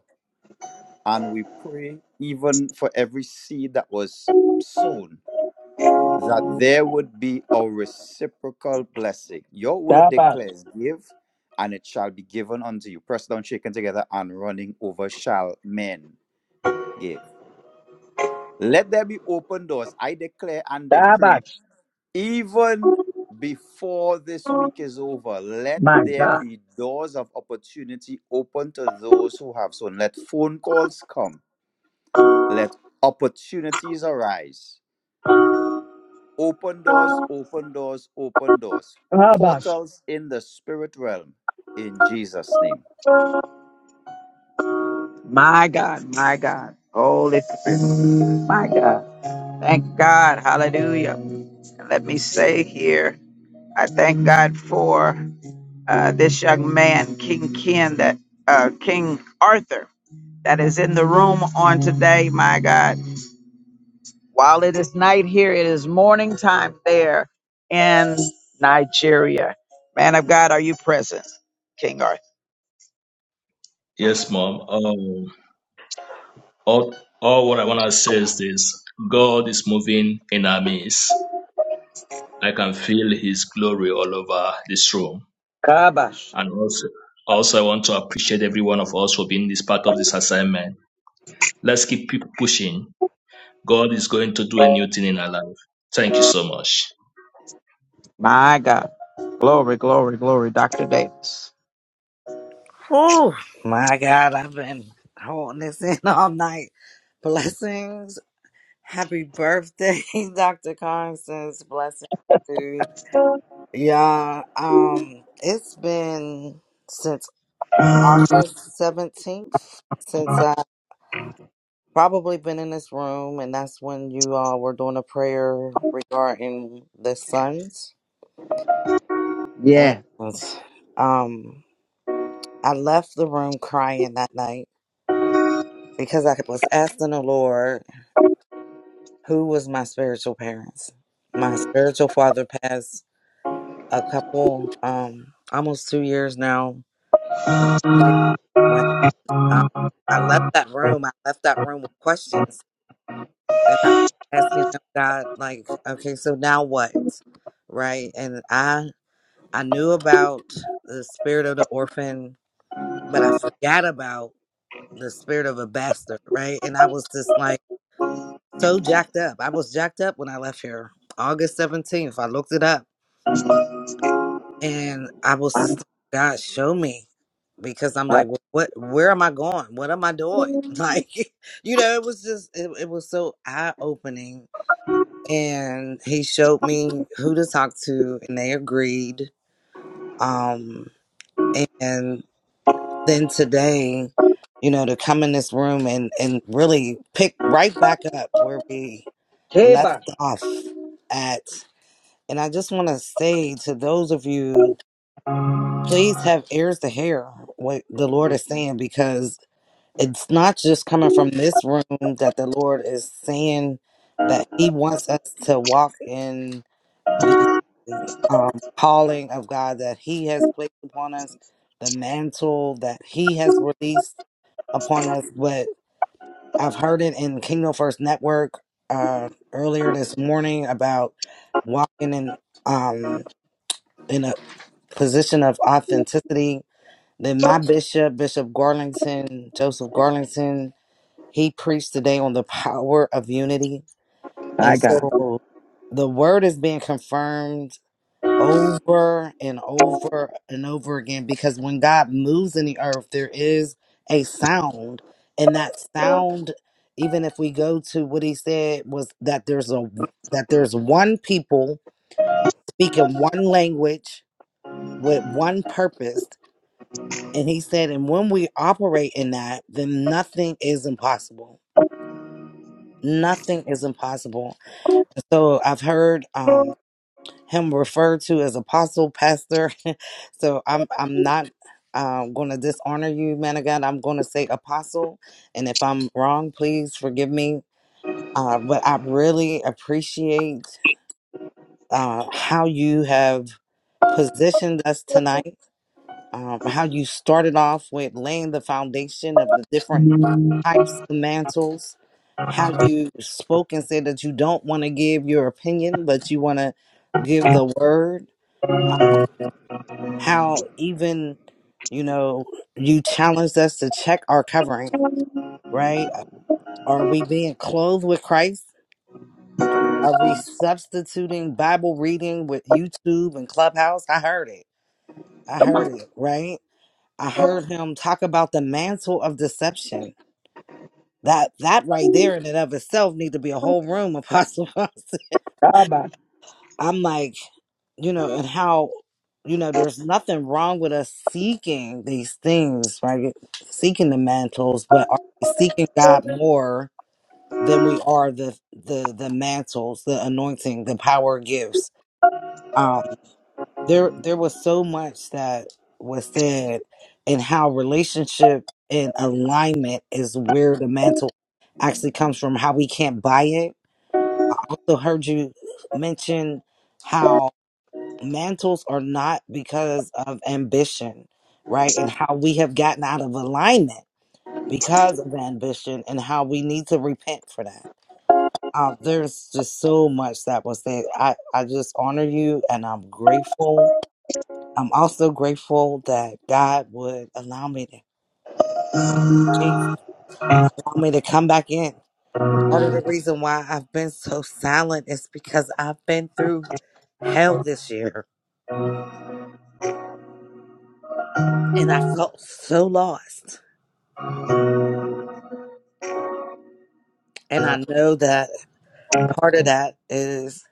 [SPEAKER 9] and we pray even for every seed that was sown. that there would be a reciprocal blessing. Your word
[SPEAKER 1] Starbucks,
[SPEAKER 9] declares, Give, and it shall be given unto you. Pressed down, shaken together, and running over shall men give. Let there be open doors. I declare and decree,
[SPEAKER 1] Starbucks.
[SPEAKER 9] even before this week is over, let there be doors of opportunity open to those who have sown. Let phone calls come. Let opportunities arise Open doors, open doors, open doors. Portals in the spirit realm in Jesus' name.
[SPEAKER 1] My God, my God, Holy Spirit, my God. Thank God, hallelujah. And Let me say here, I thank God for uh, this young man, King Ken, that uh, King Arthur. that is in the room on today, my God. While it is night here, it is morning time there in Nigeria. Man of God, are you present, King Arthur?
[SPEAKER 20] Yes, mom. Um, all, all what I want to say is this God is moving in our midst. I can feel his glory all over this room. And also, also, I want to appreciate every one of us for being this part of this assignment. Let's keep pu- pushing. God is going to do a new thing in our life. Thank you so much.
[SPEAKER 1] My God. Glory, glory, glory, Dr. Davis.
[SPEAKER 12] Whew, my God, I've been holding this in all night. Blessings. Happy birthday, Dr. Constance. Blessings to y'all. Um, it's been since August 17th, since I've probably been in this room, and that's when you all were doing a prayer regarding the sons. And
[SPEAKER 1] Yeah.
[SPEAKER 12] um I left the room crying that night because I was asking the Lord who was my spiritual parents. My spiritual father passed a couple, um, almost two years now. When um, I left that room, I left that room with questions, and I was asking him, God, like, okay, so now what, right? And I I knew about the spirit of the orphan, but I forgot about the spirit of a bastard, right? And I was just like. so jacked up. I was jacked up when I left here, August 17th. I looked it up and I was just, like, God, show me. Because I'm
[SPEAKER 1] Uh,
[SPEAKER 12] like, "Wh- what, where am I going? What am I doing? Like, you know, it was just, it, it was so eye opening. And he showed me who to talk to and they agreed. Um, and then today, you know, to come in this room and, and really pick right back up where we left off at And I just want to say to those of you, please have ears to hear what the Lord is saying because it's not just coming from this room that the Lord is saying that He wants us to walk in the um, calling of God that He has placed upon us, the mantle that He has released upon us. But I've heard it in Kingdom First Network uh, earlier this morning about walking in. Um, in position of authenticity. Then my bishop, Bishop Garlington, Joseph Garlington, he preached today on the power of unity. And so the word is being confirmed over and over and over again because when God moves in the earth, there is a sound. And that sound, even if we go to what he said, was that there's a that there's one people speaking one language with one purpose And he said, and when we operate in that, then nothing is impossible. Nothing is impossible. So I've heard um, him referred to as apostle, pastor. so I'm I'm not um, going to dishonor you, man of God. I'm going to say apostle. And if I'm wrong, please forgive me. Uh, but I really appreciate uh, how you have positioned us tonight. Um, how you started off with laying the foundation of the different types of mantles, how you spoke and said that you don't want to give your opinion, but you want to give the word. Uh, How even, you know, you challenged us to check our covering, right? Are we being clothed with Christ? Are we substituting Bible reading with YouTube and Clubhouse? I heard it. I heard it, right? I heard him talk about the mantle of deception that that right there in and of itself need to be a whole room apostle I'm like, you know, and how, you know, there's nothing wrong with us seeking these things, right? Seeking the mantles, but are we seeking God more than we are the the the mantles, the anointing, the power gifts? Um, there there was so much that was said, and how relationship and alignment is where the mantle actually comes from. How we can't buy it. I also heard you mention how mantles are not because of ambition, right? And how we have gotten out of alignment because of ambition and how we need to repent for that. Um, there's just so much that was said. I, I just honor you and I'm grateful. I'm also grateful that God would allow me to Jesus, allow me to come back in. Part of the reason why I've been so silent is because I've been through hell this year and I felt so lost. And I know that part of that is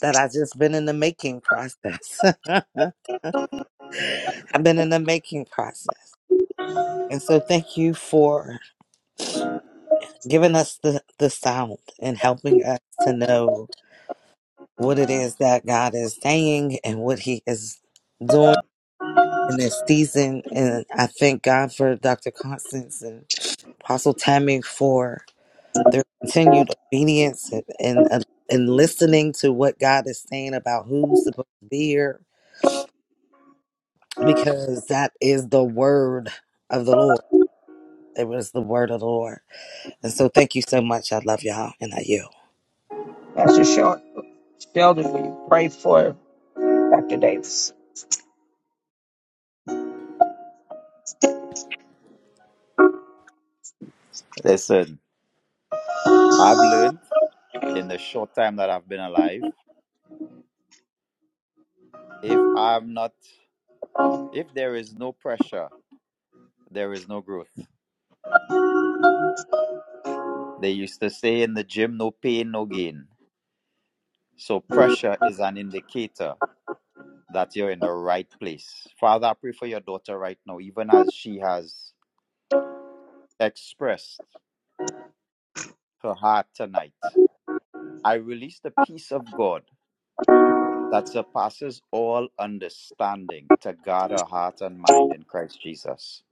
[SPEAKER 12] that I just been in the making process. I've been in the making process. And so thank you for giving us the, the sound and helping us to know what it is that God is saying and what he is doing in this season. And I thank God for Dr. Constance and Apostle Tammy for their continued obedience and, and, and listening to what God is saying about who's supposed to be here because that is the word of the Lord. It was the word of the Lord. And so thank you so much. I love y'all and I you.
[SPEAKER 1] Pastor Shel- Sheldon, will you pray for Dr. Davis?
[SPEAKER 9] Listen, I've learned in the short time that I've been alive, if I'm not, if there is no pressure, there is no growth. They used to say in the gym, no pain, no gain. So pressure is an indicator that you're in the right place. Father, I pray for your daughter right now, even as she has expressed her heart tonight. I release the peace of God that surpasses all understanding to guard our heart and mind in Christ Jesus.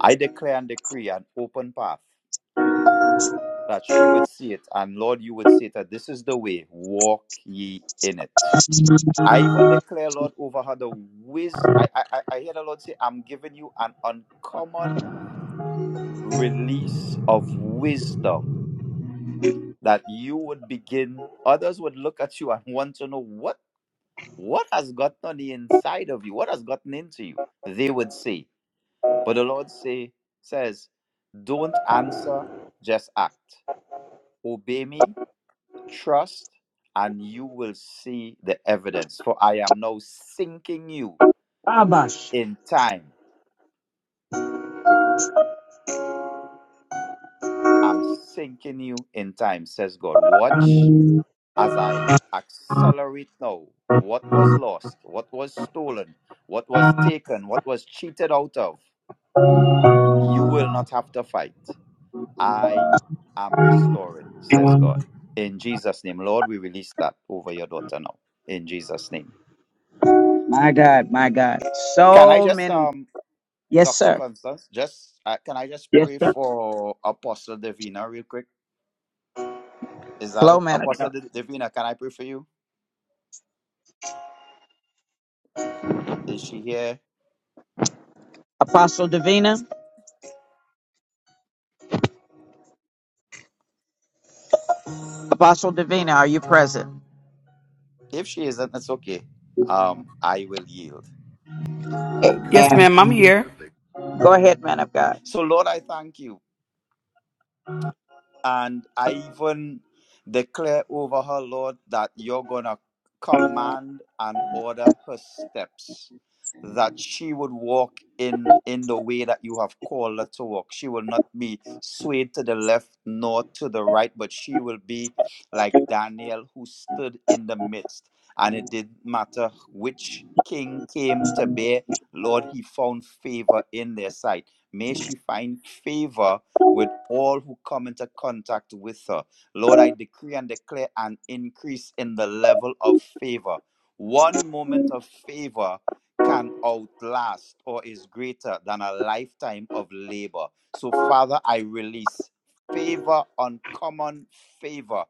[SPEAKER 9] I declare and decree an open path that she would see it, and Lord, you would see that this is the way, walk ye in it. I even declare, Lord, over her the wisdom. I, I, I I hear the Lord say, I'm giving you an uncommon release of wisdom that you would begin, others would look at you and want to know what What has gotten on the inside of you? What has gotten into you? They would say. But the Lord say, says, Don't answer, just act. Obey me, trust, and you will see the evidence. For I am now sinking you
[SPEAKER 1] Abash.
[SPEAKER 9] in time. I'm sinking you in time, says God. Watch as I accelerate now what was lost, what was stolen, what was taken, what was cheated out of. You will not have to fight. I am restoring, says God. In Jesus' name, Lord, we release that over your daughter now. In Jesus' name.
[SPEAKER 1] My God, my God.
[SPEAKER 9] Can I
[SPEAKER 1] So
[SPEAKER 9] just,
[SPEAKER 1] many.
[SPEAKER 9] um,
[SPEAKER 1] Yes,
[SPEAKER 9] Dr.
[SPEAKER 1] sir.
[SPEAKER 9] Constance, just uh, can I just pray for Apostle Davina real quick? Is that
[SPEAKER 1] Flow
[SPEAKER 9] okay? Apostle
[SPEAKER 1] manager.
[SPEAKER 9] D- Davina? Can I pray for you? Is she here?
[SPEAKER 1] Apostle Davina. Apostle Davina, are you present?
[SPEAKER 9] If she isn't, that's okay. Um, I will yield.
[SPEAKER 18] Yes, ma'am, I'm
[SPEAKER 1] Amen.
[SPEAKER 18] here.
[SPEAKER 1] Go ahead, man of God.
[SPEAKER 9] So, Lord, I thank you. And I even declare over her, Lord, that you're going to command and order her steps, that she would walk in, in the way that you have called her to walk. She will not be swayed to the left nor to the right, but she will be like Daniel who stood in the midst. And it didn't matter which king came to bear, Lord, he found favor in their sight. May she find favor with all who come into contact with her. Lord, I decree and declare an increase in the level of favor. One moment of favor can outlast or is greater than a lifetime of labor. So, Father, I release favor, uncommon favor,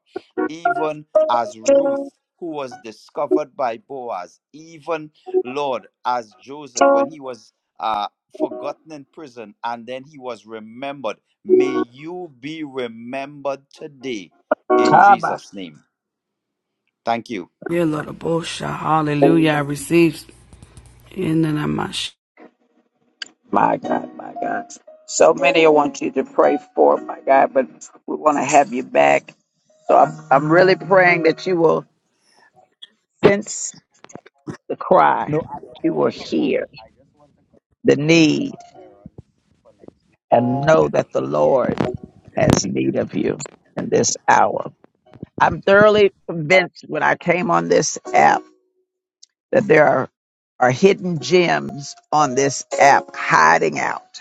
[SPEAKER 9] even as Ruth, who was discovered by Boaz, even, Lord, as Joseph, when he was uh, forgotten in prison and then he was remembered. May you be remembered today in
[SPEAKER 1] Ah, my,
[SPEAKER 9] Jesus' name. Thank you.
[SPEAKER 18] Yeah, Lord of bullshit. Hallelujah. I receive in the name of Sh-
[SPEAKER 1] my God, my God. So many I want you to pray for, my God, but we want to have you back. So I'm, I'm really praying that you will sense the cry, that you will hear the need, and know that the Lord has need of you in this hour. I'm thoroughly convinced when I came on this app that there are, are hidden gems on this app hiding out,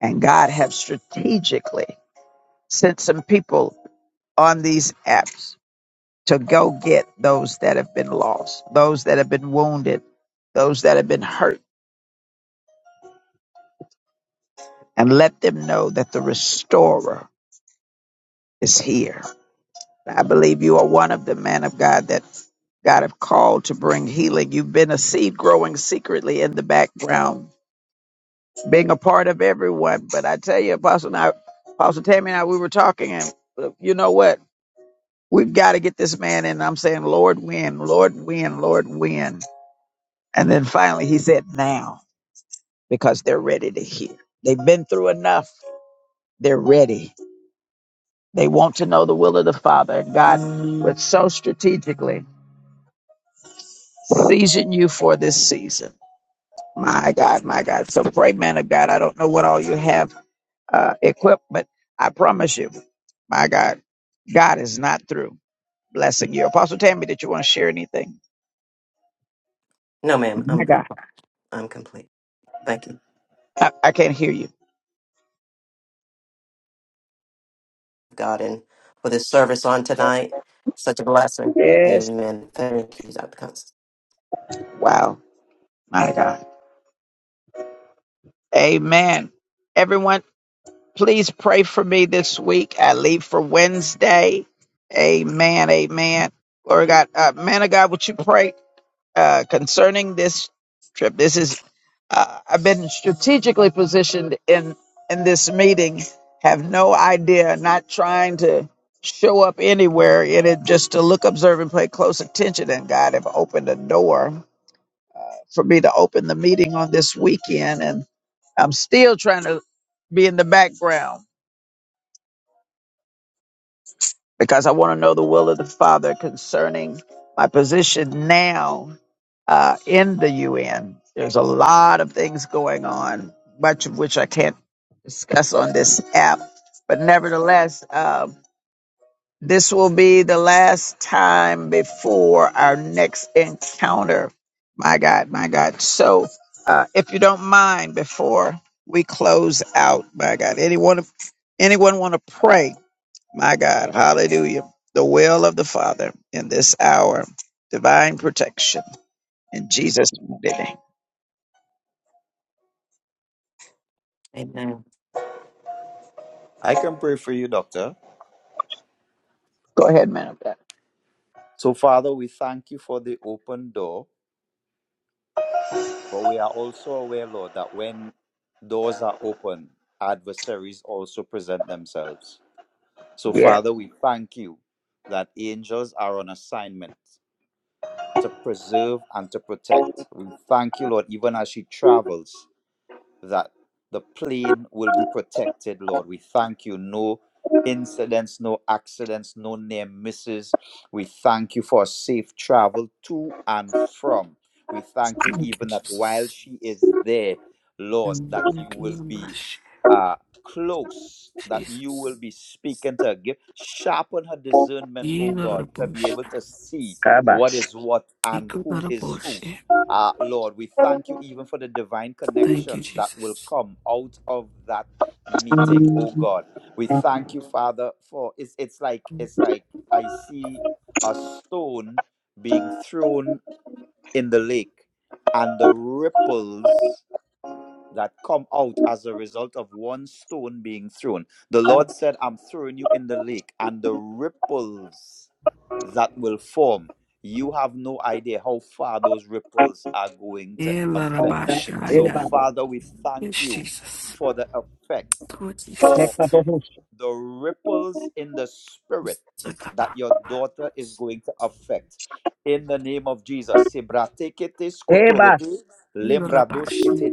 [SPEAKER 1] and God have strategically sent some people on these apps to go get those that have been lost, those that have been wounded, those that have been hurt, and let them know that the restorer is here. I believe you are one of the men of God that God have called to bring healing. You've been a seed growing secretly in the background, being a part of everyone. But I tell you, Apostle and I, Apostle Tammy and I, we were talking, and uh, you know what? We've got to get this man in. I'm saying, Lord, win, Lord, win, Lord, win. And then finally he said, now, because they're ready to hear. They've been through enough. They're ready. They want to know the will of the Father. And God would so strategically season you for this season. My God, my God. So pray, man of God. I don't know what all you have uh, equipped, but I promise you, my God, God is not through blessing you. Apostle Tammy, did you want to share anything?
[SPEAKER 2] No, ma'am,
[SPEAKER 1] My
[SPEAKER 2] I'm com-
[SPEAKER 1] God,
[SPEAKER 2] I'm complete. Thank you,
[SPEAKER 1] I, I can't hear you.
[SPEAKER 2] God, and for this service on tonight. Such a blessing.
[SPEAKER 1] Yes.
[SPEAKER 2] Amen. Thank you, Dr. Constance.
[SPEAKER 1] Wow. My God. Amen. Everyone. Please pray for me this week. I leave for Wednesday. Amen. Amen. Glory to God. Uh, man of God, would you pray uh, concerning this trip? This is, uh, I've been strategically positioned in, in this meeting, have no idea, not trying to show up anywhere in it, just to look, observe, and pay close attention. And God have opened a door for me to open the meeting on this weekend. And I'm still trying to be in the background because I want to know the will of the Father concerning my position now uh, in the UN. There's a lot of things going on, much of which I can't discuss on this app. But nevertheless, uh, this will be the last time before our next encounter. My God, my God. So, uh, if you don't mind, before we close out, my God, anyone, anyone want to pray? My God, hallelujah. The will of the Father in this hour, divine protection in Jesus' mighty name.
[SPEAKER 2] Amen.
[SPEAKER 9] I can pray for you, Doctor.
[SPEAKER 1] Go ahead, man of God.
[SPEAKER 9] So, Father, we thank you for the open door, but we are also aware, Lord, that when doors are open, adversaries also present themselves. So, Father, we thank you that angels are on assignment to preserve and to protect. We thank you, Lord, even as she travels. that the plane will be protected, Lord. We thank you. No incidents, no accidents, no near misses. We thank you for safe travel to and from. We thank you
[SPEAKER 18] Thank you,
[SPEAKER 9] even that while
[SPEAKER 18] Jesus.
[SPEAKER 9] she is there, Lord,
[SPEAKER 18] Mm,
[SPEAKER 9] that you
[SPEAKER 18] Thank you,
[SPEAKER 9] will
[SPEAKER 18] Lord of
[SPEAKER 9] be
[SPEAKER 18] Sh-
[SPEAKER 9] uh, close, that you will
[SPEAKER 18] Jesus.
[SPEAKER 9] be speaking to her. Give, sharpen her discernment, oh
[SPEAKER 18] Yeah, Lord
[SPEAKER 9] God,
[SPEAKER 18] of
[SPEAKER 9] to be able
[SPEAKER 18] Bosha.
[SPEAKER 9] to see what
[SPEAKER 1] Kabash.
[SPEAKER 9] is what
[SPEAKER 18] Thank
[SPEAKER 9] and
[SPEAKER 18] you,
[SPEAKER 9] who
[SPEAKER 18] Lord of
[SPEAKER 9] is who
[SPEAKER 18] bullshit.
[SPEAKER 9] uh, Lord, we thank you even for the divine
[SPEAKER 18] Thank you,
[SPEAKER 9] connections that will
[SPEAKER 18] Jesus.
[SPEAKER 9] come out of that meeting, oh God. We thank you, Father, for it's it's like it's like I see a stone being thrown in the lake and the ripples that come out as a result of one stone being thrown. The Lord said, I'm throwing you in the lake, and the ripples that will form, you have no idea how far those ripples are going to
[SPEAKER 18] Yeah, Lord of
[SPEAKER 9] affect.
[SPEAKER 18] bullshit.
[SPEAKER 9] So,
[SPEAKER 18] yeah.
[SPEAKER 1] Ebaba.
[SPEAKER 9] Father, we thank
[SPEAKER 18] Yes,
[SPEAKER 9] you
[SPEAKER 18] Jesus.
[SPEAKER 9] for the effect,
[SPEAKER 18] Lord
[SPEAKER 9] For
[SPEAKER 18] Jesus.
[SPEAKER 1] Nekabohush.
[SPEAKER 9] the ripples in the spirit that
[SPEAKER 18] Saka,
[SPEAKER 9] your daughter is going to affect. In the name of Jesus. Sebratekete
[SPEAKER 1] Ebash.
[SPEAKER 9] skotorote, lembradoshkete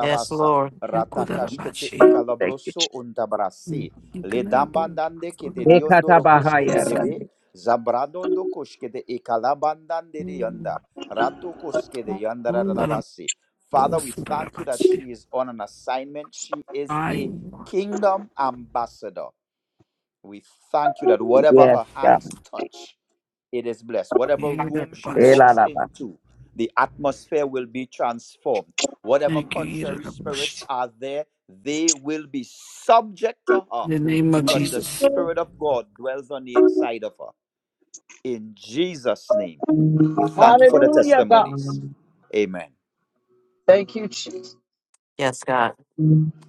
[SPEAKER 2] Yes, Lord.
[SPEAKER 18] Lord of
[SPEAKER 9] ratakashkete
[SPEAKER 18] Basha.
[SPEAKER 1] Thank you,
[SPEAKER 9] ikalabroso untabrasi,
[SPEAKER 18] Thank you, Lord of Bo-
[SPEAKER 9] ledambandande kete
[SPEAKER 18] Lord
[SPEAKER 1] Jesus.
[SPEAKER 9] diondorokoshke de
[SPEAKER 1] Ekatabahaya.
[SPEAKER 9] debe,
[SPEAKER 1] Rande.
[SPEAKER 9] zabradondo koshkete ikalabandande dianda, ratokoske de
[SPEAKER 18] of
[SPEAKER 9] yandararabasi. Father, we
[SPEAKER 18] Bosha, Lord of
[SPEAKER 9] thank you that
[SPEAKER 18] Basha.
[SPEAKER 9] she is on an assignment. She is a
[SPEAKER 18] I,
[SPEAKER 9] kingdom ambassador. We thank you that whatever her hands touch, it is blessed. Whatever
[SPEAKER 18] yeah, Lord
[SPEAKER 9] room
[SPEAKER 18] of
[SPEAKER 9] she
[SPEAKER 18] Basha.
[SPEAKER 9] walks into, the atmosphere will be transformed. Whatever
[SPEAKER 18] Thank you, yeah,
[SPEAKER 9] contrary
[SPEAKER 18] Lord of
[SPEAKER 9] spirits
[SPEAKER 18] bullshit.
[SPEAKER 9] are there, they will be subject to her
[SPEAKER 18] In the name of
[SPEAKER 9] because the
[SPEAKER 18] Jesus.
[SPEAKER 9] Spirit of God dwells on the inside of her. In Jesus' name, we
[SPEAKER 1] Ah,
[SPEAKER 9] thank you for the testimonies. Amen.
[SPEAKER 1] Thank you, Jesus.
[SPEAKER 2] Yes, God.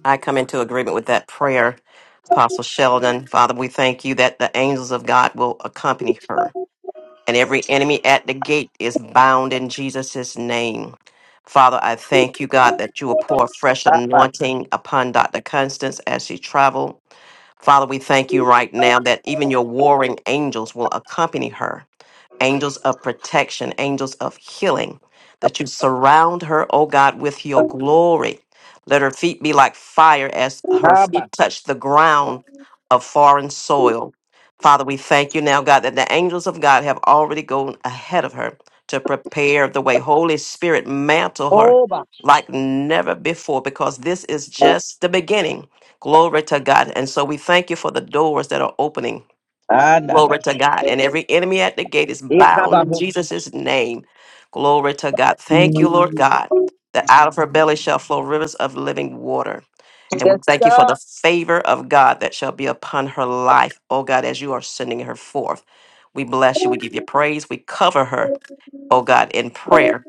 [SPEAKER 2] I come into agreement with that prayer, Apostle Sheldon. Father, we thank you that the angels of God will accompany her. and every enemy at the gate is bound in Jesus' name. Father, I thank you, God, that you will pour a fresh
[SPEAKER 1] Yekabash.
[SPEAKER 2] anointing upon Dr. Constance as she travel. Father, we thank you right now that even your warring angels will accompany her angels of protection, angels of healing, that you surround her, O God, with your glory. Let her feet be like fire as her feet touch the ground of foreign soil. Father, we thank you now, God, that the angels of God have already gone ahead of her to prepare the way. Holy Spirit, mantle her like never before because this is just the beginning. Glory to God. And so we thank you for the doors that are opening Glory to God. And every enemy at the gate is bound in
[SPEAKER 1] Etabahush.
[SPEAKER 2] Jesus' name. Glory to God. Thank you, Lord God, that out of her belly shall flow rivers of living water. And we
[SPEAKER 1] Yes,
[SPEAKER 2] thank you for
[SPEAKER 1] sir.
[SPEAKER 2] the favor of God that shall be upon her life, oh God, as you are sending her forth. We bless you. We give you praise. We cover her oh God, in prayer,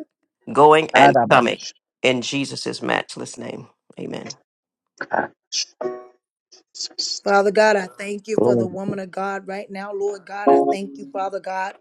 [SPEAKER 2] going and
[SPEAKER 1] Kadabash.
[SPEAKER 2] coming in Jesus' matchless name. Amen.
[SPEAKER 7] Father God, I thank you for the
[SPEAKER 1] Oh,
[SPEAKER 7] woman of God right now, Lord God. I thank you, Father God,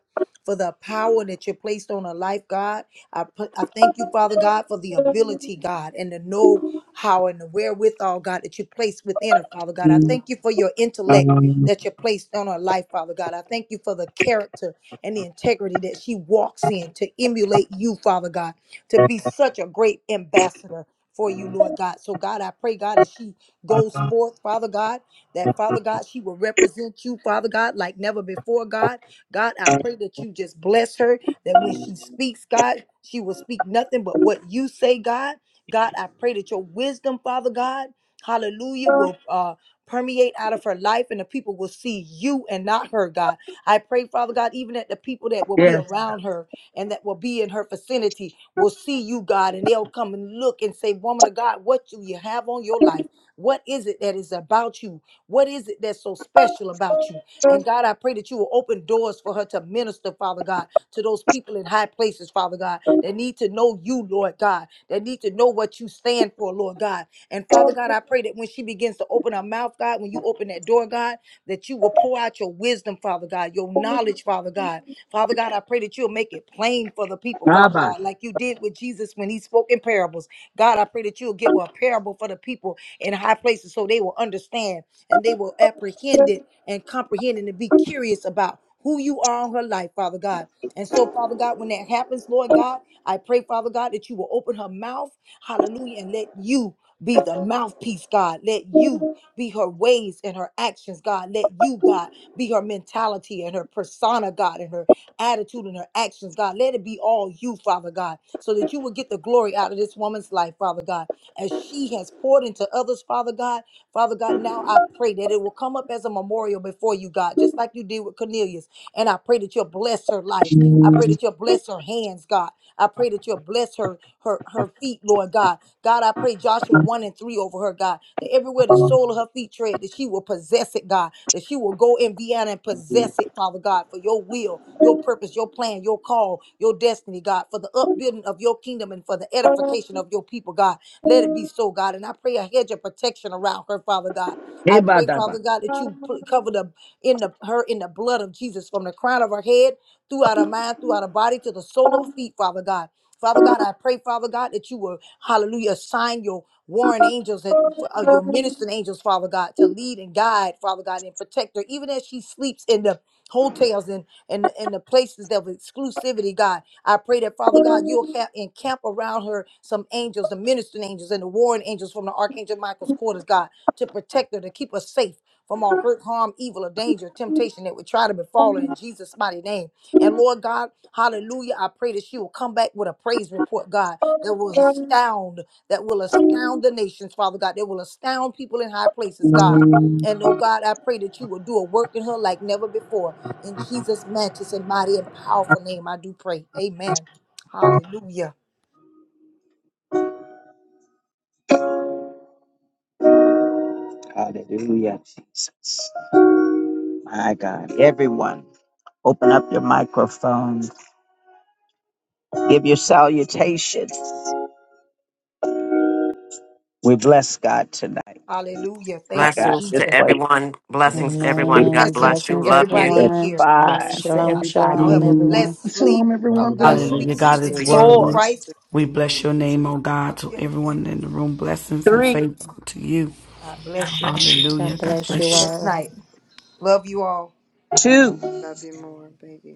[SPEAKER 7] for the power that you placed on her life, God. I put, I thank you, Father God, for the ability, God, and the know how and the wherewithal, God, that you placed within her, Father God. I thank you for your intellect that you placed on her life, Father God. I thank you for the character and the integrity that she walks in to emulate you, Father God, to be such a great ambassador for you, Lord God. So, God, I pray, God, as she goes forth, Father God that Father God, she will represent you, Father God, like never before, God. God, I pray that you just bless her, that when she speaks, God, she will speak nothing but what you say, God. God, I pray that your wisdom, Father God, hallelujah, will uh, permeate out of her life and the people will see you and not her, God. I pray, Father God, even that the people that will be around her and that will be in her vicinity will see you, God, and they'll come and look and say, Woman of God, what do you have on your life? What is it that is about you? What is it that's so special about you? And God, I pray that you will open doors for her to minister, Father God, to those people in high places, Father God, that need to know you, Lord God, that need to know what you stand for, Lord God. And Father God, I pray that when she begins to open her mouth, God, when you open that door, God, that you will pour out your wisdom, Father God, your knowledge, Father God. Father God, I pray that you'll make it plain for the people, Father
[SPEAKER 1] Kabash.
[SPEAKER 7] God, like you did with Jesus when he spoke in parables. God, I pray that you'll give her a parable for the people in in high places so they will understand and they will apprehend it and comprehend it and be curious about who you are in her life, Father God. And so, Father God, when that happens, Lord God, I pray, Father God, that you will open her mouth, hallelujah, and let you be the mouthpiece, God. Let you be her ways and her actions, God. Let you, God, be her mentality and her persona, God, and her attitude and her actions, God. Let it be all you, Father God, so that you will get the glory out of this woman's life, Father God as she has poured into others, Father God. Father God, now I pray that it will come up as a memorial before you, God, just like you did with Cornelius. And I pray that you'll bless her life. I pray that you'll bless her hands, God. I pray that you'll bless her, her, her feet, Lord God. God, I pray Joshua 1 and 3 over her, God, that everywhere the sole of her feet tread, that she will possess it, God, that she will go in Vienna and possess it, Father God, for your will, your purpose, your plan, your call, your destiny, God, for the upbuilding of your kingdom and for the edification of your people, God. Let it be so, God. And I pray a hedge of protection around her, Father God. I pray, Father
[SPEAKER 1] Ebadaba.
[SPEAKER 7] God, that you pl- cover the in the her in the blood of Jesus from the crown of her head throughout our mind, throughout our body, to the sole of our feet, Father God. Father God, I pray, Father God, that you will, hallelujah, assign your warring angels, that, uh, your ministering angels, Father God, to lead and guide, Father God, and protect her, even as she sleeps in the hotels and and and the places of exclusivity, God. I pray that, Father God, you'll have encamp around her some angels, the ministering angels and the warring angels from the Archangel Michael's quarters, God, to protect her, to keep her safe from all hurt, harm, evil, or danger, temptation that would try to befall her in Jesus' mighty name. And Lord God, hallelujah, I pray that she will come back with a praise report, God, that will astound, that will astound the nations, Father God, that will astound people in high places, God. And oh God, I pray that you will do a work in her like never before. In Jesus' matchless and mighty and powerful name, I do pray. Amen. Hallelujah.
[SPEAKER 1] hallelujah, Jesus. My God. Everyone, open up your microphones. Give your salutations. We bless God tonight.
[SPEAKER 7] Hallelujah.
[SPEAKER 1] I
[SPEAKER 7] Thank you,
[SPEAKER 1] got
[SPEAKER 2] Blessings to
[SPEAKER 7] Jesus.
[SPEAKER 2] everyone. Blessings, everyone.
[SPEAKER 1] it.
[SPEAKER 2] God
[SPEAKER 3] Amen.
[SPEAKER 7] Blessings
[SPEAKER 2] bless
[SPEAKER 7] to
[SPEAKER 2] you.
[SPEAKER 3] Blessings,
[SPEAKER 2] Love you.
[SPEAKER 7] everybody in here.
[SPEAKER 3] everyone.
[SPEAKER 1] Five,
[SPEAKER 16] Blessings
[SPEAKER 13] Bless
[SPEAKER 16] to
[SPEAKER 3] Shalom,
[SPEAKER 13] you.
[SPEAKER 7] Hallelujah.
[SPEAKER 13] Have
[SPEAKER 7] Y'all
[SPEAKER 13] a
[SPEAKER 16] everybody.
[SPEAKER 3] shalom,
[SPEAKER 7] have a
[SPEAKER 3] everyone.
[SPEAKER 7] blessed sleep.
[SPEAKER 19] Shalom,
[SPEAKER 20] Love
[SPEAKER 7] Father
[SPEAKER 19] everyone.
[SPEAKER 7] God,
[SPEAKER 20] everyone.
[SPEAKER 7] sweet
[SPEAKER 18] Hallelujah.
[SPEAKER 2] Thanks
[SPEAKER 19] Blessings.
[SPEAKER 7] sleep
[SPEAKER 18] God
[SPEAKER 13] peaceful
[SPEAKER 7] in
[SPEAKER 18] is
[SPEAKER 2] to you.
[SPEAKER 20] Good
[SPEAKER 7] Jesus
[SPEAKER 13] and
[SPEAKER 1] four,
[SPEAKER 18] worthy.
[SPEAKER 20] night.
[SPEAKER 7] Christ.
[SPEAKER 13] prosperous
[SPEAKER 18] We
[SPEAKER 13] week
[SPEAKER 18] bless
[SPEAKER 13] in
[SPEAKER 18] your
[SPEAKER 13] Jesus.
[SPEAKER 18] name, oh God, to
[SPEAKER 7] Hallelujah.
[SPEAKER 18] everyone in the room. Blessings and
[SPEAKER 1] three,
[SPEAKER 18] faith to you.
[SPEAKER 7] God bless you.
[SPEAKER 18] Hallelujah.
[SPEAKER 3] God
[SPEAKER 18] God
[SPEAKER 3] bless
[SPEAKER 7] Have a
[SPEAKER 3] you
[SPEAKER 18] bless you.
[SPEAKER 7] blessed
[SPEAKER 3] all.
[SPEAKER 7] night. Love you all.
[SPEAKER 13] Love you more, baby.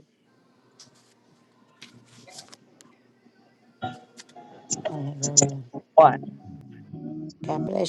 [SPEAKER 3] Hallelujah.
[SPEAKER 1] one.
[SPEAKER 3] God bless you.